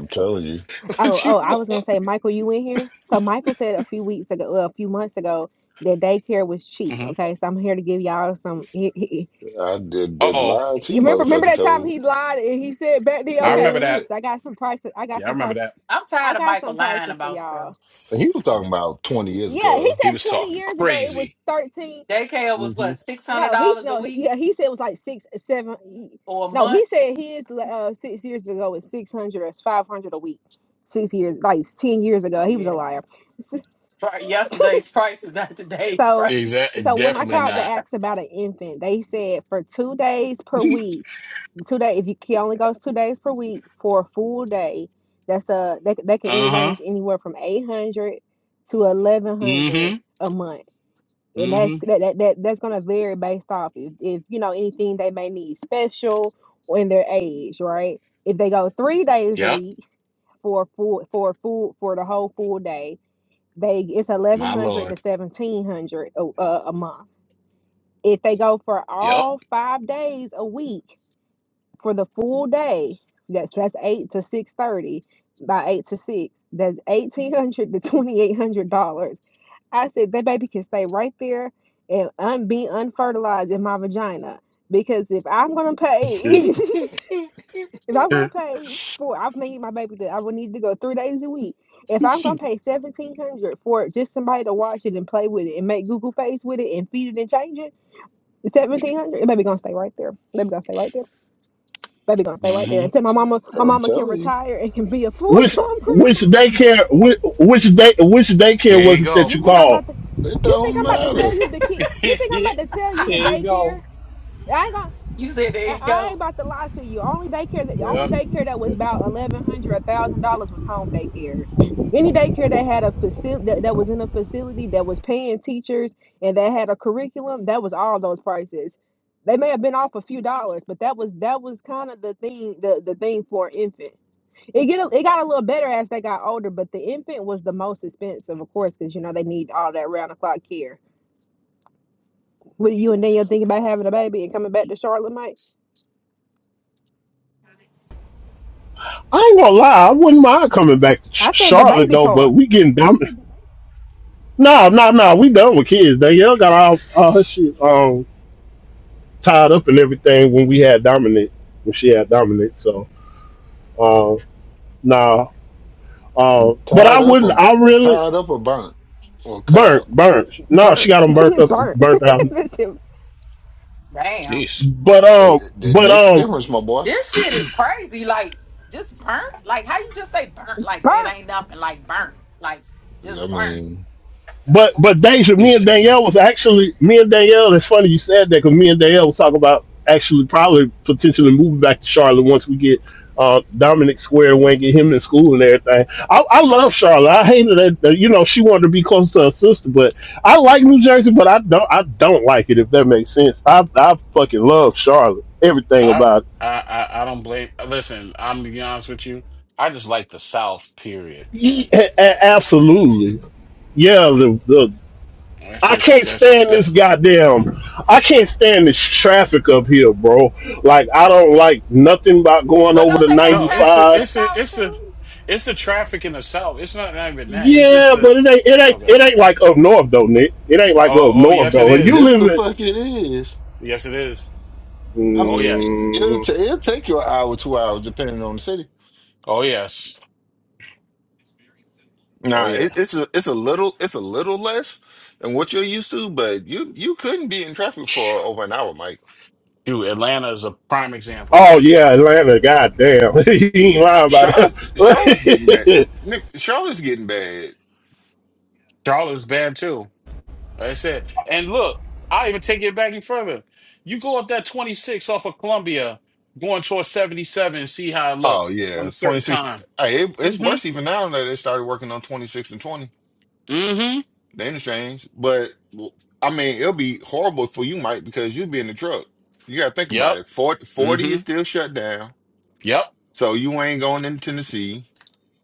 S22: telling you,
S21: Oh,
S20: What you
S21: oh, I was gonna
S20: want?
S21: say, Michael, you in here? So Michael said a few weeks ago, well, a few months ago, that daycare was cheap.
S20: hmm
S21: Okay, so I'm here to give y'all some. He, he,
S22: I did
S20: Uh
S22: the
S20: oh,
S22: lies
S21: he-
S22: he
S21: remember, remember
S22: motherfucking
S21: that time he
S22: told.
S21: lied and he said back then.
S20: I
S21: Okay,
S20: remember that.
S21: so I got some prices. I got
S20: Yeah, I
S21: some
S20: remember
S21: prices.
S20: that.
S5: I'm
S21: I
S5: tired of
S21: got
S5: Michael
S21: some
S5: lying
S21: prices for
S5: about stuff.
S21: y'all.
S22: Eh, He was talking
S20: Mhm.
S22: about 20 years
S21: Yeah, he
S22: ago
S20: He
S21: said
S20: was
S21: 20
S20: talking
S21: years ago it was
S20: crazy.
S21: 13.
S5: Daycare was
S20: Mm-hmm.
S5: what, six hundred
S21: No, he's
S5: dollars a
S21: no. he-
S5: week
S21: Yeah, he said it was like six, seven. he-
S5: or a
S21: No,
S5: month?
S21: he said his uh six years ago was 600 or 500 a week. Six years, like 10 years ago, he was a
S5: Yeah.
S21: liar.
S5: Right. Yesterday, this is not today.
S21: So,
S20: Exactly.
S21: so when I
S20: Definitely
S21: called to
S20: not.
S21: ask about an infant, they said for two days per week, two day if you he only goes two days per week for a full day, that's a they they can
S20: Uh huh.
S21: range anywhere from eight hundred to eleven
S20: Mm
S21: hundred
S20: hmm.
S21: a month, and
S20: Mm
S21: that's
S20: hmm.
S21: that, that, that that's gonna vary based off if, if you know anything they may need special or in their age, right? If they go three days a
S20: Yep.
S21: week for a full for a full for the whole full day, they it's eleven
S20: My
S21: hundred to
S20: lord.
S21: seventeen hundred a, a a month if they go for
S20: Yep.
S21: all five days a week for the full day, that's that's eight to six thirty by eight to six, that's eighteen hundred to twenty eight hundred dollars. I said that baby can stay right there and un- be unfertilized in my vagina because if I'm gonna pay,
S22: though.
S21: if I'm gonna pay for, I've made my baby that I would need to go three days a week. If I'm
S20: hmm
S21: gonna pay seventeen hundred for just somebody to watch it and play with it and make Google face with it and feed it and change it. Seventeen hundred. Baby gonna stay right there. Baby gonna stay right there. Baby gonna stay right there
S20: There
S21: until my
S5: Mhm.
S21: mama, my
S22: I'm
S21: mama can
S22: telling you,
S21: retire and can be a full
S1: Which
S21: time
S1: which
S21: grandma.
S1: daycare which, which day which daycare
S20: you
S1: was it that
S20: go.
S21: You
S1: you
S21: think I'm
S1: called?
S21: about to?
S22: it
S21: You think
S22: don't
S21: I'm about to
S22: matter.
S21: tell you the kid? You think I'm
S20: there
S21: about to tell you the
S20: you
S21: daycare?
S20: go.
S21: I ain't gonna.
S5: You said there
S21: I,
S5: you
S21: I ain't
S5: go.
S21: about to lie to you. Only daycare that the only
S20: Yep.
S21: daycare that was about eleven hundred, a thousand dollars was home daycares. Any daycare that had a facility that, that was in a facility that was paying teachers and that had a curriculum, that was all those prices. They may have been off a few dollars, but that was that was kind of the thing the, the thing for an infant. It get a, it got a little better as they got older, but the infant was the most expensive, of course, because you know they need all that round the clock care. With you and Daniel thinking about having a baby and coming back to Charlotte, Mike,
S1: I ain't gonna lie, I wouldn't mind coming back to Ch-
S21: I said the
S1: Charlotte
S21: baby
S1: though,
S21: part.
S1: but we getting done. No, no, no, we done with kids. Danielle got all, all her shit um tied up and everything when we had Dominic when she had Dominic. So uh nah. Uh, but I
S22: Tied up
S1: wouldn't
S22: or
S1: I really
S22: tied up or burnt or cut out.
S1: burnt, burnt. No, she
S21: burnt,
S1: got them burnt up
S22: Uh,
S21: burnt,
S1: burnt out.
S21: This shit
S5: Damn.
S20: Jeez.
S1: But
S22: it,
S1: um
S22: it it
S1: but
S22: makes a
S1: um
S22: difference, my boy.
S5: This shit is crazy. Like just burnt? Like how you just say burnt? Like it
S21: burnt.
S5: ain't nothing like burnt. Like
S22: I
S5: just burnt.
S22: mean,
S5: The
S1: But
S5: fuck?
S1: but Deja, me and
S20: Listen,
S1: Danielle was actually me and Danielle. It's funny you said that because me and Danielle was talking about actually probably potentially moving back to Charlotte once we get uh, Dominic squared away and get him in school and everything. I, I love Charlotte. I hated that, that you know she wanted to be close to her sister, but I like New Jersey, but I don't I don't like it if that makes sense. I I fucking love Charlotte. Everything
S20: I,
S1: about it.
S20: I I I don't blame. Listen, I'm gonna be honest with you. I just like the South. Period.
S1: Ye- a- a- absolutely. Yeah, the, the
S20: That's
S1: I
S20: just
S1: can't
S20: that's
S1: stand this
S20: that's
S1: goddamn. I can't stand this traffic up here, bro. Like I don't like nothing about going
S5: Well
S1: over
S5: don't
S1: the
S5: they have
S1: ninety
S20: no. It's a,
S5: traffic in
S1: five.
S5: the
S20: it's a,
S5: south
S20: it's the
S5: too?
S20: it's the traffic in the South. It's not, not even that. It's just
S1: Yeah,
S20: the
S1: but it ain't it ain't
S20: okay.
S1: it ain't like up north though, Nick. It ain't like
S20: Oh
S1: up
S20: oh
S1: north
S20: yes, it
S1: though. And you
S22: just
S20: is.
S22: the
S1: live
S22: fuck it is.
S20: Yes, it is.
S22: I'm,
S20: Oh yes.
S22: it'll,
S1: in.
S22: ta-
S1: Mm,
S22: it'll take you an hour, two hours, depending on the city.
S20: Oh yes. Oh
S22: Nah,
S20: yeah.
S22: it, it's a it's a little it's a little less than what you're used to, but you you couldn't be in traffic for
S20: Phew.
S22: over an hour, Mike.
S20: Dude, Atlanta is a prime example.
S1: oh yeah, Atlanta. Goddamn, you ain't lying about
S22: Charlotte Charlotte's getting bad.
S1: that.
S22: Nick, Charlotte's getting bad.
S20: Charlotte's bad too. Like I said, and look, I even take it back even further. You go up that 26 off of Columbia, going towards 77, and see how it look
S22: Oh
S20: on
S22: yeah,
S20: a
S22: twenty
S20: certain
S22: six.
S20: time.
S22: Hey, it, it's worse
S20: Mm-hmm.
S22: even now that they started working on twenty six and twenty.
S20: Mm-hmm.
S22: The interchange, but I mean, it'll be horrible for you, Mike, because you'll be in the truck. You gotta think about
S20: Yep.
S22: it. 40, forty is
S20: Mm-hmm.
S22: still shut down,
S20: Yep.
S22: so you ain't going in Tennessee.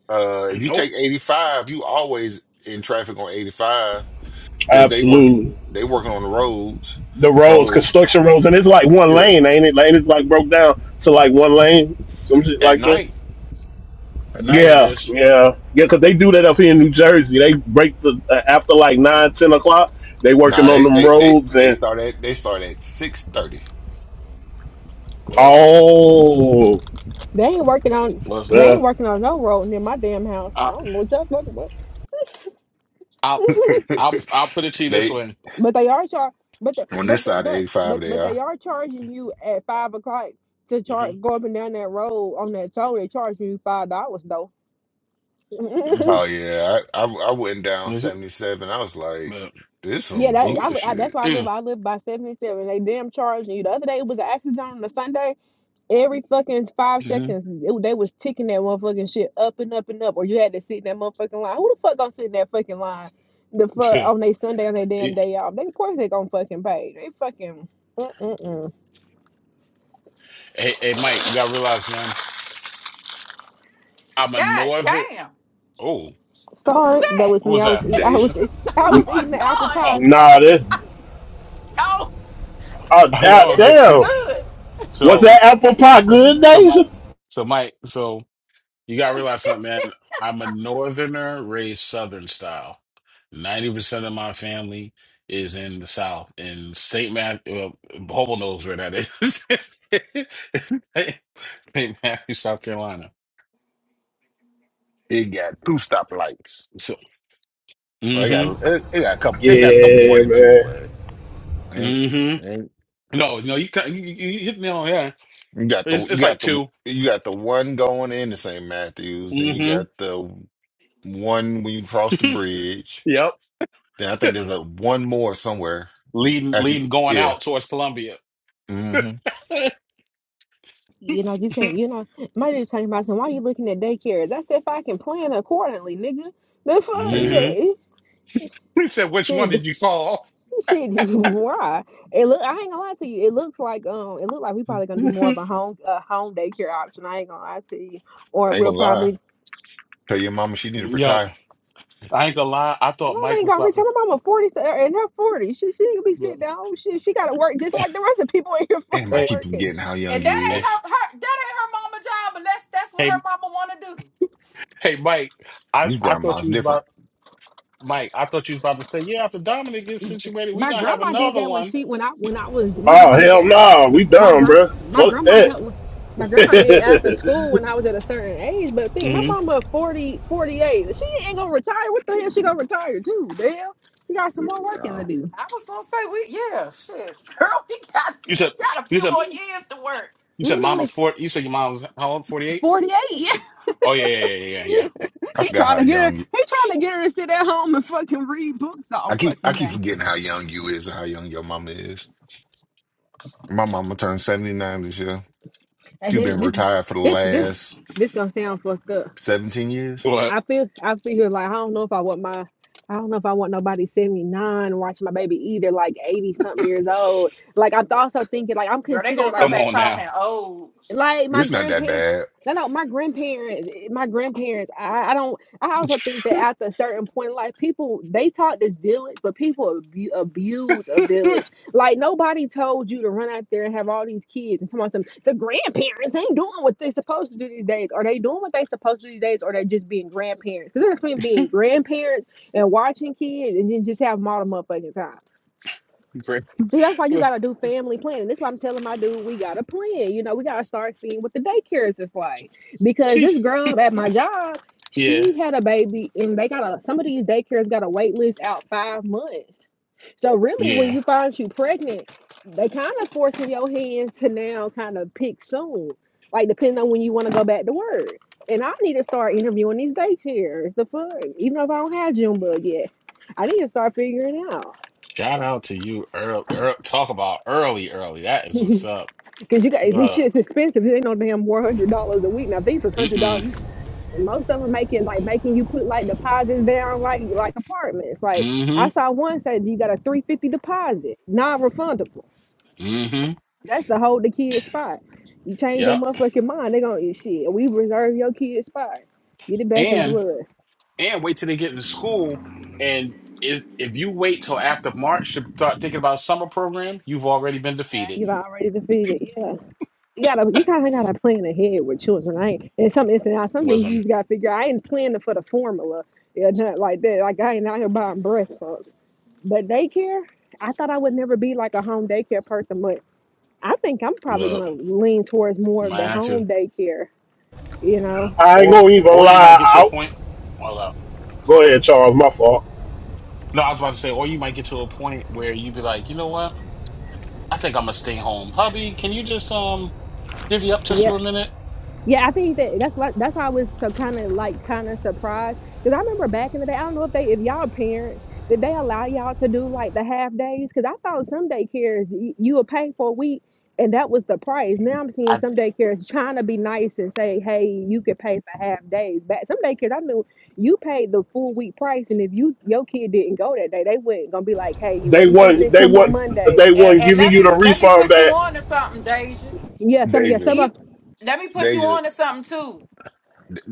S22: Uh, if you take
S20: Nope.
S22: 85, you always in traffic on 85 because they work
S1: Absolutely.
S22: they working on the roads.
S1: The roads,
S22: So
S1: construction roads, and it's like one
S22: yeah,
S1: lane, ain't it? Lane is like broke down to like one lane, some shit
S22: at
S1: like that.
S22: night,
S20: Tonight it
S1: Yeah,
S20: is.
S1: yeah, yeah. Because they do that up here in New Jersey. They break the uh, after like nine, ten o'clock. They working
S22: nah,
S1: on
S22: they
S1: them
S22: they they
S1: roads
S22: they
S1: and
S22: start at they start at 6:30.
S20: Well,
S1: oh,
S21: They ain't working on, they
S20: listen,
S21: ain't
S1: yeah.
S21: working on no road near my damn house. I
S20: I,
S21: don't know what y'all talking about,
S20: I'll I'll I'll put it to you this
S22: They
S20: way.
S21: but they are char, but the,
S22: on this
S21: but the,
S22: side of
S21: but
S22: 85
S21: but
S22: they
S21: but
S22: are.
S21: they are charging you at five o'clock to charge
S20: Mm-hmm.
S21: go up and down that road on that toll. They charging you five dollars though.
S22: Oh
S21: yeah,
S20: Mm-hmm.
S22: yeah, I, I I went down
S20: Is it?
S22: 77. I was like,
S20: But
S22: this some
S21: that
S20: you,
S21: I, li- I, that's
S22: bullshit.
S21: why I live.
S20: mm,
S21: I live by seventy seven. They damn charging you. The other day it was an accident on a Sunday. Every fucking five
S20: mm-hmm.
S21: seconds, it, they was ticking that motherfucking shit up and up and up, or you had to sit in that motherfucking line. Who the fuck gonna sit in that fucking line? The fuck on their Sunday on their damn
S20: hey,
S21: day off? They of course they gonna fucking pay. They fucking. Mm-mm-mm.
S20: hey, Mike, you gotta realize, man, I'm a
S5: God
S20: northern.
S5: damn.
S20: Oh,
S5: Who was
S21: Sorry, that
S5: that?
S21: was
S20: who
S21: me.
S20: was
S21: I
S20: that?
S21: was eat. I
S22: Deja,
S21: was eat, I
S5: Oh
S21: was
S5: my
S21: eating the apple
S5: god.
S20: Oh,
S21: pie.
S1: Nah,
S21: Sorry.
S1: this
S5: Yo,
S1: oh
S20: Are
S5: them
S1: da-
S20: y'all
S5: chips
S20: good?
S5: was
S1: damn.
S5: good.
S1: Was
S20: So,
S1: that apple pie
S20: so,
S1: good,
S21: hmm
S20: so,
S1: Deja?
S20: Mike, so, Mike, so you gotta realize something, man. I'm a northerner raised southern style. 90% of my family is in the South, in St. Matthew, well, Hobo knows where that is. St. Matthew, South Carolina.
S22: it got two stoplights.
S20: So,
S22: Well, it got
S20: mm-hmm,
S22: it, it got a couple. It got a couple more
S1: Yeah,
S22: than two,
S1: man.
S22: but ain't
S20: mm-hmm.
S22: ain't.
S20: No, no, you, ca- you, you you hit me on, yeah.
S22: You got the
S20: It's,
S22: you
S20: it's like
S22: got the
S20: two.
S22: you got the one going into St. Matthews, then you got
S20: Mm-hmm.
S22: the one when you cross the bridge.
S20: Yep.
S22: Then I think there's like one more somewhere
S20: Leading,
S22: after you,
S20: leading, going
S22: yeah.
S20: out towards Columbia.
S22: Mm-hmm.
S21: You know you can. You know my dude's talking about some. Why you looking at daycares? That's if I can plan accordingly, nigga. The fuck,
S22: Yeah.
S20: hmm
S21: man.
S20: He said, which one
S21: shit.
S20: did you call?
S21: Shit, why? It look. I ain't gonna lie to you. It looks like um. It looked like we probably gonna do more of a
S20: Yo,
S21: home uh, home daycare option. I ain't gonna lie to you. Or
S22: I ain't
S21: we'll
S22: gonna lie.
S21: probably.
S22: Tell your mama she need to retire.
S20: I ain't gonna lie. I thought
S21: Mom
S20: Mike
S21: ain't
S20: was
S21: gonna
S20: about
S21: reach.
S20: to.
S21: My mama forty so- uh, in her forty. She she ain't gonna be sitting
S20: Look,
S21: down. She she gotta work just like the rest of people in here
S22: Damn, I
S21: fucking
S20: hey,
S22: keep
S21: working.
S22: forgetting how young
S5: And
S22: you
S5: that
S20: hey,
S22: is.
S5: ain't that a job of
S20: hey,
S5: living.
S20: hey, Mike. I,
S22: These
S20: I thought
S22: grandma's
S20: you was
S22: different.
S20: about Mike. I thought you was about to say, yeah. After Dominic gets situated, we
S21: My
S20: gonna have
S21: grandma did
S20: another
S21: that when
S20: one.
S21: she when I when I was my
S1: Oh
S21: grandma did
S1: hell
S21: that
S1: no, we
S21: My
S1: done,
S21: grand
S1: bruh.
S21: my
S1: Fuck
S21: grandma
S1: that.
S21: helped with- my grandma did after school when I was at a certain age, but think my
S20: hmm
S21: mama 40 48. She ain't gonna retire. What the hell she gonna retire to? The hell? She got some more working
S22: Uh,
S21: to do.
S5: I was gonna say we yeah, shit,
S20: You said,
S5: a
S20: you
S5: few
S20: said,
S5: more years.
S20: you
S21: My
S20: said,
S21: mama
S20: Mama's
S21: only
S20: forty. You said your mom was how old? Forty eight.
S21: 48. he
S20: Oh yeah, yeah, yeah, yeah, yeah.
S22: I forgot
S21: trying
S22: how
S21: to get
S22: young
S21: her
S22: you
S21: he trying to get her to sit at home and fucking read books all
S22: I keep
S21: fucking
S22: I keep
S21: day.
S22: forgetting how young you is and how young your mama is. My mama turned 79 this year.
S21: And
S22: She
S21: then
S22: been
S21: this
S22: retired for the
S21: this this
S22: last
S21: this gonna sound fucked up.
S22: 17 years.
S20: What?
S21: I feel I feel here like I don't know if I want my I don't know if I want nobody 79 watching my baby either, like 80 something years old. Like I'm also thinking like I'm
S5: Girl, they
S21: considering
S5: gonna
S21: like
S5: come
S20: Come
S5: back
S20: on now.
S5: talking old.
S21: like my
S22: It's not that
S21: grandparents
S22: bad.
S21: no no my grandparents eh, my grandparents I, I don't i also think that after a certain point in life people they taught this village but people abu- abuse a village like nobody told you to run out there and have all these kids and tell them the grandparents ain't doing what they supposed to do these days are they doing what they supposed to do these days or they just being grandparents because they're between being grandparents and watching kids and then just have them all the motherfucking time
S20: Great.
S21: See, that's why you
S20: Look,
S21: gotta do family planning. That's why I'm telling my dude we gotta plan. You know, we gotta start seeing what the daycares is like. Because
S20: she.
S21: this girl at my job,
S20: Yeah,
S21: she had a baby and they got a some of these daycares got a wait list out five months. So really when
S20: yeah.
S21: you find you pregnant, they kind of forcing your hand to now kind of pick soon. Like depending on when you want to go back to work. And I need to start interviewing these daycares, the fun, even if I don't have Junebug yet. I need to start figuring out.
S20: Shout out to you, Earl. Earl talk about early, early. That is what's up.
S21: Cause you got these
S20: Uh,
S21: shit's expensive. They know damn one hundred dollars a week. Now these was hundred
S20: mm-mm.
S21: dollars. Most of them making like making you put like deposits down, like like apartments. Like
S20: Mm-hmm.
S21: I saw one say you got a three fifty deposit, non refundable.
S20: Mm-hmm.
S21: That's the hold the kid spot. You change your
S20: Yep.
S21: motherfucking mind, they gonna eat shit. We reserve your kid spot. Get it back in
S20: And
S21: blood.
S20: and wait till they get in school. And if if you wait till after March to start thinking about summer program, you've already been
S21: Yeah,
S20: defeated.
S21: you've already defeated. Yeah. you gotta you kind of gotta plan ahead with children. I ain't and some instance now some things you
S20: Wisdom.
S21: just gotta figure. I ain't planning for the formula, yeah, nothing like that. Like I ain't out here buying breast pumps. But daycare, I thought I would never be like a home daycare person, but I think I'm probably
S20: Look,
S21: gonna lean towards more of the
S20: mine too.
S21: home daycare. You know,
S1: I ain't
S20: Or
S1: gonna even
S20: or you might
S1: lie.
S20: get to a
S1: Out.
S20: point. Well, uh,
S1: Go ahead, Charles. My fault.
S20: no, I was about to say, or you might get to a point where you'd be like, you know what? I think I'm gonna stay home. Hubby, can you just um divvy up just
S21: Yeah.
S20: for a minute?
S21: Yeah, I think that that's why that's why I was so kind of like kind of surprised because I remember back in the day. I don't know if they if y'all parents did they allow y'all to do like the half days because I thought some daycares y- you would pay for a week and that was the price. Now I'm seeing some daycares trying to be nice and say, hey, you could pay for half days. Back some daycares I knew you paid the full week price, and if you your kid didn't go that day, they weren't gonna be like, hey, well
S1: They
S21: he just
S1: weren't.
S21: didn't
S1: They
S21: come on
S1: weren't.
S21: Monday.
S1: They
S5: And,
S1: weren't
S5: and
S1: giving
S5: let
S1: you
S5: me
S1: the
S5: let me
S1: refund
S5: put you
S1: back
S5: on to something, Deja.
S21: Yeah, some yeah
S22: Deja,
S21: some
S5: E
S21: of
S5: Let me put you
S22: Deja,
S5: on to something too.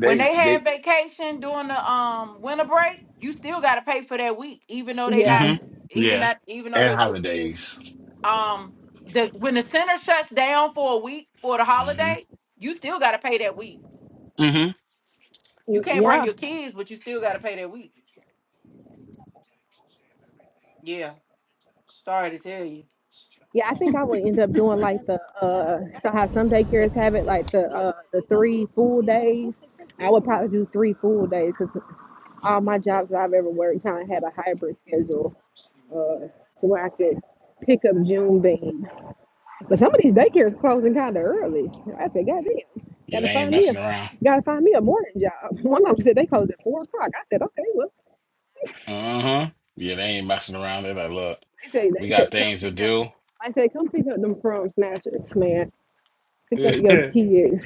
S5: When they
S22: they,
S5: have vacation during the um winter break, you still gotta pay for that week, even though they
S21: yeah
S5: not
S20: Mm-hmm.
S5: even
S20: Yeah.
S5: not even though
S22: and
S5: the, your kids
S22: holidays.
S5: um the when the center shuts down for a week for the
S20: Mm-hmm.
S5: holiday, you still gotta pay that week.
S20: Mm-hmm.
S5: You can't bring
S21: yeah
S5: your kids. You gotta pay that week. Yeah, sorry to tell you.
S21: Yeah, I think I would end up doing like the uh so how some daycares have it like the uh the three full days. I would probably do three full days because all my jobs that I've ever worked kind of had a hybrid schedule uh to where I could pick up June bean. But some of these daycares closing kind of early. I said, God damn,
S20: Yeah, they
S21: gotta
S20: ain't
S21: find me a
S20: messing around.
S21: gotta find me a morning job. One of them said they close at four o'clock. I said, okay, well
S20: Uh-huh. Yeah, they ain't messing around. They're like, look,
S21: they say they
S20: we got
S21: said come
S20: things to
S21: pick up.
S20: do.
S21: I said, come pick up them from snatchers, man. Pick up
S20: yeah,
S21: your
S20: they
S21: kids.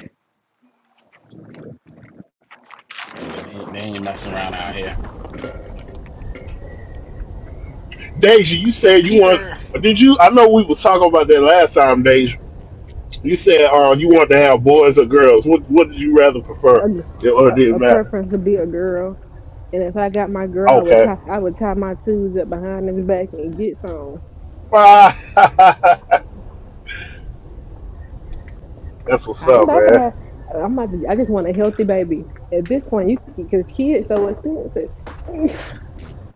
S20: ain't, they ain't messing around out here.
S1: Deja, you said you want.
S20: Repeater.
S1: Did you? I know we was talking about that last time, Deja. You said uh, you want to have boys or girls. What What did you rather prefer?
S21: A
S1: It, or
S21: a,
S1: did it
S21: a
S1: matter?
S21: preference to be a girl. And if I got my girl, I would
S1: Okay.
S21: tie I would tie my twos up behind his back and get some.
S1: Ah, That's what's
S21: I ain't
S1: up,
S21: about to
S1: man.
S21: have. I'm about to, I just want a healthy baby. At this point, you because kids so expensive.
S20: Mhm.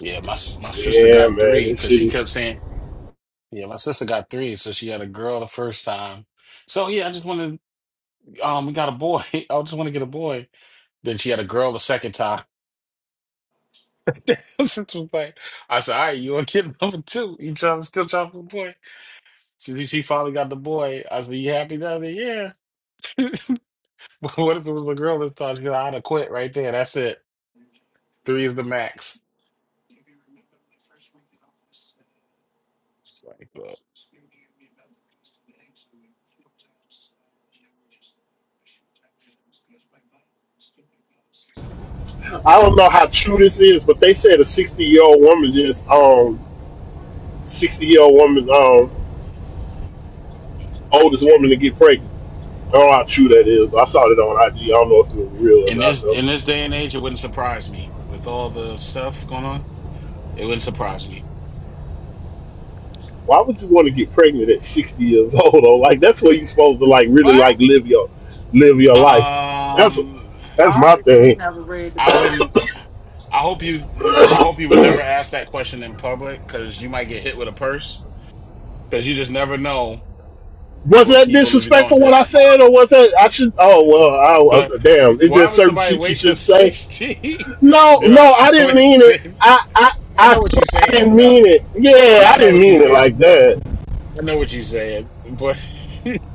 S20: Yeah, my s- my sister
S1: Yeah,
S20: got
S1: man.
S20: three
S1: This
S20: because
S1: shit
S20: she
S1: is.
S20: kept saying, yeah, my sister got three, so she had a girl the first time. So yeah, I just wanted, um, we got a boy. I just want to get a boy. Then she had a girl the second time. Since we played, I said, "All right, you want kid number two? You trying still trying for the boy?" She she finally got the boy. I said, "You happy now?" Yeah. What if it was my girl that thought, you know, I'd have quit right there. That's it. Three is the max. It's like, well,
S1: I don't know how true this is, but they said a sixty year old woman is um sixty year old woman um oldest woman to get pregnant. I don't know how true that is. I saw it on IG. I don't know if it was real or
S20: in
S1: not
S20: this
S1: though.
S20: in this day and age, it wouldn't surprise me with all the stuff going on. It wouldn't surprise me.
S1: Why would you want to get pregnant at 60 years old? Though, like that's where you're supposed to like really
S5: What?
S1: like live your live your life. That's what
S20: Um,
S1: that's my
S5: Obviously, you
S1: thing.
S5: never read the
S20: I
S5: Bible.
S20: wouldn't. I hope you. I hope you would never ask that question in public because you might get hit with a purse because you just never know
S1: Was
S20: what
S1: that
S20: people is going
S1: disrespectful
S20: through.
S1: what I said, or was that I should? Oh well, I,
S20: But
S1: I, damn. Is there
S20: why would
S1: certain
S20: somebody
S1: shit you
S20: wait till
S1: should say?
S20: sixty?
S1: No,
S20: Duh,
S1: no,
S20: I
S1: I didn't
S20: would
S1: mean it.
S20: say.
S1: I, I,
S20: I
S1: I
S20: know what
S1: swear,
S20: you're
S1: I
S20: saying.
S1: didn't
S20: Uh,
S1: mean it. Yeah,
S20: no,
S1: I
S20: I know
S1: didn't
S20: what you're
S1: mean it
S20: saying.
S1: like that.
S20: I know what you said, but don't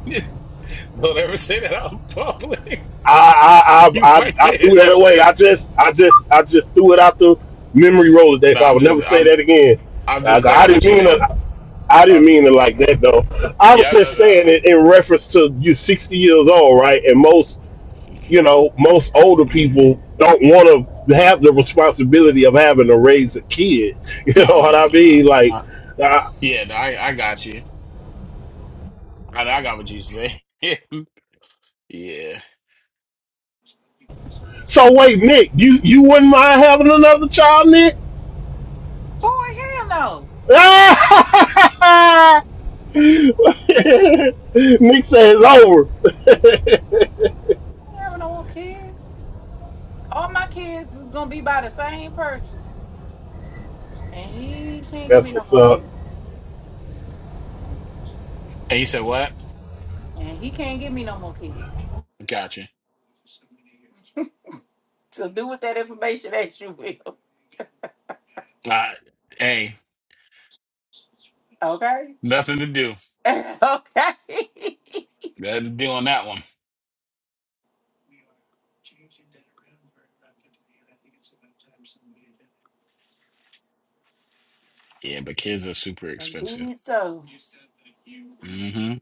S20: ever say that out in public.
S1: I, I,
S20: You
S1: I,
S20: might
S1: I, I
S20: get
S1: threw
S20: hit in the
S1: that away. I
S20: person.
S1: just, I just, I just threw it out the memory roller day,
S20: No,
S1: so I
S20: I'm
S1: would never
S20: just
S1: say
S20: I'm
S1: that again.
S20: I'm
S1: I,
S20: just
S1: I
S20: messing with
S1: didn't
S20: you,
S1: mean it.
S20: man.
S1: I didn't
S20: I'm
S1: mean it
S20: just,
S1: like that though. I was
S20: yeah,
S1: just
S20: no,
S1: saying it in reference to you 60 years old, right? And most, you know, most older people don't want to have the responsibility of having to raise a kid. You
S20: no, no,
S1: know
S20: no,
S1: what
S20: no, no.
S1: I
S20: no. I'm
S1: mean? Like,
S20: not-
S1: uh,
S20: yeah, no, I I got you. I, I got what you say. yeah, and
S1: so wait, Nick, you you wouldn't mind having another child, Nick?
S5: Boy, hell no. I
S1: Nick says over.
S5: don't have no kids. All my kids was gonna be by the same person. And he can't give
S1: That's
S5: me no
S1: what's
S5: more
S1: up.
S5: kids.
S20: you said what?
S5: And he can't give me no more kids.
S20: Got you.
S5: So do with that information as you will.
S20: Uh, hey,
S5: Okay?
S20: nothing to do.
S5: okay.
S20: Nothing to do on that one. Yeah, but kids are super
S5: And
S20: expensive.
S5: being it so.
S20: Mm-hmm.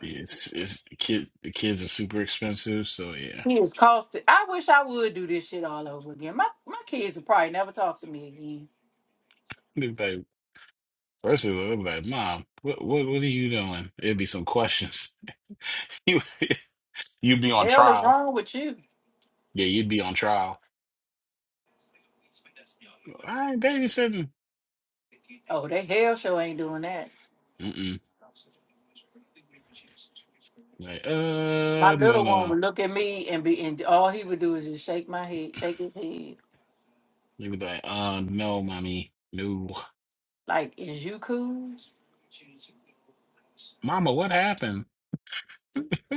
S20: It's it's kid the kids are super expensive, so yeah.
S5: He is costed. I wish I would do this shit all over again. My my kids would probably never talk to me again.
S20: They'd be like, first of all, they'd be like, Mom, what, what, what are you doing? It'd be some questions. You, you'd be on
S5: Hell is
S20: trial.
S5: wrong with you.
S20: Yeah, you'd be on trial. I ain't babysitting.
S5: Oh, they hell show ain't doing that.
S20: Mm-mm. Like,
S5: My
S20: uh, no, no,
S5: little one would
S20: no.
S5: look at me and be and all he would do is just shake my head, shake his head.
S20: They'd be like, uh, no, mommy, no.
S5: Like, is you cool?
S20: Mama, what happened?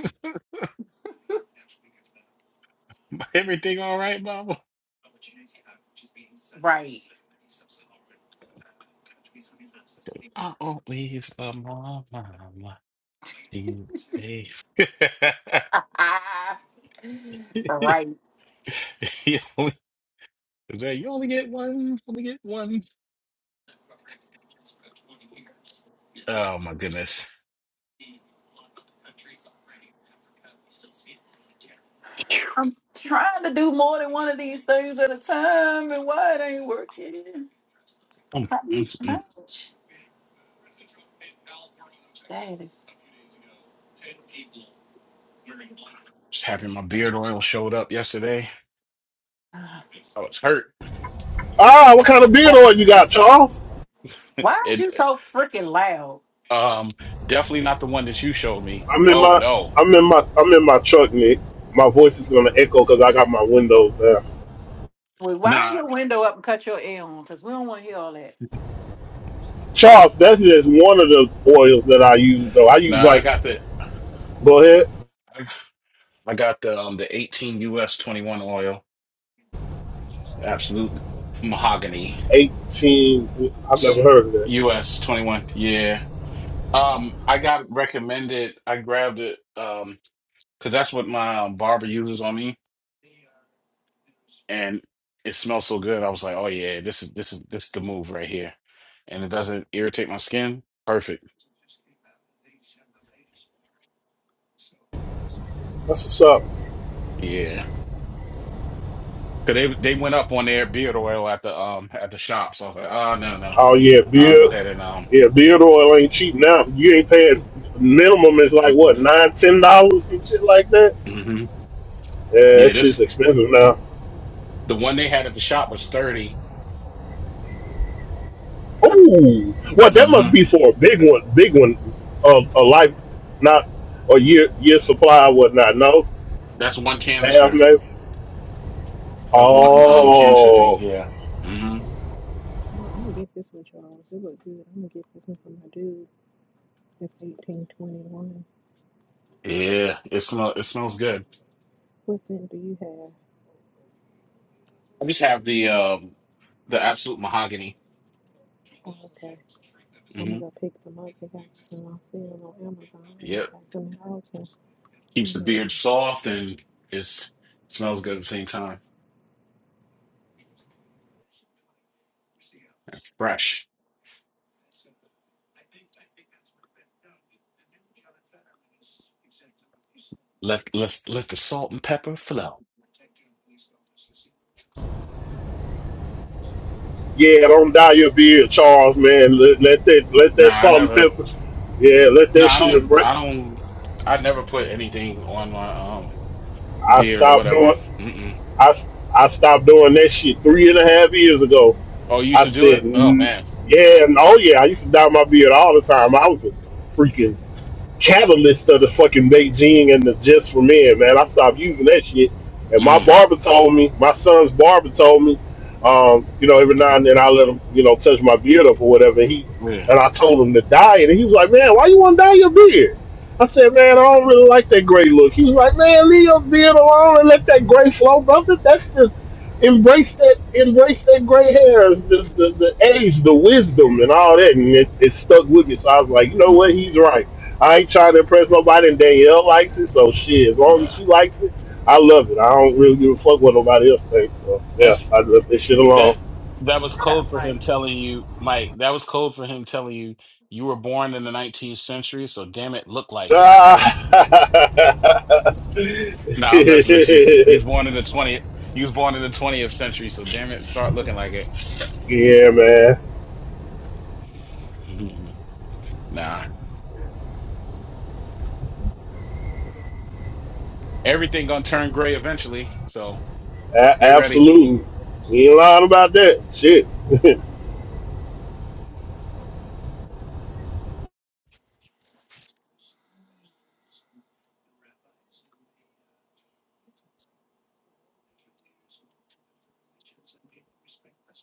S20: Everything all right, mama?
S5: Right.
S20: I always love my mama. She's safe.
S5: right.
S20: you only, is that, you only get one, only get one. Oh my goodness.
S5: I'm trying to do more than one of these things at a time, and why it ain't working?
S20: Mm,
S5: How do you
S20: mm, mm.
S5: change? That is.
S20: Just happy my beard oil showed up yesterday. I was hurt.
S1: Ah, what kind of beard oil you got, Charles?
S5: Why is
S20: And
S5: you so freaking loud?
S20: um definitely not the one that you showed me.
S1: I'm in
S20: Oh
S1: my
S20: no.
S1: I'm in my I'm in my truck, Nick. My voice is gonna echo because I got my windows down.
S5: Well, wind
S20: Nah,
S5: your window up and cut your air on, cause we don't want to hear all that.
S1: Charles, that's just one of the oils that I use though. I use
S20: nah, I
S1: like
S20: got the
S1: go ahead,
S20: I I got the um the 18 US 21 oil. Absolute mahogany.
S1: eighteen. I've never heard of that.
S20: US 21. Yeah. Um I got recommended. I grabbed it um cuz that's what my um, barber uses on me. and it smells so good. I was like, oh yeah, this is this is this is the move right here, and it doesn't irritate my skin. Perfect.
S1: That's what's up.
S20: Yeah, because they they went up on their beard oil at the um at the shop, so I was like, oh no no,
S1: Oh yeah,
S20: I'll go
S1: beard.
S20: ahead and um
S1: Yeah, beard oil ain't cheap now. You ain't paying minimum is like what nine, ten dollars and shit like that.
S20: hmm
S1: Yeah,
S20: yeah
S1: that shit's
S20: this
S1: expensive now.
S20: the one they had at the shop was 30
S1: Oh, well, that must
S20: Mm-hmm.
S1: be for a big one, big one, um, a life, not a year year supply or whatnot. No,
S20: That's one
S1: half
S20: canister
S1: maybe.
S20: of one um canister thing.
S1: Oh,
S20: here. hmm
S21: Oh, I'm gonna get this one, Charles. It look good. I'm gonna get this one for my dude. It's eighteen twenty one.
S20: Yeah, it smell it smells good.
S21: What scent do you have?
S20: I just have the um the absolute mahogany.
S21: Oh, okay. I'm gonna
S20: Mm-hmm.
S21: go pick some up. They got some on sale on Amazon, and they
S20: Yep.
S21: got some in Ulta.
S20: keeps
S21: You
S20: the
S21: may have-
S20: beard soft and it's smells good at the same time and fresh. Let let let the salt and pepper flow.
S1: yeah, don't dye your beard, Charles, man. Let, let that let
S20: Nah,
S1: that
S20: I
S1: salt and
S20: never.
S1: pepper, yeah, let
S20: No,
S1: that
S20: I
S1: shit
S20: don't.
S1: break.
S20: I don't. I never put anything on my um
S1: I
S20: beard or
S1: stopped
S20: whatever.
S1: doing
S20: Mm-mm.
S1: I I stopped doing that shit three and a half years ago.
S20: Oh, you used
S1: I
S20: to do
S1: said,
S20: it? Oh
S1: "N-
S20: man.
S1: yeah, and oh yeah, I used to dye my beard all the time. I was a freaking catalyst of the fucking Beijing and the Just for Men, man. I stopped using that shit. And my
S20: Mm.
S1: barber told me, my son's barber told me, um, you know, every now
S20: hmm
S1: and then I let him, you know, touch my beard up or whatever. And he
S20: Yeah.
S1: and I told him to dye it, and he was like, "Man, why you want to dye your beard?" I said, "Man, I don't really like that gray look." He was like, "Man, leave your beard alone and let that gray flow, brother. That's the embrace that embrace that gray hairs, the, the the age, the wisdom, and all that." And it, it stuck with me. So I was like, "You know what?
S20: Mm-mm.
S1: He's right." I ain't trying to impress nobody, and Danielle likes it, so shit. As long
S20: Nah.
S1: as she likes it, I love it. I don't really give a fuck what nobody else thinks. So yeah,
S20: That's
S1: I left this shit
S20: that.
S1: alone.
S20: That was
S5: Shut up,
S20: code for
S5: Mike.
S20: him telling you, Mike. That was code for him telling you you were born in the 19th century, so damn it, look like it.
S1: Ah.
S20: No, nah, I'm messing with you. You was born in the 20th. You was born in the 20th century, so damn it, start looking like it.
S1: yeah, man.
S20: nah, everything gonna turn gray eventually. So
S1: A-
S20: get ready.
S1: absolutely. We ain't lying about that. Shit.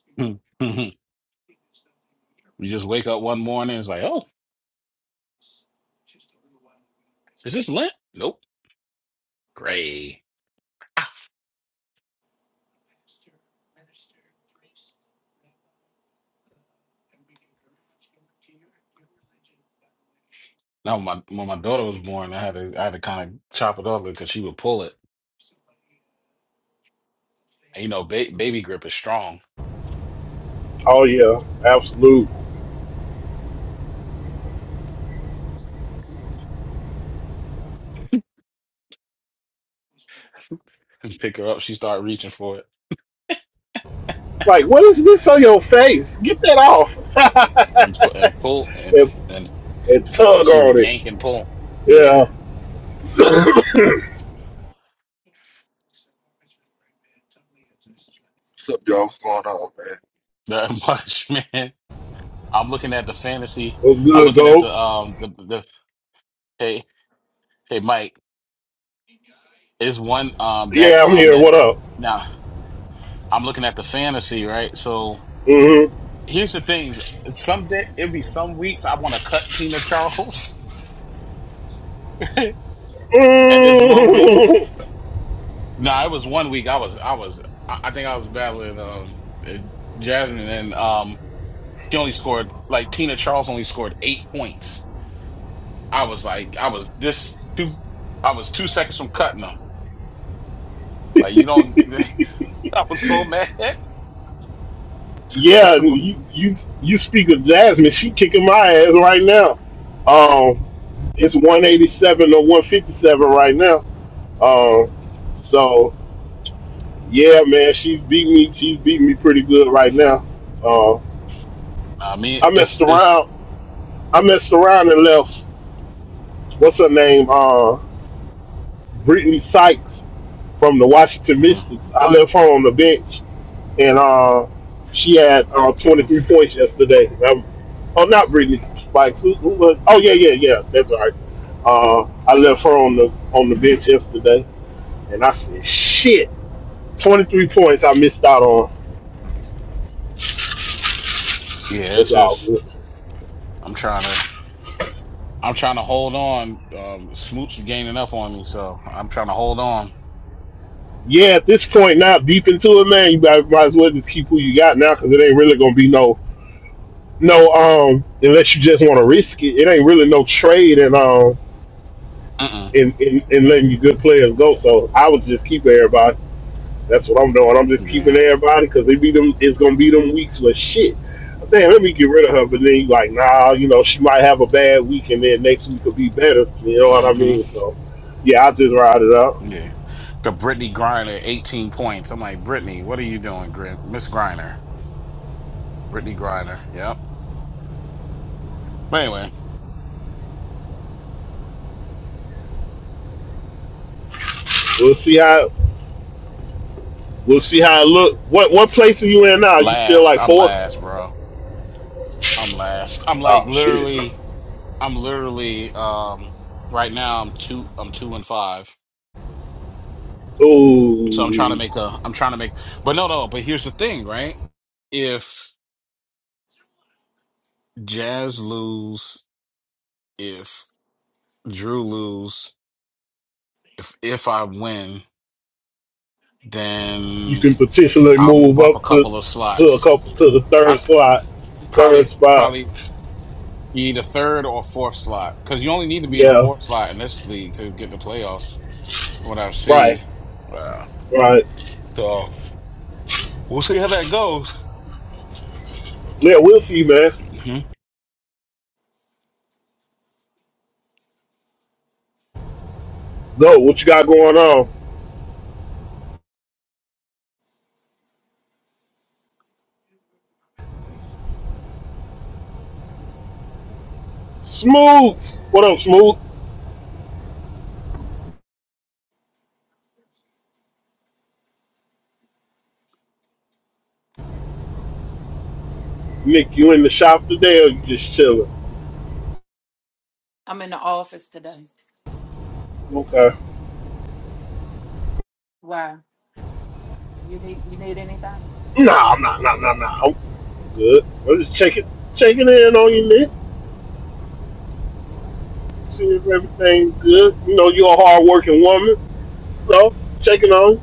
S20: you just wake up one morning, it's like, oh, is this Lent? Nope, gray. Now when my when my daughter was born, I had to I had to kind of chop it off because she would pull it. And, you know, ba baby grip is strong.
S1: Oh yeah, absolute.
S20: Pick her up, she started reaching for it
S1: Like, what is this on your face? Get that off.
S20: and pu- and pull and
S1: and,
S20: and
S1: and
S20: and
S1: tug
S20: she would
S1: on it.
S20: yank and pull. Yeah,
S1: Yeah.
S23: What's up, y'all? What's going on,
S20: that much, man. I'm looking at the fantasy.
S1: What's
S20: I'm
S1: good,
S20: looking at
S1: Gold?
S20: the um the the hey hey Mike is one um that
S1: Yeah, I'm
S20: um
S1: here. What
S20: that
S1: up?
S20: now I'm looking at the fantasy right. So
S1: hmm
S20: here's the things. Some day it be some weeks I want to cut Tina Charles, and it's one week.
S1: mm
S20: No, it was one week. I was I was I I think I was battling um eh, Jasmine and um she only scored like Tina Charles only scored eight points. I was like I was this two I was two seconds from cutting her. Like you don't. I was so mad.
S1: yeah, you, you you speak of Jasmine. She kicking my ass right now. Um, it's one eighty seven or one fifty seven right now. Um, so yeah, man, she's beat me. She's beat me pretty good right now. Uh,
S20: Nah, I mean
S1: I messed
S20: it's it's
S1: around. I messed around and left. What's her name? Uh, Brittany Sykes from the Washington
S20: uh
S1: Mystics. I left her on the bench and uh, she had uh,
S20: yeah,
S1: 23 points yesterday. I'm, oh, not Brittany Spikes. Who, who was? Oh, yeah, yeah, yeah. That's right. Uh, I left her on the on the bench yesterday, and I said, "Shit, 23 points I missed out on." It's
S20: it's
S1: all
S20: just
S1: good.
S20: I'm trying to I'm trying to hold on. Um, Smoot's gaining up on me, so I'm trying to hold on.
S1: Yeah, at this point now, deep into it, man, you might, might as well just keep who you got now because it ain't really gonna be no no um unless you just want to risk it. It ain't really no trade and um
S20: Mm-mm.
S1: in, in in letting you good players go. So I was just keeping everybody. That's what I'm doing. I'm just keeping
S20: Yeah.
S1: everybody because they be them. It's gonna be them weeks with shit. Damn, let me get rid of her. But then you like, nah, you know, she might have a bad week, and then next week will be better. You know what I
S20: Mm-hmm.
S1: mean? So, yeah, I just ride it out.
S20: Yeah. The Brittany Griner, 18 points. I'm like, Brittany, what are you doing, Grin- Miss Griner? Brittany Griner. Yep. But anyway,
S1: We'll see how we'll see how it look. What what place are you in now? You still
S20: last.
S1: like
S20: I'm
S1: four?
S20: last, bro. I'm last. I'm like
S1: Oh shit.
S20: literally. I'm literally. Um. Right now, I'm two. I'm two and five. So I'm trying to
S1: Ooh,
S20: make a I'm trying to make but no no, but here's the thing, right? If Jazz lose, if Drew lose, if if I win,
S1: you
S20: then
S1: can potentially
S20: I'll move
S1: move
S20: up a
S1: up to
S20: couple of
S1: to a
S20: slots.
S1: couple to the
S20: I
S1: third
S20: c-
S1: slot,
S20: probably
S1: third spot.
S20: probably be the third or fourth slot because you only need to be in the
S1: Yeah,
S20: fourth slot in this league to get in the playoffs. From what I
S1: right,
S20: see, wow.
S1: right.
S20: So we'll see how that goes.
S1: Yeah, we'll see, man.
S20: hmm
S1: Zo, what you got going on? Smooth. What up, Smooth? Nick, you in the shop today or you just chilling?
S5: I'm in the office today.
S1: Okay.
S5: Why? You need you need anything?
S1: Nah, I'm not, nah, nah, nah. I'm good. I'm just checking, checking in on you, Nick. See if everything good. You know, you're a hard-working woman, so checking on,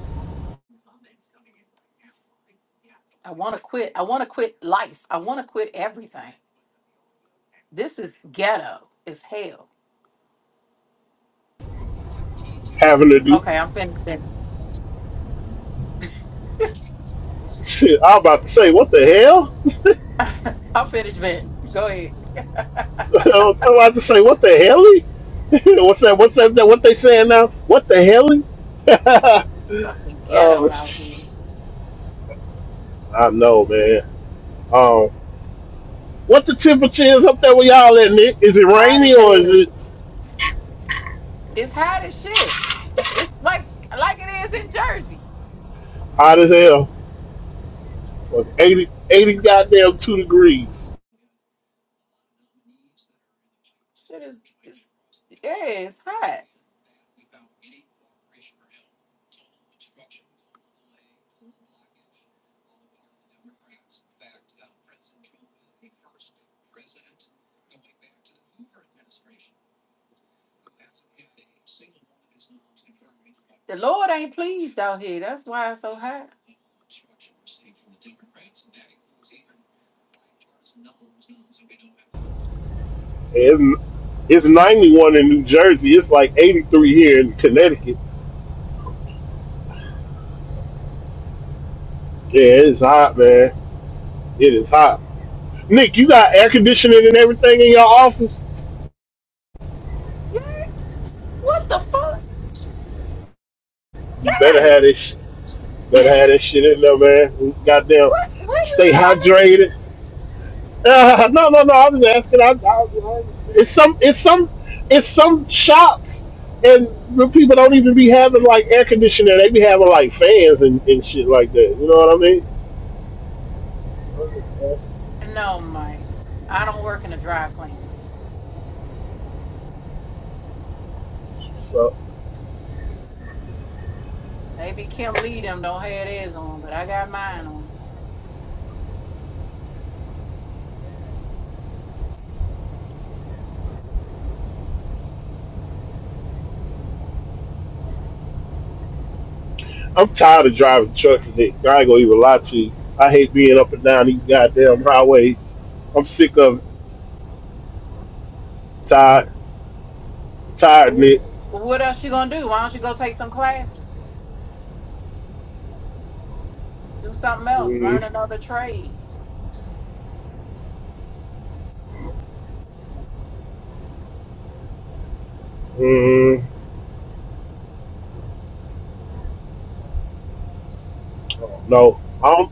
S5: I want to quit. I want to quit life. I want to quit everything. This is ghetto. It's hell.
S1: having to do.
S5: Okay, I'm finished. venting.
S1: Shit, I'm about to say, what the hell?
S5: I'm finished. venting. Go ahead.
S1: I'm about to say, what the hell? what's that? What's that? What they saying now? What the hell?
S5: Fucking ghetto
S1: oh,
S5: out here.
S1: I know, man. Um, What the temperature is up there where y'all at, Nick? Is it
S5: Hot
S1: rainy
S5: as
S1: or is
S5: hell.
S1: it
S5: It's hot as shit. It's like like it is in Jersey.
S1: hot as hell? 80, 80 goddamn two degrees.
S5: Yeah, It's hot. The Lord ain't pleased out here. That's why it's so hot.
S1: And It's, it's 91 in New Jersey. It's like 83 here in Connecticut. Yeah, it's hot, man. It is hot. Nick, you got air conditioning and everything in your office?
S5: What the fuck?
S1: You better have
S5: Yes.
S1: this. Better have this shit in there, man. Goddamn,
S5: What? Where you
S1: stay
S5: think I
S1: hydrated. Uh, no, no, no. I was asking. I, I, it's some, it's some, it's some shops, and the people don't even be having like air conditioning. They be having like fans and, and shit like that. You know what I
S5: live? No, Mike. I don't work in the dry cleaners.
S1: mean? So
S5: Maybe Kim Lee them don't have theirs on, but I got mine on.
S1: I'm tired of driving trucks and dick. I ain't gonna even lie to you. I hate being up and down these goddamn highways. I'm sick of it. tired,
S5: But
S1: tired, Nick.
S5: what else you gonna do? Why don't you go take some classes? Do something else. Learn
S1: Mm,
S5: another trade.
S1: mm, no, I'm.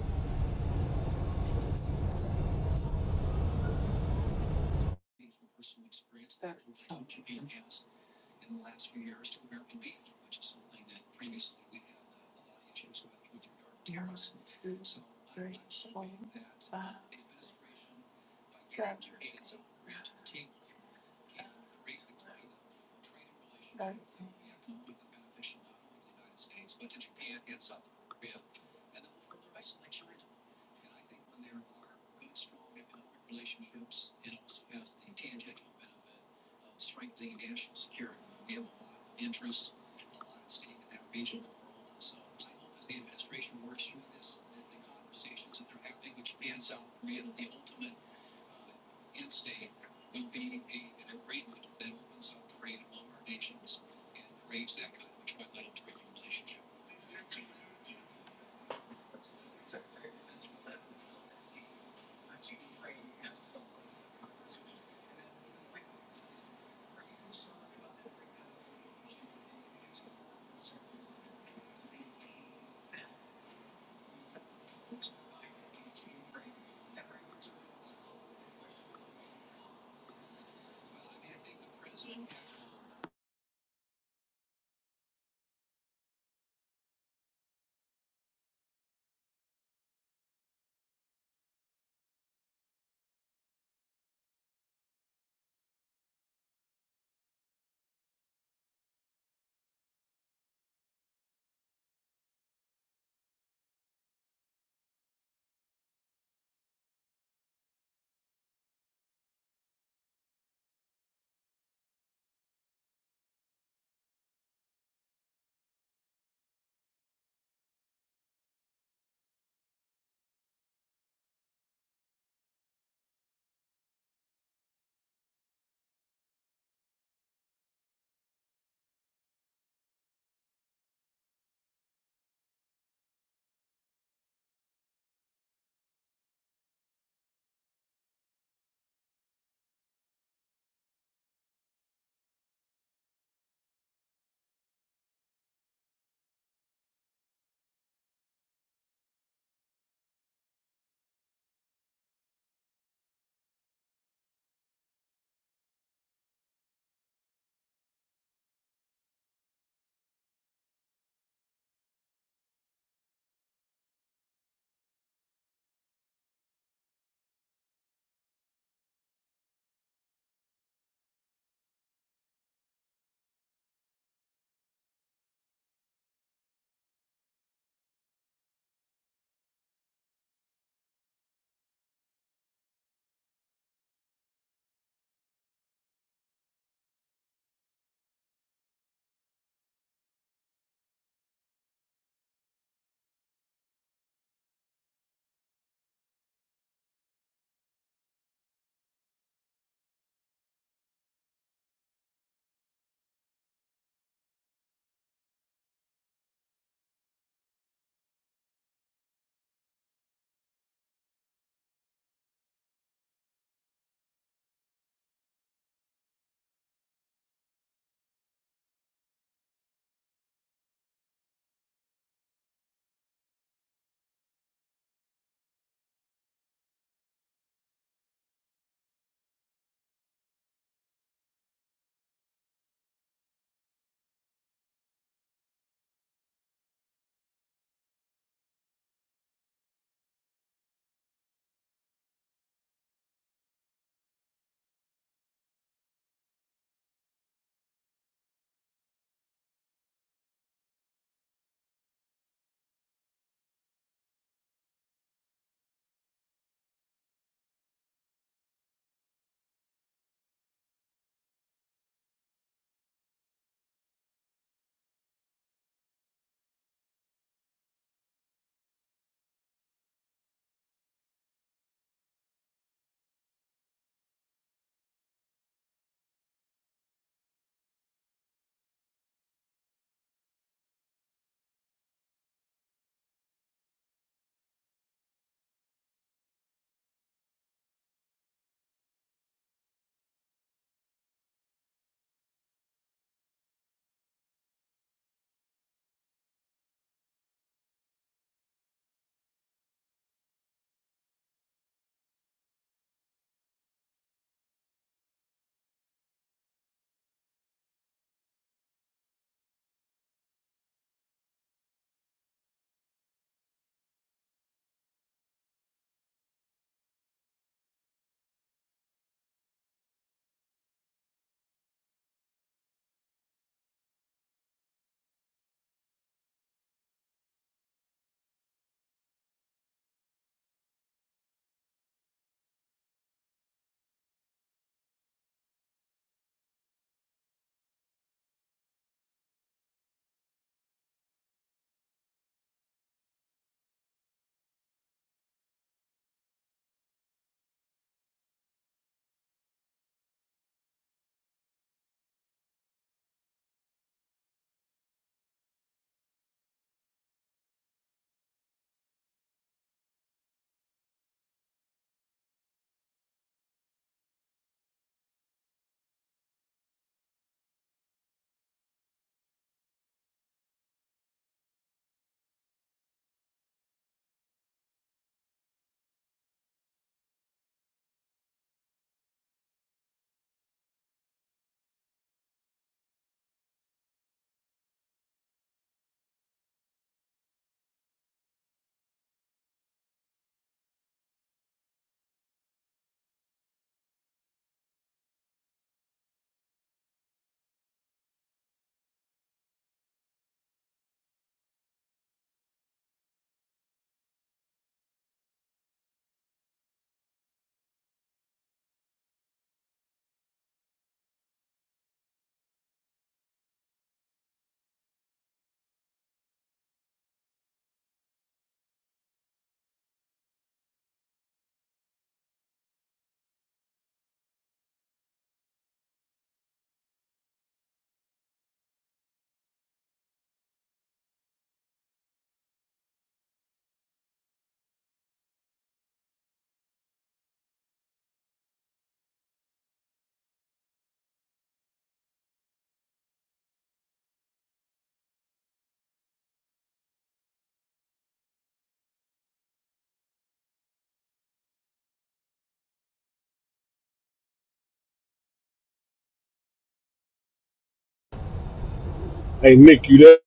S1: Hey, Nick, you there?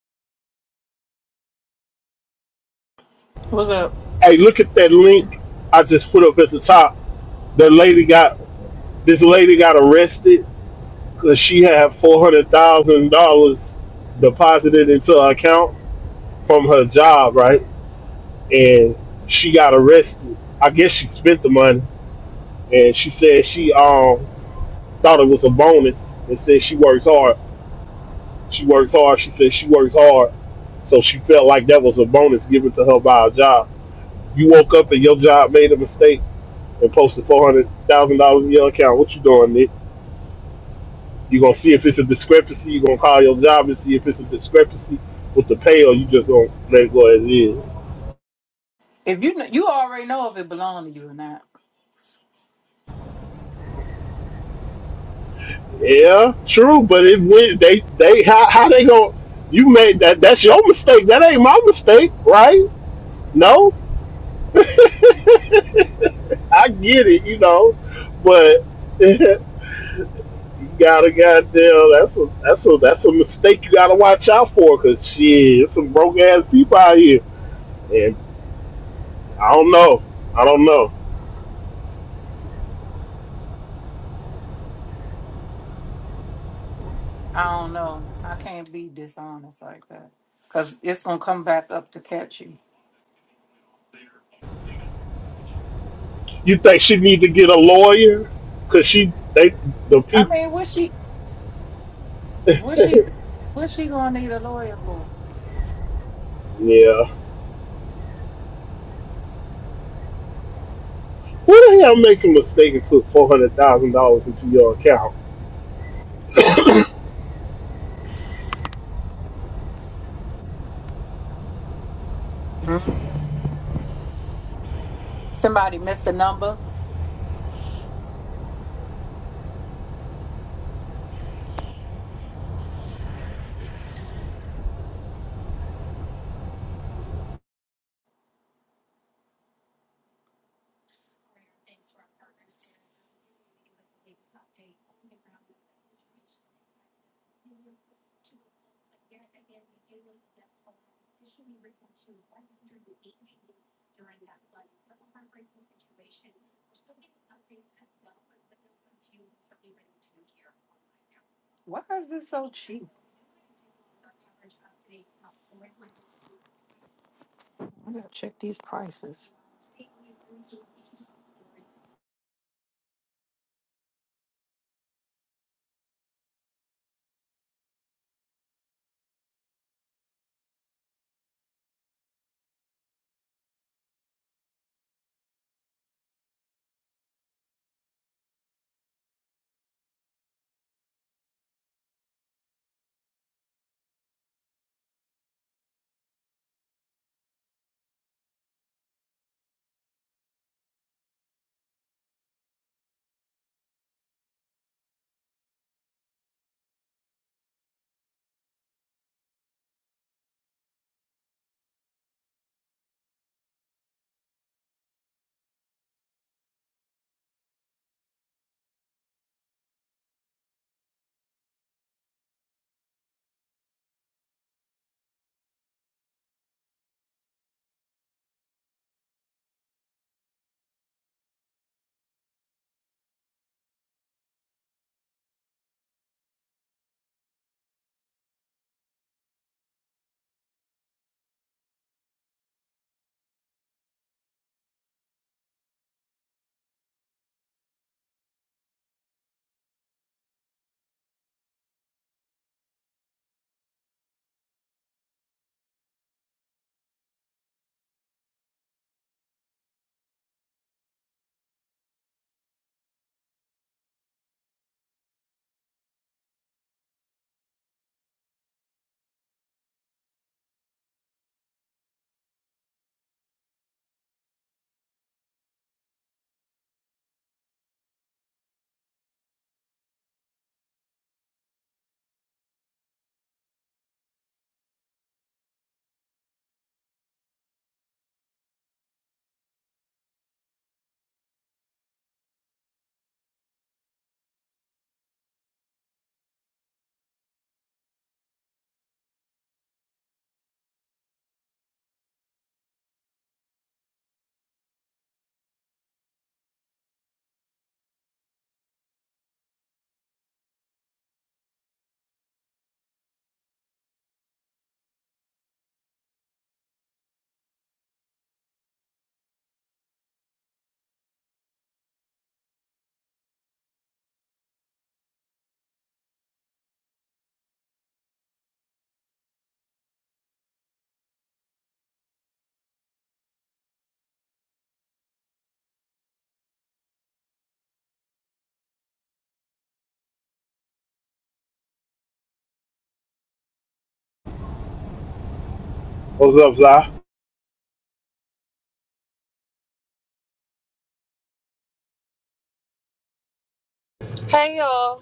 S5: What's up?
S1: Hey, look at that link I just put up at the top. The lady got This lady got arrested because she had four hundred thousand dollars deposited into her account from her job, right? And she got arrested. I guess she spent the money, and she said she um thought it was a bonus, and said she works hard. She works hard. She said she works hard, so she felt like that was a bonus given to her by a job. You woke up and your job made a mistake and posted four hundred thousand dollars in your account. What you doing, Nick? You're gonna see if it's a discrepancy. You're gonna call your job and see if it's a discrepancy with the pay, or you just gonna let it go as is.
S5: If you kn- you already know if it belonged to you or not.
S1: Yeah, true, but it went. They they how how they going You made that. That's your mistake. That ain't my mistake, right? No, I get it, you know, but you gotta goddamn. That's a that's a that's a mistake you gotta watch out for, cause shit, there's some broke ass people out here, and I don't know. I don't know.
S5: I don't know. I can't be dishonest like that because it's gonna come back up to catch you.
S1: You think she need to get a lawyer? Cause she they the
S5: I
S1: people.
S5: mean, what she, what she, what she gonna need a lawyer for?
S1: Yeah. Who the hell makes a mistake and put four hundred thousand dollars into your account?
S5: Mhm. Somebody missed the number. Why is this so cheap? I gotta check these prices.
S1: What's up, Zai?
S24: Hey y'all,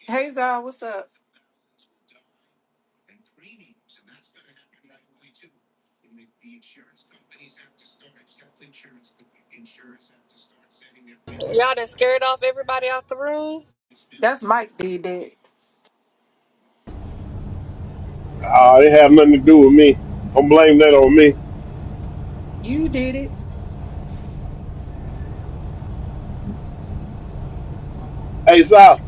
S5: Hey Zal, what's up?
S24: y'all done scared off everybody out the room.
S5: That's Mike did that.
S1: Uh, it had nothing to do with me. Don't blame that on me.
S5: You did
S1: Hey, Zai,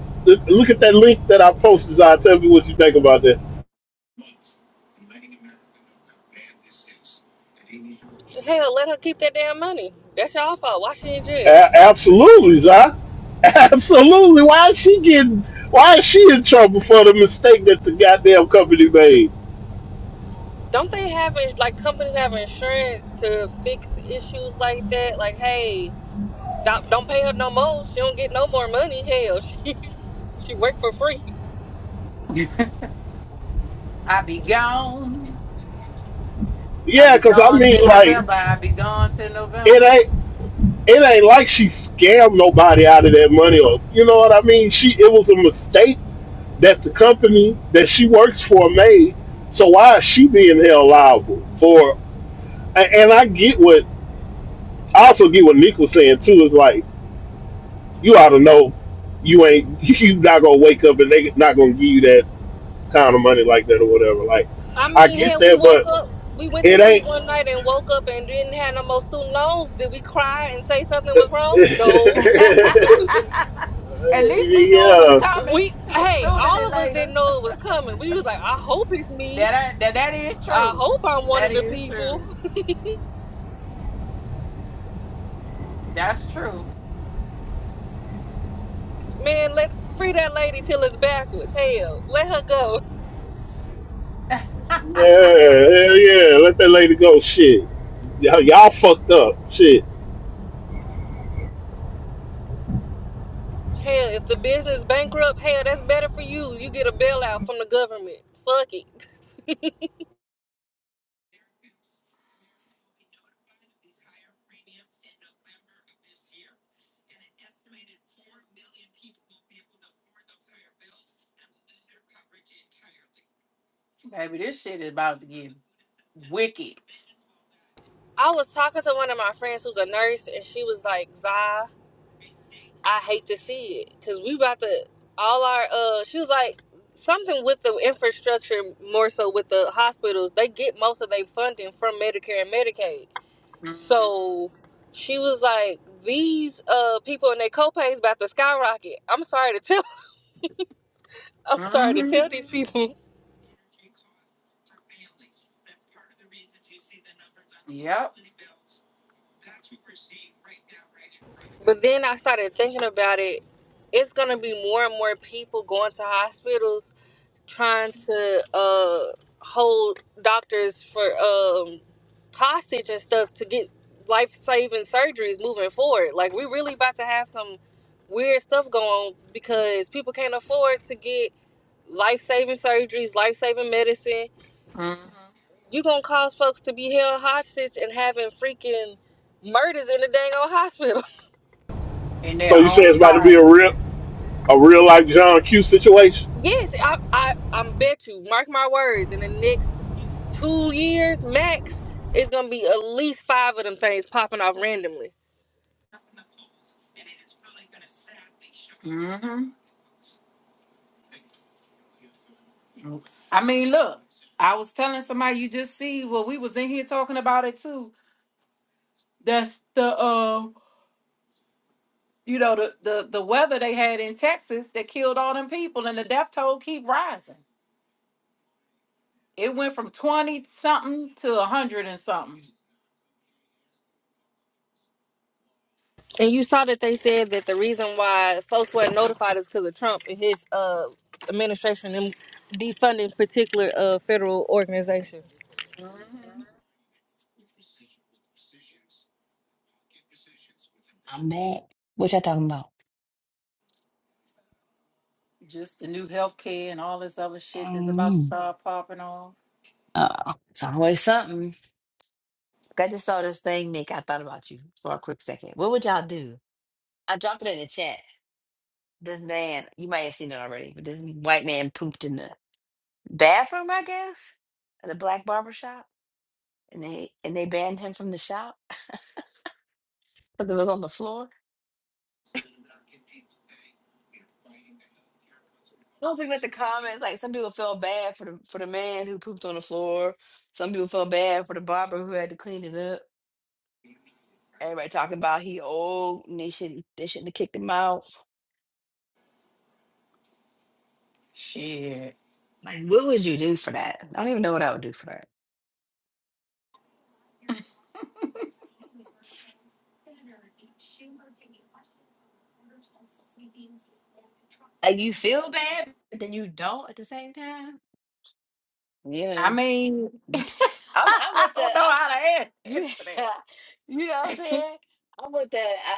S1: look at that link that I posted, Zai. Tell me what you think about that.
S24: Hell, let her keep that damn money. That's y'all fault. Why she in jail?
S1: A- absolutely, Zai. Absolutely. Why is she getting? Why is she in trouble for the mistake that the goddamn company made?
S24: Don't they have ins- like companies have insurance to fix issues like that? Like, hey, stop! Don't pay her no more. She don't get no more money. Hell, she she worked for free.
S5: it. I be gone. I
S1: Yeah,
S5: be
S1: cause I
S5: gone till
S1: mean, like,
S5: November. I be gone till
S1: it
S5: November.
S1: ain't. it ain't like she scammed nobody out of that money or you know what I mean? She it was a mistake that the company that she works for made. So why is she being held liable for and I get what I also get what Nick was saying too, is like you ought to know you ain't you not gonna wake up and they not gonna give you that kind of money like that or whatever. Like
S24: I
S1: I
S24: mean,
S1: get
S24: hell, we
S1: that
S24: woke
S1: but
S24: up, we went to
S1: it
S24: sleep
S1: ain't
S24: one night and woke up and didn't have no more student loans. Did we cry and say something was wrong? No.
S5: At least we knew it was
S1: yeah
S5: coming
S24: We hey,
S5: sooner
S24: all
S5: than
S24: of us
S5: later.
S24: didn't know it was coming. We was like, I hope it's me.
S5: That, I, that that is
S24: I
S5: true.
S24: hope I'm one
S5: That
S24: of the
S5: is
S24: people.
S5: true. That's true.
S24: Man, let free that lady till it's backwards. Hell, let her go.
S5: Baby,
S1: Yeah, hell yeah, let that lady go. Shit, y'all, y'all fucked up. Shit.
S24: Hell, if the business bankrupt, hell, that's better for you. You get a bailout from the government. Fuck it.
S5: this shit is about to get wicked.
S24: I was talking to one of my friends who's a nurse, and she was like, "Zai, I hate to see it, cause we about to all our uh." She was like, "Something with the infrastructure, more so with the hospitals. They get most of their funding from Medicare and Medicaid."
S5: Mm-hmm.
S24: So she was like, "These uh people and their copays about to skyrocket." I'm sorry to tell. I'm sorry to
S5: Mm-hmm.
S24: tell these people.
S5: Yep.
S24: But then I started thinking about it. It's gonna be more and more people going to hospitals trying to uh hold doctors for um hostage and stuff to get life saving surgeries moving forward. Like we really about to have some weird stuff going on because people can't afford to get life saving surgeries, life saving medicine.
S5: Mm-hmm.
S24: You gonna cause folks to be held hostage and having freaking murders in the dang old hospital.
S5: In
S1: So
S5: their
S1: you say
S5: own
S1: it's about to be a
S5: bodies.
S1: real, a real life John Q situation?
S24: yes, I, I I bet you, mark my words, in the next two years max, it's gonna be at least five of them things popping off randomly.
S5: Mm-hmm. I mean, look, I was telling somebody you just see well, we was in here talking about it too. That's the uh You know, the, the, the weather they had in Texas that killed all them people and the death toll keep rising. It went from 20 something to 100 and something.
S24: And you saw that they said that the reason why folks weren't notified is because of Trump and his uh administration and defunding particular uh federal organizations.
S5: hmm
S18: I'm back. What y'all talking about?
S5: Just the new health care and all this other shit that's about to
S18: Mm,
S5: start popping off.
S18: uh, it's always something. I just saw this thing, Nick. I thought about you for a quick second. What would y'all do? I dropped it in the chat. This man, you might have seen it already, but this white man pooped in the bathroom, I guess, at a black barber shop, and they and they banned him from the shop because it was on the floor. I was looking at the comments, like some people felt bad for the for the man who pooped on the floor. Some people felt bad for the barber who had to clean it up. Everybody talking about he old and they shouldn't they shouldn't have kicked him out. Like, what would you do for that? I don't even know what I would do for that. Like, you feel bad, but then you don't at the same time.
S5: I
S18: Yeah,
S5: mean,
S18: I'm I'm
S5: I
S18: with the
S5: don't know
S18: oh,
S5: how to an-
S18: you
S5: answer that.
S18: you know what I'm saying. I'm with the I,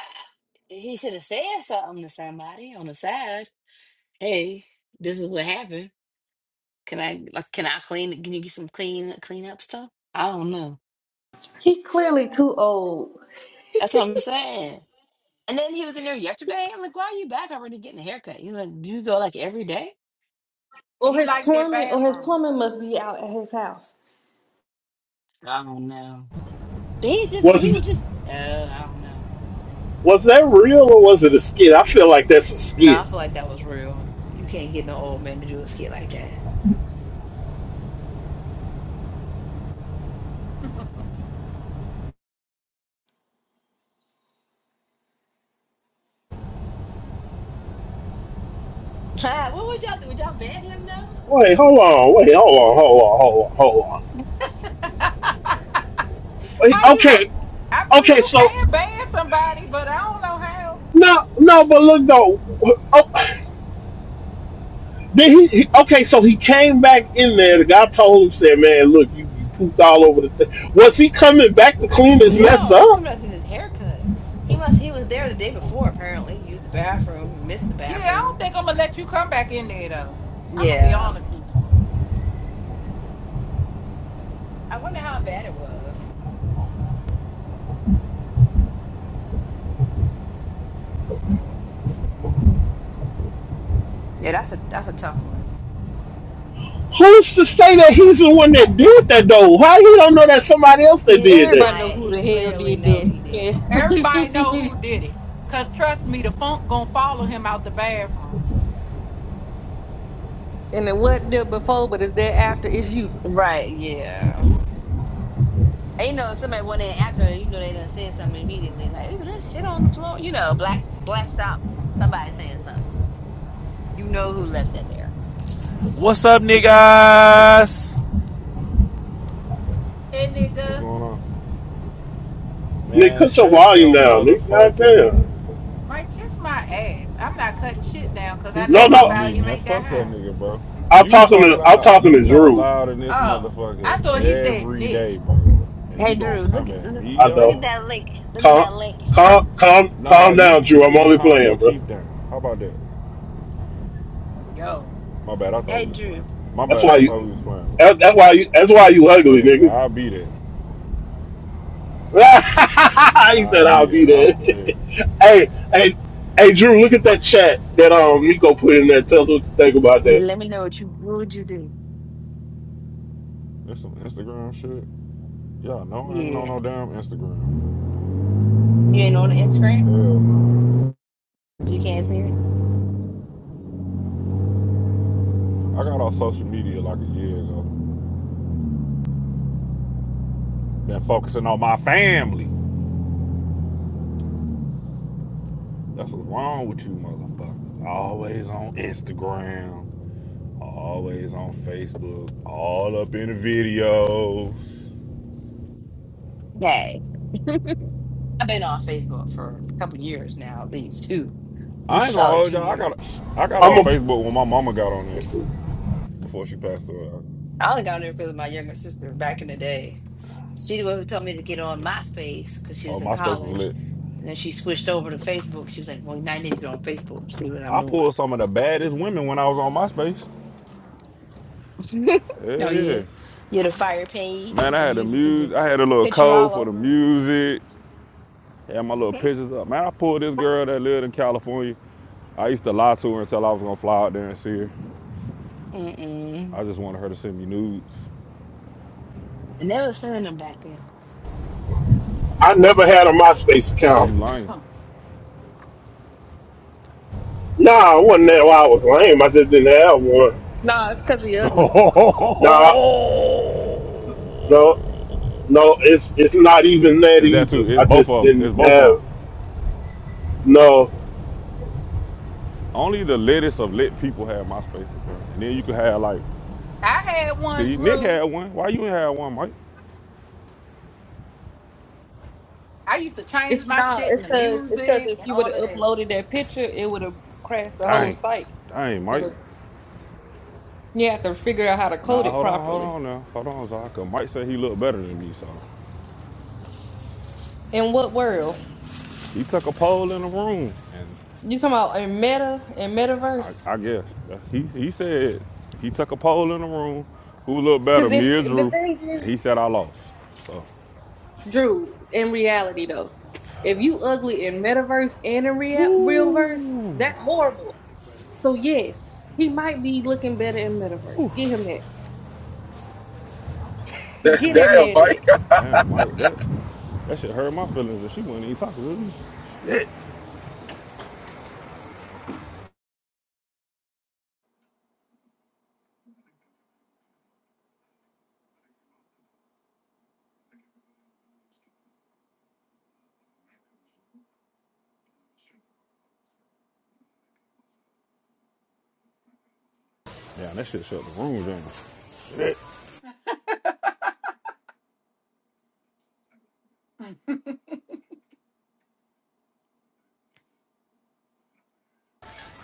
S18: he should have said something to somebody on the side. Hey, this is what happened. Can I like can I clean? Can you get some clean clean up stuff? I don't know.
S24: He clearly too old
S18: That's what I'm saying. And then he was in there yesterday. I'm like, why are you back already getting a haircut? He's like, do you go like every day?
S24: Or
S5: He
S24: his
S5: liked that
S24: plumbing, or his
S5: bathroom.
S24: plumbing must be out at his house.
S18: I don't know. But he just
S1: Was
S18: he
S1: it,
S18: was just oh, I don't know.
S1: was that real or was it a skit? I feel like that's a
S18: No,
S1: skit.
S18: I feel like that was real. You can't get no old man to do a skit like that. what would y'all do? Would y'all ban him though?
S1: Wait, hold on. Wait, hold on. Hold on. Hold on. Hold on.
S5: how
S1: Wait,
S5: you?
S1: okay,
S5: I mean,
S1: okay.
S5: you
S1: So
S5: can ban somebody, but I don't know how.
S1: no, no, but look though. Oh, then he, he- okay, so he came back in there. The guy told him, said, "Man, look, you, you pooped all over the thing." Was he coming back to clean his mess
S18: No, he was
S1: up?
S18: coming up with his haircut. He must he was there the day before, apparently. He used the bathroom, he missed the
S5: Yeah, I don't
S18: bathroom.
S5: think I'm gonna let you come back in there though. I'm gonna be
S18: Yeah.
S5: honest.
S18: I wonder how bad it was. Yeah, that's a that's a tough one.
S1: Who's to say that he's the one that did that though? How he don't know that somebody else that
S18: He didn't
S1: did that?
S24: Everybody know
S18: deny it.
S24: who
S18: He
S24: the hell
S18: clearly
S24: did
S18: know
S24: that.
S18: he did that.
S5: Everybody know who did it. Cause trust me, the funk gonna follow him out the bathroom.
S24: and it wasn't there before, but it's there after. It's you.
S18: Right, yeah. And, you know, if somebody went in after her, you know, they done said something immediately, like, ooh, that shit on the floor. You know, black black shop, somebody saying something. You know who left that there.
S13: What's up, niggas?
S5: Hey
S13: What's
S5: nigga,
S13: going on?
S1: Nigga,
S13: Man,
S1: cut your
S13: shut
S1: volume
S13: your
S1: down, nigga.
S13: motherfucking
S1: Goddamn.
S5: Mike, kiss my ass. I'm not cutting shit down cause
S13: He
S5: I know
S1: No,
S13: talking
S5: my
S13: to
S1: no.
S13: me,
S5: volume
S13: man.
S5: ain't that
S13: Fuck that
S5: high.
S13: nigga, bro.
S1: I'm
S13: You
S1: talking
S13: talk
S1: to I'm
S13: loud.
S1: talking
S13: You
S1: to
S13: talk
S1: Drew.
S13: loud in this
S5: Oh, I
S13: motherfucker
S5: thought he said
S13: every
S5: Nick.
S13: day, bro. And
S18: Hey
S13: you gonna
S18: Drew, look
S13: come
S18: at
S13: at
S18: look,
S13: me,
S1: I
S18: look
S1: know.
S18: at
S13: dog?
S18: that link. Look at
S1: Calm,
S18: that link.
S1: calm, calm,
S13: Nah,
S1: calm down,
S13: you
S1: Drew.
S13: you
S1: I'm
S13: need to
S1: only
S13: calm your
S1: playing, bro.
S13: teeth down. How about that?
S5: Yo.
S13: My bad. I thought
S18: Hey
S13: we was
S18: Drew.
S13: playing. My
S1: That's
S13: bad.
S1: why
S13: I
S1: you.
S13: thought we was playing, bro.
S1: That, that's why you. That's why you ugly,
S13: Hey,
S1: nigga.
S13: I'll be that.
S1: he
S13: I'll
S1: said I'll
S13: be that.
S1: be
S13: I
S1: there.
S13: don't care.
S1: hey, hey, hey, Drew. Look at that chat that um Miko put in there. Tell us what you think about
S18: Yeah,
S1: that.
S18: let me know what you what would you do?
S13: There's some Instagram shit. Y'all know I ain't on no
S18: Yeah.
S13: damn Instagram.
S18: You ain't on the Instagram,
S13: Hell no.
S18: so you can't see it?
S13: I got off social media like a year ago. Been focusing on my family. That's what's wrong with you motherfuckers. Always on Instagram, always on Facebook, all up in the videos.
S18: Hey. I've been on Facebook for a couple years now, at least two. At
S13: I
S18: least
S13: ain't gonna
S18: solid
S13: hold
S18: two
S13: y'all. I got
S18: years.
S13: I got
S1: I'm
S13: on
S1: a.
S13: Facebook when my mama got on there before she passed away.
S18: I only got on there because of my younger sister back in the day. She the one who told me to get on MySpace because she
S13: Oh,
S18: was in
S13: MySpace was
S18: college.
S13: lit.
S18: And then she switched over to Facebook. She was like, well, now I need to get on Facebook, to see what I'm
S13: I pulled
S18: doing.
S13: some of the baddest women when I was on MySpace. Hell
S18: no,
S13: yeah.
S18: yeah. You had a
S5: Mhm.
S18: fire page
S13: Man,
S18: with
S13: I
S18: the
S13: had the
S18: music and your
S13: music. I had a little
S18: picture
S13: code
S18: all
S13: for the
S18: over it.
S13: music. Had my little
S18: Mhm.
S13: pictures up. Man, I pulled this girl that lived in California. I used to lie to her until I was gonna fly out there and see her.
S18: Mm-mm.
S13: I just wanted her to send me nudes.
S18: I never seen them back then.
S1: I never had a MySpace
S13: Cause
S1: account.
S13: you lying.
S1: Nah, I wasn't that why I was lame. I just didn't have one.
S24: Nah, it's because he ugly.
S1: Nah, no, no, it's it's not even that
S13: it's that
S1: either.
S13: too.
S1: I
S13: It's both
S1: just
S13: of them.
S1: didn't
S13: It's both of them.
S1: have no.
S13: Only the littest of lit people have my spaces, bro. And then you could have like,
S5: I had one,
S13: see, Nick
S5: Drew.
S13: had one. Why you ain't had one, Mike?
S5: I used to
S24: It's
S5: change my
S24: not.
S5: shit
S24: It's
S5: and the
S24: cause it's cause
S5: music
S24: if
S5: and
S24: you would
S5: all
S24: have
S5: of that.
S24: uploaded that picture, it would have crashed the whole
S13: Dang,
S24: site.
S13: dang, Mike.
S24: So you have to figure out how to code
S13: Nah,
S24: it
S13: hold on, hold
S24: properly.
S13: on now, hold on, Zach. 'Cause Mike said he looked better than me, so
S24: In what world?
S13: he took a poll in the room, and
S24: You talking about in meta and
S13: I,
S24: metaverse?
S13: I guess he he said he took a poll in the room who looked
S24: Because
S13: better,
S24: if,
S13: me or
S24: if the
S13: Drew,
S24: thing
S13: and
S24: is,
S13: he said I lost. So.
S24: Drew, in reality though, if you ugly in metaverse and in real real verse,
S13: Woo!
S24: that's horrible. So yes, he might be looking better in metaverse. Get him that.
S23: man?
S24: Get
S13: Damn,
S24: that
S23: Damn,
S24: man that.
S23: Mike.
S13: damn, Mike, that that shit hurt my feelings, and she wasn't even talking with me. Yeah, that shit shut the room down. Shit.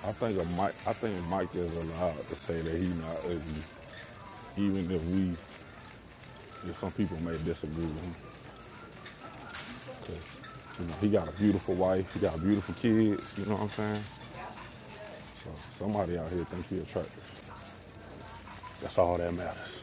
S13: I think a Mike, I think Mike is allowed to say that he not ugly, even if we, if some people may disagree with him, because you know he got a beautiful wife, he got beautiful kids. You know what I'm saying? So somebody out here think he attractive. That's all that matters.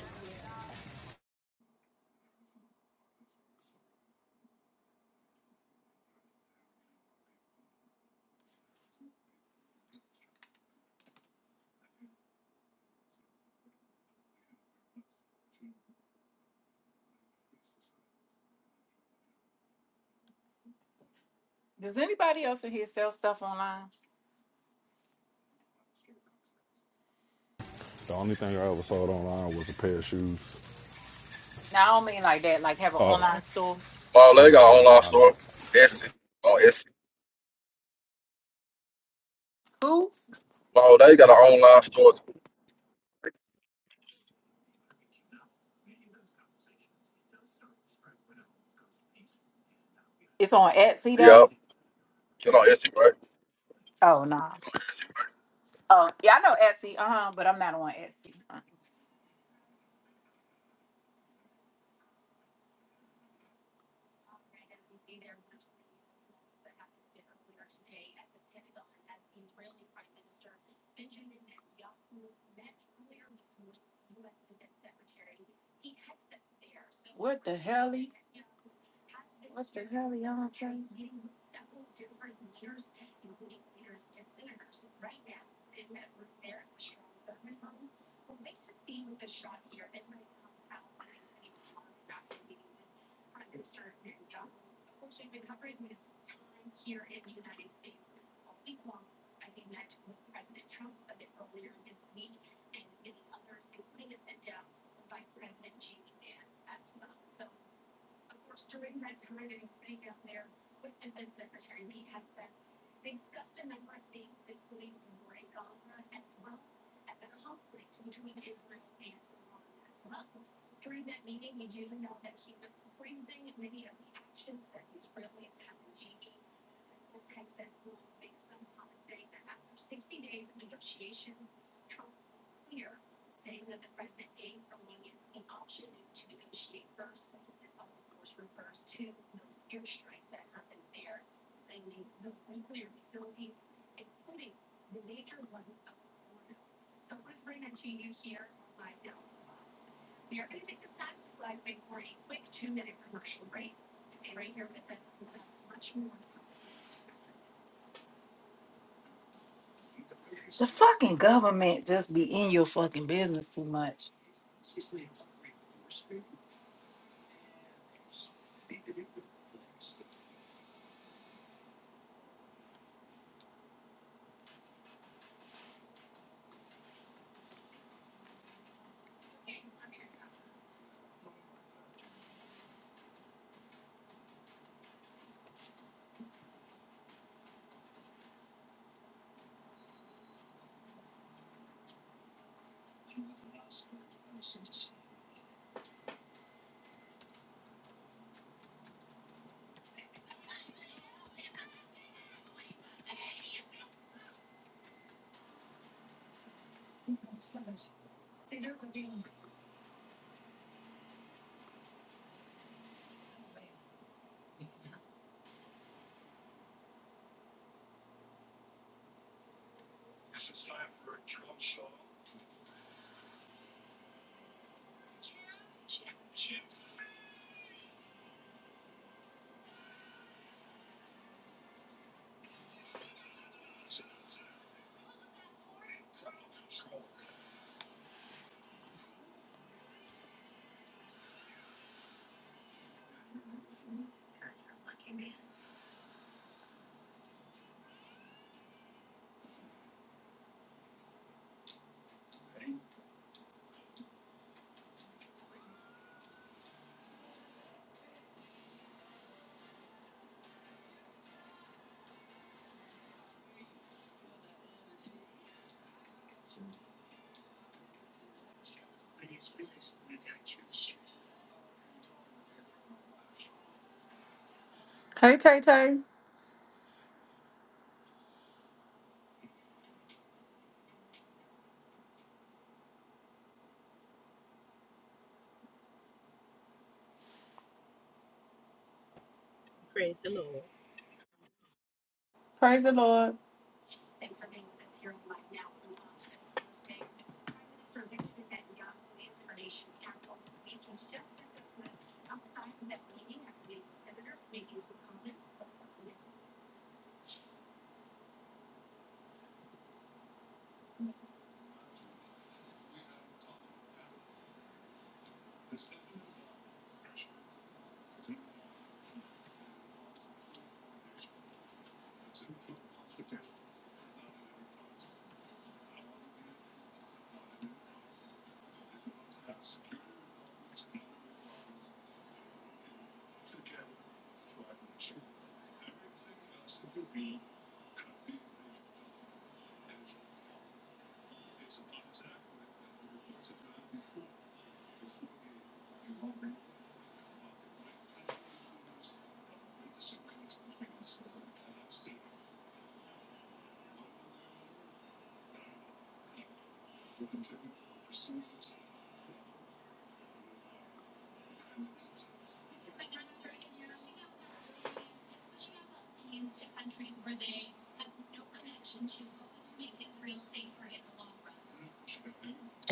S5: Does anybody else in here sell stuff online?
S13: The only thing I ever sold online was a pair of shoes.
S5: No, I don't mean like that, like have an
S13: Oh,
S5: online store.
S23: Wow,
S13: oh
S23: they
S13: no no
S23: got an
S13: no,
S23: online
S13: I don't.
S23: store. Etsy. On Etsy.
S5: Who?
S23: Wow, they got an online store.
S5: It's on Etsy though.
S23: Yup. Get on Etsy, right?
S5: Oh no. Oh yeah, I know Etsy, uh-huh, but I'm not on Etsy. The fucking government just be in your fucking business too much. Hey, Tay Tay.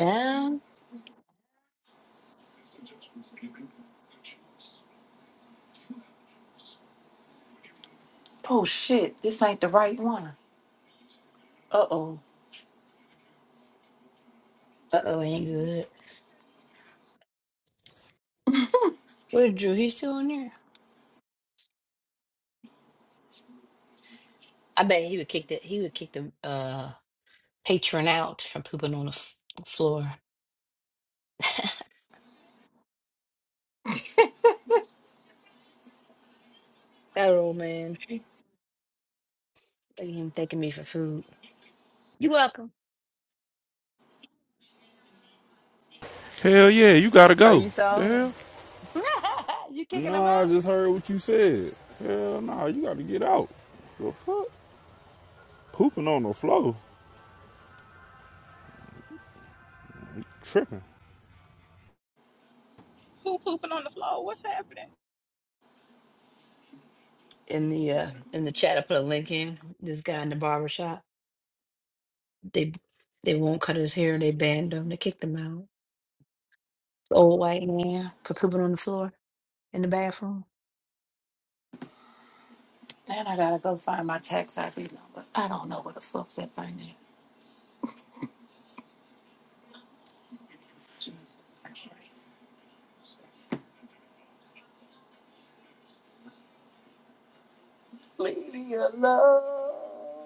S18: Um,
S5: Oh shit, this ain't the right one. Uh oh.
S18: uh-oh, ain't good. Where's Drew? He's still on there? I bet he would kick the he would kick the uh patron out from pooping on the f- floor. That old man. They even thanking me for food. You're welcome.
S13: Hell yeah, you gotta
S18: Oh,
S13: go.
S18: you
S13: The
S18: saw it
S13: hell?
S18: you kicking them
S13: Nah, I
S18: out?
S13: just heard what you said. Hell nah, you gotta get out. The fuck? Pooping on the floor. Tripping.
S25: poo pooping on the floor. What's happening?
S18: in the uh, in the chat. I put a link in. This guy in the barber shop. They they won't cut his hair. They banned him. They kicked him out. Old white man for pooping on the floor in the bathroom.
S5: Then I gotta go find my tax ID number. I don't know what the fuck that thing is. Leave me alone.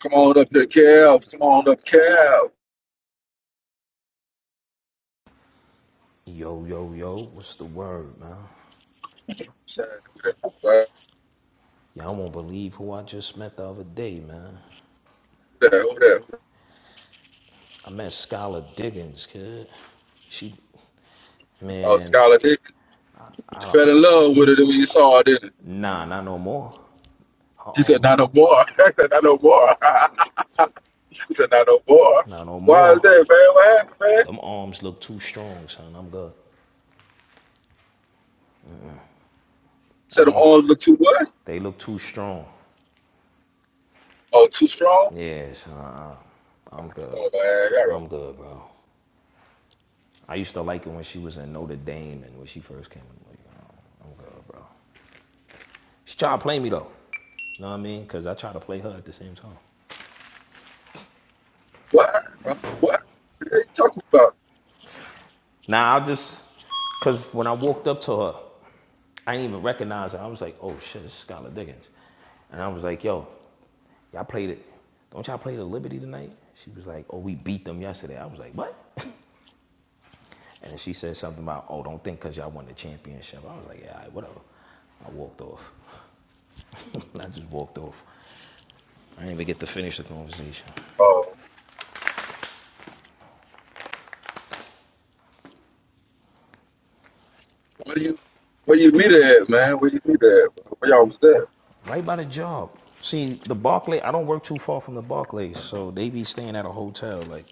S23: Come on up here, Kev. Come on up, Kev.
S26: Yo, yo, yo, what's the word, man?
S23: Saying, Who that? Right
S26: Y'all won't believe who I just met the other day, man.
S23: there, who that?
S26: I met Skylar Diggins, kid. She,
S23: Oh,
S26: man,
S23: Skylar Dick. You
S26: I don't,
S23: fell in love with it when you saw it, didn't you?
S26: nah, not no more. Her
S23: He said,
S26: arm,
S23: not no more. he said, not no more. he said, not no more.
S26: not no
S23: Why is
S26: more.
S23: that, man? What happened, man?
S26: Them arms look too strong, son. I'm good. I
S23: said, them
S26: don't,
S23: arms look too what?
S26: they look too strong.
S23: Oh, too strong?
S26: Yeah, son, I- I'm good.
S23: Oh, man.
S26: I'm good, bro. I used to like it when she was in Notre Dame and when she first came in the league. I'm good, bro. She tried to play me though. You know what I mean? Cause I tried to play her at the same time.
S23: What? What? What are you talking about?
S26: Now I just, cause when I walked up to her, I didn't even recognize her. I was like, oh shit, it's Skylar Diggins. And I was like, yo, y'all played it. Don't y'all play the Liberty tonight? She was like, oh, we beat them yesterday. I was like, what? And she said something about, oh, don't think because y'all won the championship. I was like, yeah, all right, whatever. I walked off. I just walked off. I didn't even get to finish the conversation.
S23: Oh, where you where you meet her at, man? Where you meet her at? Bro? Where y'all was
S26: right by the job. See, the Barclays. I don't work too far from the Barclays, so they be staying at a hotel, like,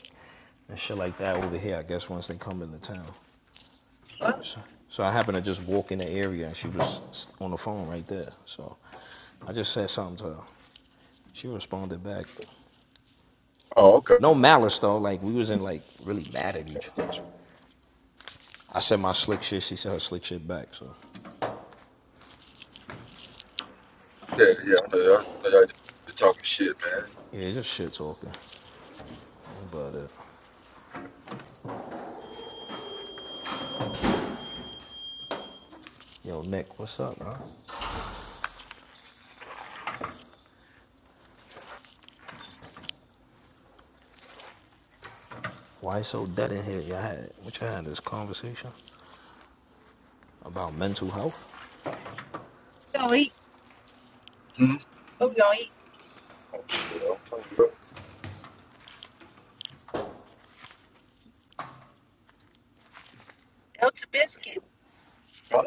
S26: and shit like that over here, I guess, once they come into town.
S23: at?
S26: So, so I happened to just walk in the area, and she was on the phone right there. So I just said something to her. She responded back.
S23: Oh, okay.
S26: No malice, though. Like, we wasn't, like, really mad at
S23: Okay,
S26: each
S23: okay.
S26: other. I said my slick shit, she said her slick shit back, so.
S23: Yeah, yeah. I know y'all, I know y'all just talking shit,
S26: Yeah, it's just shit talking. But, uh, yo, Nick, what's up, bro? Why you so dead in here? Y'all had, what y'all had, this conversation? about mental health.
S23: man. Hmm? Oh shit. I don't know, bro.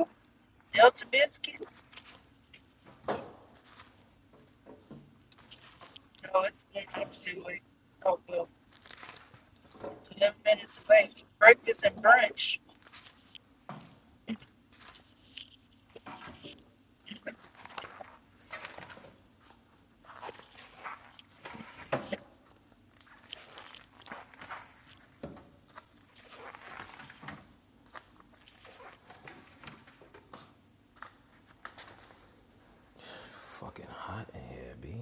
S26: Fucking hot in here, B.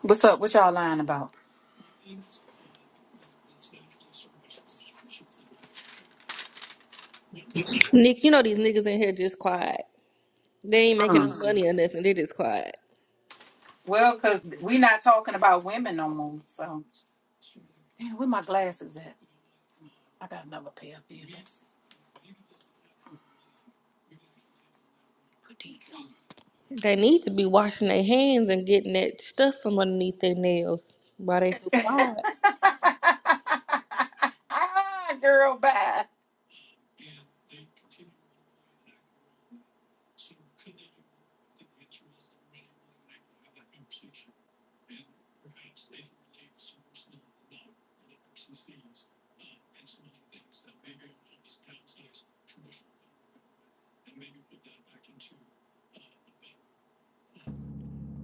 S5: What's up? What y'all lying about?
S24: Nick, you know these niggas in here just quiet. They ain't making
S5: Mm.
S24: no money or nothing. They just quiet.
S5: Well, cause we not talking about women no more. So damn, where my glasses at? I got another pair of
S24: They need to be washing their hands and getting that stuff from underneath their nails. Why they so quiet?
S5: them. Girl, bye.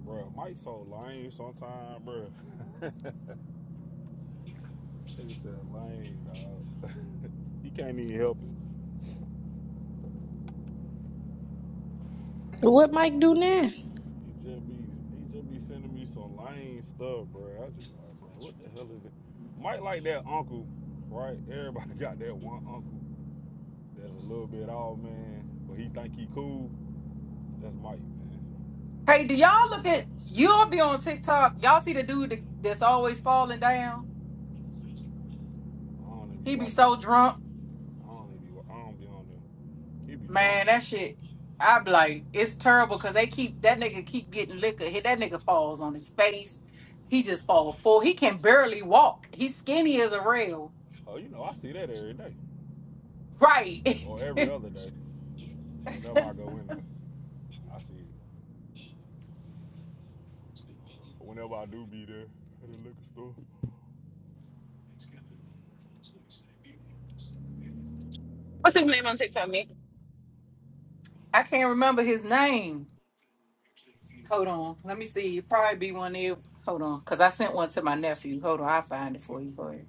S13: Bro, Mike so lame sometimes, bro. Nigga just lame, dog. he can't even help it.
S24: What Mike do now?
S13: He just be he just be sending me some lame stuff, bro. I just be like, bro, what the hell is it? Mike like that uncle, right? Everybody got that one uncle that's a little bit off, man, but he think he cool. That's Mike, man.
S5: Hey, do y'all look at you'll be on TikTok? Y'all see the dude that- that's always falling down?
S13: I don't even be
S5: He be so
S13: watching.
S5: drunk,
S13: I I don't even be. I don't be on them. He be drunk.
S5: man. That shit, I be like, it's terrible because they keep that nigga keep getting liquor. Hit that nigga falls on his face. He just fall full. He can barely walk. He's skinny as a rail.
S13: Oh, you know, I see that every day
S5: Right.
S13: or every other day. Whenever I go in there, I see it. Whenever I do be there at the liquor store.
S27: What's his name on TikTok, Nick?
S5: I can't remember his name. Hold on. Let me see. It probably be one there. Hold on, cause I sent one to my nephew. Hold on, I'll find it for you. Hold on.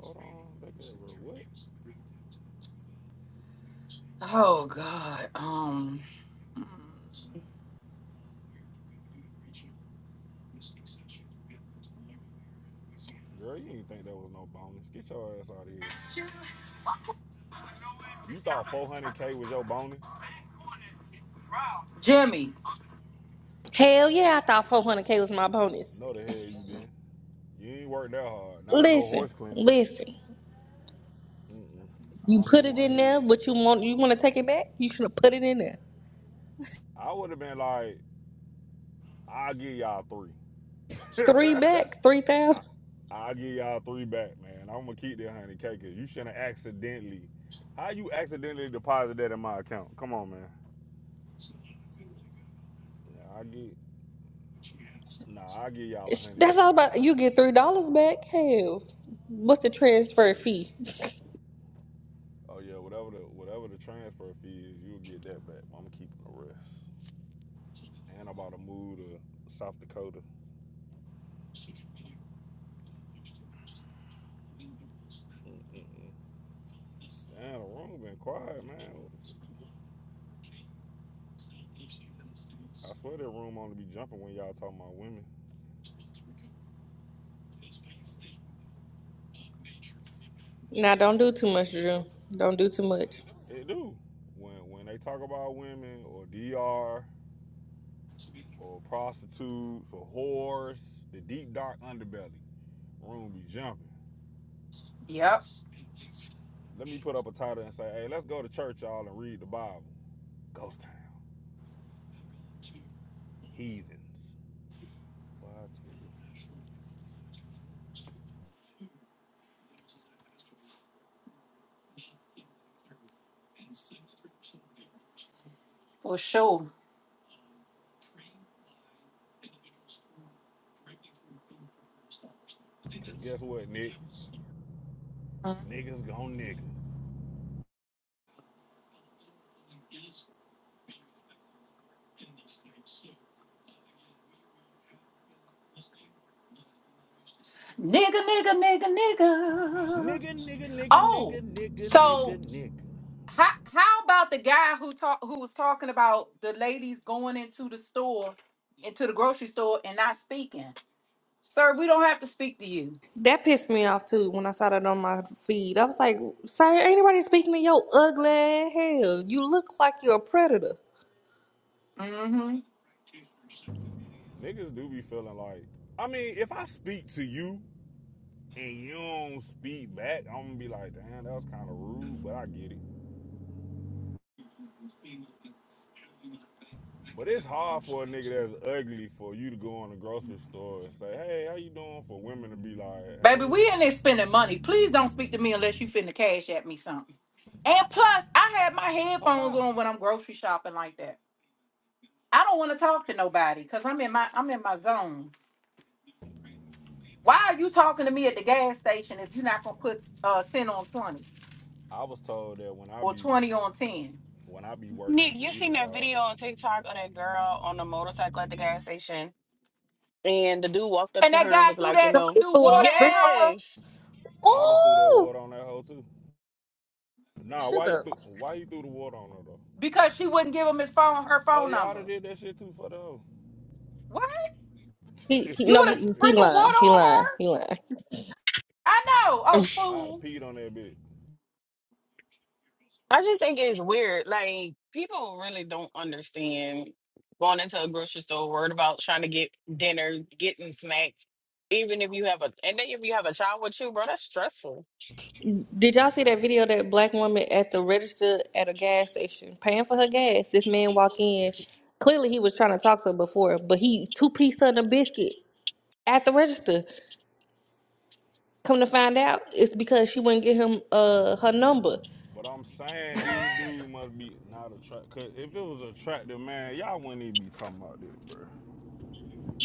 S13: Hold on, that guy real what?
S5: Oh God. Um,
S13: Girl, you ain't think that was no bonus. Get your ass out of here. You thought 400k was your bonus?
S5: Jimmy.
S24: Hell yeah, I thought 400k was my bonus.
S13: No, the hell you didn't. You ain't worked that hard. Not on no
S24: Listen,
S13: horse clinic.
S24: listen.
S13: Mm-mm. I
S24: You
S13: don't
S24: put
S13: even
S24: it
S13: want to
S24: in
S13: hear
S24: there,
S13: it.
S24: but you want you want to take it back. You should have put it in there.
S13: I would have been like, I'll give y'all three.
S24: Three back, three
S13: I,
S24: thousand.
S13: I'll give y'all three back, man. I'm gonna keep that hundred K because you shouldn't accidentally. How you accidentally deposit that in my account? Come on, man. Yeah, I get. Nah, I give y'all a hundred
S24: That's
S13: back.
S24: all about. You get three dollars back. Hell, what's the transfer
S13: Shit.
S24: fee?
S13: Oh yeah, whatever the whatever the transfer fee is, you'll get that back. I'm keeping the rest. And I'm about to move to South Dakota. Mm-mm-mm. Damn, the room been quiet, man. I swear that room only be jumping when y'all talking about women.
S24: Now don't do too much, Drew.
S13: What's
S24: Don't do too much.
S13: it do? When when they talk about women or DR or prostitutes or whores, the deep dark underbelly. Room be jumping.
S5: Yep,
S13: Let me put up a title and say, hey, let's go to church, y'all, and read the Bible. Ghost town, heathens. Boy, I tell you.
S5: for sure.
S13: Cause guess what, Nick? Niggas gon' nigga.
S5: Nigga, nigga, nigga, nigga.
S13: Nigga, nigga, nigga,
S5: Oh,
S13: nigga, nigga,
S5: so
S13: nigga, nigga.
S5: how how about the guy who talk who was talking about the ladies going into the store, into the grocery store and not speaking? Sir, we don't have to speak to you.
S24: That pissed me off too when I saw that on my feed. I was like, "Sir, ain't nobody speaking to your ugly ass. Hell, you look like you're a predator."
S5: Mm-hmm.
S13: Niggas do be feeling like, I mean, if I speak to you and you don't speak back, I'm gonna be like, damn, that was kind of rude, but I get it. But it's hard for a nigga that's ugly for you to go in the grocery store and say, "Hey, how you doing?" For women to be like,
S5: Baby,
S13: "Hey,
S5: we in there spending money. Please don't speak to me unless you finna cash at me something. And plus, I have my
S13: oh
S5: headphones
S13: wow."
S5: on when I'm grocery shopping like that. I don't want to talk to nobody because I'm in my I'm in my zone. Why are you talking to me at the gas station if you're not gonna put uh 10 on 20?
S13: I was told that when I
S5: or
S13: be
S5: 20 on 10.
S13: when I be
S27: Nick,
S13: working
S27: you
S13: either
S27: seen that
S13: job,
S27: video on TikTok of that girl on the motorcycle at the gas station? And the dude walked up
S5: And
S27: to
S5: that
S27: her and
S5: guy
S27: was
S5: threw
S27: like, you
S5: that
S24: Somebody
S27: know,
S5: threw
S24: threw it
S5: water
S24: up
S5: at
S24: drink
S5: her
S24: over.
S27: yes.
S13: I'd have threw that
S24: Oh,
S13: water on that hoe too. Nah,
S24: shut
S13: why you
S24: up.
S13: threw why you threw the water on her though?
S5: because she wouldn't give him his phone her
S13: Oh
S5: phone
S13: yeah, I'd
S5: number.
S13: have did that shit too for the hoe.
S5: What?
S24: He, he
S5: You
S24: no,
S5: would have
S13: I'd
S24: he he
S5: sprinkled water
S24: lying. He
S5: on
S24: lying.
S5: her?
S24: He lying.
S5: I know. Oh,
S13: have
S5: fool.
S13: peed on that bitch.
S27: I just think it's weird. Like, people really don't understand going into a grocery store, worried about trying to get dinner, getting snacks, even if you have a, and then if you have a child with you, bro, that's stressful.
S24: Did y'all see that video that black woman at the register at a gas station paying for her gas? This man walk in. Clearly he was trying to talk to her before, but he two pieced her in a biscuit at the register. Come to find out, it's because she wouldn't give him uh her number.
S13: But I'm saying these dudes must be not attractive. Cause if it was attractive, man, y'all wouldn't even be talking about this, bro.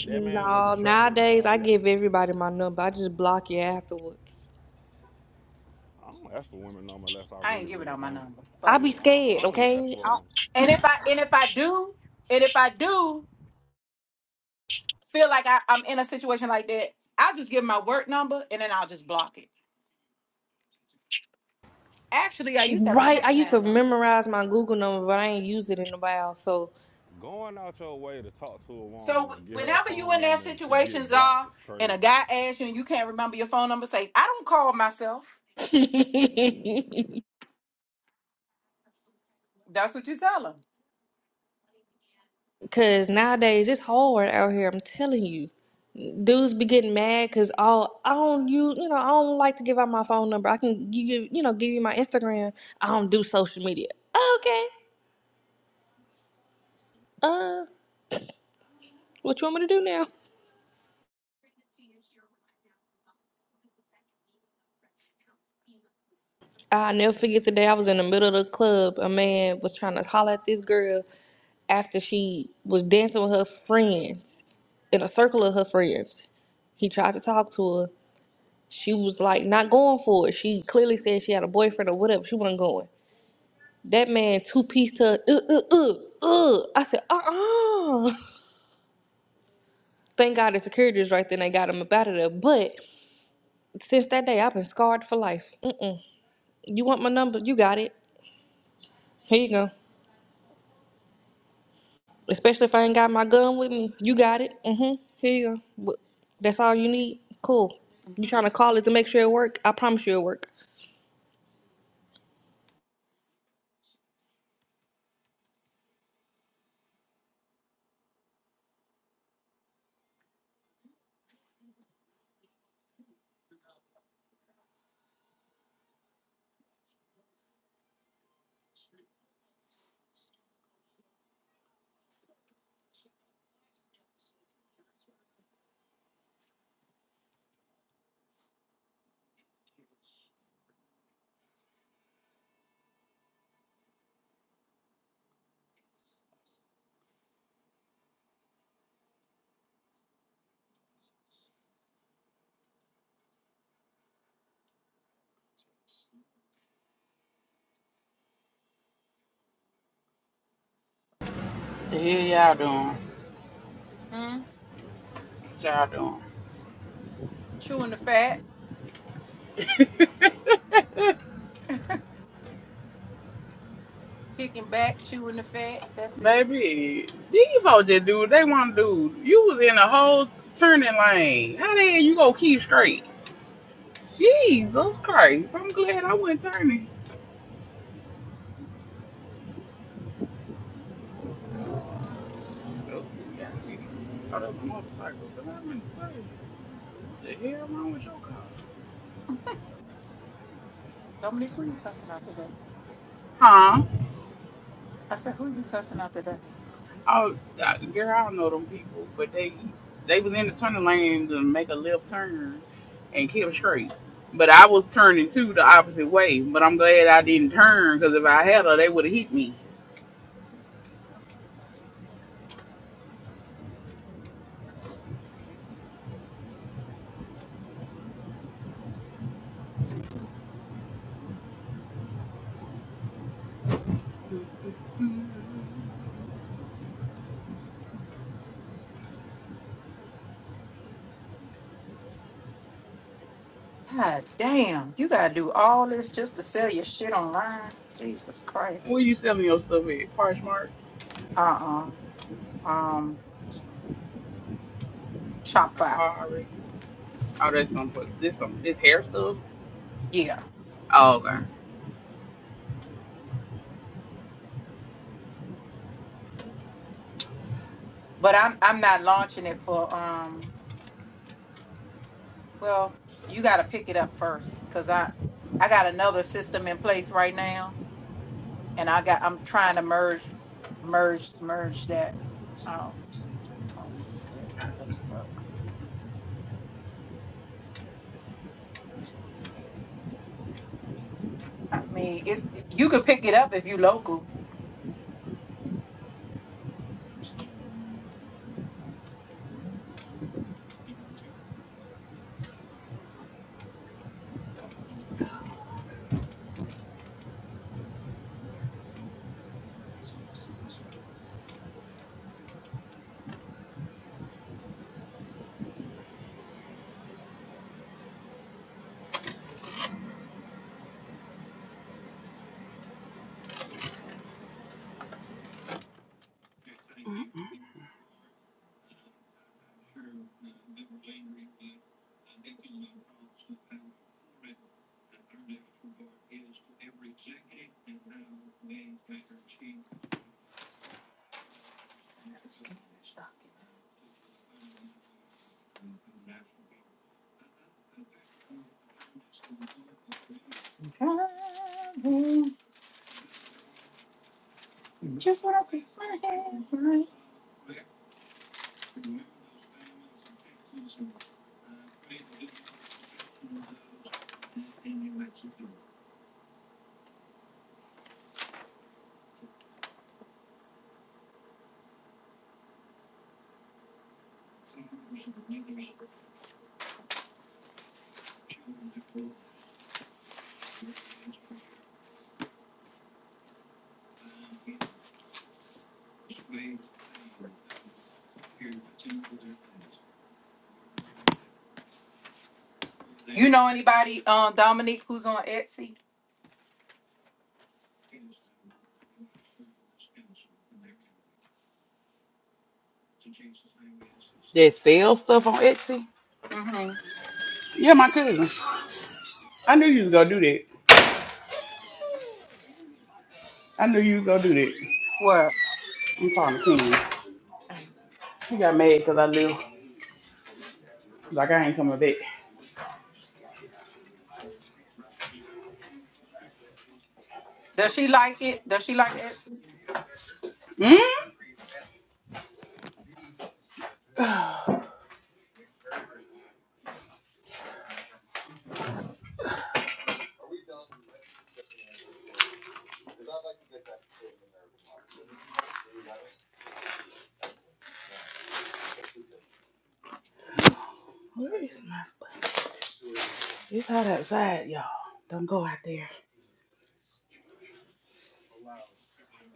S13: That man was
S24: No,
S13: attractive,
S24: nowadays I
S13: dog. Yeah.
S24: give everybody my number. I just block you afterwards.
S13: I don't ask for women no more unless I
S5: I ain't
S13: really,
S5: giving
S13: really
S5: out my
S13: want
S5: number.
S24: I
S13: it.
S5: Fuck
S24: be
S13: Yeah,
S5: it.
S13: I,
S24: scared,
S13: I don't even ask
S24: okay?
S13: for a
S24: I-
S13: woman.
S5: And if I and if I do, and if I do feel like I, I'm in a situation like that, I'll just give my work number and then I'll just block it. Actually, I used to have a
S24: right.
S13: Man,
S24: I
S5: text
S24: used
S5: now
S13: going
S24: to
S5: number.
S24: memorize my Google number, but I ain't used it in a while, so
S13: going out your way to talk to a
S5: So
S13: woman and
S5: wh-
S13: get her
S5: whenever you
S13: phone
S5: in that
S13: number and to get
S5: situations
S13: blocked
S5: are
S13: is
S5: and a
S13: crazy.
S5: guy asks you and you can't remember your phone number, say, I don't call myself. That's what you tell him.
S24: Cause nowadays it's hard out here. I'm telling you, dudes be getting mad. Cause all I don't you you know I don't like to give out my phone number. I can give you you know give you my Instagram. I don't do social media. Okay. Uh, what you want me to do now? I never forget the day I was in the middle of the club. A man was trying to holler at this girl after she was dancing with her friends in a circle of her friends. He tried to talk to her. She was like not going for it. She clearly said she had a boyfriend or whatever. She wasn't going. That man two piece to uh uh uh uh. I said uh uh. Thank God the security was right then. They got him up out of there. But since that day, I've been scarred for life. Mm-mm. You want my number? You got it. Here you go. Especially if I ain't got my gun with me. You got it. Mm-hmm. Here you go. But that's all you need. Cool. You trying to call it to make sure it work? I promise you it work.
S6: The hell y'all doing?
S5: hmm Chewing the fat,
S6: What y'all doing?
S5: kicking back, chewing the fat. That's it.
S6: Baby, these folks just do what they want to do. You was in a whole turning lane. How the hell you gonna keep straight? Jesus Christ! I'm glad I wasn't turning. Oh, yeah, I Oh, that's a motorcycle. But I'm in the same. What the hell wrong with your car?
S5: Dominique, who you cussing out today?
S6: Huh?
S5: I said, who you cussing out today?
S6: Oh, uh, girl, I don't know them people, but they they was in the turning lane to make a left turn and kept straight. But I was turning too the opposite way. But I'm glad I didn't turn because if I had her, they would have hit me.
S5: God damn, you gotta do all this just to sell your shit online. Jesus
S6: Where
S5: Christ.
S6: you selling your stuff at? Parchmark,
S5: Uh uh Um, Shopify.
S6: Akari. Oh, that's some for this some this hair stuff.
S5: Yeah,
S6: Oh, okay.
S5: but I'm I'm not launching it for um. Well, you gotta pick it up first, cause I I got another system in place right now, and I got I'm trying to merge merge merge that out. I mean, it's you can pick it up if you local. You know anybody, um, Dominique, who's on Etsy?
S6: They sell stuff on Etsy.
S5: Mm-hmm.
S6: Yeah, my cousin. I knew you was gonna do that. I knew you was gonna do that.
S5: What?
S6: I'm calling the king. He got mad because I left. Like I ain't coming back.
S5: Does she like it? Does she like Etsy?
S6: Mm? Where is my button? It's hot outside, y'all. Don't go out there.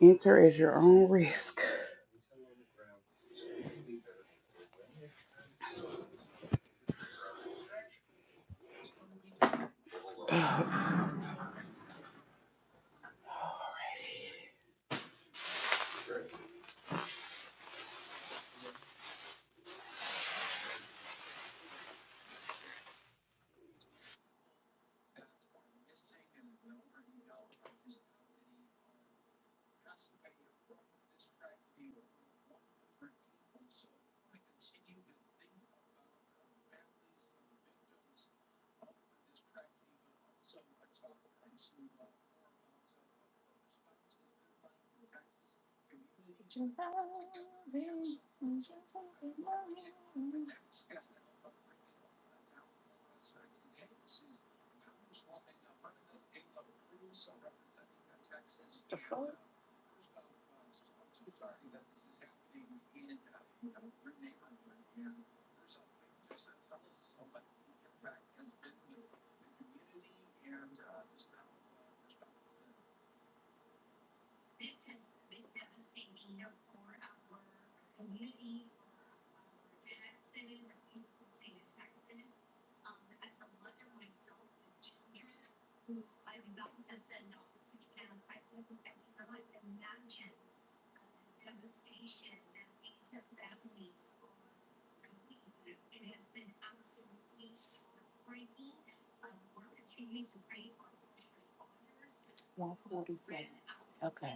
S6: Enter at your own risk.
S5: Okay.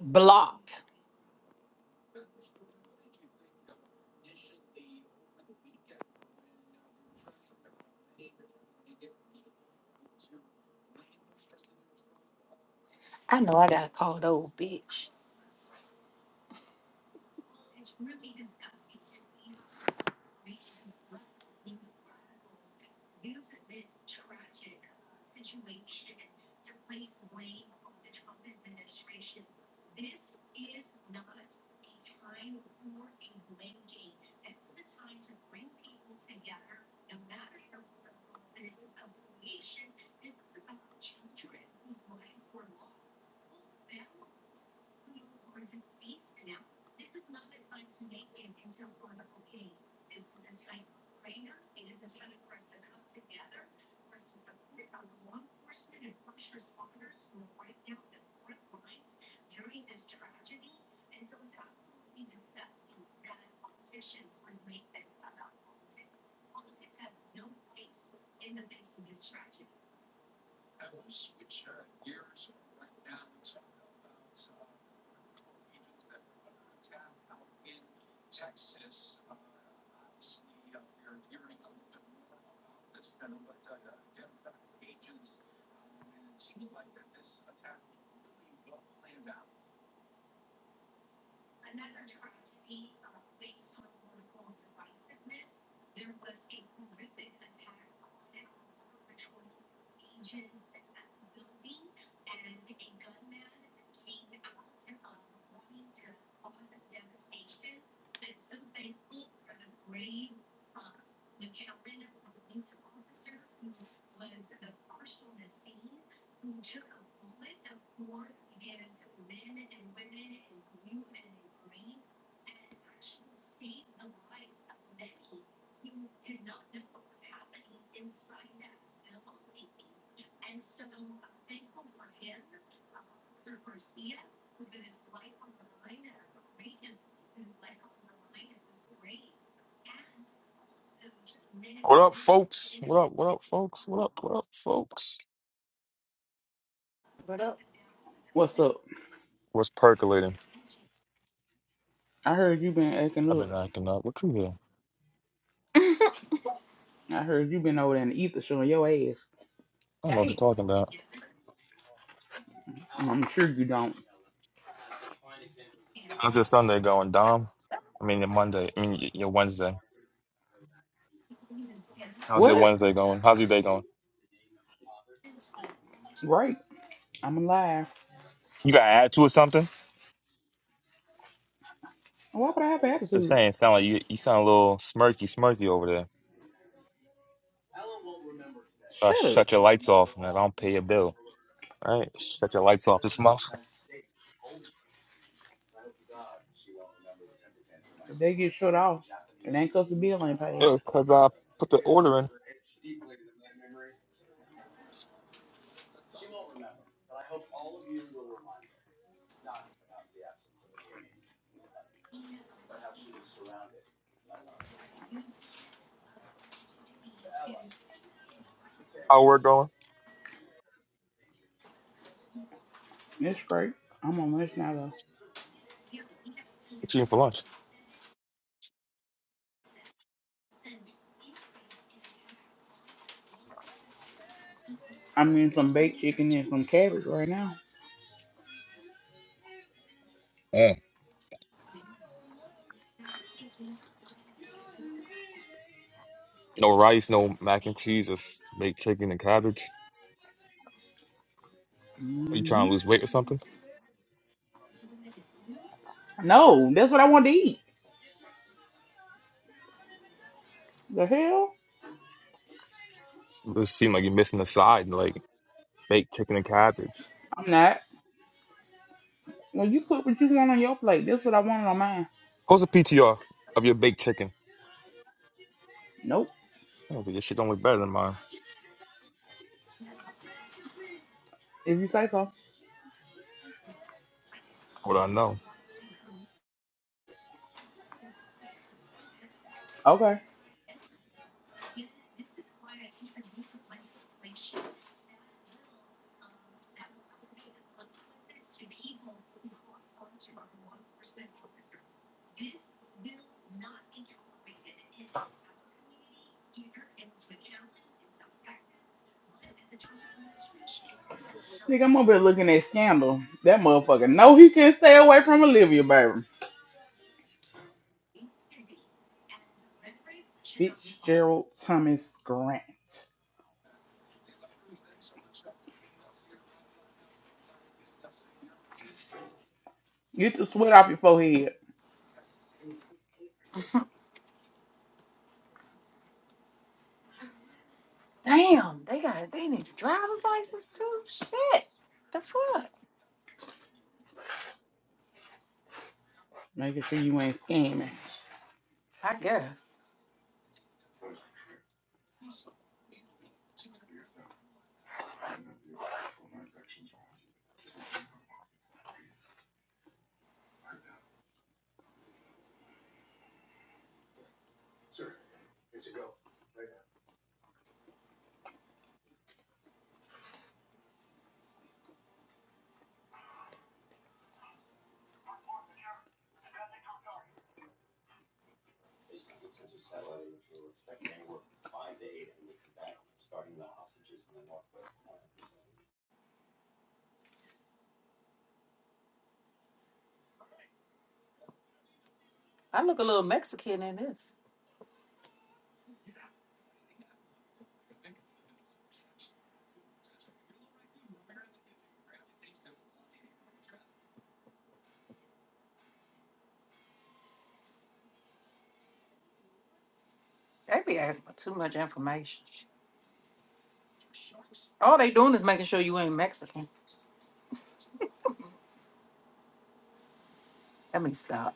S5: Blocked. I know I gotta call the old bitch.
S28: What up, folks? What up? What up, folks? What up? What up, folks?
S5: What up?
S6: What's up?
S28: What's percolating?
S6: I heard you been
S28: I've
S6: acting up.
S28: been acting up. What you here? I
S6: I heard you been over there in the ether showing your ass.
S28: don't know what you're
S5: Dang,
S28: talking about.
S6: I'm sure you don't.
S28: How's your Sunday going, Dom? I mean, your Monday. I mean, y- your Wednesday. How's your
S6: What?
S28: Wednesday going? How's your day going?
S6: Great. I'm alive.
S28: You got an attitude or something?
S6: Why would I have an
S28: Just
S6: attitude?
S28: saying. Sound like you. You sound a little smirky, smirky over there.
S6: Ellen won't remember today.
S28: Uh,
S6: Shut up.
S28: shut
S6: She
S28: your
S6: won't
S28: lights
S6: remember
S28: off, and I
S6: all the
S28: don't pay
S6: things
S28: your
S6: she didn't
S28: bill.
S6: remember.
S28: All right, shut your lights off this month.
S6: I hope to God she won't remember the temper tantrum. If they get shut off, it ain't cause the bill ain't paid.
S28: Yeah, cause I put the order in. How we're going?
S6: That's great. I'm on lunch now though.
S28: What you eating for lunch?
S6: I'm eating some baked chicken and some cabbage right now.
S28: Mm. No rice, no mac and cheese, just baked chicken and cabbage. Are you trying
S6: hmm
S28: to lose weight or something?
S6: No, that's what I wanted to eat. The hell?
S28: It seems like you're missing the side, like baked chicken and cabbage.
S6: I'm not. When you put what you want on your plate. That's what I wanted on mine.
S28: Post a PTR of your baked chicken.
S6: Nope.
S28: Yeah, but your shit don't look better than mine.
S6: If you say so.
S28: What do I know.
S6: Okay. Nigga, I'm over here looking at Scandal. That motherfucker. No, he can't stay away from Olivia, baby. Fitzgerald Thomas Grant. Get the sweat off your forehead.
S5: Damn, they got they need a driver's license too. Shit. The fuck?
S6: Making sure you ain't scamming.
S5: I guess I miss. they be asking for too much information. All they doing is making sure you ain't Mexican. Let me stop.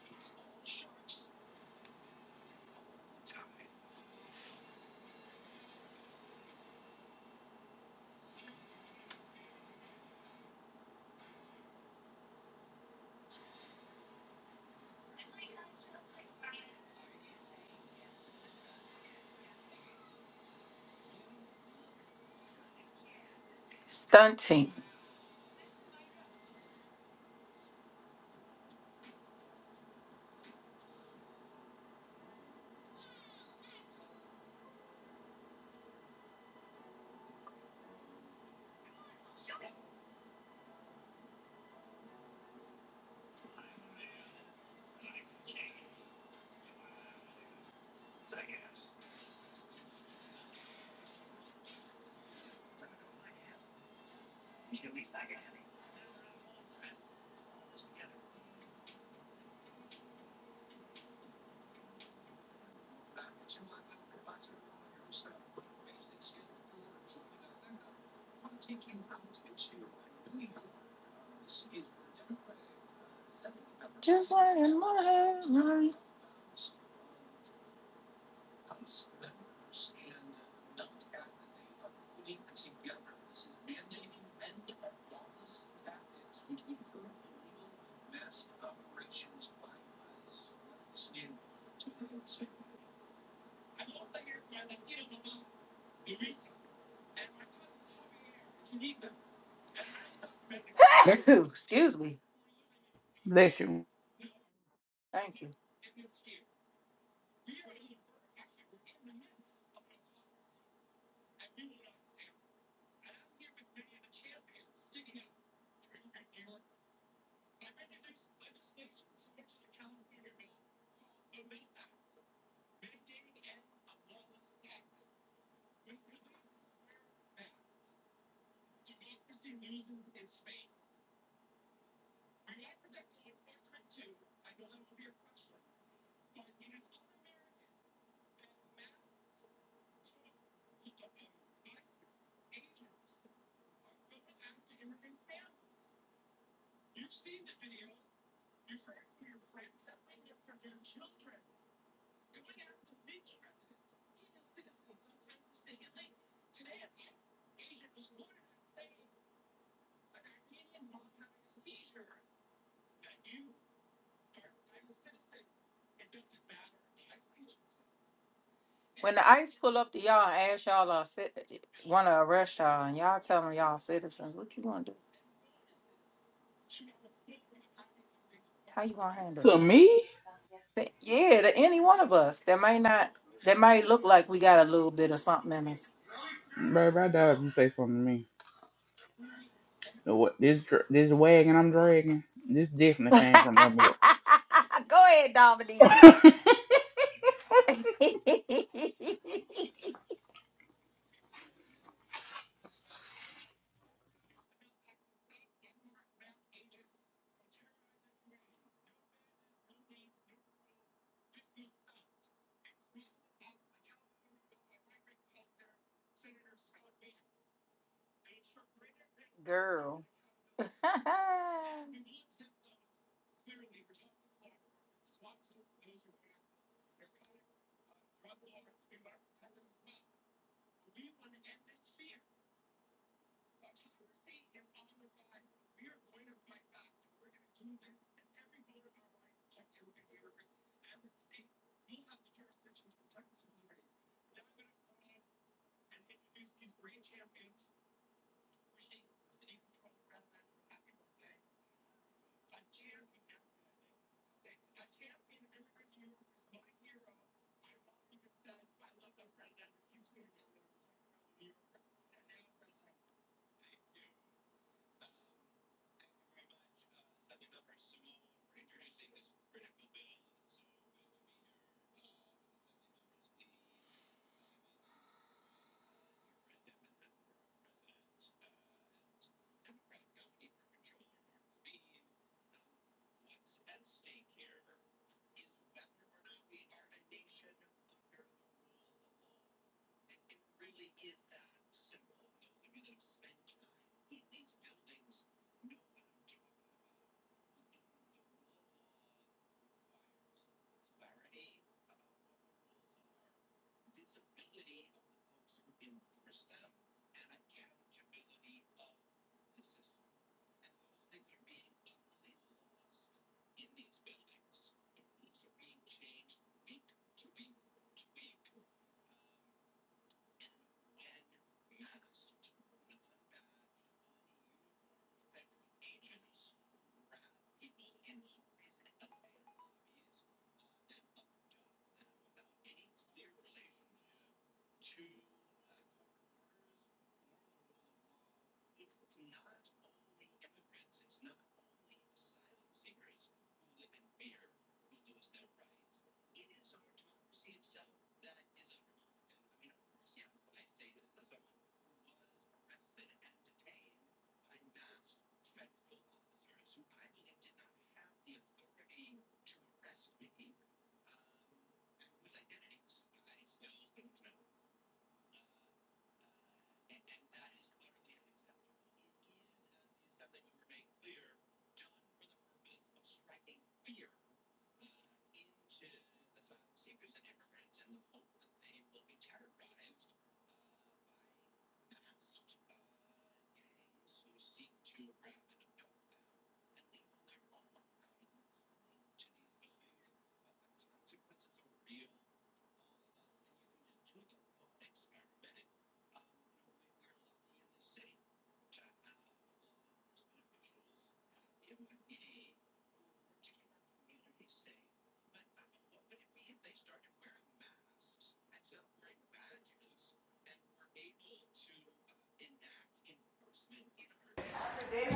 S5: Stunting. Excuse me.
S6: Bless you.
S5: Thank you. When the ICE pull up to y'all and ask y'all uh, want to arrest y'all, and y'all tell them y'all citizens, what you gonna do? How you gonna handle
S6: To
S5: that?
S6: me?
S5: Say, yeah, to any one of us that might not, that might look like we got a little bit of something in us.
S6: Baby, I doubt if you say something to me. Know What, this, dr- this wagon I'm dragging, this definitely came from that miracle.
S5: Girl,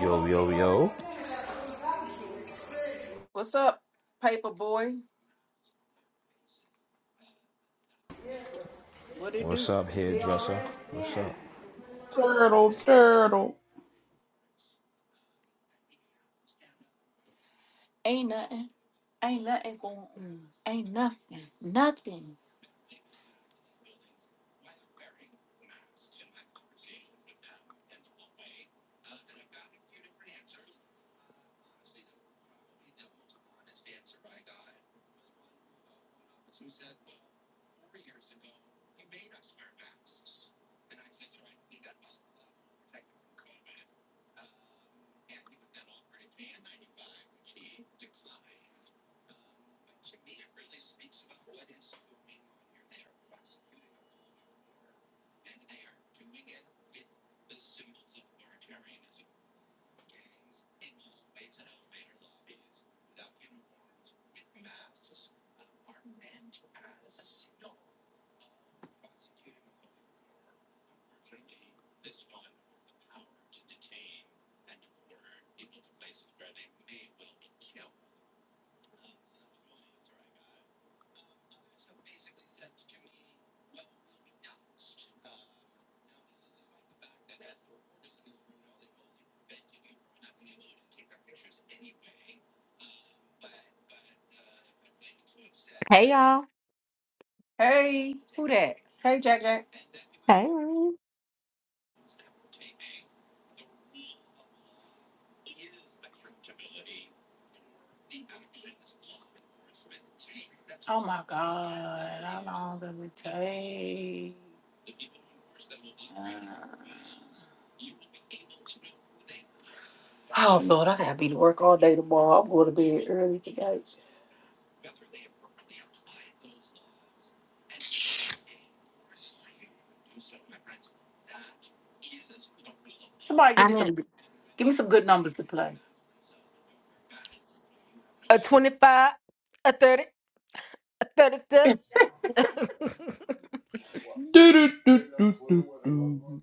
S26: Yo, yo, yo.
S5: what's up, paper boy? What it
S26: What's
S5: do?
S26: up, hairdresser? What's up?
S5: Oh
S6: Turtle,
S5: shit,
S6: turtle.
S5: ain't nothing, ain't nothing going, on. ain't nothing, nothing.
S8: Hey y'all.
S5: Hey, who that? Hey, Jack Jack.
S8: Hey.
S5: Oh my God, how long did we take? Oh Lord, I gotta be to work all day tomorrow. I'm going to bed early today. Somebody give me
S8: I'm at
S5: some give me some good numbers to play.
S8: a 25, a 30, a 37,
S5: It's
S6: Do, do, do, do, do, do.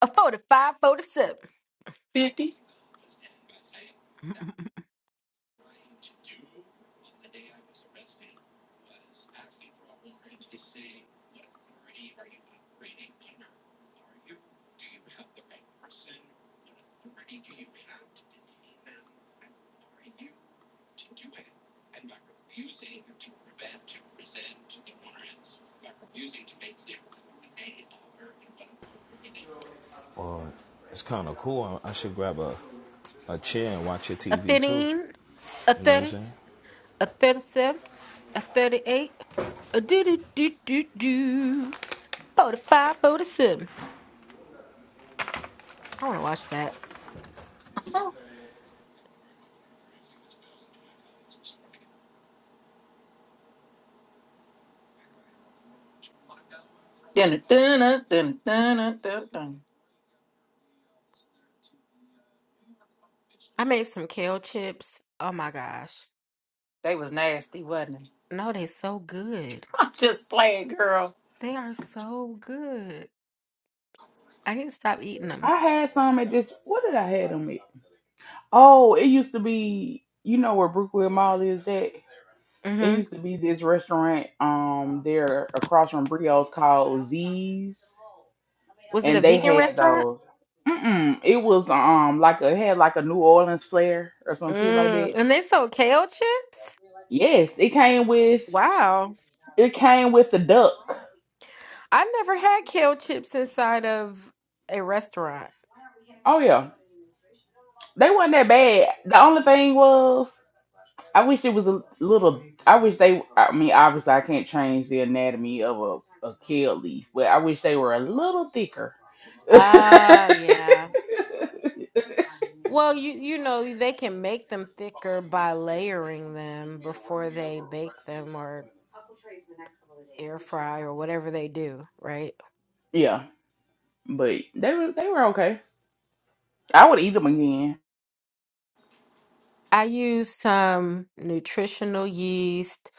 S8: a forty five, forty seven,
S5: fifty.
S26: Well, it's kind of cool. I should grab a, a chair and watch your
S8: A
S26: TV too.
S8: 15, a
S26: You know what I'm
S8: 30,
S26: saying?
S8: a 37, a 38, a do do do do do, 45, 47. I want to watch that.
S5: Dun, dun, dun, dun, dun, dun, dun,
S8: I made some kale chips. Oh my gosh.
S5: They was nasty, wasn't it?
S8: No, they so good.
S5: I'm Just playing, girl.
S8: They are so good. I need to stop eating them.
S6: I had some at this. What did I have them at? Oh, it used to be, you know where Brookwood Mall is at? It
S8: Mm-hmm.
S6: used to be this restaurant um there across from Brio's called Z's.
S8: Was it
S6: And
S8: a
S6: they
S8: vegan
S6: had
S8: restaurant?
S6: those. Mm-mm. It was um like a it had like a New Orleans flair or some shit like
S8: Mm.
S6: that.
S8: And they sold kale chips?
S6: Yes, it came with
S8: Wow.
S6: it came with the duck.
S8: I never had kale chips inside of a restaurant.
S6: Oh yeah. They wasn't that bad. The only thing was I wish it was a little. I wish they. I mean, obviously, I can't change the anatomy of a, a kale leaf, but I wish they were a little thicker.
S8: Oh, yeah. Well, you you know, they can make them thicker by layering them before they bake them or air fry or whatever they do, right?
S6: yeah, but they were they were okay. I would eat them again.
S8: I use some nutritional yeast,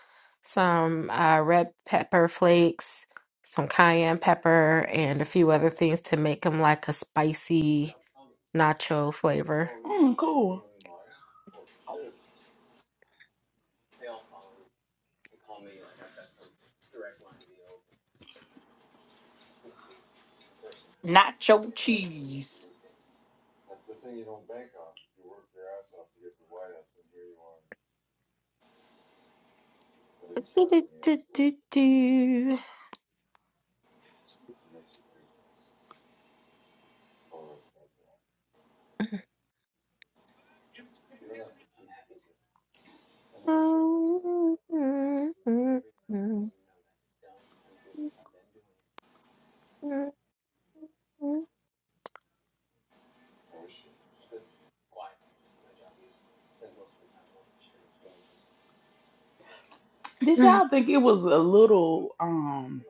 S8: some uh, red pepper flakes, some cayenne pepper, and a few other things to make them like a spicy nacho flavor.
S6: Mm, cool.
S5: Nacho cheese.
S6: Did y'all think it was a little um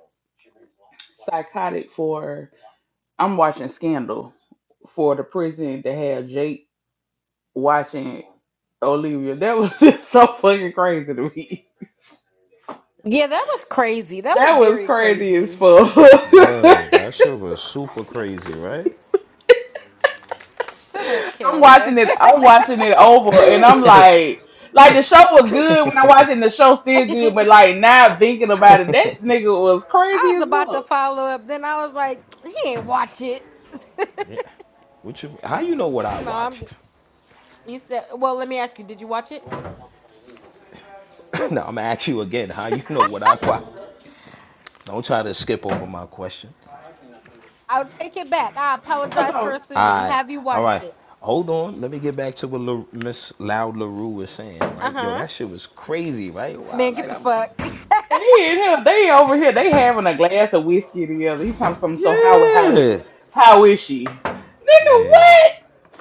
S6: psychotic for? I'm watching Scandal for the prison to have Jake watching Olivia. That was just so fucking crazy to me.
S8: Yeah, that was crazy. That was
S6: That was
S8: very
S6: crazy as
S8: crazy.
S6: fuck.
S26: Word, that shit was super crazy, right?
S8: Shut up,
S6: I'm watching
S8: kid.
S6: it. I'm watching it over, and I'm like, like the show was good when I watched it. And the show still good,
S8: I
S6: but like now thinking about it, that nigga was crazy
S8: was
S6: as
S8: about to
S6: fuck.
S8: follow up, then I was like, he ain't watch it.
S26: Yeah. What you? How you know what I
S8: no, I'm.
S26: watched?
S8: You said, well, let me ask you, did you watch it?
S26: Now I'm gonna ask you again. How you know what I watched? Don't try to skip over my question.
S8: I'll take it back. I
S6: I
S8: apologize for
S6: thought,
S26: All
S8: assuming.
S26: right,
S8: Have you
S26: all
S8: watched
S26: right.
S8: it?
S26: Hold on. Let me get back to what Miss Loud Larue was saying.
S8: Uh
S26: Right, yo,
S8: huh.
S26: that shit was crazy. Right, wow,
S8: Man,
S26: like
S8: get the
S26: I'm,
S8: fuck.
S6: and hell, they over here, they having a glass of whiskey together. He talking something. So how how it
S26: yeah,
S6: how is she, nigga?
S26: yeah,
S6: What?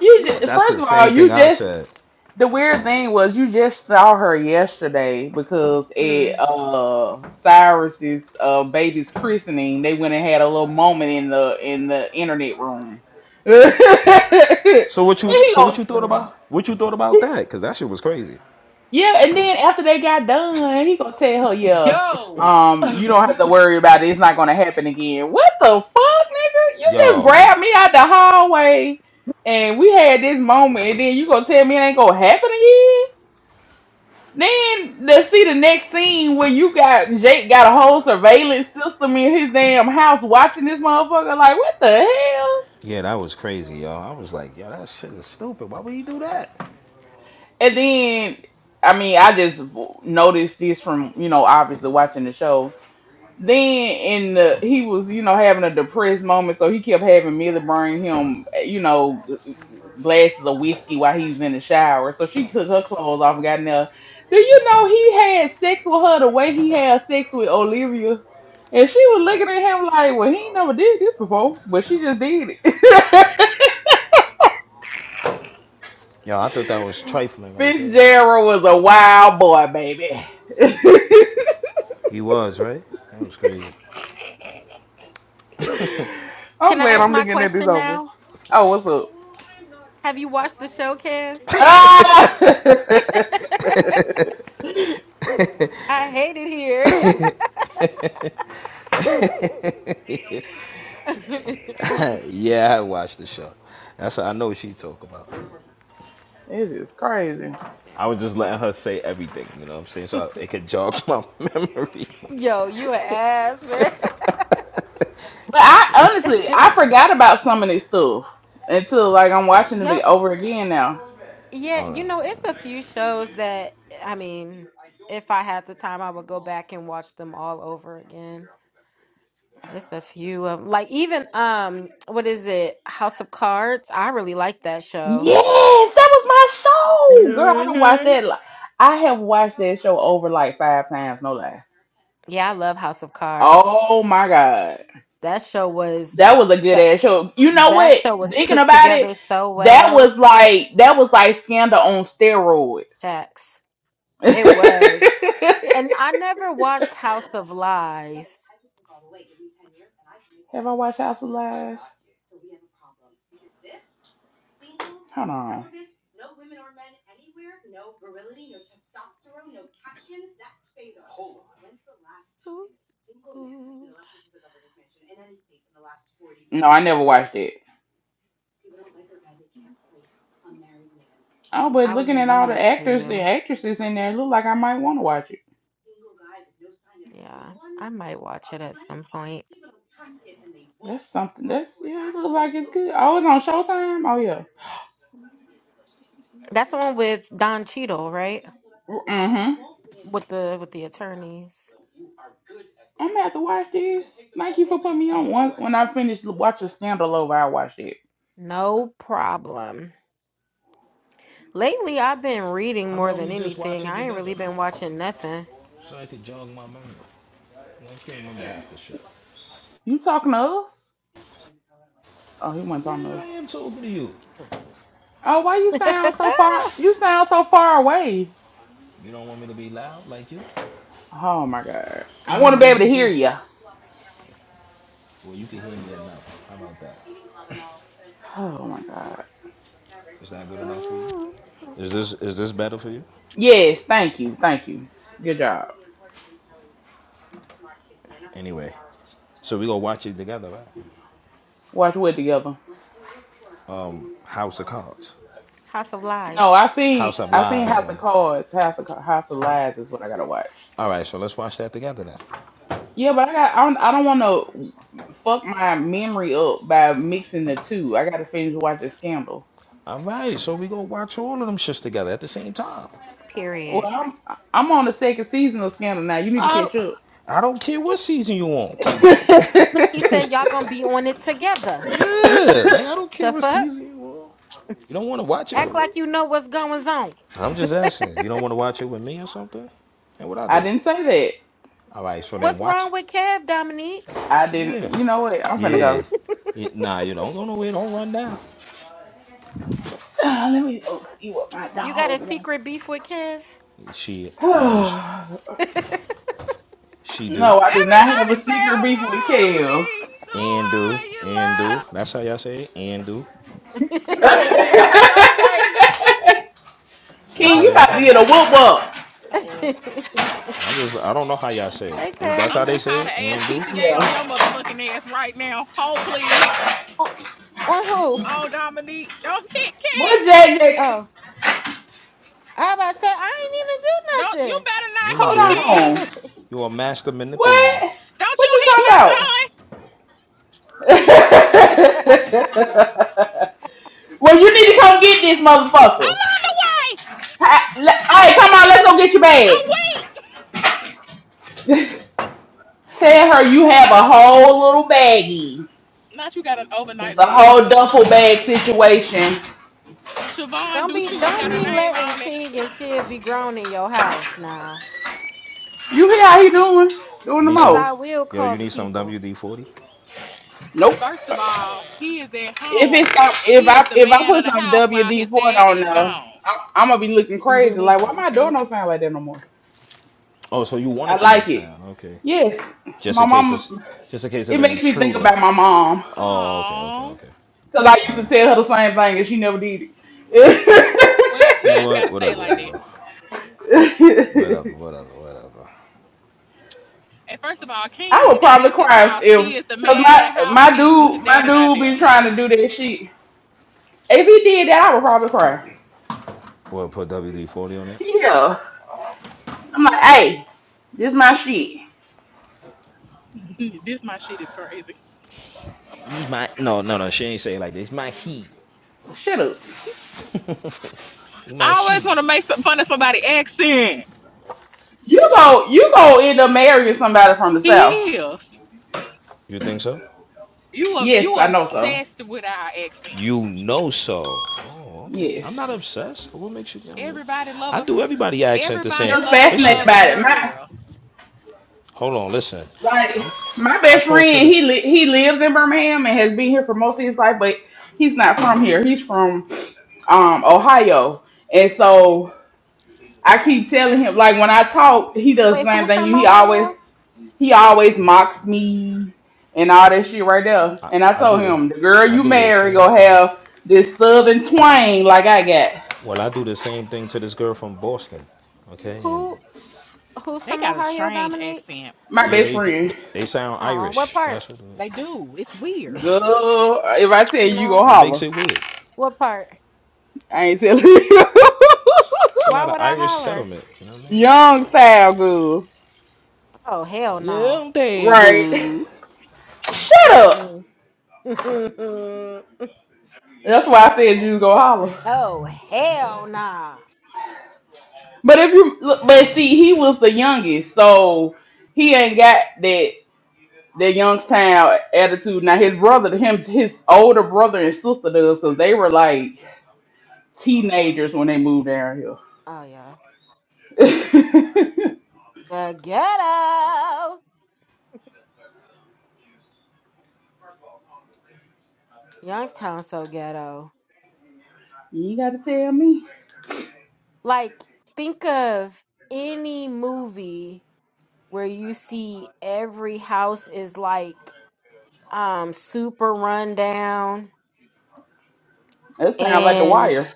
S6: You
S26: yeah.
S6: ju-
S26: That's
S6: first
S26: the
S6: of all,
S26: same thing
S6: you
S26: I
S6: just
S26: said.
S6: The weird thing was you just saw her yesterday because at
S8: Mm,
S6: uh Cyrus's uh baby's christening, they went and had a little moment in the in the internet room. and
S26: So what you
S8: mm,
S6: he
S26: so
S6: go,
S26: what
S8: mm,
S26: you thought
S8: mm,
S26: about what you thought about that? Cause that shit was crazy.
S6: yeah, and then after they got done, he gonna tell her, yeah, um, you don't have to worry about it, it's not gonna happen again. What the fuck, nigga? You just
S26: Yo,
S8: mm.
S6: grabbed me out the hallway and we had this moment, and then you gonna tell me it ain't gonna happen again? Then let's see the next scene where you got Jake got a whole surveillance system in his damn house watching this motherfucker. Like what the hell?
S26: yeah, that was crazy, yo. I was like, yo, that shit is stupid. Why would he do that?
S6: And then I mean I just noticed this from you know obviously watching the show Then in the he was you know having a depressed moment, so he kept having Millie bring him you know glasses of whiskey while he was in the shower. So she took her clothes off and got in there. Do you know he had sex with her the way he had sex with Olivia? And she was looking at him like, well, he ain't never did this before, but she just did it.
S26: Yo, I thought that was trifling right there. man.
S6: Fitzgerald was a wild boy, baby.
S26: He was right. That was crazy.
S6: I'm
S8: Can I
S6: glad
S8: ask
S6: I'm
S8: my
S6: looking at this
S8: question
S6: over.
S8: now?
S6: Oh, what's up?
S8: Have you watched the show, Kev?
S6: Ah! it's
S8: I hate it here.
S26: Yeah, I watched the show. That's what I know what she talk about.
S6: just crazy.
S26: I was just letting her say everything, you know what I'm saying? So I, it could jog my memory.
S8: Yo, you an ass, man.
S6: But I honestly, I forgot about some of this stuff until like I'm watching
S8: Yo,
S6: it over again now.
S8: yeah,
S26: Oh
S8: you know,
S26: no.
S8: it's a few shows that I mean, if I had the time, I would go back and watch them all over again. It's a few of like even um, what is it? House of Cards. I really like that show.
S6: Yes, that was my show, girl. I don't watch
S8: hmm
S6: that. Like, I have watched that show over like five times, no lie.
S8: Yeah, I love House of Cards.
S6: Oh my god.
S8: That show was
S6: That
S8: oh,
S6: was a good
S8: that
S6: ass show. You know
S8: that
S6: what?
S8: show was
S6: Thinking
S8: put
S6: about it,
S8: together so
S6: that
S8: well.
S6: was like that was like scandal on steroids.
S8: Facts. It was. And I never watched House of Lies.
S6: Have I watched House of Lies? Hold on.
S8: Ooh,
S6: No, I never watched it. Oh, but
S8: I was
S6: looking at all the
S8: meaning
S6: actors and
S8: to.
S6: actresses in there, it look like I might want to watch it.
S8: Yeah, I might watch it at some point.
S6: That's something. That's yeah. It look like it's good. Oh, it's on Showtime. Oh yeah.
S8: That's the one with Don Cheadle, right?
S6: Mm-hmm.
S8: With the with the attorneys.
S6: I'm gonna have to watch this. Thank you for putting me on. One when I finish watching Scandal over, I watch it.
S8: No problem. Lately, I've been reading
S26: How
S8: more
S26: about
S8: than
S26: we just watch
S8: anything.
S26: it
S8: I ain't
S26: together?
S8: really been watching nothing.
S26: So I could jog my memory. I can't remember half the shit.
S6: You talking to us? Oh, he wasn't
S26: Yeah,
S6: talking to us.
S26: I am talking to you.
S6: Oh, why you sound so far? You sound so far away.
S26: You don't want me to be loud like you?
S6: Oh my god. I want to be able to hear you.
S26: Well, you can hear me enough. How about that?
S6: Oh my god.
S26: Is that good enough for
S8: Ooh.
S26: you? Is this is this better for you?
S6: Yes, thank you, thank you. Good job.
S26: Anyway, so we gonna watch it together, right?
S6: Watch Wood together.
S26: House of Cards,
S8: House of
S6: No,
S8: Lies.
S6: I seen
S26: House of
S6: I seen
S26: Lies.
S6: House
S26: Or...
S6: of Cards, House of Ca- House of Lies is what I gotta watch.
S26: All right, so let's watch that together then.
S6: Yeah, but I got I don't, I don't want to fuck my memory up by mixing the two. I gotta finish watching Scandal.
S26: All right, so we gonna watch all of them shits together at the same time.
S6: Well,
S8: Period.
S6: I'm I'm on the second season of Scandal now. You need
S26: I
S6: to catch
S26: don't,
S6: up.
S26: I don't care what season you on. Can we?
S8: He said y'all gonna be on it together.
S26: Yeah, like I don't care
S8: The
S26: what
S8: fuck?
S26: season you on. You don't want to watch it
S8: Act
S26: with me?
S8: like you know what's going on.
S26: I'm just asking. You don't want to watch it with me or something? And what I
S6: I
S26: do?
S6: didn't say that.
S26: All right, so then
S8: What's
S26: watch.
S8: wrong with Kev, Dominique?
S6: I didn't.
S26: Yeah,
S6: You know what? I'm finna go.
S26: yeah. Yeah, Nah, you don't go nowhere. Don't run down.
S6: Ah, let me go see what my
S8: you got a
S6: dog wants.
S8: secret beef with Kev?
S26: She obviously She do
S6: no, I do not have
S25: Everybody
S6: a
S25: say
S6: secret beef with
S25: I wanna
S6: Kev.
S25: be the
S26: and do
S25: one you
S26: and do. That's how y'all say it. And do.
S5: Yo, is Tay okay?
S26: That's
S6: King,
S5: Y'all
S26: how
S6: you
S26: y'all
S5: check
S6: about
S26: say
S6: to
S5: on
S26: that.
S6: get a
S5: Tay.
S6: whoop up.
S25: love. Oh,
S8: hey,
S26: I'm just I don't know how y'all say it. Is that's
S25: I'm
S26: how they
S25: finna
S8: cousin.
S25: call
S26: say
S25: the
S26: it? And do?
S25: ASPCA on your
S6: Yeah.
S25: motherfucking ass right now. Hold please.
S8: On on who?
S25: Oh Dominique, don't hit King.
S6: What, Jack? Jack?
S8: Oh, I about to say I ain't
S25: Don't you
S8: even do
S25: better
S26: Yeah,
S25: not
S26: you
S25: hit
S6: Hold
S26: did.
S25: King.
S6: on.
S26: You're a master manipulator.
S6: What?
S25: Don't
S6: What
S25: you
S6: you
S25: hit
S6: talking
S25: my
S6: about?
S25: son.
S6: well,
S8: nothing.
S6: you need to come get this
S25: I'm
S6: motherfucker.
S25: on the way.
S6: Ha- Hey, come on, let's go get your
S25: I'm
S6: bag.
S25: weak.
S6: Tell her you have a whole little baggie.
S25: Not you got an
S6: It's
S25: overnight
S6: a
S25: bag. I'm
S6: whole
S25: weak.
S6: duffel bag situation.
S25: Siobhan
S8: don't
S25: do
S8: be,
S25: too. It's
S8: don't
S25: got her
S8: be
S25: name
S8: letting
S25: on it.
S8: King and Shiv be grown in your house now,
S6: You hear how he doing? Doing
S26: You
S6: the
S26: need
S8: cause
S26: some
S8: I
S6: most.
S8: will
S26: yo,
S8: call
S26: you
S8: the
S26: need some
S8: people.
S26: WD forty?
S6: Nope.
S25: First of all, he is at
S6: If
S25: home
S6: it's some-
S25: and
S6: if
S25: he is
S6: I
S25: the
S6: if I
S25: man of
S6: put
S25: the
S6: some
S25: house while
S6: WD
S25: his
S6: four
S25: daddy
S6: on
S25: is
S6: there,
S25: gone.
S6: I'm, I'm gonna be looking
S8: Wait,
S6: crazy. Like, why my door don't sound like that no more?
S26: Oh, so you want
S6: I
S26: it to make
S6: like it.
S26: sound, okay.
S6: Yes,
S26: Just
S6: my
S26: in case
S6: mom.
S26: it's just in case of
S6: It
S26: an
S6: makes me think
S26: intruder.
S6: about my mom.
S26: Oh, okay, okay,
S25: Oh,
S26: okay.
S6: Because I used to
S26: Alright.
S6: tell her the same thing and she never did it.
S25: well,
S26: You
S25: now
S26: know
S25: it's got
S26: what?
S25: to stay
S26: Whatever,
S25: like that.
S26: yo. Whatever, whatever, whatever.
S25: And first of all,
S6: I
S25: King,
S6: would
S25: that
S6: probably
S25: is his
S6: cry if,
S25: house.
S6: if-
S25: He is the
S6: cause
S25: man of the
S6: my
S25: house
S6: my
S25: if he when his
S6: dude my
S25: dad and I
S6: dude be
S25: there.
S6: trying to do that shit. If he did that, I would probably cry.
S26: We'll put WD forty on it.
S6: Yeah, I'm like, hey, this my shit.
S25: this my shit is crazy.
S26: These my no, no, no, she ain't say it like this. It's My heat.
S6: Shut up.
S26: He my
S25: I always
S26: heat.
S25: want to make some fun of somebody's accent.
S6: You go you go end up marrying somebody from the
S25: He
S6: south.
S25: is.
S26: You think so?
S25: You are
S6: Yes,
S25: you
S6: I know so.
S25: obsessed with our accents.
S26: You know so. Oh, okay. I'm
S6: Yes,
S26: not obsessed. What makes you? I'm-
S25: Everybody love
S26: I
S25: a
S26: do everybody accent the
S25: everybody
S26: same.
S6: you're
S25: love a
S26: Listen,
S6: fascinated
S25: Southern
S6: by it. My
S25: girl.
S26: hold on. Listen,
S6: Like
S26: I'm.
S6: my
S26: I
S6: best
S26: talk to
S6: friend,
S26: the.
S6: he li- he lives in Birmingham and has been here for most of his life, but he's not from here. He's from um Ohio, and so I keep telling him like when I talk, he does the same
S8: who
S6: thing.
S8: from
S6: He always
S8: Ohio?
S6: he always mocks me and all that shit right there.
S26: I,
S6: And I
S26: I
S6: told
S26: do the.
S6: him the girl
S26: I
S6: you
S26: do the
S6: marry
S26: same
S6: gonna
S26: thing.
S6: have this southern twang like I got.
S26: Well, I do the same thing to this girl from Boston. Okay, and
S8: Who Who's
S25: They
S8: from
S25: got a
S8: Ohio,
S25: strange
S8: Dominic?
S25: accent.
S6: My
S26: yeah,
S6: best
S26: they do.
S6: friend,
S26: They they sound
S8: Oh, what
S26: Irish.
S8: part?
S26: That's what.
S25: They do. It's
S6: girl, if I tell you,
S8: You
S6: you
S8: know,
S6: gonna
S26: What makes
S6: holler.
S26: it weird?
S8: what part?
S6: I ain't telling you.
S26: It's a
S8: Why
S26: lot of
S8: would I
S26: Irish
S8: holler?
S26: settlement. You know what I mean?
S6: Young sound good.
S8: Oh, hell
S26: Yeah,
S8: nah.
S26: I'm there,
S6: Right.
S26: boo.
S6: Shut up.
S8: Mm-mm.
S6: That's why I said you go holler.
S8: oh, hell nah.
S6: But if you look, but see, he was the youngest, so he ain't got that that Youngstown attitude. Now his brother, him, his older brother and sister does, cause they were like teenagers when they moved down here.
S8: Oh, yeah. The ghetto. Youngstown so ghetto.
S6: you ain't got to tell me.
S8: Like, think of any movie where you see every house is like um super run down
S6: That sounds like The
S8: and
S6: Wire.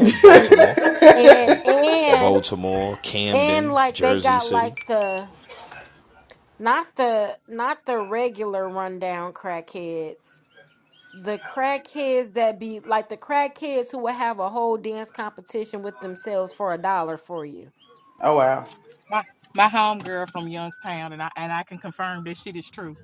S26: Baltimore,
S8: and and
S26: Baltimore,
S8: And
S26: Camden,
S8: like they
S26: Jersey
S8: got
S26: City.
S8: like the not the not the regular rundown crackheads. The crackheads that be like the crackheads who would have a whole dance competition with themselves for a dollar for you.
S6: oh wow.
S25: my my home girl from Youngstown, and I and I can confirm this shit is true.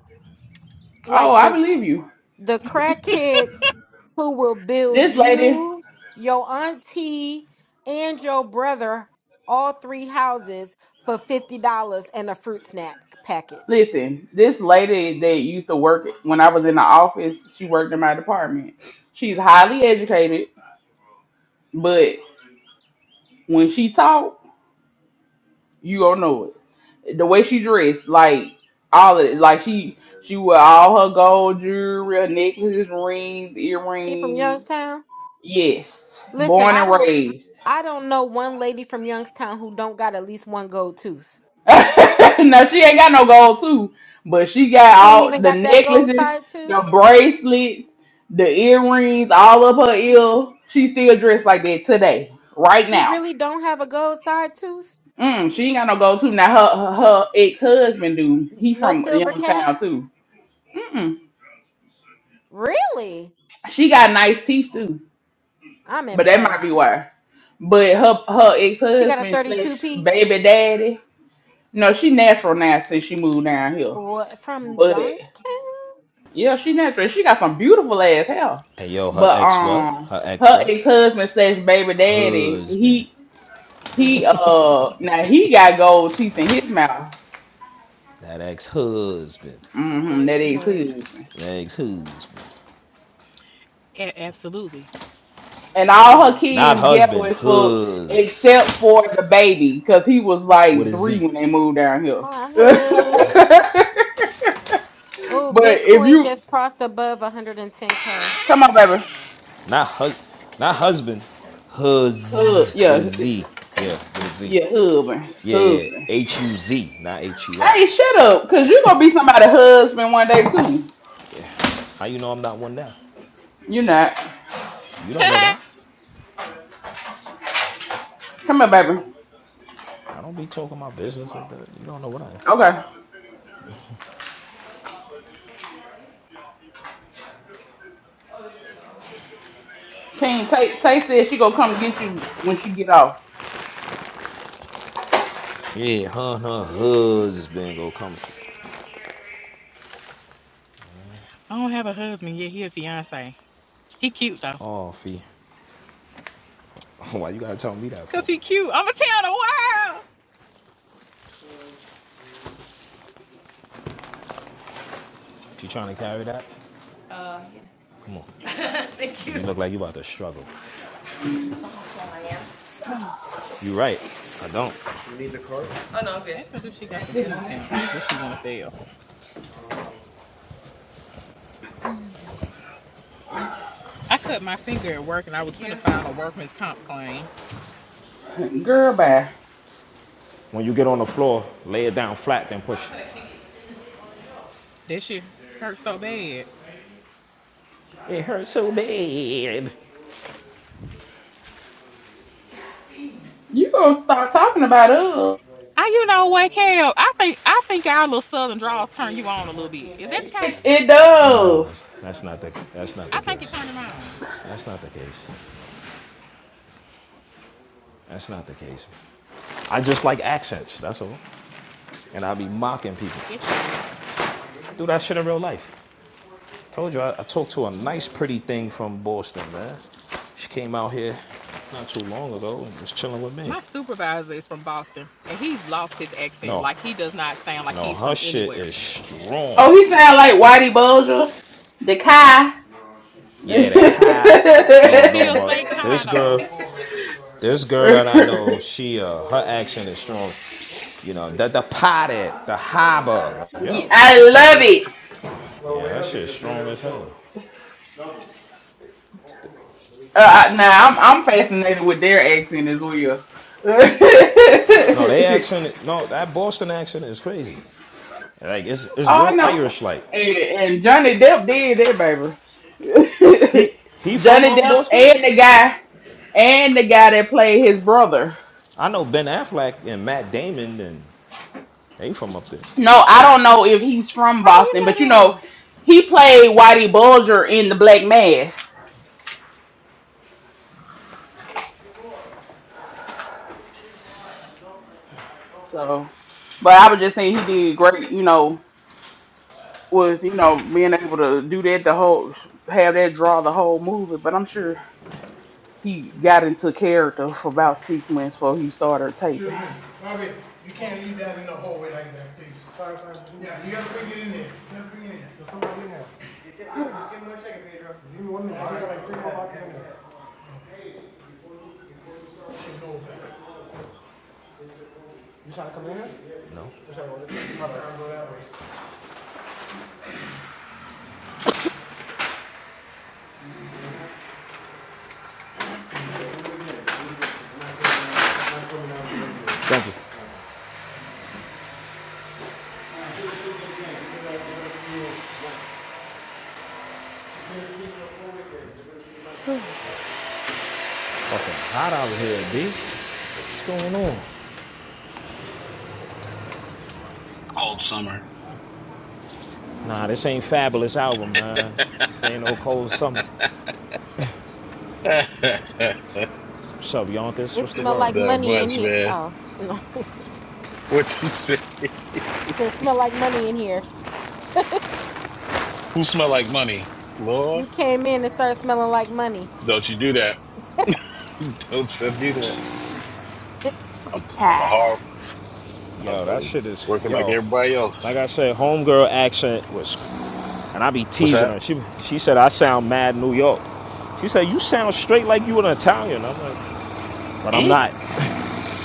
S6: Oh,
S8: Like
S6: I
S8: the
S6: believe you.
S8: the crackheads who will build
S6: This lady.
S8: you, your auntie, and your brother all three houses for fifty dollars and a fruit snack package.
S6: Listen, this lady that used to work when I was in the office, she worked in my department. She's highly educated, but when she talk, you gonna know it. The way she dressed, like all of it, like she she wore all her gold jewelry, her necklaces, rings,
S8: She from
S6: earrings.
S8: Youngstown?
S6: Yes,
S8: Listen,
S6: born
S8: I
S6: and
S8: don't
S6: raised.
S8: I don't know one lady from Youngstown who don't got at least one gold tooth.
S6: no, she ain't got no gold too, but she got
S8: She ain't
S6: all
S8: even
S6: the
S8: got that gold
S6: necklaces,
S8: side tooth.
S6: the bracelets, the earrings, all up her ear. She still dressed like that today, right
S8: She
S6: now.
S8: really don't have a gold side tooth.
S6: Mm, she ain't got no gold too. Now her her, her ex husband do. He
S8: No
S6: from
S8: silver
S6: Young Sound
S8: caps.
S6: too. Mm-mm.
S8: Really?
S6: She got nice teeth too,
S8: I'm
S6: but that might be
S8: impressed.
S6: why. But her her ex
S8: She got a
S6: husband
S8: 32
S6: slash
S8: piece.
S6: baby daddy. No, she natural now since she moved down here.
S8: What from
S6: but.
S8: Youngstown?
S6: Yeah, she natural. She got some beautiful ass hair.
S26: Hey yo, her
S6: But
S26: ex what?
S6: um
S26: Her ex
S6: her
S26: what?
S6: ex husband slash baby daddy,
S26: Husband.
S6: he he uh now he got gold teeth in his mouth.
S26: That ex husband.
S6: Mm-hmm, that ex husband.
S26: Ex husband.
S25: A- absolutely.
S6: And all her
S26: Not
S6: kids ghetto
S26: husband.
S6: as fuck
S26: Hus.
S6: except for the baby, because he was
S26: With
S6: like
S26: a
S6: three
S26: Z.
S6: when they moved down here.
S8: My
S6: but
S8: husband. Oh,
S6: if
S8: Bitcoin
S6: you
S8: just crossed above 110k.
S6: come on baby.
S26: Not hus. Not husband.
S6: Hug,
S26: Huz.
S6: yeah,
S26: With a Z. Yeah. With a Z.
S6: yeah, husband.
S26: Yeah. Yeah.
S6: Husband.
S26: H U Z. Not H U
S6: Hey,
S26: S.
S6: shut up, cause going gonna be somebody's husband one day too.
S26: How you know I'm not one now?
S6: You're not.
S26: You don't know that.
S6: Come here, baby.
S26: I don't be talking my business like that. You don't know what I am.
S6: Okay. King, Tay, Tay said she gonna come get you when she get off.
S26: Yeah, her her husband go come.
S25: I don't have a husband yet. He a fiance. He cute though.
S26: Oh, fee. Why you gotta tell me that
S25: Cause
S26: for?
S25: he cute. I'ma tell the world.
S26: You trying to carry that? Uh, yeah. Come on. Thank you. You look like you about to struggle. You know how strong I am. You right. I don't. You need the cart? Oh no, I'm good.
S25: Ask her do she got some
S26: Thank you.
S25: food stamps that she wanna sell. I cut my finger at work and I was
S26: Thank you.
S25: finna file a workman's comp claim.
S6: Girl, bye.
S26: When you get on the floor, lay it down flat, then push.
S25: That shit hurt so bad.
S26: it. It hurts so bad.
S6: You gonna start talking about us.
S25: I you know what, Cal? I think I think our little southern draws turn you on a little bit. Is that the case?
S6: It, it
S26: No, it's,
S6: does.
S26: that's not the that's not the
S25: I think it
S26: case.
S25: turned him on.
S26: That's not the case. That's not the case. I just like accents. That's all. And I be mocking people.
S25: It's all.
S26: Do that shit in real life. Told you, I, I talked to a nice, pretty thing from Boston, man. She came out here not too long ago and was chilling with me.
S25: My supervisor is from Boston and he's lost his accent.
S26: No,
S25: Like he does not sound like
S26: no,
S25: he's
S26: her
S25: from
S26: shit
S25: anywhere.
S26: is strong.
S6: Oh, he sound like Whitey Bulger. The Kai.
S26: Yeah, the Kai.
S25: He
S26: No, no,
S25: still say
S26: but this
S25: Cotto,
S26: girl, this girl that I know, she, uh, her accent is strong. You know, the the potted, the harbor.
S6: Yeah,
S26: Yo,
S6: I
S26: that
S6: love
S26: shit,
S6: it.
S26: str- yeah, that shit strong as hell.
S6: Uh, I- nah, I'm, I'm fascinated with their accent as well. oh,
S26: No, they accent, no, that Boston accent is crazy. Like it's it's
S6: I
S26: real
S6: know.
S26: Irish like.
S6: And, and Johnny Depp did that, baby.
S26: He he from
S6: Johnny
S26: um
S6: Depp
S26: Boston?
S6: and the guy and the guy that played his brother.
S26: I know Ben Affleck and Matt Damon, and they from up there.
S6: No, I don't know if he's from
S8: How do you
S6: Boston, but you
S8: know
S6: know,
S8: them?
S6: he played Whitey Bulger in The Black Mass. So, but I was just saying he did great. You know, was you know being able to do that the whole have that draw the whole movie. But I'm sure he got into character for about six months before he started taping.
S26: Excuse me, Bobby, you can't leave that in the hallway like that, please. Yeah, you gotta bring it in there, you gotta bring it in. There's somebody in there. There's even one in there. I like Thank you. Fucking hot out here, B. What's going on?
S20: All summer.
S26: Nah, this ain't fabulous album, man. This ain't no cold summer. What's up, Yonkers?
S8: It
S26: What's the
S8: smell like
S26: word?
S20: Not
S8: money in
S20: much,
S8: here.
S20: man.
S8: Oh, no.
S20: What you say?
S8: So it smell like money in here.
S20: Who smell like money? Lord,
S8: You came in and started smelling like money.
S20: don't you do that. Don't you do that.
S6: the
S20: I'm, I'm a
S6: cat.
S20: hard, I'm,
S26: Yo, that
S20: I'm
S26: shit is
S20: working like
S26: yo.
S20: everybody
S26: Like
S20: else.
S26: I said, homegirl accent was And I be
S20: What's
S26: teasing
S20: that?
S26: her. She she said I sound mad New York. She said you sound straight like you an Italian. I'm like, but I'm
S20: Mm?
S26: not.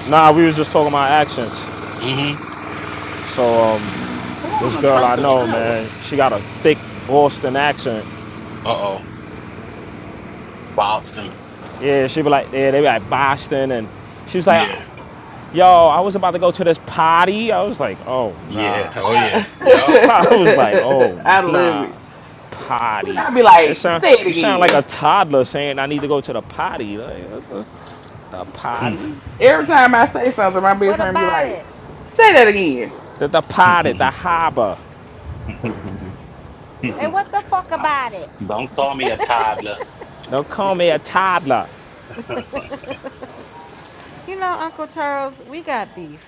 S26: Nah, we was just talking about accents.
S20: hmm
S8: Mhm.
S26: So um,
S6: Who on
S26: this
S6: a
S26: girl I
S6: tractor
S26: know,
S6: trailer?
S26: man, she got a thick Boston accent.
S20: Uh-oh. Boston.
S26: Yeah, she be like, yeah, they be like Boston, and she was like,
S20: Yeah.
S26: yo, I was about to go to this party. I was like, oh
S20: Yeah.
S26: nah.
S20: Oh,
S6: I,
S20: yeah. Yup.
S26: I was like, oh
S6: I love
S26: nah,
S6: it.
S8: Mhm.
S6: Look,
S26: potty.
S6: i be
S26: It
S6: like,
S26: sound
S6: say it
S26: you sound like
S6: again.
S26: a toddler saying I need to go to the potty. Like, what the, the potty?
S6: Every time I say something, my best
S8: What
S6: friend be
S8: about
S6: like,
S8: it?
S6: say that again.
S26: The, the potty, the harbor.
S8: And what the fuck about it?
S20: don't call me a toddler.
S26: Don't call me a toddler.
S8: you know, Uncle Charles, we got beef.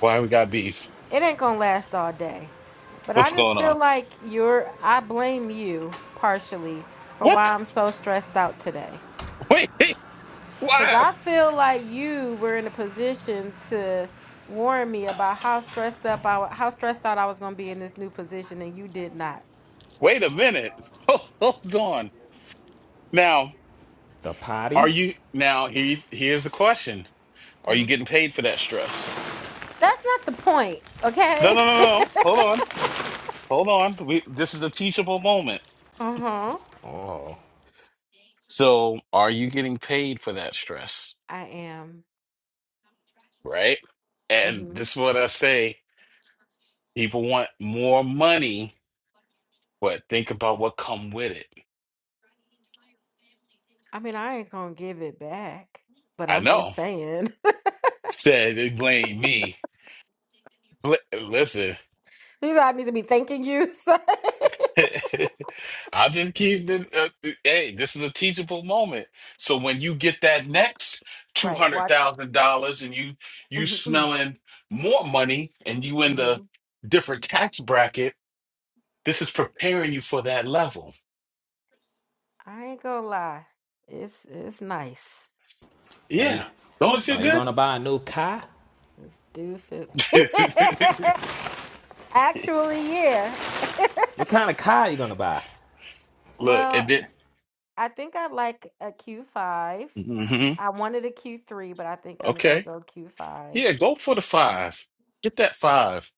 S20: Why we got beef?
S8: it ain't gonna last all day. But I
S20: What's
S8: just
S20: going on?
S8: feel like you're, I blame you partially for why
S20: What?
S8: I'm so stressed out today.
S20: Wait, wait,
S8: Because
S20: why?
S8: I feel like you were in a position to warn me about how stressed up I, wa- how stressed out I was gonna be in this new position, and you did not.
S20: Wait a minute. Hold on. Now,
S26: The
S20: are
S26: potty?
S20: you now here here's the question. Are you
S8: hmm
S20: getting paid for that stress?
S8: That's not the point,
S20: No,
S8: okay?
S20: no, no, no. no. Hold on. Hold on. We, this is a teachable moment.
S8: Uh huh.
S20: So, are you getting paid for that stress?
S8: I am.
S20: Right? And
S8: hmm
S20: this is what I say. People want more money, but think about what come with it.
S8: I mean, I ain't gonna give it back, but
S20: I
S8: I'm just
S20: know.
S8: saying.
S20: Said they blame me. Li- Listen.
S8: These I need to be thanking you. so-
S20: I just keep the uh, hey, this is a teachable moment. So when you get that next two
S8: Right.
S20: hundred
S8: Watch.
S20: thousand dollars and you you
S8: Mhm.
S20: smelling more money and you in the
S8: Mhm.
S20: different tax bracket, this is preparing you for that level.
S8: I ain't gonna lie. It's it's nice.
S26: Are you
S20: Yeah. Don't it
S8: It's
S26: are you gonna
S8: nice.
S20: feel
S26: buy a new car?
S8: I Do feel
S20: good?
S8: actually, yeah.
S26: What kind of car are you gonna buy?
S20: Look,
S8: Well,
S20: and then
S8: I think I like a Q5.
S20: hmm
S8: I wanted a Q3, but I think I'm gonna
S20: okay.
S8: go Q5.
S20: Yeah, go for the five. Get that five.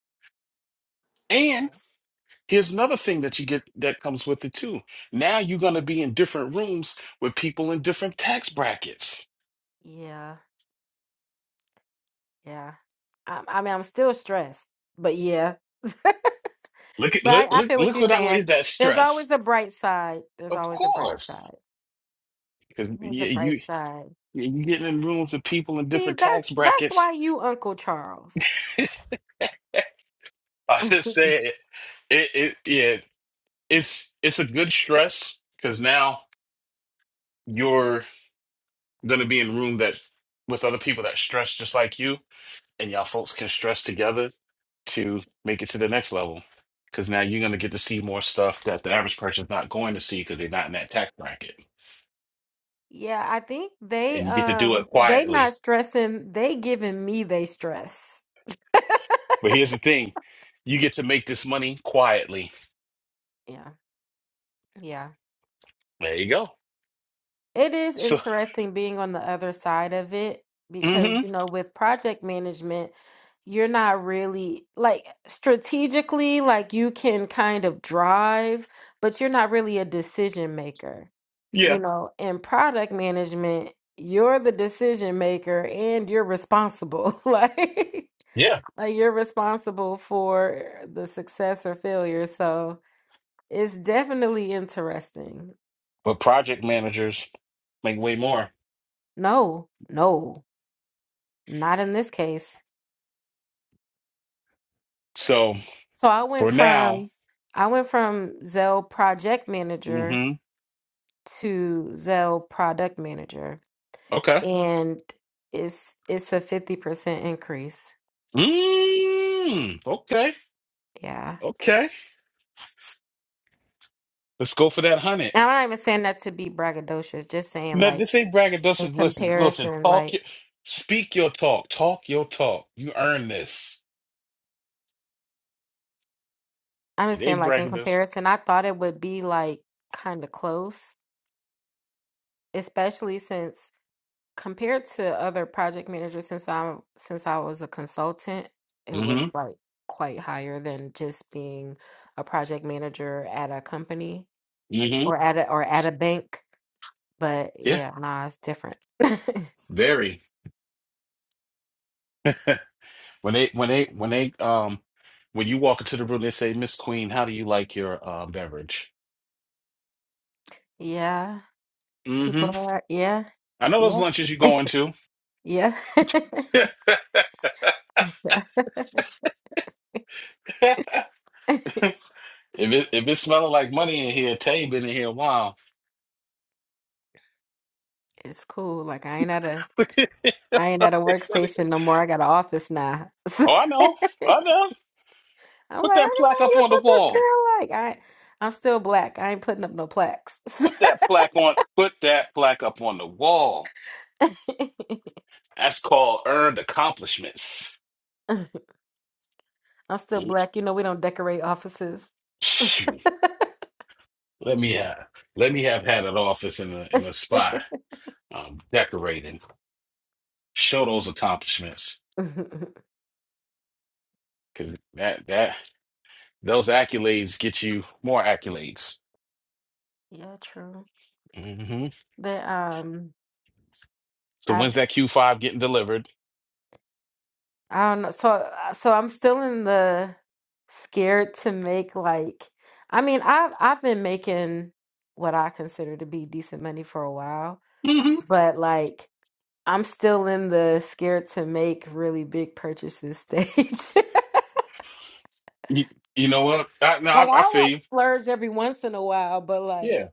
S8: Yeah,
S20: and. Here's another thing that you get that comes with it too. Now you're going to be in different rooms with people in different tax brackets.
S8: yeah, yeah. I, I mean, I'm still stressed, but yeah.
S20: Look at
S8: But
S20: look
S8: I, I
S20: look
S8: feel what
S20: look
S8: you're
S20: what
S8: saying.
S20: outweighs that
S8: There's always
S20: stress.
S8: a bright side. There's
S20: Of
S8: always a bright
S20: course,
S8: side.
S20: because
S8: There's a
S20: you
S8: bright
S20: you
S8: side.
S20: you getting in rooms with people in
S8: See,
S20: different tax
S8: that's that's
S20: brackets.
S8: why you Uncle Charles.
S20: I just say it, it, it yeah, it's it's a good stress because now you're gonna be in a room that with other people that stress just like you, and y'all folks can stress together to make it to the next level. Because now you're going to get to see more stuff that the average person's not going to see because they're not in that tax bracket.
S8: Yeah, I think they
S20: And you get to do
S8: um
S20: it
S8: they not
S20: quietly.
S8: stressing, they giving me they stress.
S20: But here's the thing you get to make this money quietly.
S8: Yeah. Yeah.
S20: There you go.
S8: It is
S20: So,
S8: interesting being on the other side of it because
S20: hmm
S8: you know with project management, you're not really like strategically like you can kind of drive, but you're not really a decision maker. you
S20: yeah,
S8: know, in product management, you're the decision maker and you're responsible. like,
S20: yeah.
S8: like you're responsible for the success or failure. So it's definitely interesting.
S20: But project managers make way more.
S8: No, no, not in this case.
S20: So
S8: So I went
S20: for now,
S8: from I went from Zell project manager
S20: hmm
S8: to Zell product manager
S20: okay.
S8: and it's it's a 50% increase.
S20: Mm, okay,
S8: Yeah.
S20: okay. Let's go for that 100.
S8: And I'm not even saying that to be braggadocious, just saying
S20: No,
S8: like
S20: this ain't
S8: in
S20: braggadocious. Listen, listen.
S8: comparison,
S20: Talk
S8: like
S20: your, speak your talk. Talk your talk. You earn this.
S8: I'm just
S20: It
S8: saying
S20: ain't
S8: like in
S20: braggadocious.
S8: comparison, I thought it would be like kind of close, especially since compared to other project managers since I'm since I was a consultant, it
S20: Mm-hmm.
S8: was like quite higher than just being a project manager at a company
S20: Mm-hmm.
S8: or at a or at a bank. But
S20: Yeah.
S8: yeah, nah, it's different.
S20: Very. When they, when they, when they, um, when you walk into the room, they say, "Miss Queen, how do you like your uh, beverage?"
S8: yeah. People
S20: Mm-hmm.
S8: are yeah.
S20: I know those
S8: Yeah.
S20: lunches you're going to.
S8: Yeah. Yeah,
S20: if it if it's smelling like money in here, Tay been in here a while.
S8: It's cool. Like I ain't at a
S20: oh,
S8: I ain't at a workstation no more. I got an office now. I'm
S20: I know.
S8: like,
S20: I know. Put that plaque
S8: I
S20: up
S8: guess
S20: on the
S8: what this
S20: wall.
S8: feel like. I I'm still black. I ain't putting up no plaques.
S20: Put that plaque on. Put that plaque up on the wall. That's called earned accomplishments.
S8: I'm still black. You know we don't decorate offices.
S20: Phew. Let me have. Let me have had an office in a in a spot. Um, decorating. Show those accomplishments.
S8: yeah,
S20: Cause that that those accolades get you more accolades.
S8: true.
S20: hmm
S8: The um.
S20: So
S8: I've
S20: when's that Q five getting delivered?
S8: I don't know. So, uh, so I'm still in the scared to make like, I mean, I've I've been making what I consider to be decent money for a while,
S20: hmm
S8: but like I'm still in the scared to make really big purchases stage.
S20: You, you know what? I, no, I,
S8: Like
S20: I
S8: I like
S20: feel you.
S8: splurge every once in a while, but like
S20: Yeah.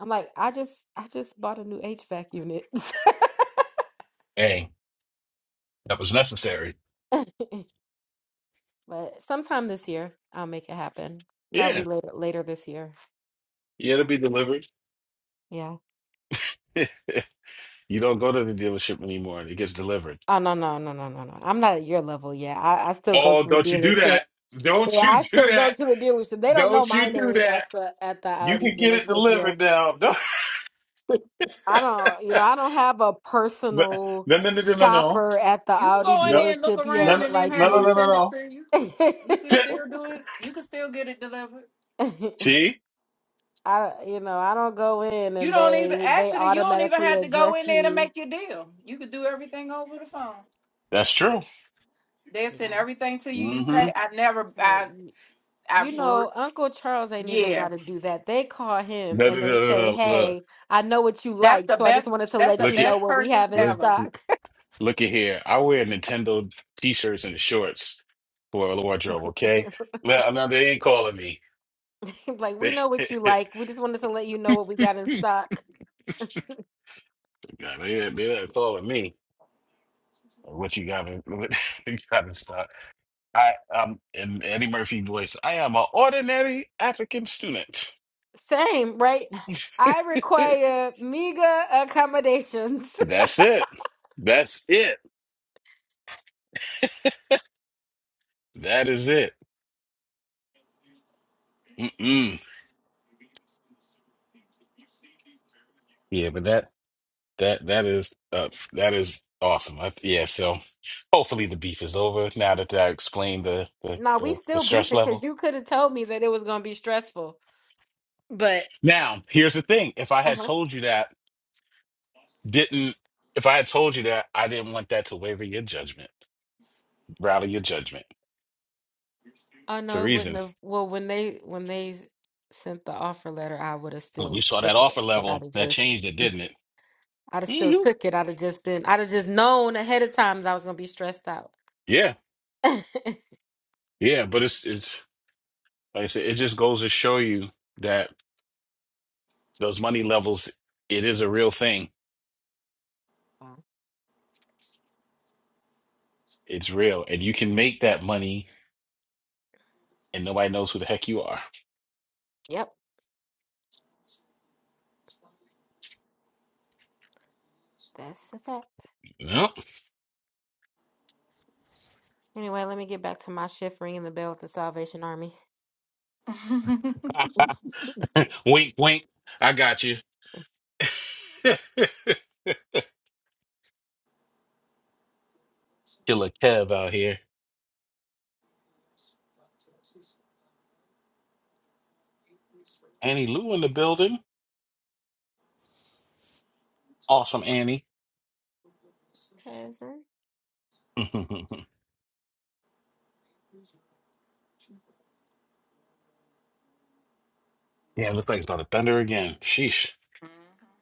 S8: I'm like I just I just bought a new HVAC unit.
S20: Hey, that was necessary.
S8: But sometime this year I'll make it happen. Probably
S20: Yeah.
S8: later later this year.
S20: Yeah, it'll be delivered.
S8: Yeah.
S20: You don't go to the dealership anymore and it gets delivered.
S8: Oh no no no no no no! I'm not at your level yet. I, I still go to
S20: Oh,
S8: the
S20: don't you do
S8: dealership.
S20: that.
S8: Yeah,
S20: Don't you
S8: I
S20: do
S8: still go to
S20: that.
S8: the dealership. They don't know
S20: Don't
S8: my
S20: you do
S8: name at
S20: that.
S8: the at the
S20: You
S8: Audi
S20: can get it
S8: dealership yet.
S20: delivered now. Don't-
S8: I don't, you know, I don't have a
S20: No,
S8: personal
S20: no, no, no, no, no,
S8: shopper at the
S5: You can
S8: Audi
S5: go in
S20: no.
S5: there and look
S8: dealership
S20: No,
S5: around
S8: yet,
S20: no,
S5: and then
S8: like
S20: no,
S5: have
S20: no,
S5: them
S20: no,
S8: you.
S20: no,
S5: send it
S20: no.
S5: to you. You can
S20: See,
S5: still do it. You can still get it delivered.
S8: I,
S20: see?
S8: you know, I don't go in
S5: You
S8: and
S5: don't even
S8: they they
S5: actually you don't even
S8: automatically
S5: have to go
S8: address
S5: in there to
S8: me.
S5: make your deal. You could do everything over the phone.
S20: that's true.
S5: They send
S8: Yeah.
S5: everything to you. You
S20: Mm-hmm.
S5: pay. I never. I.
S8: Well,
S5: I.
S8: You
S5: re-
S8: know, Uncle Charles ain't even
S5: Yeah.
S8: got to do that. They call him
S20: No, no,
S8: and they
S20: no, no,
S8: say,
S20: no. Look,
S8: "Hey, I know what you
S5: That's
S8: like,
S5: the
S8: so I just
S5: best.
S8: wanted to
S5: That's the
S8: let you
S20: look at,
S8: know
S5: best
S8: what we
S5: purchase
S8: have in
S20: look,
S5: ever.
S8: stock."
S20: look at here. I wear Nintendo t-shirts and shorts for a wardrobe, okay? Now, now they ain't calling me.
S8: Like, we know what you like. We just wanted to let you know what we got in stock.
S20: They, no, they, they not calling me. What you got? in- What you got in stock? I um in Eddie Murphy voice. I am an ordinary African student.
S8: Same, right? I require meager accommodations.
S20: That's it. That's it. That is it. Mm-mm. Yeah, but that that that is uh that is awesome. I, yeah. So hopefully the beef is over now that I explained the the,
S8: Nah, we
S20: the the
S8: still
S20: stress
S8: beefing because
S20: level.
S8: you could have told me that it was gonna be stressful. But
S20: Now here's the thing: if I had
S8: uh
S20: told you that didn't if I had told you that I didn't want that to waver your judgment, rattle your judgment.
S8: oh
S20: It's a
S8: no, it wouldn't
S20: reason.
S8: have. Well, when they when they s- sent the offer letter, I would have
S20: When you
S8: still
S20: saw that
S8: took it,
S20: offer
S8: but I'd
S20: level,
S8: have
S20: that
S8: just
S20: changed it, didn't it?
S8: I'd have still
S20: hmm
S8: took it. I'd have just been, I'd have just known ahead of time that I was gonna be stressed out.
S20: Yeah, yeah, but it's it's like I said, it just goes to show you that those money levels, it is a real thing.
S8: Um,
S20: It's real, and you can make that money, and nobody knows who the heck you are.
S8: yep, that's a fact.
S20: Yep.
S8: Anyway, let me get back to my shift ringing the bell at the Salvation Army. Cause
S20: wink, wink. I got you. Killer Kev out here. Annie Lou in the building. Awesome, Annie.
S8: uh,
S20: yeah, it looks like it's about to thunder again. Sheesh.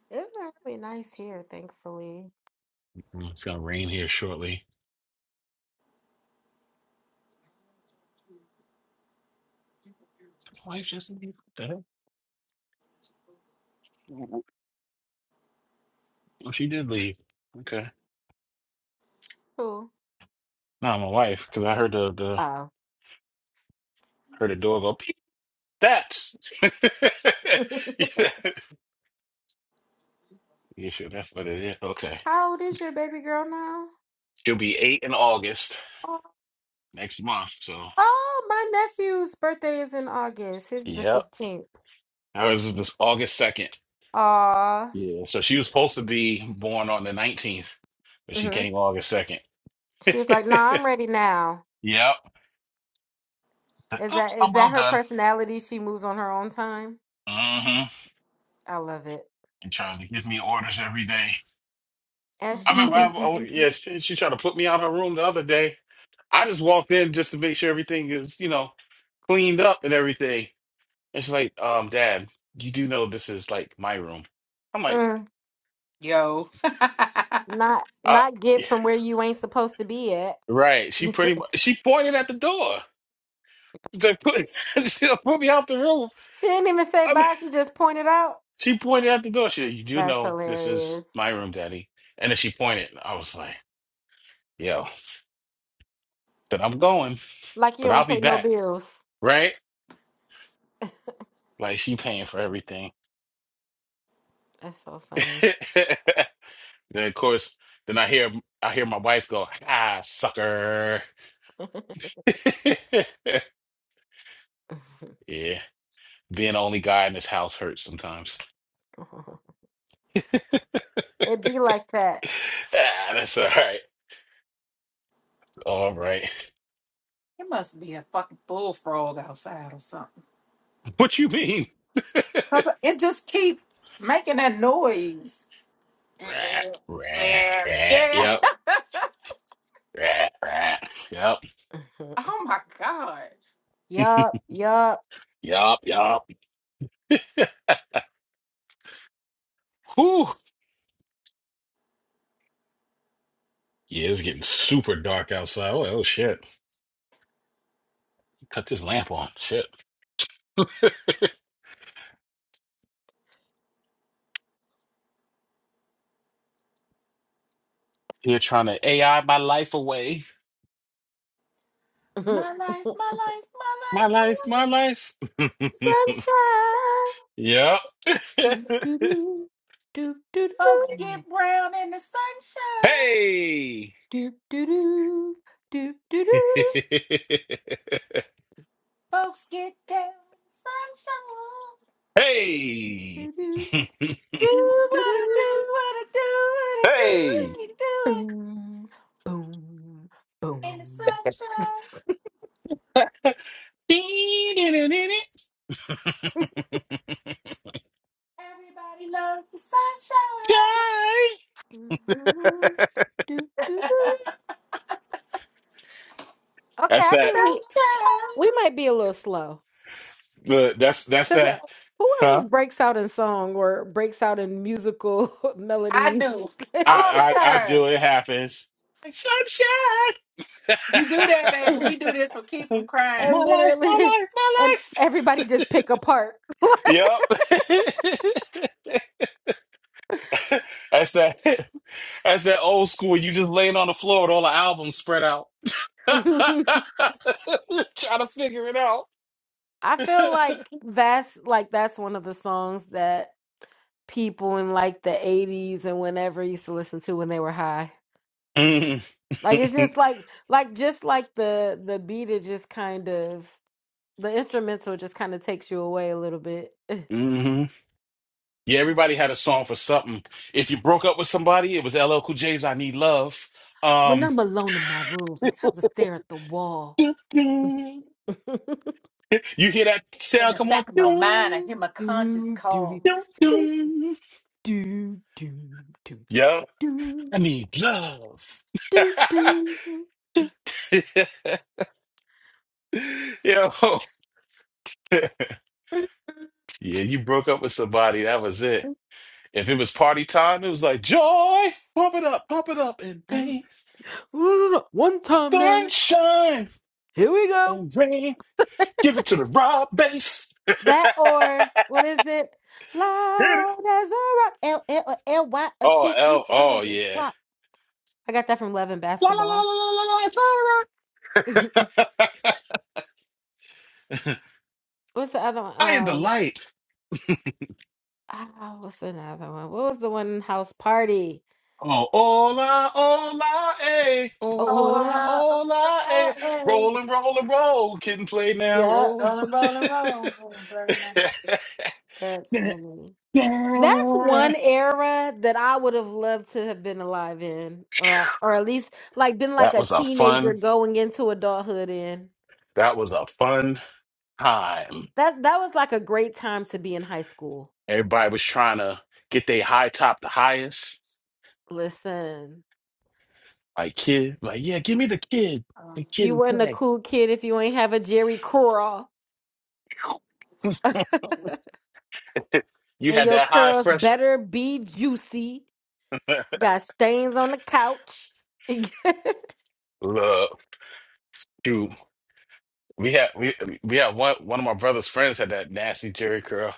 S8: it's not really nice here, thankfully.
S20: Mm, It's gonna rain here shortly. Why is just what the hell? Oh, she did leave. Okay.
S8: Cool.
S20: Not my wife, because I heard the, the
S8: Oh.
S20: heard the door go peep. That's yeah. Yeah, sure that's what it is? Okay.
S8: How old is your baby girl now?
S20: She'll be eight in August
S8: Oh,
S20: next month. So
S8: oh, my nephew's birthday is in August. His is the
S20: yep.
S8: 15th.
S20: Ours is this August second.
S8: Aw.
S20: Yeah. So she was supposed to be born on the nineteenth, but she
S8: hmm
S20: came August second.
S8: She was like, nah, I'm ready now.
S20: yep.
S8: Is
S20: Oops,
S8: that is
S20: I'm
S8: that
S20: well
S8: her
S20: done.
S8: personality? She moves on her own time?
S20: Mm-hmm.
S8: I love it.
S20: And trying to give me orders every day.
S8: As
S20: I
S8: she
S20: remember,
S8: should.
S20: I, oh yeah, she, she tried to put me out of her room the other day. I just walked in just to make sure everything is, you know, cleaned up and everything. And she's like, um, Dad, you do know this is like my room. I'm like,
S8: Mm,
S5: Yo. it
S8: not
S20: uh,
S8: not get from where you ain't supposed to be at.
S20: right. She
S8: she
S20: pretty much, she pointed at the door. They put, she put me out the room.
S8: didn't even say
S20: I mean,
S8: bye. She just pointed out.
S20: she pointed at the door. She said, you do
S8: That's
S20: know this is
S8: hilarious.
S20: my room, Daddy. And then she pointed. I was like, yo, then I'm going,
S8: Like you
S20: but I'll
S8: don't
S20: be
S8: pay no
S20: back.
S8: bills.
S20: Right? Like she paying for everything.
S8: That's so funny.
S20: And then, of course, then I hear I hear my wife go, "Ah, sucker." Yeah, being the only guy in this house hurts sometimes.
S8: it be like that.
S20: Ah, that's all right. All right.
S5: must be a fucking bullfrog outside or something.
S20: What you mean?
S5: Cause it just keep making that noise.
S20: Rat, rat, rat.
S5: Yeah.
S20: Yep. Rat, rat. Yep.
S5: Oh my god.
S8: yup, yup.
S20: Yep. Yep. Whew. Yeah, it's getting super dark outside. Oh, oh shit. Cut this lamp on. Shit. You're trying to AI my life away.
S8: Sunshine.
S5: My life, my life, my
S20: My
S5: life, my
S20: life,
S5: life is
S20: my life.
S5: in the sunshine.
S20: yep.
S8: Do do do do do
S5: Folks get brown in the sunshine.
S20: Hey!
S8: do do do do do do
S5: Folks get down in the sunshine.
S20: hey!
S8: do do
S5: Do
S8: do
S5: what
S8: do
S5: I do,
S8: do.
S5: what I do, what I do, what
S20: hey!
S5: I do it.
S8: Boom, boom,
S5: In the
S8: boom.
S5: sunshine, everybody loves the sunshine,
S20: Guys!
S8: Mm-mm. Do, do, do. Okay,
S20: That's
S8: I
S20: that.
S8: think we
S5: sunshine.
S8: we might be a little slow.
S20: Look, that's that's
S8: Cause uh,
S20: that.
S8: who else
S20: Huh?
S8: just breaks out in song or breaks out in musical
S5: I do
S8: melodies
S5: all the
S20: I I, I
S5: time.
S20: do. It happens. Like, Sunshine.
S5: You do that, baby.
S8: and
S5: We do this for keep from
S20: my
S5: crying.
S20: life, my
S8: literally and
S20: life,
S8: everybody just pick apart.
S20: my life. Yep. that's that. That's that old school. You just laying on the floor with all the albums spread out.
S8: I
S20: Trying to figure it out.
S8: feel like that's like that's one of the songs that people in like the 80s and whenever used to listen to when they were high.
S20: mm-hmm.
S8: Like it's just like like just like the the beat it just kind of the instrumental just kind of takes you away a little bit.
S20: Yeah, everybody had a song for something. If you broke up with somebody, it was LL Cool J's "I Need Love."
S8: When
S20: Um,
S8: I'm alone in my room, sometimes I stare at the wall.
S20: you
S8: do
S20: hear that
S5: In
S20: sound?
S5: the
S20: Come on,
S5: back of my mind, I hear my conscience
S8: do
S5: call.
S8: do do do
S20: yeah,
S8: do
S20: I need love.
S8: do do do.
S20: Yo, yeah, you broke up with somebody. That was it. If it was party time, it was like joy, pump it up, pump it up,
S8: Um,
S20: and
S8: One time now,
S20: Sunshine
S8: here we go.
S20: and rain. Give it to the raw bass. Hit
S8: That
S20: it.
S8: or what is it? Loud as a rock, L L L Y A
S20: Oh,
S8: T E,
S20: oh,
S8: loud
S20: oh,
S8: as a
S20: yeah.
S8: rock. I got that from Love and
S20: La la la
S8: Basketball.
S20: la la la la. It's all
S8: what's
S20: right.
S8: the other one?
S20: I am the
S8: Um,
S20: light.
S8: ah, what's another one? What was the one House Party?
S20: Oh, hola, hola, eh.
S8: Oh,
S5: Oh,
S20: Hola,
S8: yeah.
S5: la, oh,
S20: hola, eh.
S5: la, hey.
S20: Roll and roll and roll. Kid and play now.
S8: Yep.
S20: Roll.
S5: Rolling, rolling, rolling. Very nice.
S8: That's funny. That's one era that I would have loved to have been alive in, or or at least like been like
S20: that
S8: a
S20: was a
S8: teenager
S20: fun,
S8: going into adulthood in.
S20: that was a fun time.
S8: That that was like a great time to be in high school.
S20: Everybody was trying to get their high top the highest.
S8: Listen,
S20: Like kid, like yeah, give me the kid,
S5: Um,
S20: the kid
S8: you
S20: and
S8: wasn't a
S20: play.
S8: cool kid if you ain't have a Jerry curl,
S20: You
S8: and
S20: had
S8: your
S20: that high
S8: curls
S20: fresh
S8: better be juicy. Got stains on the couch.
S20: look. Dude, we had we we had one one of my brother's friends had that nasty Jerry curl.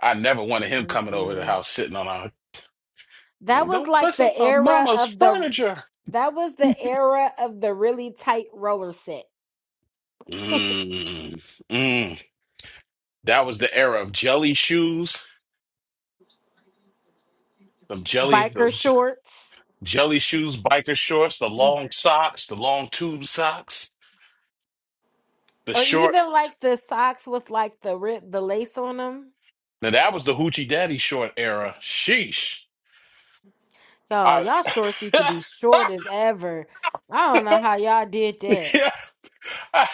S20: I never wanted him coming over the
S8: Mm-mm.
S20: house sitting on our
S8: That
S20: like
S8: was
S20: don't
S8: like
S20: mess
S8: the
S20: up my
S8: era
S20: mama's
S8: of the
S20: furniture.
S8: that was the era of the really tight roller set.
S20: Mm, mm. That was the era of jelly shoes, the jelly
S8: Biker
S20: those j-
S8: shorts
S20: jelly shoes, biker shorts, the
S8: Mhm.
S20: long socks, the long tube socks, the
S8: or
S20: short.
S8: even like the socks with like the ri- the lace on them.
S20: Now that was the hoochie daddy short era. Sheesh.
S8: Y'all,
S20: I
S8: y'all shorts used to be short as ever. I don't know how y'all did that.
S20: yeah, I,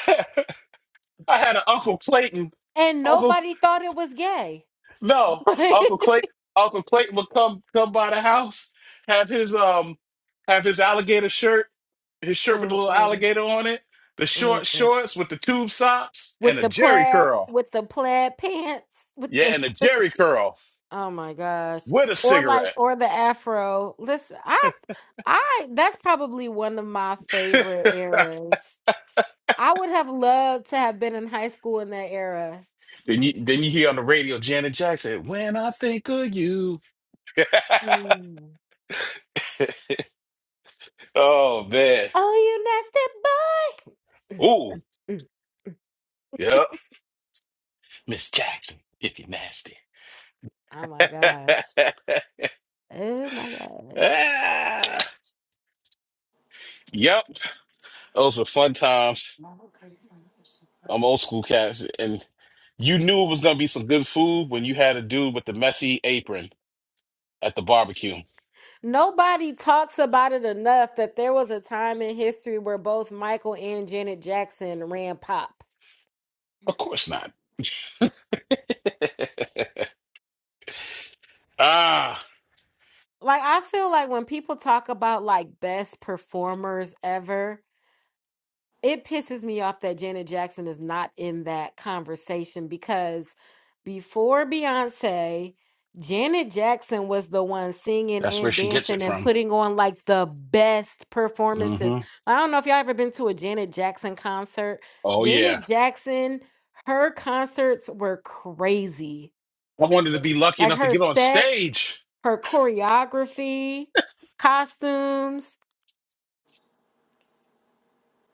S20: I had an Uncle Clayton.
S8: And
S20: Uncle
S8: nobody thought it was gay.
S20: no, Uncle Clayton. Uncle Clayton would come come by the house, have his um, have his alligator shirt, his shirt with a little
S8: Mm-mm,
S20: alligator on it, the short
S8: mm-mm.
S20: shorts with the tube socks, and
S8: With
S20: a
S8: the
S20: Jerry
S8: plaid
S20: curl.
S8: with the plaid pants with
S20: Yeah,
S8: the
S20: and a Jerry curl
S8: Oh my gosh.
S20: with a
S8: Or like
S20: cigarette.
S8: or the afro. Listen, I I that's probably one of my favorite eras. I would have loved to have been in high school in that era.
S20: then you then you hear on the radio Janet Jackson, "When I think of you."
S8: Mm.
S20: Oh man.
S8: Oh, you nasty
S20: Ooh.
S8: boy. Mm, mm.
S20: Yep. Miss Jackson, if you're nasty.
S8: Oh my gosh. Oh my gosh.
S20: Ah, yep. Those were fun times. I'm old school cats. And you knew it was gonna be some good food when you had a dude with the messy apron at the barbecue.
S8: Nobody talks about it enough that there was a time in history where both Michael and Janet Jackson ran pop.
S20: Of course not. ah,
S8: Like I feel like when people talk about like best performers ever, it pisses me off that Janet Jackson is not in that conversation because before Beyonce, Janet Jackson was the one singing
S20: that's where
S8: and
S20: she gets
S8: dancing
S20: it
S8: and
S20: from.
S8: putting on like the best performances.
S20: hmm
S8: I don't know if y'all ever been to a Janet Jackson concert.
S20: Oh yeah.
S8: Janet Jackson, her concerts were crazy.
S20: I wanted to be lucky
S8: Like
S20: enough to
S8: her
S20: get on
S8: sets,
S20: stage.
S8: her choreography, costumes.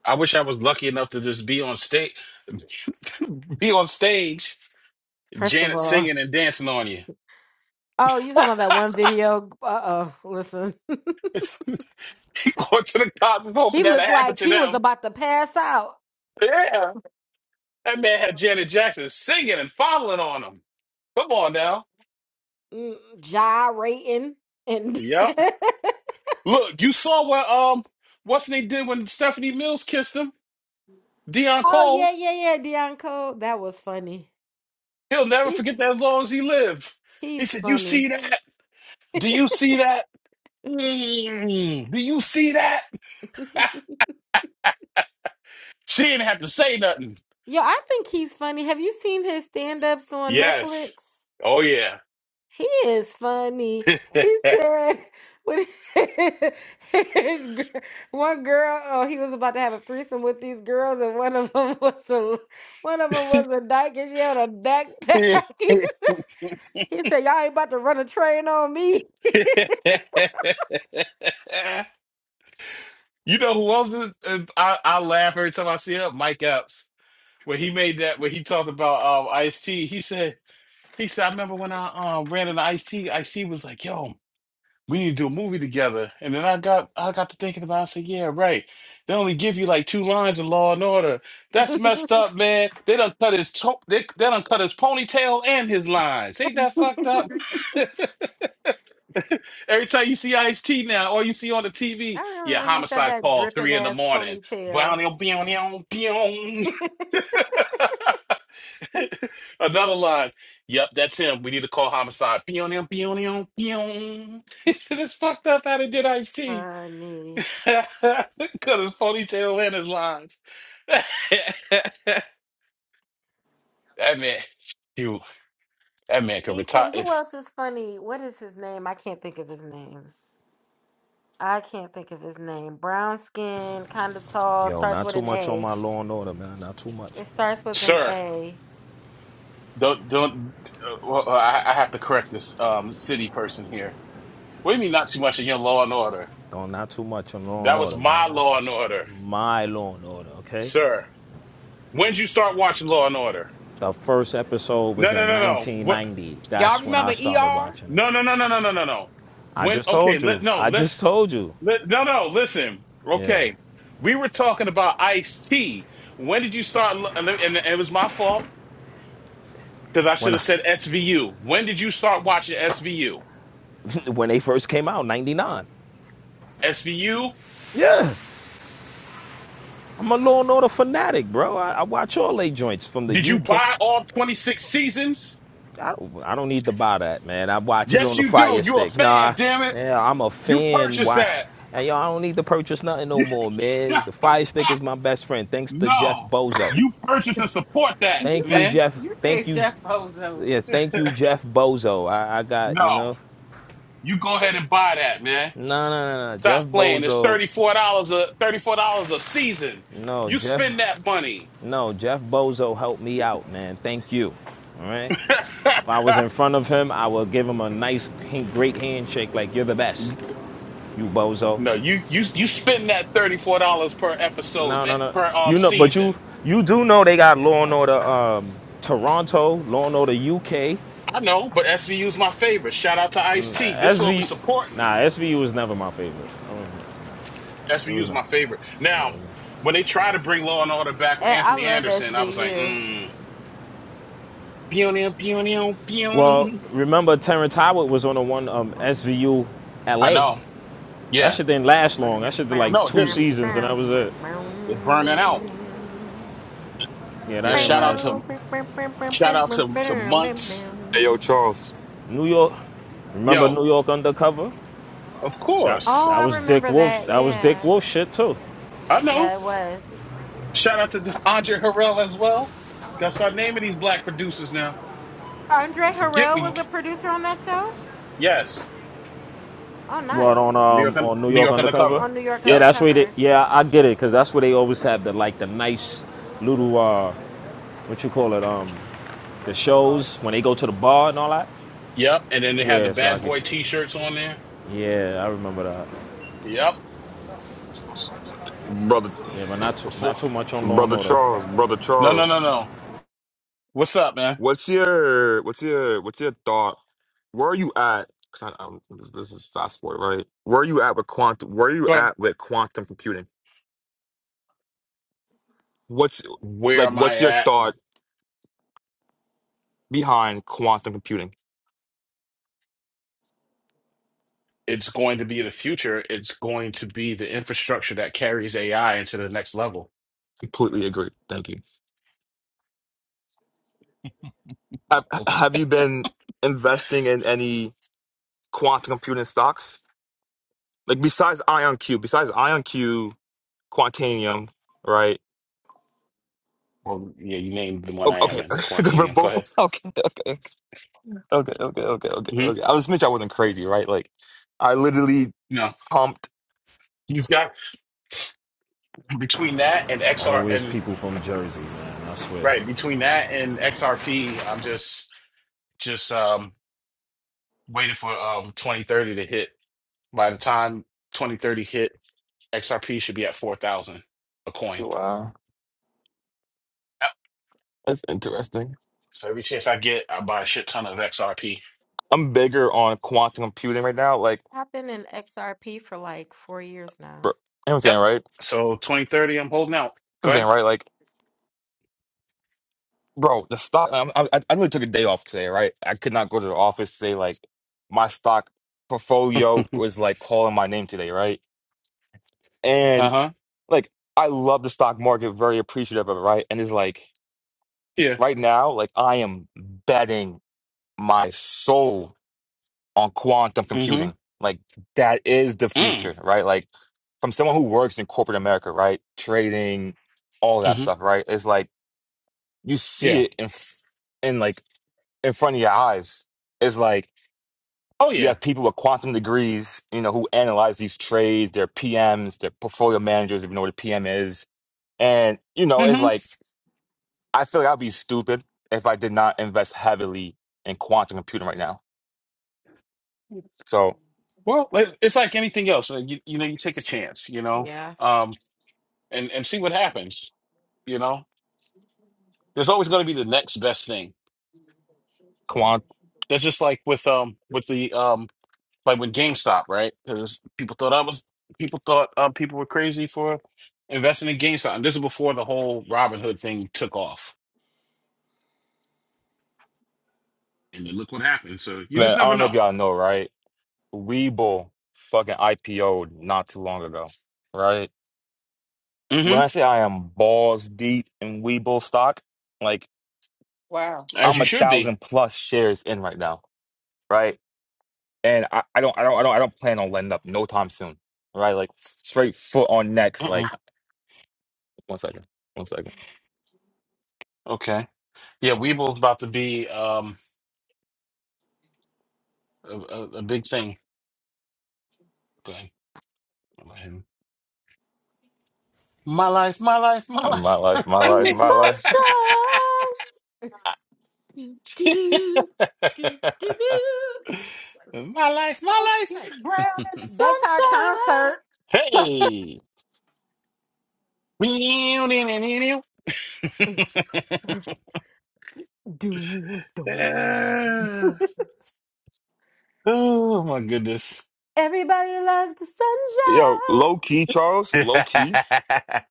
S20: I wish I was lucky enough to just be on stage be on stage
S8: First of
S20: Janet
S8: all,
S20: singing and dancing on you.
S8: Oh, you talking
S20: Going
S8: about that one video? Uh oh, listen.
S20: to the cops and hoping
S8: he
S20: that'll
S8: looked
S20: happen
S8: like
S20: to
S8: he was
S20: them.
S8: about to pass out,
S20: Yeah. That man had Janet Jackson singing and fondling on him. Come on now.
S8: mm, gyrating. And
S20: Yep. Look, you saw what um what's they did when Stephanie Mills kissed him? Deion
S8: oh
S20: Cole.
S8: yeah, yeah, yeah, Dion Cole, that was funny.
S20: He'll never
S8: He's
S20: forget that as long as he live.
S8: he's
S20: He said, You
S8: funny.
S20: see that? Do you see that? Mm, do you see that? She didn't have to say nothing.
S8: Yo, I think he's funny. Have you seen his stand-ups on
S20: Yes.
S8: Netflix?
S20: Oh yeah.
S8: He is funny. He said when he- his gir- one girl, oh, he was about to have a threesome with these girls, and one of them was a one of them was a dyke, and she had a backpack. he said, "Y'all ain't about to run a train on me."
S20: you know who else? Is, uh, I I laugh every time I see him. Mike Epps when he made that when he talked about um Ice T. He said he said I remember when I um ran into Ice T. Ice T was like, "Yo, we need to do a movie together." And then I got I got to thinking about. It. I said, "Yeah, right. They only give you like two lines in Law and Order. That's messed up, man. They don't cut his to- they they don't cut his ponytail and his lines. Ain't that fucked up?" Every time you see Ice T now, or you see on the
S8: I
S20: TV, yeah,
S8: remember he said
S20: homicide
S8: that
S20: call
S8: dripping
S20: three in the
S8: ass
S20: morning.
S8: ponytail.
S20: Brownie, beow, meow, beow. Another line. Yep, that's him. We need to call homicide. Beow, meow, beow, meow, It's fucked up how they did Ice T.
S8: funny.
S20: Cut his ponytail and his lines. that man, you, that man could
S8: He's
S20: retire.
S8: funny. Who
S20: If,
S8: else is funny? What is his name? I can't think of his name. I can't think of his name. Brown skin, kind of tall,
S26: Yo,
S8: starts
S26: not
S8: with
S26: too
S8: an
S26: much on
S8: A.
S26: my law and order, man. Not too much.
S8: It starts with an
S20: sir,
S8: A.
S20: don't, don't, uh, well, I, I have to correct this um, city person here What do you mean not too much in your Law and Order?
S26: Don't not too much on law and
S20: That was
S26: order,
S20: my
S26: man. Not too,
S20: Law and Order,
S26: my law and order, okay?
S20: sir. When'd you start watching Law and Order?
S26: The first episode was
S20: No, no,
S26: in
S20: no, no. What?
S26: 1990.
S5: Y'all
S26: That's when
S5: remember
S26: I started
S5: ER?
S26: watching it.
S20: No, no, no, no, no, no, no, no.
S26: I
S20: When?
S26: just
S20: Okay,
S26: told
S20: let
S26: you.
S20: no.
S26: I just
S20: Let's
S26: told you.
S20: let no, no. Listen.
S26: Yeah.
S20: Okay, we were talking about Ice T. When did you start? lo- And, and it was my fault because I
S26: When
S20: should
S26: I,
S20: have said SVU. When did you start watching SVU?
S26: when they first came out, 99.
S20: SVU?
S26: Yeah. I'm a Law and Order fanatic, bro. I, I watch all they joints from the
S20: Did you
S26: UK.
S20: buy all twenty six seasons?
S26: I don't, I don't need to buy that, man. I watch it
S20: Yes,
S26: on the
S20: you do.
S26: Fire
S20: you a
S26: Stick.
S20: fan.
S26: Nah,
S20: Damn it!
S26: yeah, I'm a
S20: You
S26: fan.
S20: purchased
S26: Why?
S20: that.
S26: And y'all, I don't need to purchase nothing no more, man. The Fire Stick is my best friend. Thanks to Jeff
S20: no,
S26: Bozo.
S20: you purchase and support that,
S5: You
S26: Thank
S5: said,
S26: you,
S20: man.
S26: Jeff.
S5: you
S26: Thank
S5: said
S26: you.
S5: Jeff Bozo.
S26: Yeah, thank you, Jeff Bozo. I, I got, you
S20: No,
S26: know.
S20: you go ahead and buy that, man.
S26: No, no, no, no.
S20: Stop
S26: Jeff
S20: playing. It's
S26: Bozo.
S20: thirty four dollars a thirty four dollars a season.
S26: No,
S20: You
S26: Jeff.
S20: spend that money.
S26: No, Jeff Bozo helped me out, man. Thank you. All right. If I was in front of him, I would give him a nice, great handshake, like you're the best, you bozo.
S20: no, you you you spend that thirty four dollars per episode,
S26: No,
S20: man,
S26: no, no.
S20: per um
S26: You know, but
S20: season.
S26: you you do know they got Law and Order um, Toronto, Law and Order UK,
S20: I know, but SVU's my favorite. Shout out to Ice T. This is what we
S26: SVU.
S20: supporting.
S26: Nah, SVU was never my favorite. It was
S20: SVU's
S26: not.
S20: my favorite. Now, when they try to bring Law and Order back with
S8: Eh, I
S20: Anthony
S8: love
S20: Anderson, I was like,
S8: SBU.
S20: mm. Pew, pew, pew, pew,
S26: Well,
S20: pew.
S26: remember Terrence Howard was on the one
S8: Boom,
S26: um,
S8: boom,
S26: SVU
S20: I
S26: LA.
S20: know.
S26: That
S20: Yeah.
S26: shit didn't last long.
S8: bam,
S26: That shit did like
S8: bam,
S20: No, it
S26: two
S20: didn't.
S8: bam,
S26: seasons and that was
S8: bam,
S26: it.
S8: bam,
S20: It burning out.
S8: bam.
S26: Yeah, that
S20: Yeah.
S26: didn't
S20: Shout out
S26: last long.
S8: Bam,
S20: to
S8: bam, bam, bam, bam, bam,
S20: shout out
S8: bam,
S20: to to
S8: bam, bam,
S20: months.
S28: Hey, yo,
S8: bam.
S28: Charles,
S26: New York, remember
S20: Yo,
S26: New York Undercover?
S20: of
S26: That
S8: Oh,
S20: course.
S26: that
S8: I
S26: was Dick
S8: remember
S26: Wolf.
S8: that.
S26: That was Dick
S8: Yeah.
S26: Wolf shit too.
S20: I know.
S8: Yeah, it was.
S20: Shout out to Andre Harrell as well. Got to start naming these black producers now.
S8: Andre
S20: Don't forget
S8: Harrell was a
S20: week.
S8: producer on that show?
S20: Yes.
S8: Oh,
S26: What on
S8: nice.
S20: New York
S26: um on New
S20: New
S26: York
S20: York
S26: Undercover?
S20: undercover.
S8: On New York
S26: Yeah,
S20: Yep.
S26: that's where they.
S8: Undercover.
S26: Yeah, I get it because that's where they always have the like the nice little uh what you call it um the shows when they go to the bar and all that.
S20: Yep. And then they had the
S26: Yeah, so I
S20: bad
S26: could.
S20: boy t shirts on there.
S26: Yeah, I remember that.
S20: Yep.
S28: brother,
S26: Yeah, but not too, not
S20: Before
S26: too much on Law and
S28: brother
S26: Order.
S28: Charles, brother
S20: No no no
S28: Charles.
S20: no. What's up, man?
S28: What's your, what's your, what's your thought? Where are you at? Cause I, I'm, this, this is fast forward, right? Where are you at with quantum? Where are you
S20: Go ahead.
S28: at with quantum computing? What's
S20: Where
S28: like?
S20: am I
S28: What's your
S20: at?
S28: thought behind quantum computing?
S20: it's going to be the future. It's going to be the infrastructure that carries AI into the next level.
S28: Completely agree. Thank you. Have
S20: Well,
S28: Have you been investing in any quantum computing stocks? Like besides IonQ, besides IonQ, Quantanium, right?
S20: well, yeah, you named the one
S28: O-
S20: I
S28: Okay,
S20: am in,
S28: for
S20: Quantinium. Go
S28: both.
S20: ahead.
S28: Okay, okay, okay, okay, okay, okay,
S20: hmm
S28: okay. I was making sure I wasn't crazy, right? Like, I literally
S20: No,
S28: pumped.
S20: you've got between that and XR
S26: Always
S20: and
S26: people from Jersey, man. I swear.
S20: right between that and XRP. I'm just just um waiting for um 2030 to hit. By the time 2030 hit, XRP should be at four thousand a coin.
S28: Wow,
S20: Yep.
S28: that's interesting.
S20: So every chance I get, I buy a shit ton of XRP.
S28: I'm bigger on quantum computing right now. Like,
S8: I've been in XRP for like four years
S28: bro,
S8: now.
S28: you know what I'm
S20: Yep.
S28: saying, right? You know
S20: So 2030, I'm holding out.
S28: what I'm saying,
S20: Go
S28: right? Like. Bro, the stock. I'm- I, I I really took a day off today, right? I could not go to the office today. Like my stock portfolio
S20: ahead.
S28: was like calling my name today, right?
S20: Uh
S28: And
S20: huh.
S28: like I love the stock market, very appreciative of it, right? And it's like
S20: Yeah.
S28: right now, like I am betting my soul on quantum
S20: Mm
S28: computing. Like that is the
S20: hmm. Mm
S28: future, right? Like from someone who works in corporate America, right? Trading, all that
S20: hmm.
S28: stuff, right? It's like you see
S20: Yeah.
S28: it in f- in like. in front of your eyes. It's like
S20: Oh,
S28: you
S20: yeah.
S28: have people with quantum degrees, you know, who analyze these trades, their PMs, their portfolio managers, if you know what a PM is. And, you know, it's
S20: Mm
S28: like I feel like I'd be stupid if I did not invest heavily in quantum computing right now.
S20: hmm.
S28: So
S20: Well, it- it's like anything else. uh, You, you know, you take a chance, you know,
S8: Yeah.
S20: um, and and see what happens. You know, there's always going to be the next best thing.
S28: quant
S20: That's just like with um with the um like when GameStop, right? Because people thought I was people thought uh, people were crazy for investing in GameStop. And this is before the whole Robin Hood thing took off. And then look what happened. So you
S28: man,
S20: just
S28: I
S20: never
S28: don't know if
S20: know.
S28: y'all know, right? Webull fucking IPO'd not too long ago. Right? When I
S20: Mm-hmm.
S28: say I am balls deep in Webull stock, like
S20: As
S28: I'm
S20: you
S28: a
S20: should be.
S28: thousand plus shares in right now. Right? and I, I don't I don't I don't I don't plan on letting up no time soon. Right? Like straight foot on next.
S20: Uh-uh.
S28: Like one second. One second.
S20: Okay. Yeah, Weeble's about to be um a, a, a big thing. Okay. My life, my life, my
S28: My
S20: life.
S28: life, my
S8: In
S28: life,
S8: the
S28: my
S20: Right.
S28: life.
S8: sunshine. Do, do, do, do, do, do.
S20: my life,
S5: let
S20: my
S8: Right.
S20: life.
S5: get brown in the
S8: Back to our
S5: sunshine.
S8: concert. So-
S20: Hey.
S8: Do, do.
S20: oh my goodness.
S8: Everybody loves the
S28: Yo, low key,
S8: sunshine.
S28: Charles, low key.
S20: yeah,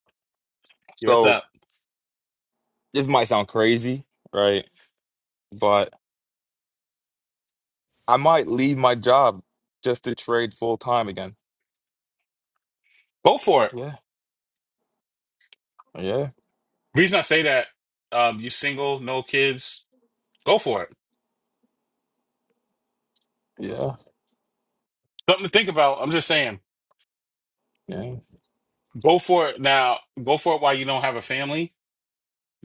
S20: what's
S28: So
S20: up?
S28: this might sound crazy, right? But I might leave my job just to trade full time again.
S20: Go for it.
S28: Yeah. Yeah.
S20: Reason I say that, um, you single, no kids, go for it.
S28: Yeah.
S20: Something to think about. I'm just saying.
S28: Yeah.
S20: Go for it now. Go for it while you don't have a family.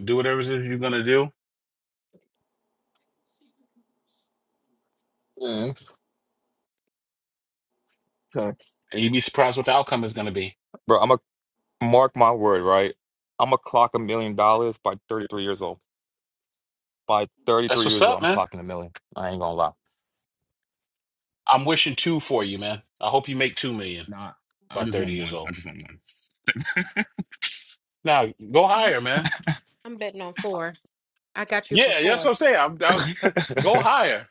S20: Do whatever it is you're gonna do,
S28: yeah. Okay.
S20: and you'd be surprised what the outcome is gonna be.
S28: Bro, I'm gonna mark my word, right? I'm gonna clock a million dollars by 33 years old. By
S20: That's
S28: 33
S20: what's
S28: years old,
S20: up,
S28: I'm
S20: man.
S28: clocking a million. I ain't gonna lie.
S20: I'm wishing two for you, man. I hope you make two million
S28: Nah, I
S20: by
S28: just
S20: 30
S28: want
S20: years
S28: one. I
S20: old.
S28: just want one.
S20: Now go higher, man.
S8: I'm betting on four. I got you for
S20: Yeah, that's
S8: four.
S20: what I'm saying. I'm, I'm, go higher.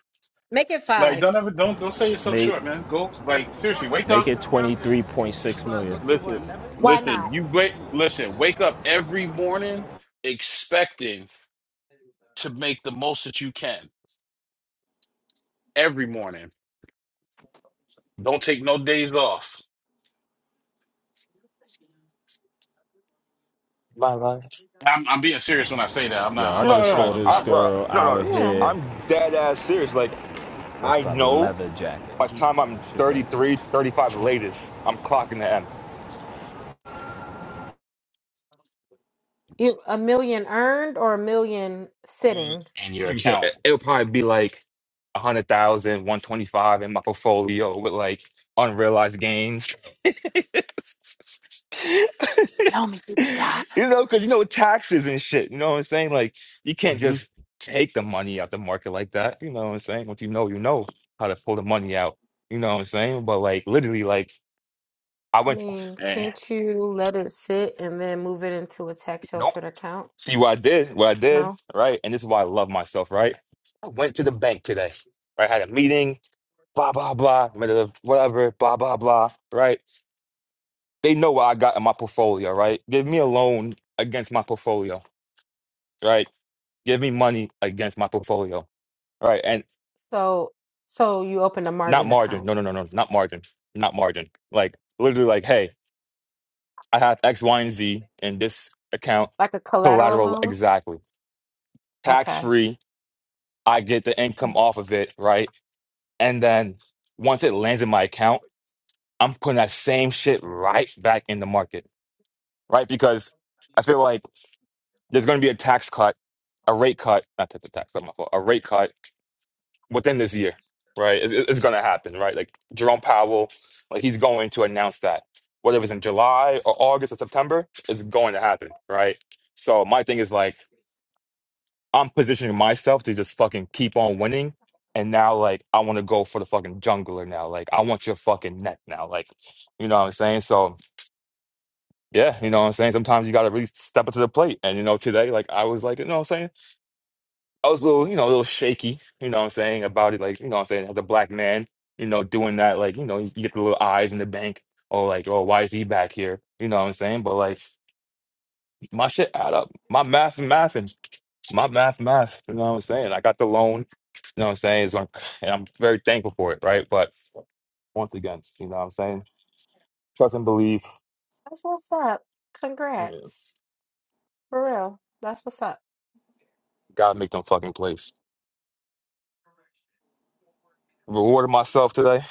S8: Make it
S20: Like
S8: five.
S20: don't ever don't don't sell yourself
S26: Make
S20: short, man. Go like seriously, wake
S26: make
S20: up.
S26: it twenty three point six million.
S20: Listen,
S8: Why
S20: listen.
S8: not?
S20: You great. Listen, wake up every morning expecting to make the most that you can every morning. Don't take no days off
S28: Bye bye.
S20: I'm, I'm being serious when I say that. I'm
S26: Yo,
S20: not.
S26: I
S20: I'm
S28: No,
S20: not
S26: just
S28: no, no.
S26: saw
S20: trolling
S26: this
S28: I'm
S20: nothing.
S28: bro.
S26: girl
S28: No, no.
S26: out
S28: no.
S8: Yeah.
S26: here
S28: I'm dead ass serious. Like I
S26: with a
S28: know
S26: leather jacket.
S28: by the
S20: Mhm.
S28: time I'm
S26: She
S28: thirty
S26: crazy.
S28: five
S20: Mhm.
S28: latest, I'm clocking the M.
S8: You, a million earned or a million
S28: Mm.
S8: sitting?
S20: And your
S28: So, so
S20: account.
S28: it- it'll probably be like a hundred thousand, one twenty five in my portfolio with like unrealized gains.
S5: Loan me fifty dollars.
S28: You know, because you know taxes and shit. You know what I'm saying? Like you can't
S20: hmm
S28: just take the money out the market like that. You know what I'm saying? Once you know, you know how to pull the money out. You know what I'm saying? But like literally, like I
S8: I
S28: went.
S8: mean,
S20: Eh.
S8: can't you let it sit and then move it into a tax
S28: Nope.
S8: sheltered account?
S28: See what I did? What I did?
S8: No.
S28: Right? And this is why I love myself. Right? I went to the bank today. Right? I had a meeting. blah blah blah, whatever, blah blah blah. Right? They know what I got in my portfolio. Right? Give me a loan against my portfolio. Right? Give me money against my portfolio. Right? And
S8: So, so you open a
S28: not
S8: margin
S28: margin.
S8: account,
S28: No, no, no, no, not margin. Not margin. Like literally, like, hey, I have X, Y, and Z in this account,
S8: like a collateral
S28: collateral
S8: loan?
S28: exactly, tax
S8: Okay.
S28: free. I get the income
S8: Mm.
S28: off of it. Right? And then once it lands in my account, I'm putting that same shit right back in the market right? Because I feel like there's going to be a tax cut, a rate cut, not tax, a tax, not my fault, a rate cut within this year, right? It's, it's going to happen, right? Like Jerome Powell, like he's going to announce that, whether it's in July or August or September, it's going to happen, right? So my thing is like I'm positioning myself to just fucking keep on winning. And now, like, I want to go for the fucking jungler now. Like, I want your fucking neck now. Like, you know what I'm saying? So, Yeah, you know what I'm saying? Sometimes you got to really step up to the plate. And, you know, today, like, I was like, you know what I'm saying? I was a little, you know, a little shaky, you know what I'm saying, about it. Like, you know what I'm saying? As a black man, you know, doing that, like, you know, you get the little eyes in the bank, or like, oh, why is he back here? You know what I'm saying? But, like, my shit add up. My math and math and my math, math. You know what I'm saying? I got the loan, you know what I'm saying? It's like, and I'm very thankful for it, right? But once again, you know what I'm saying? Trust and believe.
S8: That's what's up. Congrats.
S28: Yes.
S8: For real. That's what's up.
S28: Gotta make them fucking plays. Rewarded myself today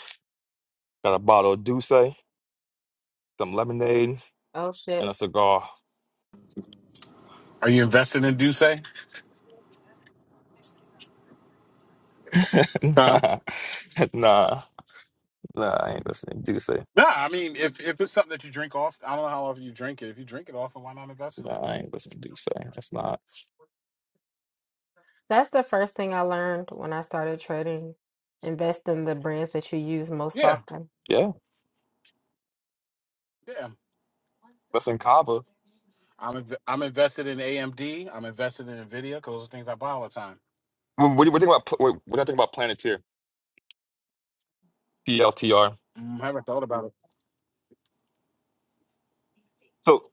S28: Got a bottle of Douce, some lemonade,
S8: Oh
S28: and a
S8: shit.
S28: cigar.
S20: Are you invested in Duce? Huh?
S28: nah, nah, nah, I ain't listening to Douce.
S20: Nah, I mean, if if it's something that you drink off, I don't know how often you drink it. If you drink it often, why not invest in
S28: Nah,
S20: it?
S28: I ain't listening to Douce. That's not.
S8: That's the first thing I learned when I started trading. Invest in the brands that you use most
S20: Yeah,
S8: often.
S28: Yeah,
S20: yeah.
S28: listen, Kava.
S20: I'm inv- I'm invested in AMD. I'm invested in Nvidia because those are things I buy all the time.
S28: What, what do you what do you think about? What, what do you think about Planeteer? PLTR.
S20: Mm, I haven't thought about it.
S28: So,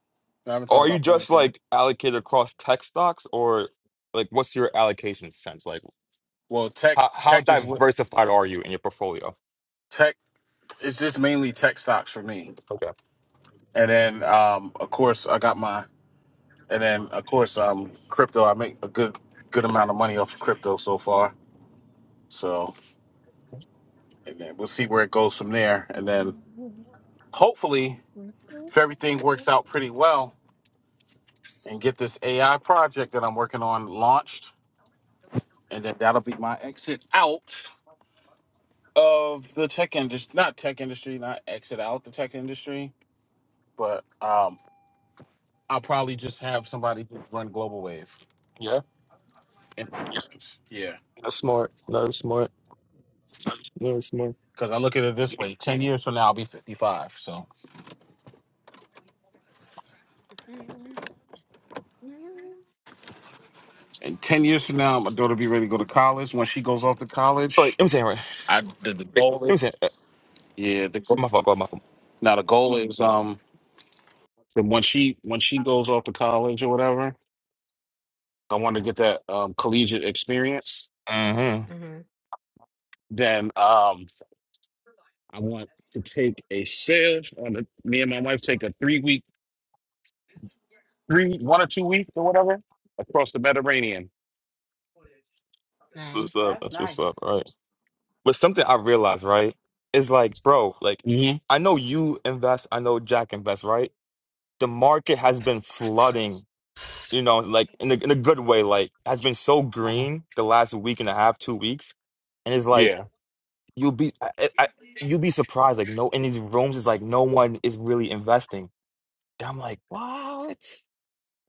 S20: I haven't thought
S28: are you
S20: about
S28: just
S20: Planets here.
S28: like allocated across tech stocks, or like what's your allocation sense? Like,
S20: Well, tech
S28: how how
S20: tech is what
S28: diversified are you in your portfolio?
S20: tech. It's just mainly tech stocks for me.
S28: Okay.
S20: And then, um, of course, I got my And then of course, um, crypto. I make a good good amount of money off of crypto so far. So, and then we'll see where it goes from there. And then hopefully, if everything works out pretty well, and get this AI project that I'm working on launched, and then that'll be my exit out of the tech industry. Not tech industry. Not exit out the tech industry, but um, I'll probably just have somebody just run Global Wave.
S28: Yeah,
S20: In- yeah,
S28: that's smart. That's smart. That's smart.
S20: because I look at it this way: ten years from now, I'll be fifty-five. So.
S8: hmm
S20: And ten years from now, my daughter be ready to go to college. When she goes off to
S28: Like,
S20: college,
S28: I'm saying right.
S20: I the, the goal
S28: I'm
S20: is
S28: saying. uh,
S20: yeah. The, go-
S28: My fault. My fault.
S20: now the goal is um that when she when she goes off to college or whatever, I want to get that um, collegiate experience.
S28: Mm-hmm.
S20: Then um I want to take a sail on the, me and my wife take a three week three one or two weeks or whatever across the Mediterranean.
S28: That's what's
S8: Nice.
S28: up.
S5: That's
S28: That's what's
S5: nice,
S28: up. Right. But something I realized, right, is like, bro, like,
S20: hmm
S28: I know you invest. I know Jack invests, right? The market has been flooding, you know, like in a, in a good way, like, has been so
S20: uh
S28: green the last week and a half, two weeks. And it's like,
S20: Yeah,
S28: you'll be, I, I, I- you'll be surprised. Like, no, in these rooms, it's like, no one is really investing. And I'm like, what?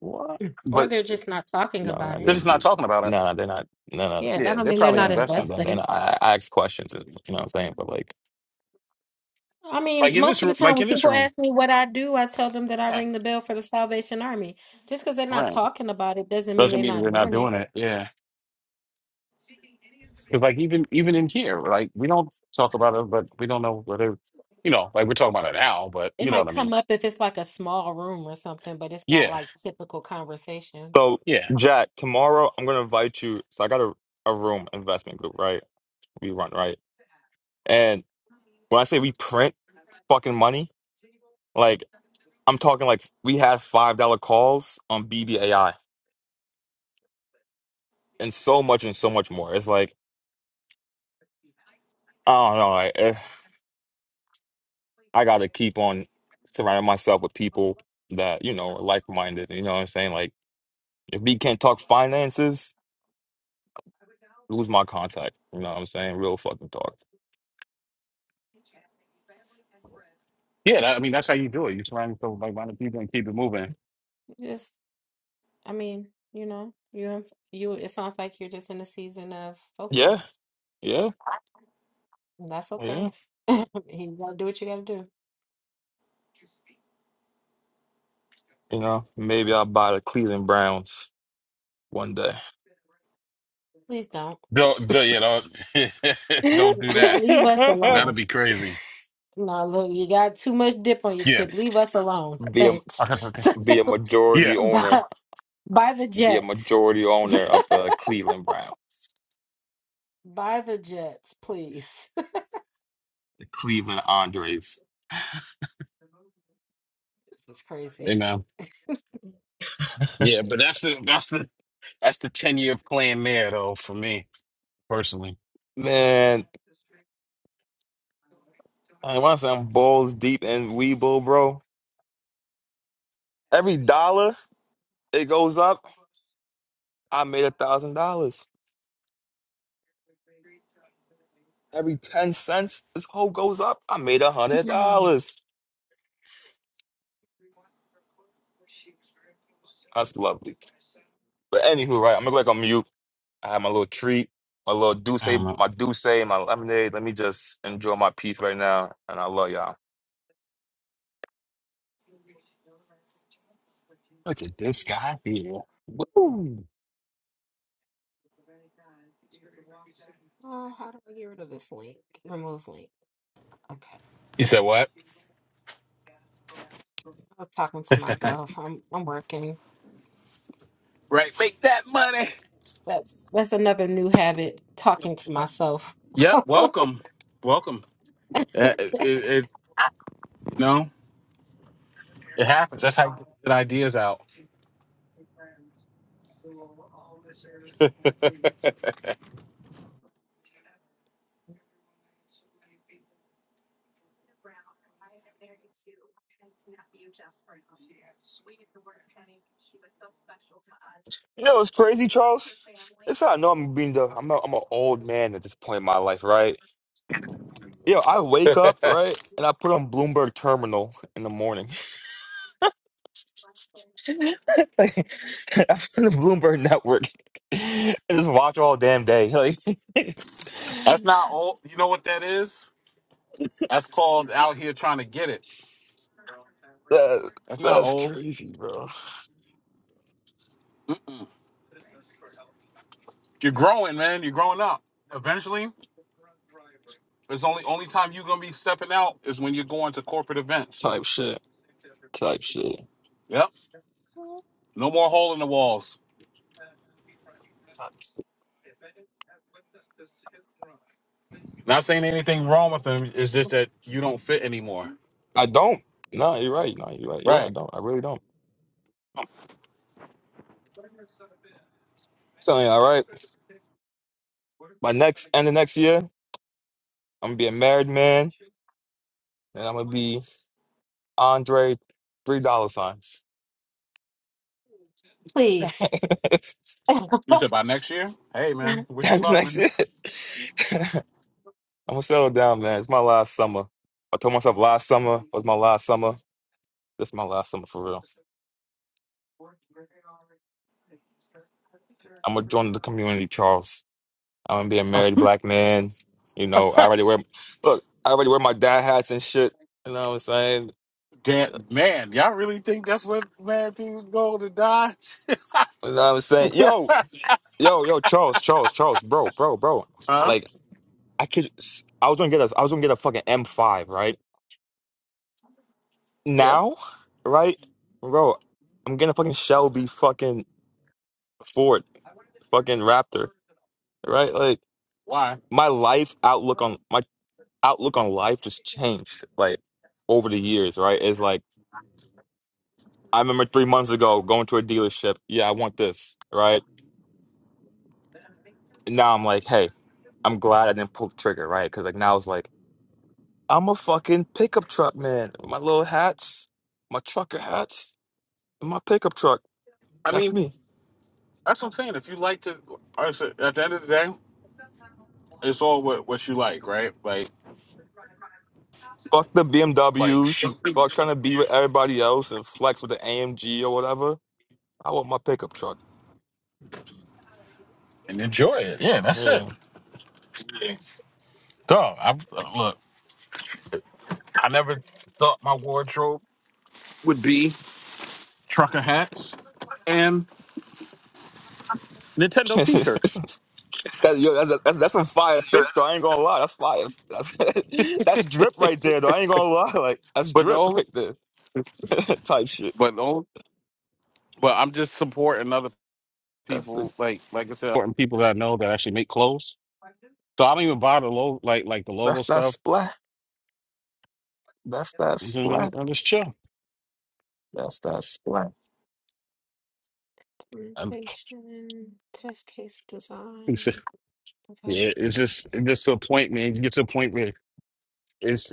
S28: What?
S8: Or
S20: but
S8: they're just not talking
S28: No, I
S8: about
S20: they're
S8: it.
S28: did
S20: just not talking about it.
S28: No, they're not. No,
S8: Yeah, that
S20: Yeah,
S8: don't
S20: they're
S8: mean they're
S28: no,
S20: probably
S8: not
S28: uh,
S20: investing
S8: investing.
S28: they're not. I, I ask questions, you know what I'm saying? But like,
S8: I mean,
S20: like in
S8: most
S20: this
S8: of
S20: ro-
S8: the time
S20: like
S8: when
S20: in this
S8: people
S20: room.
S8: ask me what I do, I tell them that I
S20: Yeah,
S8: ring the bell for the Salvation Army. Just because they're not
S20: right.
S8: talking about it doesn't mean
S20: Doesn't
S8: they're
S20: mean
S8: not
S20: we're not
S8: doing it.
S20: doing it. Yeah. Because like even even in here, like we don't talk about it, but we don't know whether you know, like we're talking about it now, but
S8: It
S20: you know
S8: might
S20: what I mean.
S8: come up if it's like a small room or something, but it's not
S20: Yeah.
S8: like typical conversation.
S28: So,
S20: Yeah.
S28: Jack, tomorrow I'm gonna invite you. So I got a, a room investment group, right? We run, right? And when I say we print fucking money, like I'm talking like we had five dollar calls on BBAI and so much and so much more. It's like I don't know, like eh, I gotta keep on surrounding myself with people that you know are like minded. You know what I'm saying? Like if we can't talk finances, lose my contact. You know what I'm saying? Real fucking talk.
S20: Yeah. That, I mean that's how you do it. You surround yourself with like minded people and keep it moving.
S8: Just, I mean, you know, you in- you. It sounds like you're just in a season of
S28: Yeah,
S8: focus.
S28: yeah,
S8: And that's
S28: yeah.
S8: okay. You gotta do what you gotta do.
S28: You know, maybe I'll buy the Cleveland Browns one day.
S8: Please don't
S20: Don't, don't you know? don't do
S8: leave,
S20: that.
S8: leave us
S20: That'll
S8: alone.
S20: be crazy.
S8: No, look, you got too much dip on your
S20: Yeah.
S8: chip. Leave us alone.
S28: Be a
S8: Thanks.
S20: Okay, okay.
S28: be a majority
S20: Yeah.
S8: By
S28: owner.
S8: by the
S28: Be a
S8: Jets.
S28: majority owner of the Cleveland Browns.
S8: By the Jets, please.
S28: The Cleveland Andres.
S8: This is
S20: You
S8: crazy.
S20: know. Yeah, but that's the that's the that's the ten year plan there though for me personally.
S28: Man, I want some balls deep in Weebo, bro. Every dollar it goes up, I made a thousand dollars. Every ten cents this whole goes up, I made a hundred dollars. That's lovely. But anywho, right, I'm gonna go back on mute. I had my little treat, my little douce,
S20: I don't know.
S28: my douce, my lemonade. Let me just enjoy my peace right now, and I love y'all.
S20: Look at this guy here. Woo.
S8: Oh, how do I get rid of this link? Remove link. Okay.
S20: You said what?
S8: I was talking to myself. I'm I'm working.
S20: Right. Make that money.
S8: That's that's another new habit, talking to myself.
S20: Yep. Welcome. Welcome. Uh, It, it, it no, it happens. That's how we get good ideas out.
S28: You know what's crazy, Charles? It's how I know I'm being the I'm a, I'm an old man at this point in my life, right? Yo, I wake up right, and I put on Bloomberg Terminal in the morning. I put on the Bloomberg Network and just watch all damn day. Like
S20: That's not old. You know what that is? That's called out here trying to get it.
S28: that,
S20: That's not
S28: that's
S20: old.
S28: crazy, bro.
S20: You're growing, man. You're growing up. Eventually, it's only only time you're gonna be stepping out is when you're going to corporate events.
S28: Type shit, type shit,
S20: Yep. No more hole in the walls.
S28: type shit.
S20: Not saying anything wrong with them. It's just that you don't fit anymore.
S28: I don't. No, you're right. No, you're right. You're right. I
S20: Right.
S28: don't. I really don't. So, yeah, all right. My next and the next year, I'm gonna be a married man, and I'm gonna be Andre three dollar signs.
S8: Please.
S28: That's
S20: You said by next year. Hey, man. Wish
S28: the
S20: you luck,
S28: next
S20: man.
S28: year. I'm gonna settle down, man. It's my last summer. I told myself last summer was my last summer. This is my last summer for real. I'm gonna join the community, Charles. I'm gonna be a married black man. You know, I already wear. Look, I already wear my dad hats and shit. You know what I'm saying? You
S20: That man, y'all really think that's what mad people go to die?
S28: know what I'm saying?
S20: yeah.
S28: Yo, Yo, yo, Charles, Charles, Charles, bro, bro, bro.
S20: Huh?
S28: Like, I could, s- I was gonna get a, I was gonna get a fucking M5, right?
S20: Yeah.
S28: Now, right, bro, I'm getting a fucking Shelby fucking Ford, fucking Raptor, right? Like,
S20: Why?
S28: my life outlook on my outlook on life just changed, like, over the years, right? It's like I remember three months ago going to a dealership. Yeah, I want this, right? And now I'm like, hey, I'm glad I didn't pull the trigger, right? Because like now it's like. I'm a fucking pickup truck man. My little hats, my trucker hats, and my pickup truck.
S20: I
S28: That's
S20: mean,
S28: me.
S20: that's what I'm saying. If you like to, I said, at the end of the day, it's all what what you like, right? Like,
S28: Fuck the
S20: like
S28: BMWs.
S20: shoot
S28: Fuck trying to be with everybody else and flex with the AMG or whatever. I want my pickup truck.
S20: and enjoy it. Yeah, that's it.
S28: Yeah.
S20: Dog, I look. I never thought my wardrobe would be trucker hats and Nintendo T-shirts.
S28: that's, yo, that's, that's that's some fire fits though. I ain't gonna lie. That's fire. That's, that's drip right there though. I ain't gonna lie. Like that's
S20: But the
S28: drip
S20: only,
S28: right there. Type shit.
S20: but the only, but I'm just supporting other
S28: That's the
S20: people. Like, like I said, supporting people that I know that actually make clothes. So I don't even buy the logo, like like the logo
S28: that's that
S20: stuff.
S28: splat. That's that splat.
S20: Mhm, I just chill.
S28: That's that splat.
S20: I'm,
S8: Presentation, test case design,
S20: it's just, yeah,
S8: development.
S20: it's just it's just to a point, man. You get to a point where it's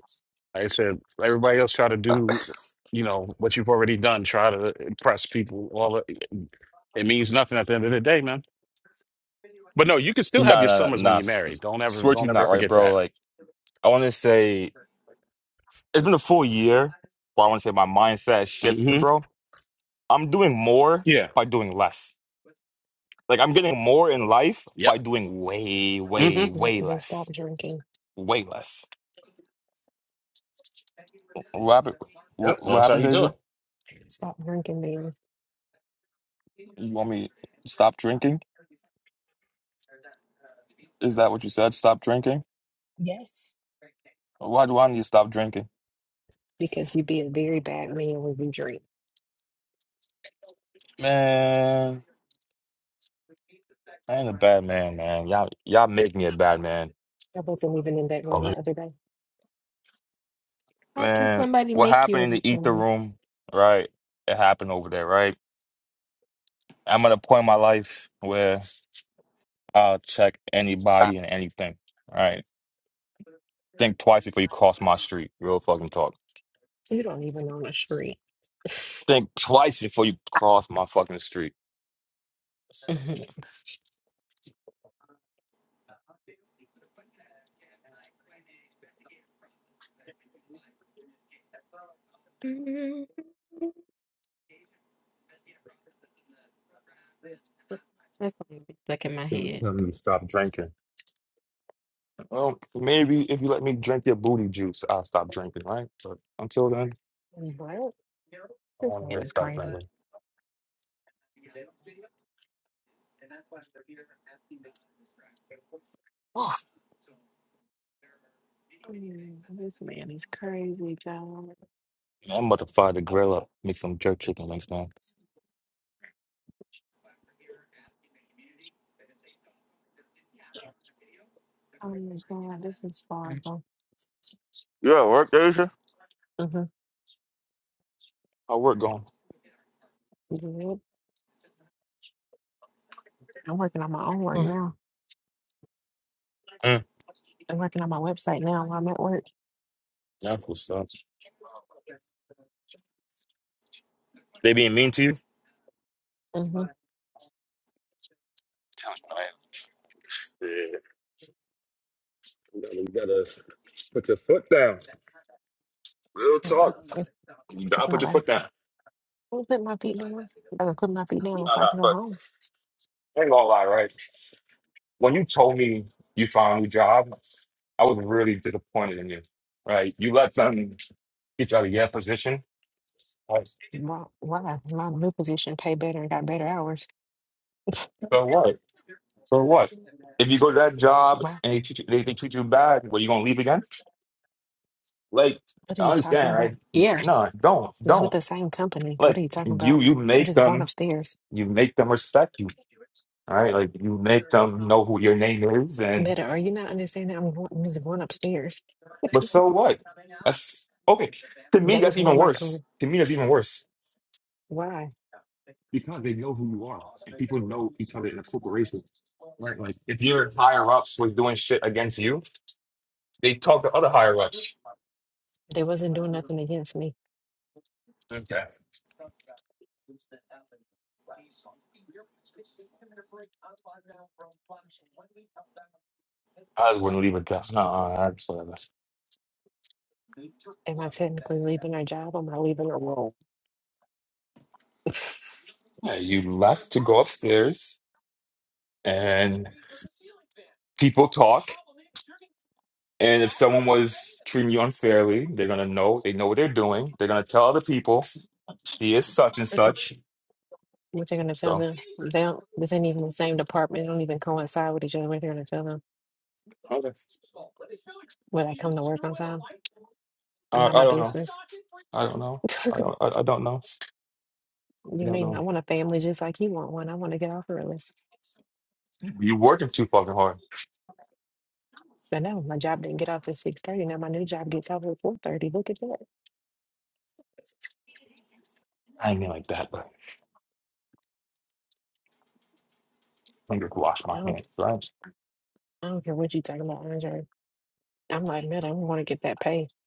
S20: like I said, everybody else try to do, you know, what you've already done. Try to impress people. All the, it means nothing at the end of the day, man. But no, you can still have
S28: No,
S20: your
S28: no, no,
S20: summers when
S28: no.
S20: you're
S28: s-
S20: married.
S28: s-
S20: Don't ever
S28: Swear to
S20: don't
S28: you,
S20: ever
S28: not right,
S20: forget
S28: bro.
S20: that.
S28: Like, I want to say it's been a full year, but I want to say my mindset has shifted,
S20: hmm
S28: bro. I'm doing more
S20: Yeah.
S28: by doing less. Like, I'm getting more in life
S20: Yep.
S28: by doing way,
S20: hmm
S28: way,
S21: Take-
S28: way
S21: Then then
S28: less.
S21: stop drinking.
S28: Way less. What happened? wh-
S20: Yep.
S28: What
S20: That's how
S28: happened,
S20: you do
S28: Deja?
S21: Stop drinking, man.
S28: You want me to stop drinking? Is that what you said? Stop drinking?
S21: Yes.
S28: Why do I need to stop drinking?
S21: because you'd be a very bad man when you drink.
S28: Man, I ain't a bad man, man. Y'all, y'all make me a bad man.
S21: I wasn't even in that room
S20: it.
S21: the other day.
S8: How can
S28: man,
S8: somebody
S28: what
S8: make you
S28: happened in the ether
S8: anything?
S28: room, right? It happened over there, right? I'm at a point in my life where I'll check anybody and anything, right? Think twice before you cross my street. Real fucking talk.
S21: You don't even own a street.
S28: Think twice before you cross my fucking street.
S8: Mhm. That's going to be stuck in my
S28: You
S8: head.
S28: tell me to stop drinking. Well, maybe if you let me drink your booty juice, I'll stop drinking, right? But until then,
S21: What?
S28: I
S21: This
S28: want to
S21: man
S28: hear
S21: is
S28: stop
S21: crazy.
S28: drinking.
S21: Mm, This man is crazy, John.
S28: Man, I'm about to fire the grill up, make some jerk chicken links, man.
S21: Oh my God, this is horrible.
S28: Yeah, work, Asia.
S21: Mm-hmm.
S28: How work going?
S21: Yep. I'm working on my own work now.
S28: Mm,
S21: I'm working on my website now while I'm at work.
S28: that's what's up. They being mean to you?
S21: Mm-hmm.
S28: Yeah, you gotta, you gotta put your foot down. Real talk.
S21: It's,
S28: You
S21: it's
S28: gotta
S21: my
S28: put your foot
S21: last. co-
S28: down.
S21: I'm gonna put my feet down. I'm gonna put my feet down
S28: Nah,
S21: before I
S28: nah,
S21: can go
S28: but
S21: home.
S28: I ain't gonna lie, right? When you told me you found a new job, I was really disappointed in you, right? You let them get you out of your position. Like,
S21: Why? Why? My new position pay better and got better hours.
S28: so what? So what? If you go to that job
S21: Why?
S28: and they treat you, they, they treat you bad, what, you gonna leave again? Like,
S21: What are
S28: I
S21: you talking
S28: understand, right?
S21: about?
S28: No, don't,
S21: That's with
S28: don't.
S21: the same company. What are
S28: Like,
S21: you talking
S28: you,
S21: about?
S28: you
S21: I'm
S28: make
S21: just going
S28: them,
S21: upstairs.
S28: you make them respect you All right, like you make them know who your name is, and
S21: Better. Are you not understanding? I'm, going, I'm just going upstairs.
S28: but so what? That's okay. To me,
S21: that
S28: that's
S21: was more
S28: even
S21: my
S28: worse.
S21: career.
S28: To me, that's even worse
S21: Why?
S28: because they know who you are, and people know each other in a corporation, right? Like if your higher ups was doing shit against you, they talk to other higher ups.
S21: They wasn't doing nothing against me.
S28: Okay, I wouldn't leave it that. No, no, no, that's whatever.
S21: Am I technically leaving our job? Am I leaving a role?
S28: Yeah, you left to go upstairs, and people talk. And if someone was treating you unfairly, they're gonna know. They know what they're doing. They're gonna tell other people She is such and
S21: What they
S28: such.
S21: what they're gonna tell
S28: So
S21: them? They don't this ain't even the same department. They don't even coincide with each other. What they're gonna tell them?
S28: okay.
S21: Will I come to work on time? Am
S28: I,
S21: I
S28: I
S21: my
S28: don't know.
S21: business?
S28: I don't know. I don't. I, I don't know. I
S21: You
S28: don't
S21: mean
S28: know.
S21: I want a family just like you want one? I want to get off early.
S28: You working too fucking hard.
S21: I know my job didn't get off at six thirty. Now my new job gets off at four thirty. Look at that.
S28: I ain't mean like that, but I'm gonna wash
S21: I
S28: my
S21: don't,
S28: hands. Right?
S21: I don't care what you talking about, Andre. I'm like, man, I want to get that pay.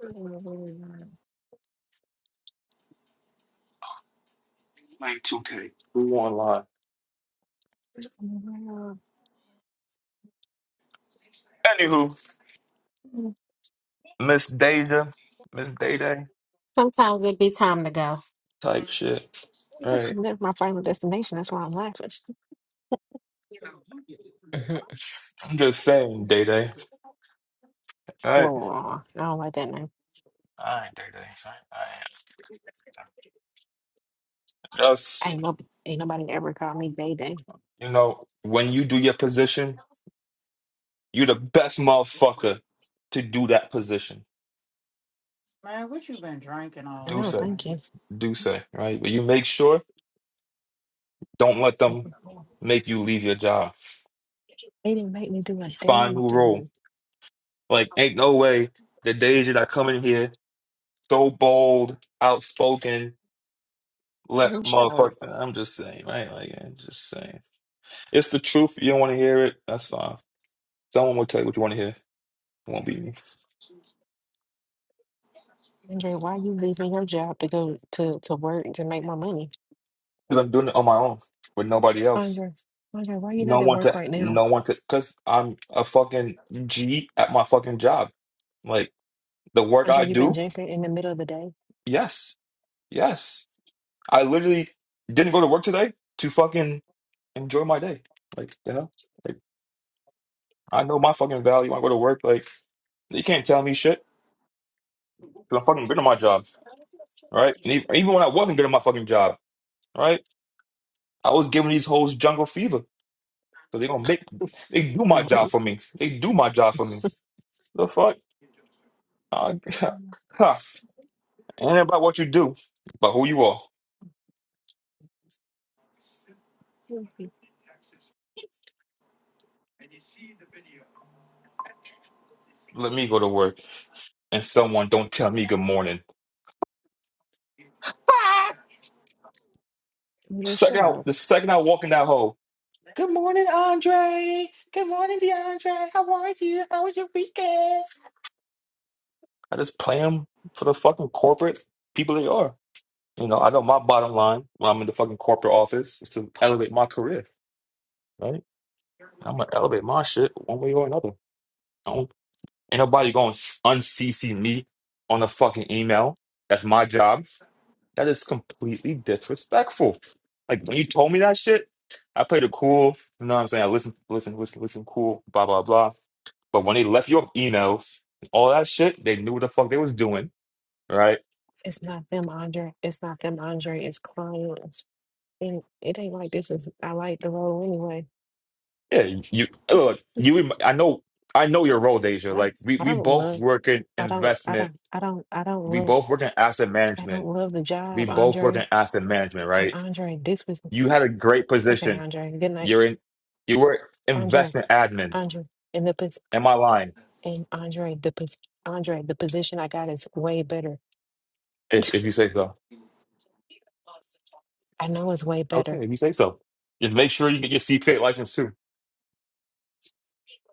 S21: Mhm.
S28: Playing 2K. We won't Anywho,
S8: Mm,
S28: Miss Deja, Miss Day Day,
S8: Sometimes it be time to go.
S28: type shit. All
S21: Because
S28: right.
S21: I'm never my final destination. That's why I'm laughing.
S8: Mhm.
S28: I'm just saying, Day Day. All right.
S21: Whoa, whoa, whoa. I don't like that name.
S28: All right, Day Day. All right. All right. Just
S21: Ain't no, ain't nobody ever called me Day Day.
S28: you know, when you do your position, you're the best motherfucker to do that position.
S5: man. What you been drinking all
S28: Do
S21: No,
S5: day,
S28: say.
S21: thank
S5: man?
S21: you.
S28: do say, right? But you make sure, don't let them make you leave your job.
S21: They didn't make me do a
S28: Find
S21: damn
S28: new role.
S21: thing.
S28: Like, ain't no way the days that I come in here so bold, outspoken, let
S21: I'm shut up.
S28: motherfucker. I'm just saying, right? Like, I'm just saying. It's the truth. You don't want to hear it. That's fine. Someone will tell you what you want to hear. It won't be me.
S21: Andre, why you leaving your job to go to, to work to make more money?
S28: Because I'm doing it on my own with nobody else.
S21: Andre, Andre, why you not
S28: No
S21: at
S28: one
S21: work
S28: to,
S21: right now?
S28: no one to, because I'm a fucking G at my fucking job. Like, the work I
S21: Andre, you been
S28: do,
S21: drinking in the middle of the day?
S28: yes, yes. I literally didn't go to work today to fucking enjoy my day. Like, you know, like I know my fucking value. I go to work. Like, you can't tell me shit because I'm fucking good at my job, right? And even, even when I wasn't good at my fucking job, right, I was giving these hoes jungle fever. So they gonna make they do my job
S21: Right.
S28: for me. They do my job for me. The fuck? Uh, huh. Ain't about what you do, but who you are. Let me go to work, and someone don't tell me good morning.
S21: Andre,
S28: Second,
S21: shut
S28: I,
S21: up.
S28: the second I walk in that hole. Good morning, Andre. Good morning, DeAndre. How are you? How was your weekend? I just play them for the fucking corporate people they are. You know, I know my bottom line when I'm in the fucking corporate office is to elevate my career, right? I'm gonna elevate my shit one way or another. I don't, ain't nobody going to un-CC me on a fucking email. That's my job. That is completely disrespectful. Like when you told me that shit, I played it cool. You know what I'm saying? I listen, listen, listen, listen, cool, blah, blah, blah. But when they left your emails, all that shit, they knew what the fuck they was doing, right?
S21: It's not them, Andre. It's not them, Andre. It's clients. And it ain't like this is I like the role anyway.
S28: Yeah, you oh, look, you. rem- I know, I know your role, Deja.
S21: I
S28: Like we,
S21: don't I
S28: we
S21: don't
S28: both
S21: love
S28: work in
S21: I don't I
S28: investment.
S21: don't I don't I don't
S28: We
S21: love
S28: both work in asset
S21: I don't
S28: management.
S21: love the
S28: We
S21: job,
S28: both work in
S21: Andre.
S28: asset management,
S21: And
S28: right?
S21: Andre, this was
S28: You had a great
S21: okay,
S28: position.
S21: Andre, good night.
S28: You're in. You were
S21: Andre,
S28: investment admin.
S21: Andre. in the.
S28: Am I lying?
S21: And Andre, the pos- Andre, the position I got is way better.
S28: If if you say so,
S21: I know it's way
S28: okay.
S21: better.
S28: If you say so, just make sure you get your CPA license too.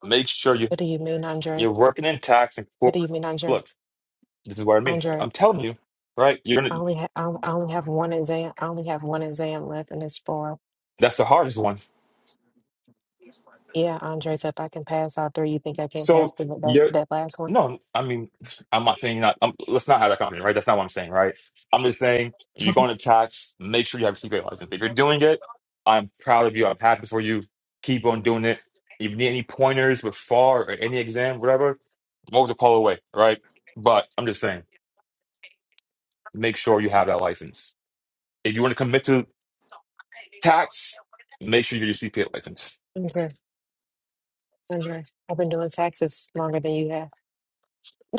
S28: Make sure you
S21: What do you mean, Andre?
S28: you're working in tax and
S21: What do
S28: corp.
S21: you mean, Andre?
S28: Look, This is what I mean.
S21: Andre,
S28: I'm telling you, right? You're
S21: I
S28: gonna.
S21: only have I on- I only have one exam. I only have one exam left, and it's four.
S28: That's the hardest one.
S21: Yeah, Andre's up. I can pass all three. You think I can't pass
S28: So
S21: the, that
S28: you're.
S21: that last one?
S28: No, I mean, I'm not saying you're not. I'm, let's not have that company, right? That's not what I'm saying, right? I'm just saying if you're going to tax, make sure you have a secret license. If you're doing it, I'm proud of you. I'm happy for you. Keep on doing it. If you need any pointers with FAR or any exam, whatever, I'm always a call away, right? But I'm just saying, make sure you have that license. If you want to commit to tax, make sure you get your CPA license.
S21: Andre, Andre, I've been doing taxes longer than you have.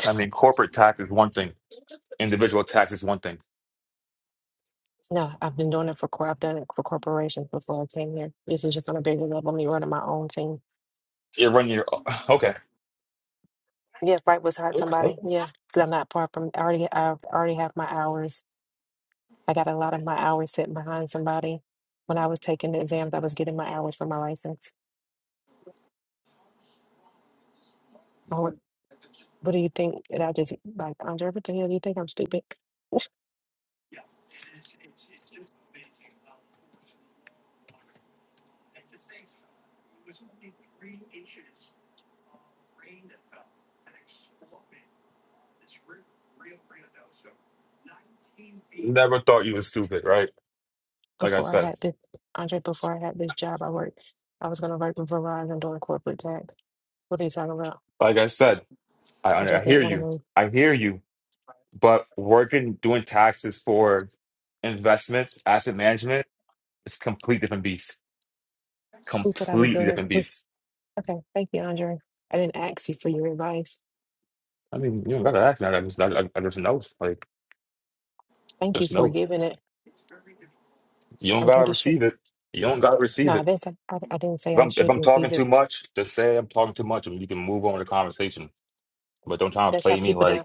S28: I mean, corporate tax is one thing individual tax is one thing.
S21: No, I've been doing it for corp. I've done it for corporations before I came here. This is just on a bigger level. Me running my own team.
S28: You run your okay.
S21: Yeah, right beside
S28: okay.
S21: somebody.
S28: okay.
S21: Yeah, 'cause I'm not far from. I already, I already have my hours. I got a lot of my hours sitting behind somebody. When I was taking the exams, I was getting my hours for my license. Oh, What, what do you think? And I just like Andre, what the hell? You think I'm stupid?
S28: Never thought you were stupid, right? Like I
S21: Before I
S28: said,
S21: had this, Andre, before I had this job, I worked. I was gonna work with Verizon doing corporate tax. What are you talking about?
S28: like I said,
S21: I
S28: I
S21: just
S28: I
S21: didn't
S28: hear
S21: want to
S28: you.
S21: move.
S28: I hear you. But working doing taxes for investments, asset management, it's complete different beast.
S21: Who said I was
S28: Completely
S21: doing it?
S28: different
S21: Who-
S28: beast.
S21: Okay, thank you, Andre. I didn't ask you for your advice.
S28: I mean, you don't gotta ask now. I just I, I just know. Like
S21: Thank you
S28: just
S21: for
S28: know.
S21: giving it.
S28: You don't
S21: I'm
S28: gotta
S21: pretty sure.
S28: receive it. You don't gotta receive
S21: No, I
S28: it.
S21: didn't say I, I didn't say
S28: If
S21: I
S28: I'm if
S21: should
S28: I'm talking
S21: receive it.
S28: too much, just say I'm talking too much, and you can move on with the conversation. But don't try to
S21: That's how
S28: play me
S21: people
S28: like.
S21: down.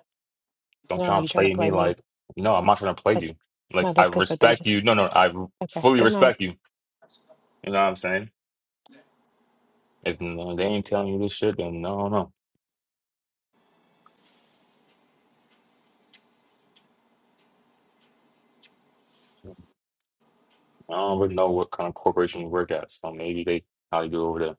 S28: Don't
S21: No,
S28: try and
S21: you're trying to
S28: play
S21: play
S28: me
S21: me.
S28: like, no, I'm not trying to play
S21: That's
S28: you. Like,
S21: no,
S28: I
S21: that's because of Deja.
S28: respect you. No, no, I
S21: Okay.
S28: fully
S21: Good night.
S28: respect you. You know what I'm saying? If no, they ain't telling you this shit, then no, no. I don't really know what kind of corporation you work at. So maybe they how you do over there.